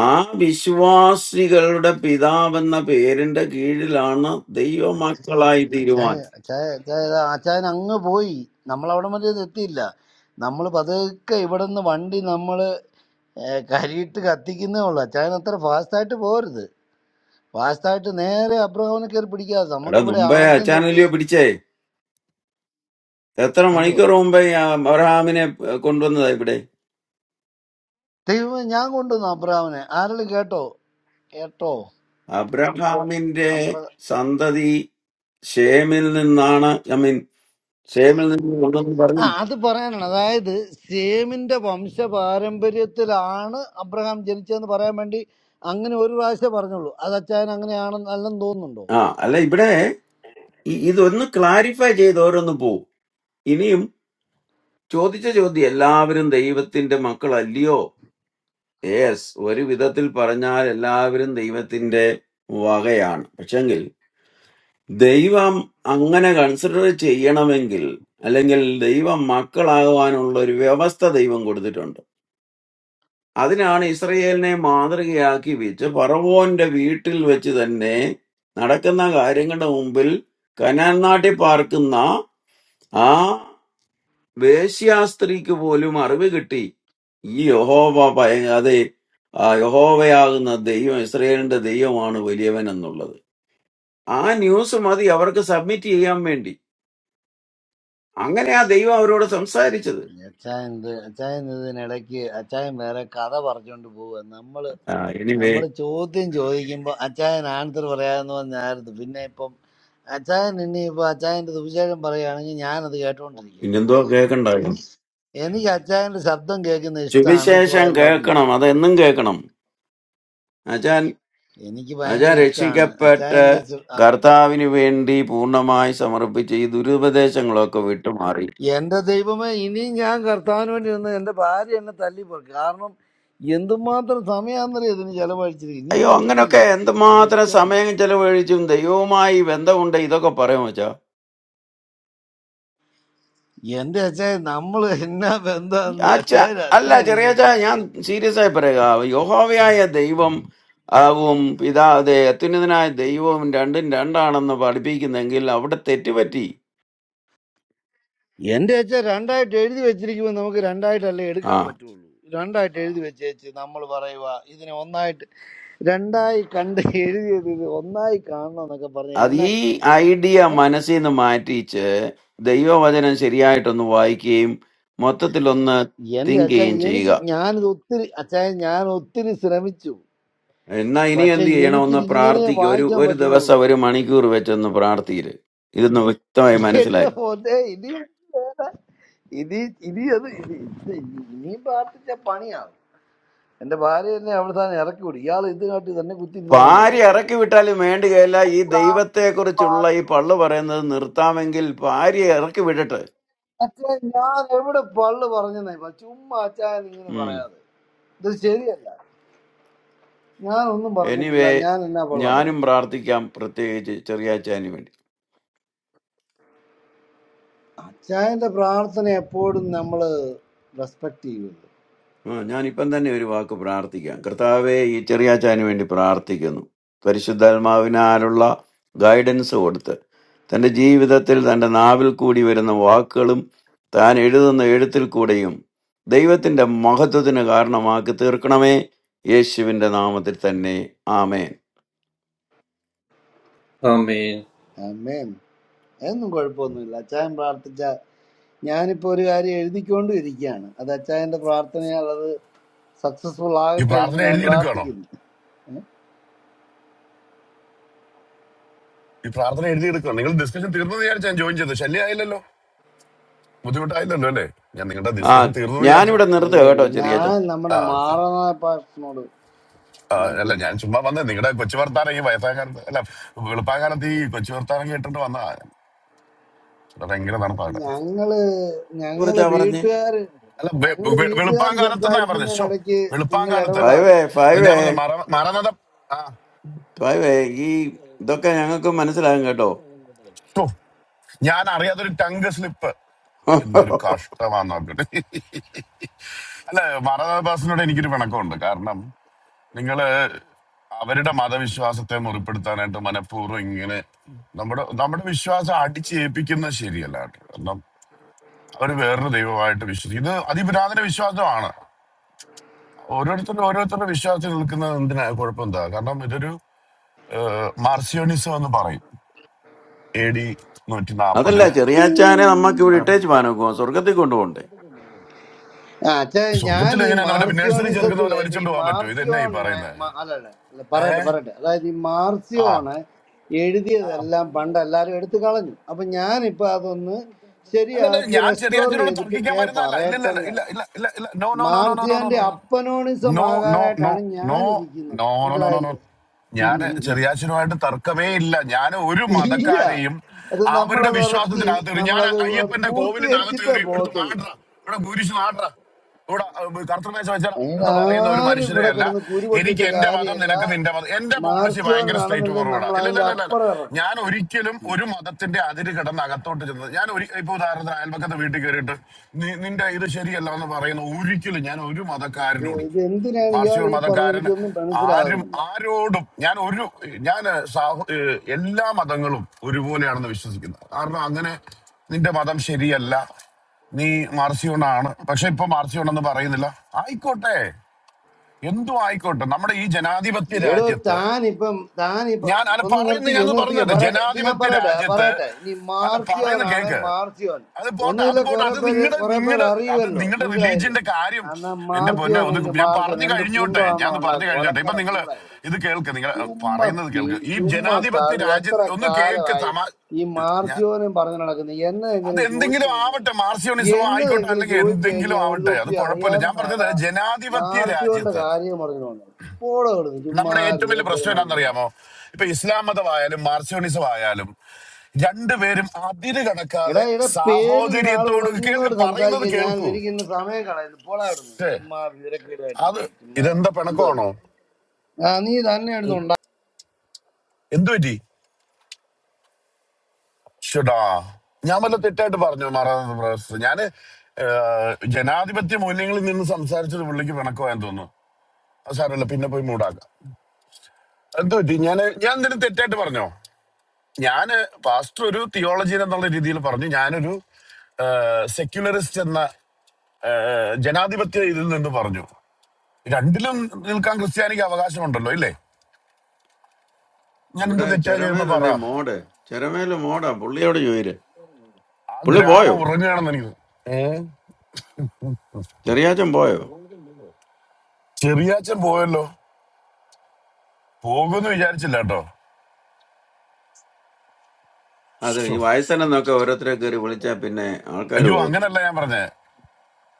ആ വിശ്വാസികളുടെ പിതാവെന്ന പേരിന്റെ കീഴിലാണ് ദൈവമക്കളായി
അച്ചായ
തീരുവാൻ
അച്ചായ അച്ചായ ഇതാ അച്ചായൻ അങ്ങ് പോയി നമ്മളവിടെ വരെ ഇത് എത്തിയില്ല നമ്മൾ പതുക്കെ ഇവിടെ നിന്ന് വണ്ടി നമ്മൾ കരിയിട്ട് കത്തിക്കുന്നേ ഉള്ളൂ അച്ചായൻ അത്ര ഫാസ്റ്റായിട്ട് പോരുത് ഫാസ്റ്റായിട്ട് നേരെ അബ്രഹാമിനെ കയറി പിടിക്കാതെ
എടാ
നമുക്കിവിടെ
മുമ്പേ
ആദ്യം തൊട്ട്
അച്ചാനലിയോ പിടിച്ചേ എത്ര
എന്തുവാ
മണിക്കൂർ മുമ്പേ ഈ അബ്രഹാമിനെ കൊണ്ടുവന്നതാ ഇവിടെ
ദൈവം ഞാൻ കൊണ്ടുവന്നു അബ്രാമിനെ ആരെങ്കിലും കേട്ടോ കേട്ടോ
അബ്രഹാമിന്റെ
അബ്ര
സന്തതി ഷേമിൽ നിന്നാണ് ഐ മീൻ ഷേമിൽ നിന്ന് കൊണ്ടെന്ന്
ആ
പറഞ്ഞില്ല
അത് പറയാനാണ് അതായത് സേമിന്റെ വംശപാരമ്പര്യത്തിലാണ് അബ്രഹാം ജനിച്ചതെന്ന് പറയാൻ വേണ്ടി അങ്ങനെ ഒരു പ്രാവശ്യം പറഞ്ഞുള്ളൂ അത് അച്ചായൻ അങ്ങനെയാണെന്ന് അല്ലെന്ന് തോന്നുന്നുണ്ടോ
ആ അല്ല ഇവിടെ ഇ- ഇതൊന്ന് ക്ലാരിഫൈ ചെയ്ത് ഓരോന്ന് പോവും ഇനിയും ചോദിച്ച ചോദ്യം എല്ലാവരും ദൈവത്തിന്റെ മക്കളല്ലയോ യെസ് ഒരു വിധത്തിൽ പറഞ്ഞാൽ എല്ലാവരും ദൈവത്തിന്റെ വകയാണ് പക്ഷെങ്കിൽ ദൈവം അങ്ങനെ കൺസിഡർ ചെയ്യണമെങ്കിൽ അല്ലെങ്കിൽ ദൈവം മക്കളാകുവാനുള്ള ഒരു വ്യവസ്ഥ ദൈവം കൊടുത്തിട്ടുണ്ട് അതിനാണ് ഇസ്രയേലിനെ മാതൃകയാക്കി വെച്ച് ഫറവോന്റെ വീട്ടിൽ വെച്ച് തന്നെ നടക്കുന്ന കാര്യങ്ങളുടെ മുമ്പിൽ കനാൻ നാട്ടിൽ പാർക്കുന്ന ആ വേശ്യാസ്ത്രീക്ക് പോലും അറിവ് കിട്ടി ഈ യഹോവ ഭയ- അതെ ആ യഹോവയാകുന്ന ദൈവം ഇസ്രയേലിന്റെ ദൈവമാണ് വലിയവൻ എന്നുള്ളത് ആ ന്യൂസ് മതി അവർക്ക് സബ്മിറ്റ് ചെയ്യാൻ വേണ്ടി അങ്ങനെ ആ ദൈവം അവരോട് സംസാരിച്ചത്
അച്ചായൻ ഇത് അച്ചായൻ ഇതിനിടയ്ക്ക് അച്ചായൻ വേറെ കഥ പറഞ്ഞുകൊണ്ട് പോവുക നമ്മള്
ആ എനിവേ
നമ്മള് ചോദ്യം ചോദിക്കുമ്പോൾ അച്ചായൻ ആൻസർ പറയാമെന്ന് പറഞ്ഞായിരുന്നു പിന്നെ ഇപ്പം അച്ചായൻ ഇനി ഇപ്പൊ അച്ചായന്റെ സുവിശേഷം പറയുകയാണെങ്കിൽ ഞാനത് കേട്ടോണ്ടിരിക്കുക എനിക്ക്
പിന്നെന്തോ
കുഴപ്പമൊന്നുമില്ല
കേൾക്കണ്ടായോ
എനിക്ക് അച്ചായന്റെ ശബ്ദം കേൾക്കുന്ന ഇഷ്ടമാണ് സോ
സുവിശേഷം
ഐ ലവ് യു
കേൾക്കണം അതെന്നും കേൾക്കണം എന്നുവെച്ചാൽ
എനിക്ക്
ഞാൻ
ഭയങ്കര ഇഷ്ടമാണ്
രക്ഷിക്കപ്പെട്ട്
അച്ചായന്റെ ശ- ആ,
കർത്താവിന് വേണ്ടി പൂർണ്ണമായി സമർപ്പിച്ച ഈ ദുരുപദേശങ്ങളൊക്കെ വിട്ടുമാറി
എന്റെ ദൈവമേ ഇനിയും ഞാൻ കർത്താവിന് വേണ്ടി നിന്ന് എന്റെ ഭാര്യ എന്നെ തല്ലി പറയും കാരണം എന്തുമാത്രം സമയാന്തരം ഇതിന് ചെലവഴിച്ചിരിക്കും ഇനിയും
അയ്യോ
പറ്റത്തില്ല
അങ്ങനൊക്കെ
ഒരു
എന്തുമാത്രം
രക്ഷയില്ല
സമയം ചെലവഴിച്ചും ദൈവവുമായി ബന്ധമുണ്ട് ഇതൊക്കെ പറയും വെച്ചാ
എന്റെ അച്ചായൻ നമ്മൾ എന്നാ ബന്ധമെന്ന്
അച്ഛ
അച്ചായൻ
അല്ല
അച്ചായൻ
ചെറിയ
ഇതൊന്നും
ഞാൻ
അറിയത്തില്ല
സീരിയസ് ആയി പറയുക യഹോവയായ ദൈവം ആവും പിതാ അതെ അത്യുന്നതനായ ദൈവവും രണ്ടും രണ്ടാണെന്ന് പഠിപ്പിക്കുന്നെങ്കിൽ അവിടെ തെറ്റുപറ്റി
എന്റെ അച്ഛൻ രണ്ടായിട്ട് എഴുതി വെച്ചിരിക്കുമ്പോൾ നമുക്ക് രണ്ടായിട്ടല്ലേ എടുക്കാൻ പറ്റുള്ളൂ രണ്ടായിട്ട് എഴുതി വെച്ചേച്ച് നമ്മൾ പറയുക ഇതിനെ ഒന്നായിട്ട് രണ്ടായി കണ്ട് എഴുതിയത് ഇത് ഒന്നായി കാണണം എന്നൊക്കെ പറഞ്ഞ്
അത്
എന്നാ
ഈ
ചെയ്യും
ഐഡിയ
ഏ?
മനസ്സിൽ നിന്ന് മാറ്റിച്ച് ദൈവവചനം ശരിയായിട്ടൊന്ന് വായിക്കുകയും മൊത്തത്തിലൊന്ന്
എന്റെ
തിങ്ക്
അച്ഛ
ചെയ്യുകയും
എനിക്ക്
ചെയ്യുക
ഞാനിത് ഒത്തിരി അച്ഛായ ഞാൻ ഒത്തിരി ശ്രമിച്ചു
എന്നാ ഇനി
പക്ഷെ
എന്ത് ചെയ്യണം ഒന്ന്
എനിക്കിത് ഇങ്ങനെ
പ്രാർത്ഥിക്കുക ഒരു
വായിക്കാൻ
ഒരു
പറ്റുന്നുള്ളൂ
ദിവസം ഒരു മണിക്കൂർ വെച്ചൊന്ന് പ്രാർത്ഥിക്കരുത് ഇതൊന്ന് വ്യക്തമായി
എന്റെ
മനസ്സിലായി
പോലെ ഇനി വേറെ ഇനി ഇനി അത് ഇനി ഇത് ഇനിയും പ്രാർത്ഥിച്ച പണിയാവും എന്റെ ഭാര്യ എന്നെ അവിടെ തന്നെ ഇറക്കി വിടും ഇയാൾ ഇതിനായിട്ട് തന്നെ കുത്തിയിരുന്നോളാൻ
ഭാര്യ
പറയും
ഇറക്കി വിട്ടാലും വേണ്ടുകയില്ല ഈ
പ്രാർത്ഥനയും
ദൈവത്തെക്കുറിച്ചുള്ള ഈ
പാട്ടും
പള്ളു പറയുന്നത് നിർത്താമെങ്കിൽ ഭാര്യ ഇറക്കി വിടട്ടെ
അച്ഛാ ഞാൻ എവിടെ പള്ളു പറഞ്ഞെന്നേ പ- ചുമ്മാ അച്ചായൻ ഇങ്ങനെ
ഉം
പറയാതെ ഇത് ശരിയല്ല ഞാൻ ഒന്നും പറഞ്ഞിട്ടില്ല
എനിവേ
ഞാൻ എന്നാ പള്ള
ഞാനും
പറഞ്ഞു
പ്രാർത്ഥിക്കാം പ്രത്യേകിച്ച് ചെറിയ
അച്ചായന്റെ പ്രാർത്ഥന എപ്പോഴും നമ്മള് റെസ്പെക്ട് ചെയ്യുമല്ലോ
ആ ഞാനിപ്പം തന്നെ ഒരു വാക്ക് പ്രാർത്ഥിക്കാം കർത്താവെ ഈ ചെറിയാച്ചാന് വേണ്ടി പ്രാർത്ഥിക്കുന്നു പരിശുദ്ധാത്മാവിനാലുള്ള ഗൈഡൻസ് കൊടുത്ത് തൻ്റെ ജീവിതത്തിൽ തൻ്റെ നാവിൽ കൂടി വരുന്ന വാക്കുകളും താൻ എഴുതുന്ന എഴുത്തിൽ കൂടെയും ദൈവത്തിൻ്റെ മഹത്വത്തിന് കാരണമാക്കി തീർക്കണമേ യേശുവിൻ്റെ നാമത്തിൽ തന്നെ ആമേൻ
ആമേൻ.
അമ്മേൻ എന്നും കുഴപ്പമൊന്നുമില്ല അച്ചായൻ പ്രാർത്ഥിച്ച ഞാനിപ്പോ ഒരു കാര്യം എഴുതിക്കൊണ്ടും ഇരിക്കുകയാണ് അത് അച്ചായന്റെ പ്രാർത്ഥനയാൽ അത് സക്സസ്ഫുൾ
ഈ
ആകട്ടെ എന്ന്
പ്രാർത്ഥന
ഞാൻ
എഴുതിയെടുക്കുകയാണോ
പ്രാർത്ഥിക്കുന്നു ഏ?
ഈ പ്രാർത്ഥന എഴുതിയെടുക്കുകയാണ് നിങ്ങൾ ഡിസ്കഷൻ തീർന്നെന്ന് വിചാരിച്ചു ഞാൻ ജോയിൻ ചെയ്തു ശല്യമായില്ലല്ലോ ബുദ്ധിമുട്ടായില്ലല്ലോ അല്ലേ ഞാൻ നിങ്ങളുടെ
ആ
ഡിസ്കഷൻ തീർന്നെന്ന് വിചാരിച്ചു
ഞാനിവിടെ നിർത്തുക
ശരിയല്ല
കേട്ടോ ചെറിയാച്ച
ഞാൻ നമ്മുടെ
ആ ഓക്കെ
മാറനായ പാഷനോട്
ആ,
മായിട്ട്
അല്ല ഞാൻ
വന്നു
ചുമ്മാ വന്നേ നിങ്ങളുടെ കൊച്ചു വർത്താനം ഈ വയസ്സാകാലത്ത് അല്ല വെളുപ്പാകാലത്ത് ഈ കൊച്ചു വർത്താനം കേട്ടിട്ട് വന്നാ ഇവിടെ ഭയങ്കര തണുപ്പാകട്ടെ
ഞങ്ങള് ഞങ്ങള്
കുറിച്ചാ പറഞ്ഞ്
വീട്ടുകാര്
അല്ല വെ-
ഞങ്ങള്
വെ-
വീട്ടുകാർ
വെളുപ്പാങ്കാലത്ത് എന്നാ ഞാൻ പറഞ്ഞത് ഷോ
സംസാരിക്കുന്നതിനിടയ്ക്ക് നിങ്ങൾ
വെളുപ്പാങ്കാലത്ത്
ഇടപെടാതെ
ഫൈവേ
അല്ല
ഫൈവേ
ഞാൻ പറഞ്ഞ മറ മറന്നതം
ഫൈവേ ഈ ഇതൊക്കെ ഞങ്ങൾക്ക് മനസ്സിലാകും കേട്ടോ
ഓ, ഞാൻ അറിയാത്തൊരു ടങ്ക് സ്ലിപ്പ് എന്തൊരു കഷ്ടമാന്ന് നോക്കട്ടെ അല്ല മറദാസിനോട് എനിക്കൊരു പിണക്കമുണ്ട് കാരണം നിങ്ങള് അവരുടെ മതവിശ്വാസത്തെ മുറിപ്പെടുത്താനായിട്ട് മനഃപൂർവ്വം ഇങ്ങനെ നമ്മുടെ നമ്മുടെ വിശ്വാസം അടിച്ചേൽപ്പിക്കുന്നത് ശരിയല്ല കേട്ടോ കാരണം അവർ വേറൊരു ദൈവമായിട്ട് വിശ്വസിക്കും ഇത് അതിപുരാതന വിശ്വാസമാണ് ഓരോരുത്തരും ഓരോരുത്തരുടെ വിശ്വാസത്തിൽ നിൽക്കുന്നത് എന്തിനാ കുഴപ്പം എന്താ കാരണം ഇതൊരു മാർസിയോണിസം എന്ന് പറയും എ ഡി നൂറ്റി
അതല്ല
നാൽപ്പതില്
ചെറിയാച്ചാനെ നമ്മക്ക് ഇവിടെ ഇട്ടേച്ച് പാനോക്കുവാ സ്വർഗത്തിൽ കൊണ്ടുപോകണ്ടേ
ആ അച്ഛാ ഞാൻ
സ്വർഗത്തിൽ
ഈ
എങ്ങനെയാണ് അവന്റെ നഴ്സറി ചേർക്കുന്ന പോലെ
മാർസിയോണിസത്തില് ഇപ്പൊ ഈ
വലിച്ചോണ്ട് പോകാൻ പറ്റുമോ ഇത് എന്നാ ഈ
മാർസിയോണിനെ
പറയുന്നത്
മ- അല്ലല്ല അല്ല,
ഏ
പറയട്ടെ പറയട്ടെ അതായത് ഈ
ആ
മാർസിയോണ്
ആ.
എഴുതിയതെല്ലാം പണ്ട് എല്ലാരും എടുത്തു കളഞ്ഞു അപ്പൊ ഞാനിപ്പോ അതൊന്ന്
അല്ലല്ല
ശരിയാക്കി
ഞാൻ ചെറിയ
റെസ്റ്റോർ
അച്ഛനോട്
ചെയ്തിട്ട്
തർക്കിക്കാൻ
കേ
വരുന്നതല്ല ഇല്ല ഇല്ല
പറയട്ടെന്ന്
ഇല്ല ഇല്ല ഇല്ല ഇല്ല ഇല്ല no no no no no no no
മാർസിയോന്റെ
നോ
അപ്പനോണിസം
നോ നോ നോ
ആകാനായിട്ടാണ് ഞാൻ
നോ
ഇരിക്കുന്നത്
no no no no no ഞാൻ
മനസ്സിലായില്ലേ
ചെറിയാച്ചനുമായിട്ട് തർക്കമേ ഇല്ല ഞാൻ ഒരു
ഇല്ല
മതക്കാരെയും
അത്
അവരുടെ
നമ്മളത് ഇറക്കി
വിശ്വാസത്തിനകത്ത് കയറി ഞാൻ
നമ്മളത് അത്
അയ്യപ്പന്റെ കോവിലിനകത്ത്
പൂർത്തീകരിച്ചിട്ടേ
കയറി എടുത്ത്
പോകത്തുള്ളൂ
മാട്ര ഇവിടെ കുരിശ് മാട്ര ഇവിടെ അഹ് കറുത്ത മേശ വെച്ചടാ
അതിന്
എന്ന് പറയുന്ന ഒരു
ആരും ഇവിടെ
മനുഷ്യരെയല്ല
കിടന്ന്
എനിക്ക്
കുരുപൊട്ടിയിട്ട്
എന്റെ മതം
കാര്യമില്ല
നിനക്ക് നിന്റെ മതം എന്റെ പോളിസി
മാർച്ചിയോന്
ഭയങ്കര സ്ട്രേറ്റ്
നടന്നില്ലെങ്കിൽ
ഫോർവേഡാ
നമ്മൾ
ഇല്ല ഇല്ല
അതിന്റെ
ഇല്ല ഇല്ല ഇല്ല.
അപ്പുറം ഇറക്കും
ഞാൻ ഒരിക്കലും ഒരു മതത്തിന്റെ അതിര് കിടന്ന് അകത്തോട്ട് ചെന്നത് ഞാൻ ഒരു ഇപ്പൊ ഉദാഹരണത്തിന് അയൽപക്കത്തെ വീട്ടിൽ കയറിയിട്ട് "നീ- നിന്റെ ഇത് ശരിയല്ല എന്ന് പറയുന്ന ഒരിക്കലും ഞാൻ ഒരു
ഇത്
മതക്കാരനോടും
ഇത് എന്തിനാണ് ഇയാൾ
മാർസിയൂർ
ഈ പറഞ്ഞത്
മതക്കാരൻ
എനിക്കൊന്നും
ആരും
മനസ്സിലാകുന്നില്ല
ആരോടും ഞാൻ ഒരു ഞാൻ സാഹോ- ഏഹ് എല്ലാ മതങ്ങളും ഒരുപോലെയാണെന്ന് വിശ്വസിക്കുന്നത് കാരണം അങ്ങനെ നിന്റെ മതം ശരിയല്ല നീ മാർസിയൂണാണ് പക്ഷെ ഇപ്പൊ മാർസിയൂണെന്ന് പറയുന്നില്ല ആയിക്കോട്ടെ എന്തു ആയിക്കോട്ടെ നമ്മുടെ ഈ ജനാധിപത്യ
എടോ
രാജ്യത്ത്
താനിപ്പം താനിപ്പം
ഞാൻ അല്ല
ഒന്ന്
പറയുന്ന
നിർത്തിക്കോ
ഞാൻ
ഒന്ന് നിർത്തിക്കോ
പറയുന്നത്
പറയട്ടെ ഇത് ഞാൻ
ജനാധിപത്യ
പറയട്ടെ
രാജ്യത്ത്
പറയട്ടെ ഇനി
അല്ല പറയുന്ന
മാർസിയോനാണ്
കേക്ക്
മാർസിയോൻ
അത് പോട്ടെ അത്
ഒന്നുകിലെ
പോട്ടെ
കുറെ
അത്
പേര്
നിങ്ങളുടെ
കുറെ പേര്
നിങ്ങളുടെ അത്
അറിയുമല്ലോ
നിങ്ങളുടെ
മനസ്സിലായില്ലേ
റിലീജിയന്റെ കാര്യം
എന്നാ
എന്റെ പൊന്നെ
മാർസിയോൻ
ഒന്ന്
എങ്കിൽ
ഞാൻ
മാർസിയോൻ
പറഞ്ഞു
എന്ത്
കഴിഞ്ഞോട്ടെ ഞാൻ
കുന്തമാണെന്നോ
പറഞ്ഞു
ഉണ്ടാക്കും
കഴിഞ്ഞോട്ടെ ഇപ്പൊ
ഒലക്കട
നിങ്ങൾ
മൂടായി
ഇത് കേൾക്ക് നിങ്ങൾ
ചുമ്മാ
പറയുന്നത്
പീ
കേൾക്ക് ഈ
ചുമ്മാ
ജനാധിപത്യ
തള്ളി
രാജ്യ
എത്ര
ഒന്ന് കേക്ക്
കാലമായി
സമാ
ഈ
ഞാൻ
മാർച്ചോനും പറഞ്ഞു നടക്കുന്നത്
അത്
എന്നതെങ്കിലും ചോദിച്ചു
എന്തെങ്കിലും
കഴിഞ്ഞാൽ
ആവട്ടെ മാർസിയോണിസമോ ആയിക്കോട്ടെ
എന്നതെങ്കിലും
അല്ലെങ്കിൽ
ചോദിച്ചു
എന്തെങ്കിലും
കഴിഞ്ഞാൽ ഒരു
ആവട്ടെ അത്
തൊപ്പി
കുഴപ്പമില്ല
അറിയാനും
ഞാൻ
മേല
പറഞ്ഞത് ജനാധിപത്യ
മാർച്ചോന്റെ
രാജ്യത്ത്
കാര്യം പറഞ്ഞു വന്നത് പോടെ കൊടുക്കും ചുമ്മാ
നമ്മുടെ ഏറ്റവും വലിയ പ്രശ്നം
വീരക്കേടും പറഞ്ഞു
എന്നാണെന്നറിയാമോ ഇപ്പൊ ഇസ്ലാം മതമായാലും മാർസിയോണിസം ആയാലും രണ്ടുപേരും അതിര്
എടാ
കണക്കാതെ
എടാ പേരും നാളുള്ള
സാഹോദര്യത്തോട് കേൾക്ക്
നിന്നോട്
പറയുന്നത്
സംസാരിക്കാൻ ഞാൻ
കേൾക്കൂ
എനിക്ക് ഇന്ന് സമയം കളയുന്നു പോടാ ഇവിടുന്ന്
ഛേ,
ചുമ്മാ
അത്
വീരക്കേടായിട്ടിരിക്കുക ചുമ്മാ
ഇതെന്താ
എന്തോ ഇത്.
പിണക്കമാണോ
ആ നീ തന്നെ
എന്തു പറ്റി ഷുടാ ഞാൻ വല്ല തെറ്റായിട്ട് പറഞ്ഞു മാറാത്ത പ്രൊഫസർ ഞാന് ഏഹ്, ജനാധിപത്യ മൂല്യങ്ങളിൽ നിന്ന് സംസാരിച്ചത് പുള്ളിക്ക് പിണക്കമായെന്ന് തോന്നുന്നു അത് സാരമല്ല പിന്നെ പോയി മൂടാക്കാം എന്തു പറ്റി ഞാൻ ഞാൻ എന്തിനും തെറ്റായിട്ട് പറഞ്ഞോ ഞാന് പാസ്റ്റർ ഒരു തിയോളജിൻ എന്നുള്ള രീതിയിൽ പറഞ്ഞു ഞാനൊരു സെക്യുലറിസ്റ്റ് എന്ന ആ, ജനാധിപത്യ ഇതിൽ നിന്ന് പറഞ്ഞു രണ്ടിലും നിൽക്കാൻ ക്രിസ്ത്യാനിക്ക് അവകാശമുണ്ടല്ലോ ഇല്ലേ ഞാൻ എന്താ
ഇവിടെ
തെറ്റാ ചെയ്യുന്ന പറ
ചെരമേലല്ലേ മോഡ് ചെരമേല് മോഡാ പുള്ളിയോട് ചോദിര്
ആ
പുള്ളി പോയോ
ഗ്രാമം ഉറങ്ങുകയാണെന്ന് എനിക്ക് തോന്നി. ഏ?
ചെറിയാച്ചൻ പോയോ
ചെറിയാച്ചൻ പോയല്ലോ പോകുമെന്ന് വിചാരിച്ചില്ല കേട്ടോ
അതെ ഈ
ശ്ശോ.
വയസ്സനെന്നൊക്കെ ഓരോരുത്തരെ കയറി വിളിച്ചാ പിന്നെ ആൾക്കാർ
അയ്യോ
പോകത്തില്ല
അങ്ങനല്ല ഞാൻ പറഞ്ഞേ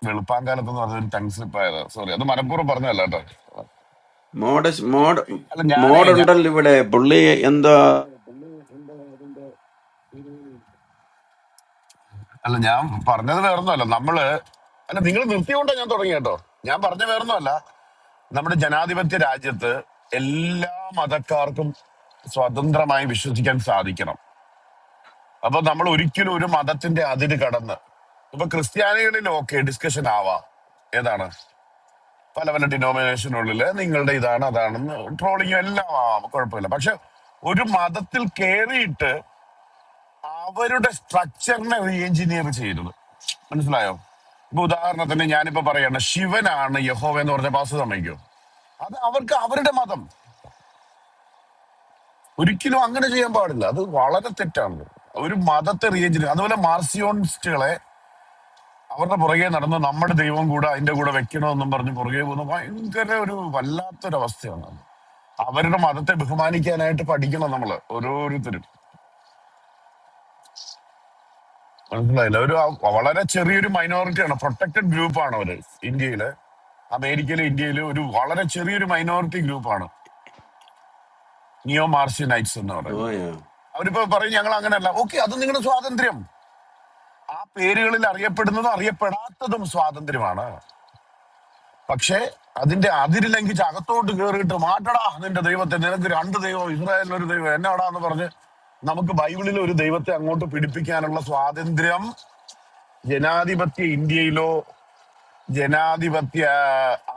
വെളുപ്പാങ്കാലത്ത് എന്ന് പറഞ്ഞ ടങ് സ്ലിപ്പ് ആയതാ സോറി അത് മനഃപൂർവ്വം പറഞ്ഞതല്ല കേട്ടോ
മോഡ് മോഡ്
അല്ല ഞാനേ ഞാ-
മോഡുണ്ടല്ലോ ഇവിടെ പുള്ളി എന്താ
അല്ല ഞാൻ പറഞ്ഞത് വേറൊന്നുമല്ല നമ്മള് അല്ല നിങ്ങൾ നിർത്തിയോണ്ടാ ഞാൻ തുടങ്ങി കേട്ടോ ഞാൻ പറഞ്ഞ വേറൊന്നുമല്ല നമ്മുടെ ജനാധിപത്യ രാജ്യത്ത് എല്ലാ മതക്കാർക്കും സ്വതന്ത്രമായി വിശ്വസിക്കാൻ സാധിക്കണം അപ്പൊ നമ്മൾ ഒരിക്കലും ഒരു മതത്തിന്റെ അതിര് കടന്ന് ഇപ്പൊ ക്രിസ്ത്യാനികളിൽ ഓക്കെ ഡിസ്കഷൻ ആവാം ഏതാണ് പല പല ഡിനോമിനേഷനുള്ളിൽ നിങ്ങളുടെ ഇതാണ് അതാണെന്ന് ട്രോളിങ്ങും എല്ലാം ആവാം കുഴപ്പമില്ല പക്ഷെ ഒരു മതത്തിൽ കയറിയിട്ട് അവരുടെ സ്ട്രക്ചറിനെ റീ എഞ്ചിനീയർ ചെയ്തത് മനസ്സിലായോ ഇപ്പൊ ഉദാഹരണത്തിന് ഞാനിപ്പോ പറയാണ് ശിവനാണ് യഹോവ എന്ന് പറഞ്ഞ പാസ് സമ്മതിക്കോ അത് അവർക്ക് അവരുടെ മതം ഒരിക്കലും അങ്ങനെ ചെയ്യാൻ പാടില്ല അത് വളരെ തെറ്റാണ് ഒരു മതത്തെ റീ എഞ്ചിനീയർ അതുപോലെ മാർസിയോണിസ്റ്റുകളെ അവരുടെ പുറകെ നടന്ന് നമ്മുടെ ദൈവം കൂടെ അതിന്റെ കൂടെ വെക്കണമെന്നും പറഞ്ഞ് പുറകെ പോകുന്ന ഭയങ്കര ഒരു വല്ലാത്തൊരു അവസ്ഥയാണ് അത് അവരുടെ മതത്തെ ബഹുമാനിക്കാനായിട്ട് പഠിക്കണം നമ്മള് ഓരോരുത്തരും മനസ്സിലായില്ല ഒരു ആ- വളരെ ചെറിയൊരു മൈനോറിറ്റിയാണ് പ്രൊട്ടക്റ്റഡ് ഗ്രൂപ്പാണ് അവര് ഇന്ത്യയില് അമേരിക്കയിലെ ഇന്ത്യയിലെ ഒരു വളരെ ചെറിയൊരു മൈനോറിറ്റി ഗ്രൂപ്പാണ് നിയോ മാർഷ്യനൈറ്റ്സ് എന്ന് പറയുന്നത്
പോയോ
അവരിപ്പോ പറയും ഞങ്ങൾ അങ്ങനെയല്ല ഓക്കെ അത് നിങ്ങളുടെ സ്വാതന്ത്ര്യം ആ പേരുകളിൽ അറിയപ്പെടുന്നതും അറിയപ്പെടാത്തതും സ്വാതന്ത്ര്യമാണ് പക്ഷേ അതിന്റെ അതിര് ലംഘിച്ച് അകത്തോട്ട് കയറിയിട്ട് മാറ്റടാ നിന്റെ ദൈവത്തെ നിനക്ക് രണ്ട് ദൈവം ഇസ്രായേലിന് ഒരു ദൈവം എന്നാടാ എന്ന് പറഞ്ഞ് നമുക്ക് ബൈബിളിൽ ഒരു ദൈവത്തെ അങ്ങോട്ട് പിടിപ്പിക്കാനുള്ള സ്വാതന്ത്ര്യം ജനാധിപത്യ ഇന്ത്യയിലോ ജനാധിപത്യ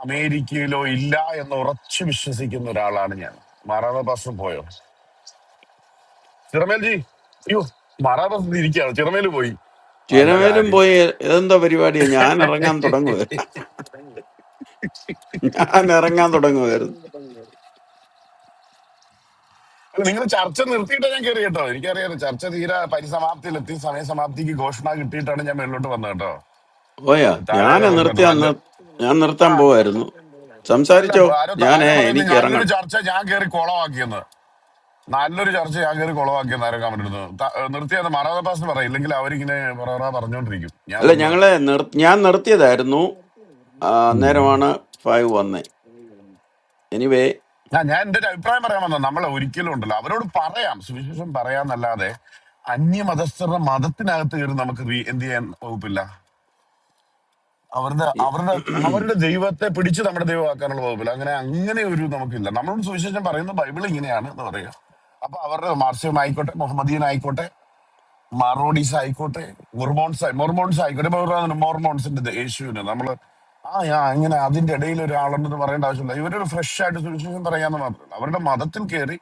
അമേരിക്കയിലോ ഇല്ല എന്ന് ഉറച്ചു വിശ്വസിക്കുന്ന ഒരാളാണ് ഞാൻ മറവ് ബസ് പോയോ ചിറമേൽ ജി അയ്യോ മറവ് ബസ് ഇരിക്കുകയാണ് ചിറമേൽ പോയി നല്ല
ചെരമേലും
കാര്യം
പോയി എന്താ പരിപാടിയാ ഞാൻ ഇറങ്ങാൻ തുടങ്ങുവായിരുന്നു ഞാൻ ഇറങ്ങാൻ തുടങ്ങുമായിരുന്നു
നിങ്ങൾ ചർച്ച നിർത്തിയിട്ടാണ് ഞാൻ കയറി കേട്ടോ എനിക്കറിയാം ചർച്ച തീരെ പരിസമാപ്തിയിലെത്തി സമയസമാപ്തിക്ക് ഘോഷണ കിട്ടിയിട്ടാണ് ഞാൻ മേളിലോട്ട് വന്നത് കേട്ടോ
പോയാ
താഴെ
ഞാൻ
ആരോ പറഞ്ഞിട്ടോ
നിർത്തി
നല്ല
അന്ന് ഞാൻ നിർത്താൻ
ആ
പോവായിരുന്നു
അല്ല
സംസാരിച്ചോ
ആരോ
ഞാനേ
ആരോ പറയുന്നത്
എനിക്ക്
നല്ലൊരു
ഇറങ്ങണം
ചർച്ച ഞാൻ കയറി കോളമാക്കിയെന്ന് നല്ലൊരു ചർച്ച ഞാൻ കയറി കുളവാക്കിയ നേരം കമന്റ് എടുത്തു നിർത്തിയത് മാറാതെ പാസ് പറയും ഇല്ലെങ്കിൽ അവരിങ്ങനെ പറ പറഞ്ഞോണ്ടിരിക്കും ഞാൻ
അല്ല
വന്ന്
ഞങ്ങള് നിർ ഞാൻ നിർത്തിയതായിരുന്നു ആ,
ഉം.
അന്നേരമാണ് ഫൈവ് വന്നേ എനിവേ
ആ ഞാൻ എന്റെ ഒരു അഭിപ്രായം പറയാൻ വന്ന നമ്മളെ ഒരിക്കലും ഉണ്ടല്ലോ അവരോട് പറയാം സുവിശേഷം പറയാന്നല്ലാതെ അന്യമതസ്ഥരുടെ മതത്തിനകത്ത് കയറി നമുക്ക് റീ- എന്ത് ചെയ്യാൻ വകുപ്പില്ല അവരുടെ അവരുടെ അവരുടെ ദൈവത്തെ പിടിച്ച് നമ്മുടെ ദൈവമാക്കാനുള്ള വകുപ്പില്ല അങ്ങനെ അങ്ങനെ ഒരു നമുക്കില്ല നമ്മളോട് സുവിശേഷം പറയുന്നത് ബൈബിൾ ഇങ്ങനെയാണ് എന്ന് പറയുക അപ്പൊ അവരുടെ മാർസിയം ആയിക്കോട്ടെ മുഹമ്മദീൻ ആയിക്കോട്ടെ മറോഡീസ് ആയിക്കോട്ടെ മൊർമോൺസ് ആയി- മൊർമോൺസ് ആയിക്കോട്ടെ ഇപ്പൊ ഇവരുടെ മൊർമോൺസിന്റെ ദേ- യേശുവിന് നമ്മള് ആ ആ ഇങ്ങനെ അതിന്റെ ഇടയിൽ ഒരാളുണ്ടെന്ന് പറയേണ്ട ആവശ്യമില്ല ഇവരൊരു ഫ്രഷ് ആയിട്ട് സുവിശേഷം പറയാന്ന് മാത്രമല്ല അവരുടെ മതത്തിൽ കയറി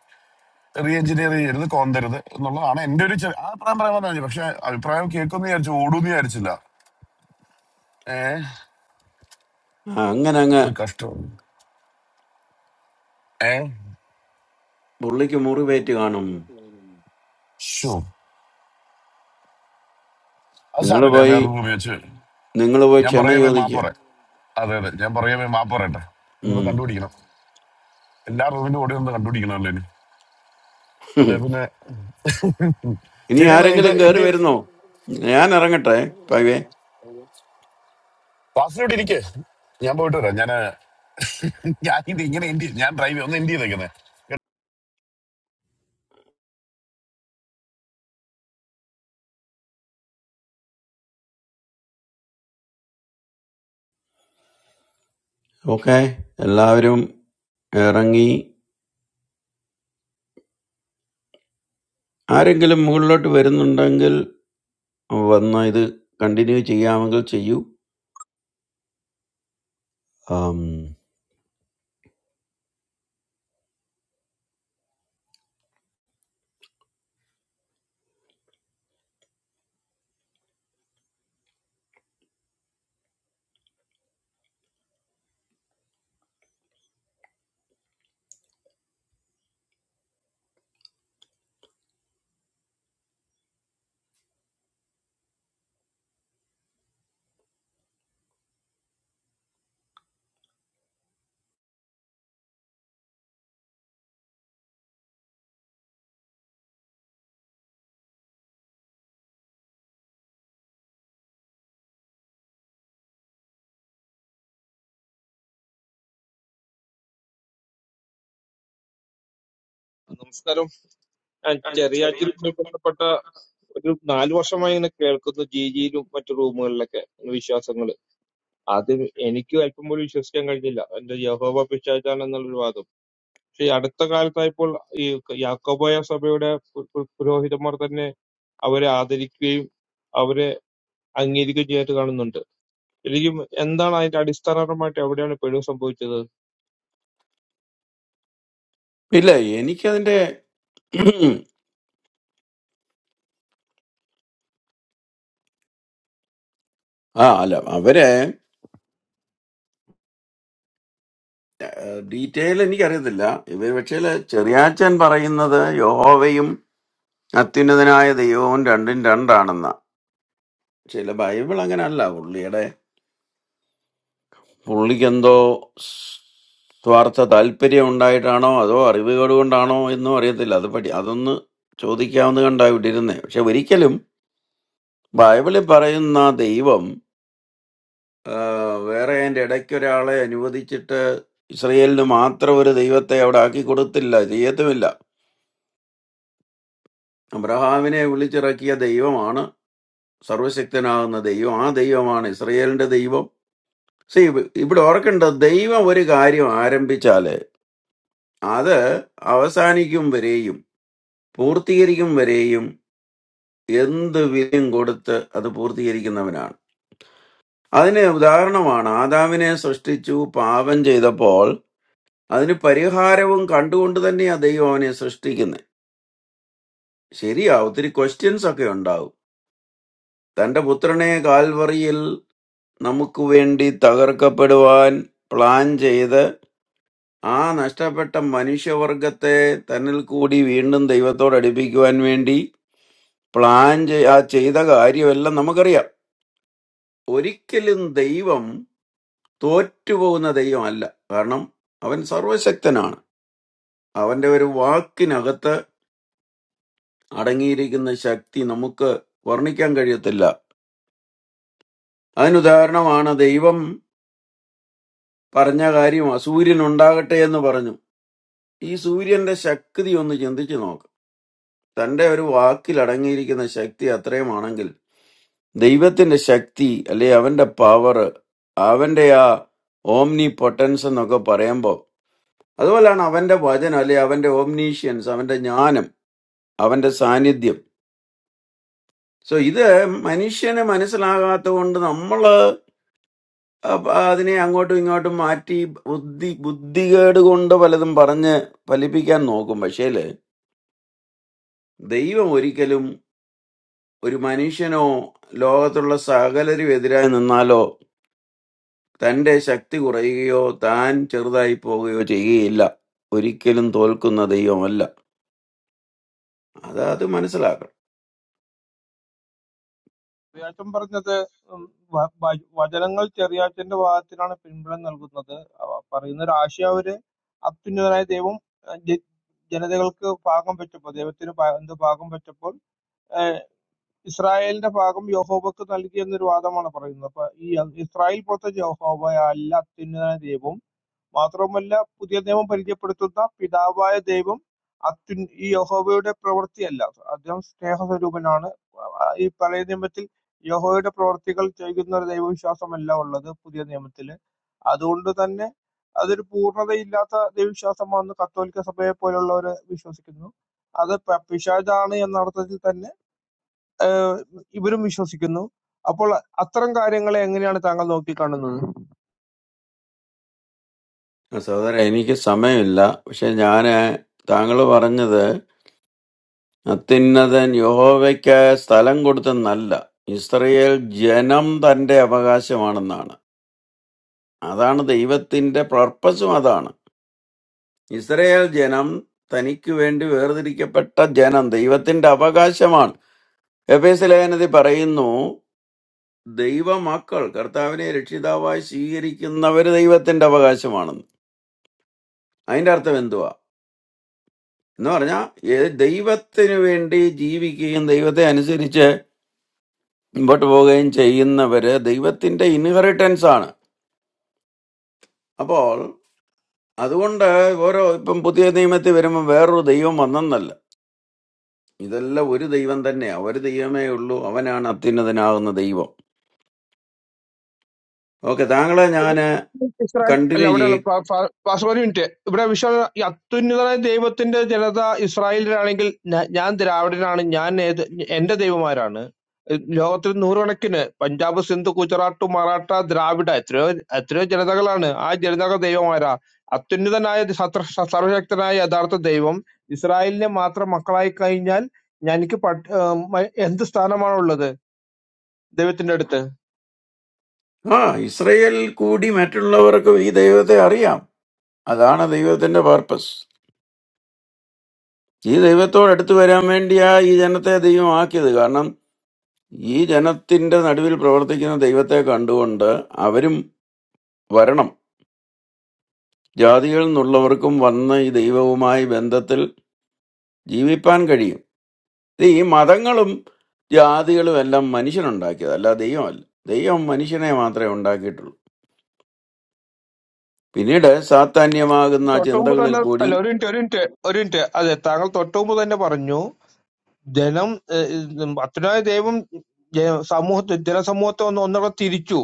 റീ എഞ്ചിനീയർ ചെയ്യരുത് കോന്തരുത് എന്നുള്ളതാണ് എന്റെ ഒരു ചെറിയ- ആ അഭിപ്രായം പറയാൻ പറഞ്ഞു പക്ഷെ അഭിപ്രായം കേൾക്കുമെന്ന് വിചാരിച്ചു ഓടുമെന്ന് വിചാരിച്ചില്ല ഏ
അങ്ങനെ അങ്ങ്
ഇതൊരു കഷ്ടം ഏ
പുള്ളിക്ക് മുറിവേറ്റ് കാണും
ഷോ അത്
നിങ്ങൾ
സാരല്ലേ ഞാൻ
പോയി
വേറൊരു റൂമിൽ വെച്ച് വരും.
നിങ്ങൾ പോയി
ഞാൻ
ക്ഷമ
പുറകെ പോയി
ചോദിക്കുക
മാപ്പറ അതെ അതെ ഞാൻ പുറകെ പോയി മാപ്പറ ഇനിയിപ്പോ
ഉം.
കണ്ടുപിടിക്കണം എല്ലാ റൂമിന്റെ ഓടി ഒന്ന് കണ്ടുപിടിക്കണമല്ലോ അല്ലെ പിന്നെ
ഇനി
ശരിയെന്നാ ഇത്
ആരെങ്കിലും കയറി
എന്റെ
വരുന്നോ ഞാൻ ഇറങ്ങട്ടെ പൈവേ
വാസിനോട് ഇരിക്കേ ഞാൻ പോയിട്ട് വരാം ഞാൻ ഞാൻ ഇത് ഇങ്ങനെ എൻഡ് ചെയ്ത്- ഞാൻ ഡ്രൈവ് ഒന്ന് എൻഡ് ചെയ്തേക്കുന്നേ
ഓക്കെ എല്ലാവരും ഇറങ്ങി ആരെങ്കിലും മുകളിലോട്ട് വരുന്നുണ്ടെങ്കിൽ വന്ന് ഇത് കണ്ടിന്യൂ ചെയ്യാമെങ്കിൽ ചെയ്യൂ ആം,
നമസ്കാരം ഞാൻ ചെറിയാറ്റൂരുമായി ബന്ധപ്പെട്ട ഒരു നാല് വർഷമായി ഇങ്ങനെ കേൾക്കുന്നു ജിജിയിലും മറ്റു റൂമുകളിലൊക്കെ വിശ്വാസങ്ങൾ അത് എനിക്ക് അല്പം പോലും വിശ്വസിക്കാൻ കഴിഞ്ഞില്ല എന്റെ യഹോവ പിശാചാണെന്നുള്ളൊരു വാദം പക്ഷെ ഈ അടുത്ത കാലത്തായപ്പോൾ ഈ യാക്കോബായ സഭയുടെ പു- പു- പുരോഹിതന്മാർ തന്നെ അവരെ ആദരിക്കുകയും അവരെ അംഗീകരിക്കുകയും ചെയ്യാനായിട്ട് കാണുന്നുണ്ട് ശരിക്കും എന്താണ് അതിന്റെ അടിസ്ഥാനപരമായിട്ട് എവിടെയാണ് പിഴവ് സംഭവിച്ചത്
ഇല്ല എനിക്കതിന്റെ ആ അല്ല അവരെ ഡീറ്റെയിൽ എനിക്കറിയത്തില്ല ഇവ പക്ഷേ ചെറിയാച്ചൻ പറയുന്നത് യഹോവയും അത്യുന്നതനായ ദൈവവും രണ്ടും രണ്ടാണെന്ന ചില ബൈബിൾ അങ്ങനല്ല പുള്ളിയുടെ പുള്ളിക്കെന്തോ സ്വാർത്ഥ താല്പര്യം ഉണ്ടായിട്ടാണോ അതോ അറിവുകേട് കൊണ്ടാണോ എന്നും അറിയത്തില്ല അത് പഠി അതൊന്ന് ചോദിക്കാവുന്ന കണ്ടായി വിട്ടിരുന്നേ പക്ഷെ ഒരിക്കലും ബൈബിളിൽ പറയുന്ന ദൈവം ആ, വേറെ അതിൻ്റെ ഇടയ്ക്ക് ഒരാളെ അനുവദിച്ചിട്ട് ഇസ്രയേലിന് മാത്രം ഒരു ദൈവത്തെ അവിടെ ആക്കി കൊടുത്തില്ല ചെയ്യത്തുമില്ല അബ്രഹാമിനെ വിളിച്ചിറക്കിയ ദൈവമാണ് സർവശക്തനാകുന്ന ദൈവം ആ ദൈവമാണ് ഇസ്രയേലിന്റെ ദൈവം സി ഇവിടെ ഓർക്കേണ്ടത് ദൈവം ഒരു കാര്യം ആരംഭിച്ചാല് അത് അവസാനിക്കും വരെയും പൂർത്തീകരിക്കും വരെയും എന്ത് വിലയും കൊടുത്ത് അത് പൂർത്തീകരിക്കുന്നവനാണ് അതിന് ഉദാഹരണമാണ് ആദാമിനെ സൃഷ്ടിച്ചു പാപം ചെയ്തപ്പോൾ അതിന് പരിഹാരവും കണ്ടുകൊണ്ട് തന്നെയാണ് ദൈവം അവനെ സൃഷ്ടിക്കുന്നത് ശരിയാ ഒത്തിരി ക്വസ്റ്റ്യൻസ് ഒക്കെ ഉണ്ടാവും തന്റെ പുത്രനെ കാൽവറിയിൽ നമുക്കുവേണ്ടി തകർക്കപ്പെടുവാൻ പ്ലാൻ ചെയ്ത് ആ നഷ്ടപ്പെട്ട മനുഷ്യവർഗത്തെ തന്നിൽ കൂടി വീണ്ടും ദൈവത്തോട് അടുപ്പിക്കുവാൻ വേണ്ടി പ്ലാൻ ചെയ് ആ ചെയ്ത കാര്യമെല്ലാം നമുക്കറിയാം ഒരിക്കലും ദൈവം തോറ്റുപോകുന്ന ദൈവമല്ല കാരണം അവൻ സർവശക്തനാണ് അവന്റെ ഒരു വാക്കിനകത്ത് അടങ്ങിയിരിക്കുന്ന ശക്തി നമുക്ക് വർണ്ണിക്കാൻ കഴിയത്തില്ല അതിനുദാഹരണമാണ് ദൈവം പറഞ്ഞ കാര്യം അസൂര്യൻ ഉണ്ടാകട്ടെ എന്ന് പറഞ്ഞു ഈ സൂര്യന്റെ ശക്തി ഒന്ന് ചിന്തിച്ചു നോക്ക് തന്റെ ഒരു വാക്കിൽ അടങ്ങിയിരിക്കുന്ന ശക്തി അത്രയുമാണെങ്കിൽ ദൈവത്തിന്റെ ശക്തി അല്ലെ അവന്റെ പവർ അവന്റെ ആ ഓംനി പൊട്ടൻസ് എന്നൊക്കെ പറയുമ്പോൾ അതുപോലെയാണ് അവന്റെ വചനം അല്ലെ അവന്റെ ഓംനീഷ്യൻസ് അവന്റെ ജ്ഞാനം അവന്റെ സാന്നിധ്യം സോ ഇത് മനുഷ്യന് മനസ്സിലാകാത്ത കൊണ്ട് നമ്മള് അപ്പ- അതിനെ അങ്ങോട്ടും ഇങ്ങോട്ടും മാറ്റി ബുദ്ധി ബുദ്ധികേട് കൊണ്ട് പലതും പറഞ്ഞ് ഫലിപ്പിക്കാൻ നോക്കും പക്ഷേല് ദൈവം ഒരിക്കലും ഒരു മനുഷ്യനോ ലോകത്തുള്ള സകലരും എതിരായി നിന്നാലോ തന്റെ ശക്തി കുറയുകയോ താൻ ചെറുതായി പോവുകയോ ചെയ്യുകയില്ല ഒരിക്കലും തോൽക്കുന്ന ദൈവമല്ല അത് അത് മനസ്സിലാക്കണം
ചെറിയാച്ചൻ പറഞ്ഞത് ഉം, വ- വ- വചനങ്ങൾ ചെറിയാച്ചന്റെ വാദത്തിനാണ് പിൻബലം നൽകുന്നത് അവ പറയുന്ന ഒരു ആശയം അവര് അത്യുന്നതനായ ദൈവം ഏഹ്, ജ- ജനതകൾക്ക് ഭാഗം പറ്റപ്പോൾ ദൈവത്തിന് ഭാ- എന്ത് ഭാഗം പറ്റപ്പോൾ ഏഹ്, ഇസ്രായേലിന്റെ ഭാഗം യഹോബക്ക് നൽകി എന്നൊരു വാദമാണ് പറയുന്നത് അപ്പൊ ഈ ഇസ്രായേൽ പുറത്തെ യഹോബ അല്ല അത്യുന്നതനായ ദൈവം മാത്രവുമല്ല പുതിയ നിയമം പരിചയപ്പെടുത്തുന്ന പിതാവായ ദൈവം അത്യു ഈ യഹോവയുടെ പ്രവൃത്തിയല്ല അദ്ദേഹം സ്നേഹസ്വരൂപനാണ് ആ, ഈ പഴയ നിയമത്തിൽ യഹോവയുടെ പ്രവർത്തികൾ ചെയ്യുന്ന ഒരു ദൈവവിശ്വാസമല്ല ഉള്ളത് പുതിയ നിയമത്തില് അതുകൊണ്ട് തന്നെ അതൊരു പൂർണ്ണതയില്ലാത്ത ദൈവവിശ്വാസമാണെന്ന് കത്തോലിക്ക സഭയെ പോലുള്ളവർ വിശ്വസിക്കുന്നു അത് പ- പിശാചാണ് എന്ന അർത്ഥത്തിൽ തന്നെ ഏഹ്, ഇവരും വിശ്വസിക്കുന്നു അപ്പോൾ അത്തരം കാര്യങ്ങളെ എങ്ങനെയാണ് താങ്കൾ നോക്കിക്കാണുന്നത്
സഹോദര എനിക്ക് സമയമില്ല പക്ഷെ ഞാന് താങ്കൾ പറഞ്ഞത് അത്യുന്നതൻ യഹോവയ്ക്ക് സ്ഥലം കൊടുത്തെന്നല്ല ഇസ്രയേൽ ജനം തന്റെ അവകാശമാണെന്നാണ് അതാണ് ദൈവത്തിന്റെ പർപ്പസും അതാണ് ഇസ്രയേൽ ജനം തനിക്ക് വേണ്ടി വേർതിരിക്കപ്പെട്ട ജനം ദൈവത്തിന്റെ അവകാശമാണ് എഫേസ് ലേഖനത്തിൽ പറയുന്നു ദൈവമക്കൾ കർത്താവിനെ രക്ഷിതാവായി സ്വീകരിക്കുന്നവർ ദൈവത്തിന്റെ അവകാശമാണെന്ന് അതിന്റെ അർത്ഥം എന്തുവാ എന്ന് പറഞ്ഞാൽ ദൈവത്തിന് വേണ്ടി ജീവിക്കുകയും ദൈവത്തെ അനുസരിച്ച് മുമ്പോട്ട് പോവുകയും ചെയ്യുന്നവര് ദൈവത്തിന്റെ ഇൻഹെറിറ്റൻസ് ആണ് അപ്പോൾ അതുകൊണ്ട് ഓരോ ഇപ്പം പുതിയ നിയമത്തിൽ വരുമ്പോൾ വേറൊരു ദൈവം വന്നെന്നല്ല ഇതെല്ലാം ഒരു ദൈവം തന്നെയാ ഒരു ദൈവമേ ഉള്ളൂ അവനാണ് അത്യുന്നതനാകുന്ന ദൈവം ഓക്കെ താങ്കളെ ഞാന്
അത്യുന്ന- ഇസ്രായേൽ അല്ല
കണ്ടിന്യൂ
അവിടെയുള്ള
ചെയ്യും
പാ- പാ- പാസ്റ്റർ ഒരു മിനിറ്റ് ഇവിടെ വിശ്വാസ ഈ അത്യുന്നതനായ ദൈവത്തിന്റെ ജനത ഇസ്രായേലിലാണെങ്കിൽ ഞാ- ഞാൻ ദ്രാവിഡനാണ് ഞാൻ ഏത് എന്റെ ദൈവമാരാണ് ഏഹ് ലോകത്തിൽ നൂറുകണക്കിന് പഞ്ചാബ് സിന്ധു ഗുജറാത്ത് മറാഠ ദ്രാവിഡ എത്രയോ എത്രയോ ജനതകളാണ് ആ ജനതകൾ ദൈവമാരാ അത്യുന്നതനായ സത്ര സർവശക്തനായ യഥാർത്ഥ ദൈവം ഇസ്രായേലിനെ മാത്രം മക്കളായി കഴിഞ്ഞാൽ ഞാൻ- എനിക്ക് പട്- ഏഹ് മ- എന്ത് സ്ഥാനമാണുള്ളത് ദൈവത്തിന്റെ അടുത്ത്
ആ ഇസ്രയേൽ കൂടി മറ്റുള്ളവർക്കും ഈ ദൈവത്തെ അറിയാം അതാണ് ദൈവത്തിന്റെ പർപ്പസ് ഈ ദൈവത്തോട് അടുത്ത് വരാൻ വേണ്ടിയാ ഈ ജനത്തെ ദൈവം ആക്കിയത് കാരണം ഈ ജനത്തിന്റെ നടുവിൽ പ്രവർത്തിക്കുന്ന ദൈവത്തെ കണ്ടുകൊണ്ട് അവരും വരണം ജാതികളിൽ നിന്നുള്ളവർക്കും വന്ന് ഈ ദൈവവുമായി ബന്ധത്തിൽ ജീവിപ്പാൻ കഴിയും ഇത് ഈ മതങ്ങളും ജാതികളും എല്ലാം മനുഷ്യനുണ്ടാക്കിയത് അല്ല ദൈവമല്ല ദൈവം മനുഷ്യനെ മാത്രമേ ഉണ്ടാക്കിയിട്ടുള്ളൂ പിന്നീട് സാത്താന്യമാകുന്ന ആ
തൊട്ടുമുമ്പ്
ചിന്തകളിൽ
തന്നെ
കൂടി
അല്ല ഒരു മിനിറ്റ് ഒരു മിനിറ്റ് ഒരു മിനിറ്റ് അതെ താങ്കൾ തൊട്ടുമുമ്പ് തന്നെ പറഞ്ഞു ജനം ഏഹ്, ഇത് അത്യുനായ ദൈവം ജ- സമൂഹത്തെ ജനസമൂഹത്തെ ഒന്ന് ഒന്നുകൂടെ തിരിച്ചു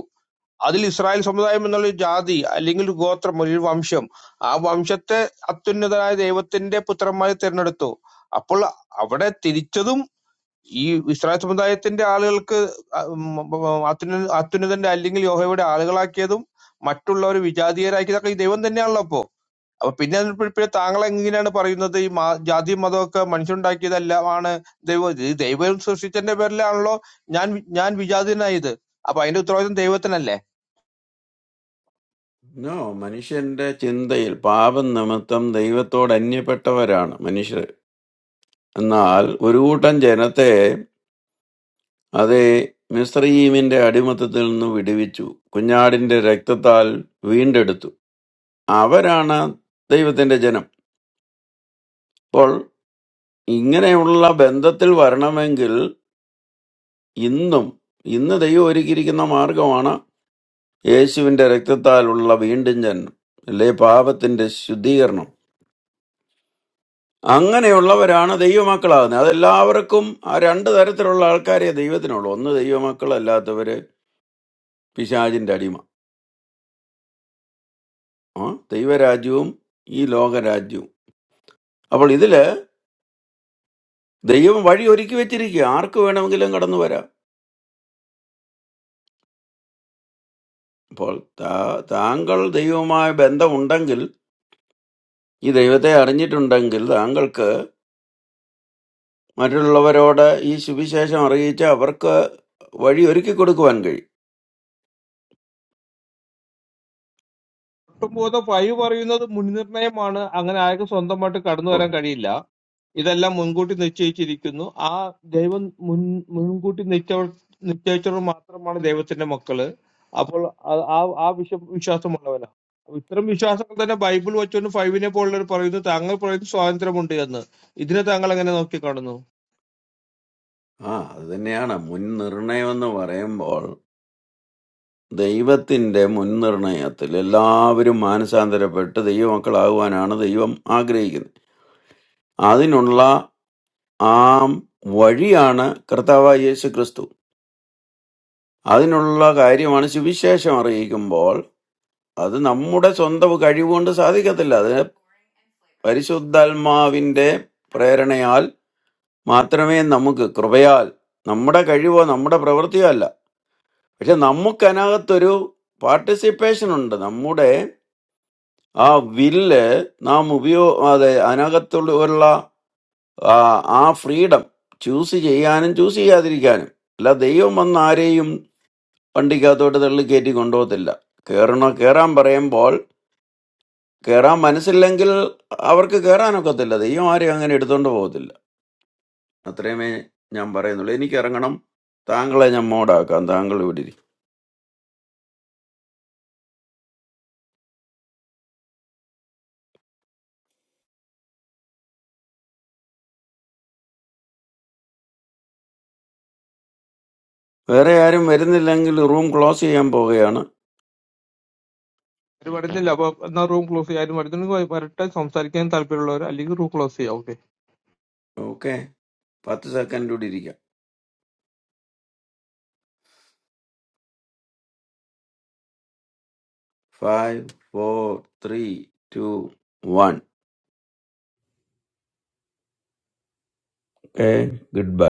അതിൽ ഇസ്രായേൽ സമുദായം എന്നുള്ള ഒരു ജാതി അല്ലെങ്കിൽ ഒരു ഗോത്രം ഒരു വംശം ആ വംശത്തെ അത്യുന്നതനായ ദൈവത്തിന്റെ പുത്രന്മാരെ തിരഞ്ഞെടുത്തു അപ്പോൾ അവിടെ തിരിച്ചതും ഈ ഇസ്രായേൽ സമുദായത്തിന്റെ ആളുകൾക്ക് അ- മ- മ- അത്യുന്ന- അത്യുന്നതന്റെ അല്ലെങ്കിൽ യോഹയുടെ ആളുകളാക്കിയതും മറ്റുള്ളവർ വിജാതീയരാക്കിയതൊക്കെ ഈ ദൈവം തന്നെയാണല്ലോ അപ്പോ അപ്പൊ പിന്നെ അതിൽപ്പെടുമ്പോഴേ താങ്കൾ എങ്ങനെയാണ് പറയുന്നത് ഈ മാ ജാതി മതമൊക്കെ മനുഷ്യനുണ്ടാക്കിയതെല്ലാമാണ് ദൈവം ഇത് ദൈവം സൃഷ്ടിച്ചതിന്റെ പേരിലാണല്ലോ ഞാൻ വി- ഞാൻ വിജാതീയനായത് അപ്പൊ അതിന്റെ ഉത്തരവാദിത്വം ദൈവത്തിനല്ലേ
നോ മനുഷ്യന്റെ ചിന്തയിൽ പാപം നിമിത്തം ദൈവത്തോട് അന്യപ്പെട്ടവരാണ് മനുഷ്യർ എന്നാൽ ഒരു കൂട്ടം ജനത്തെ അത് മിസ്രയീമിന്റെ അടിമത്തത്തിൽ നിന്ന് വിടുവിച്ചു കുഞ്ഞാടിന്റെ രക്തത്താൽ വീണ്ടെടുത്തു അവരാണ് ദൈവത്തിന്റെ ജനം അപ്പോൾ ഇങ്ങനെയുള്ള ബന്ധത്തിൽ വരണമെങ്കിൽ ഇന്നും ഇന്ന് ദൈവം ഒരുക്കിയിരിക്കുന്ന മാർഗമാണ് യേശുവിന്റെ രക്തത്താലുള്ള വീണ്ടും ജനനം അല്ലെ പാപത്തിന്റെ ശുദ്ധീകരണം അങ്ങനെയുള്ളവരാണ് ദൈവമക്കളാകുന്നത് അതെല്ലാവർക്കും ആ രണ്ട് തരത്തിലുള്ള ആൾക്കാരെ ദൈവത്തിനുള്ളൂ ഒന്ന് ദൈവമക്കളല്ലാത്തവര് പിശാചിന്റെ അടിമ ആ ദൈവരാജ്യവും ഈ ലോകരാജ്യവും അപ്പോൾ ഇതില് ദൈവം വഴി ഒരുക്കി വെച്ചിരിക്കുക ആർക്ക് വേണമെങ്കിലും കടന്നു വരാം അപ്പോൾ താ- താങ്കൾ ദൈവവുമായ ബന്ധമുണ്ടെങ്കിൽ ഈ ദൈവത്തെ അറിഞ്ഞിട്ടുണ്ടെങ്കിൽ താങ്കൾക്ക് മറ്റുള്ളവരോട് ഈ സുവിശേഷം അറിയിച്ച് അവർക്ക് വഴി ഒരുക്കി കൊടുക്കുവാൻ കഴിയും
ഒട്ടും ബോധം ഫൈവ് പറയുന്നത് മുൻനിർണയമാണ് അങ്ങനെ ആർക്കും സ്വന്തമായിട്ട് കടന്നു
ഓ,
വരാൻ കഴിയില്ല ഇതെല്ലാം മുൻകൂട്ടി നിശ്ചയിച്ചിരിക്കുന്നു. ആ ദൈവം മുൻ മുൻകൂട്ടി നിശ്ചയ നിശ്ചയിച്ചവർ മാത്രമാണ് ദൈവത്തിന്റെ മക്കള്. അപ്പോൾ ആ ആ ആ വിശ്വ വിശ്വാസമുള്ളവനാ. ഇത്തരം വിശ്വാസങ്ങൾ തന്നെ ബൈബിൾ വച്ചുകൊണ്ട് ഫൈവിനെ പോലുള്ളവർ പറയുന്നു താങ്കൾ പറയുന്നു സ്വാതന്ത്ര്യമുണ്ട് എന്ന്. ഇതിനെ താങ്കൾ എങ്ങനെ നോക്കിക്കാണുന്നു?
ആ അത് തന്നെയാണ് മുൻനിർണയം എന്ന് പറയുമ്പോൾ ദൈവത്തിന്റെ മുൻനിർണയത്തിൽ എല്ലാവരും മാനസാന്തരപ്പെട്ട് ദൈവമക്കളാകുവാനാണ് ദൈവം ആഗ്രഹിക്കുന്നത് അതിനുള്ള ആ വഴിയാണ് കർത്താവായ യേശു ക്രിസ്തു അതിനുള്ള കാര്യമാണ് സുവിശേഷം അറിയിക്കുമ്പോൾ അത് നമ്മുടെ സ്വന്തം കഴിവുകൊണ്ട് സാധിക്കത്തില്ല അത് പരിശുദ്ധാത്മാവിന്റെ പ്രേരണയാൽ മാത്രമേ നമുക്ക് കൃപയാൽ നമ്മുടെ കഴിവോ നമ്മുടെ പ്രവൃത്തിയോ അല്ല പക്ഷെ നമുക്കതിനകത്തൊരു പാർട്ടിസിപ്പേഷൻ ഉണ്ട് നമ്മുടെ ആ വില്ല് നാം ഉപയോ അതെ അതിനകത്തുള്ള ആ ഫ്രീഡം ചൂസ് ചെയ്യാനും ചൂസ് ചെയ്യാതിരിക്കാനും അല്ല ദൈവം വന്ന് ആരെയും വണ്ടിക്കകത്തോട്ട് തള്ളി കയറ്റി കൊണ്ടുപോകത്തില്ല കയറണോ കയറാൻ പറയുമ്പോൾ കയറാൻ മനസ്സില്ലെങ്കിൽ അവർക്ക് കയറാനൊക്കത്തില്ല ദൈവം ആരെയും അങ്ങനെ എടുത്തോണ്ട് പോകത്തില്ല അത്രയുമേ ഞാൻ പറയുന്നുള്ളൂ എനിക്ക് ഇറങ്ങണം താങ്കളെ ഞാൻ മോഡാക്കാം താങ്കൾ ഇവിടെ ഇരിക്കും വേറെ ആരും വരുന്നില്ലെങ്കിൽ റൂം ക്ലോസ് ചെയ്യാൻ പോവുകയാണ്
ആരും വരുന്നില്ല. അപ്പൊ എന്നാ റൂം ക്ലോസ് ചെയ്യാൻ വരുന്നുണ്ടെങ്കിൽ വരട്ടെ സംസാരിക്കാൻ താല്പര്യമുള്ളവർ അല്ലെങ്കിൽ റൂം ക്ലോസ് ചെയ്യാം. ഓക്കെ.
ഓക്കെ പത്ത് സെക്കൻഡ് കൂടി ഇരിക്കാം five four three two one okay good by.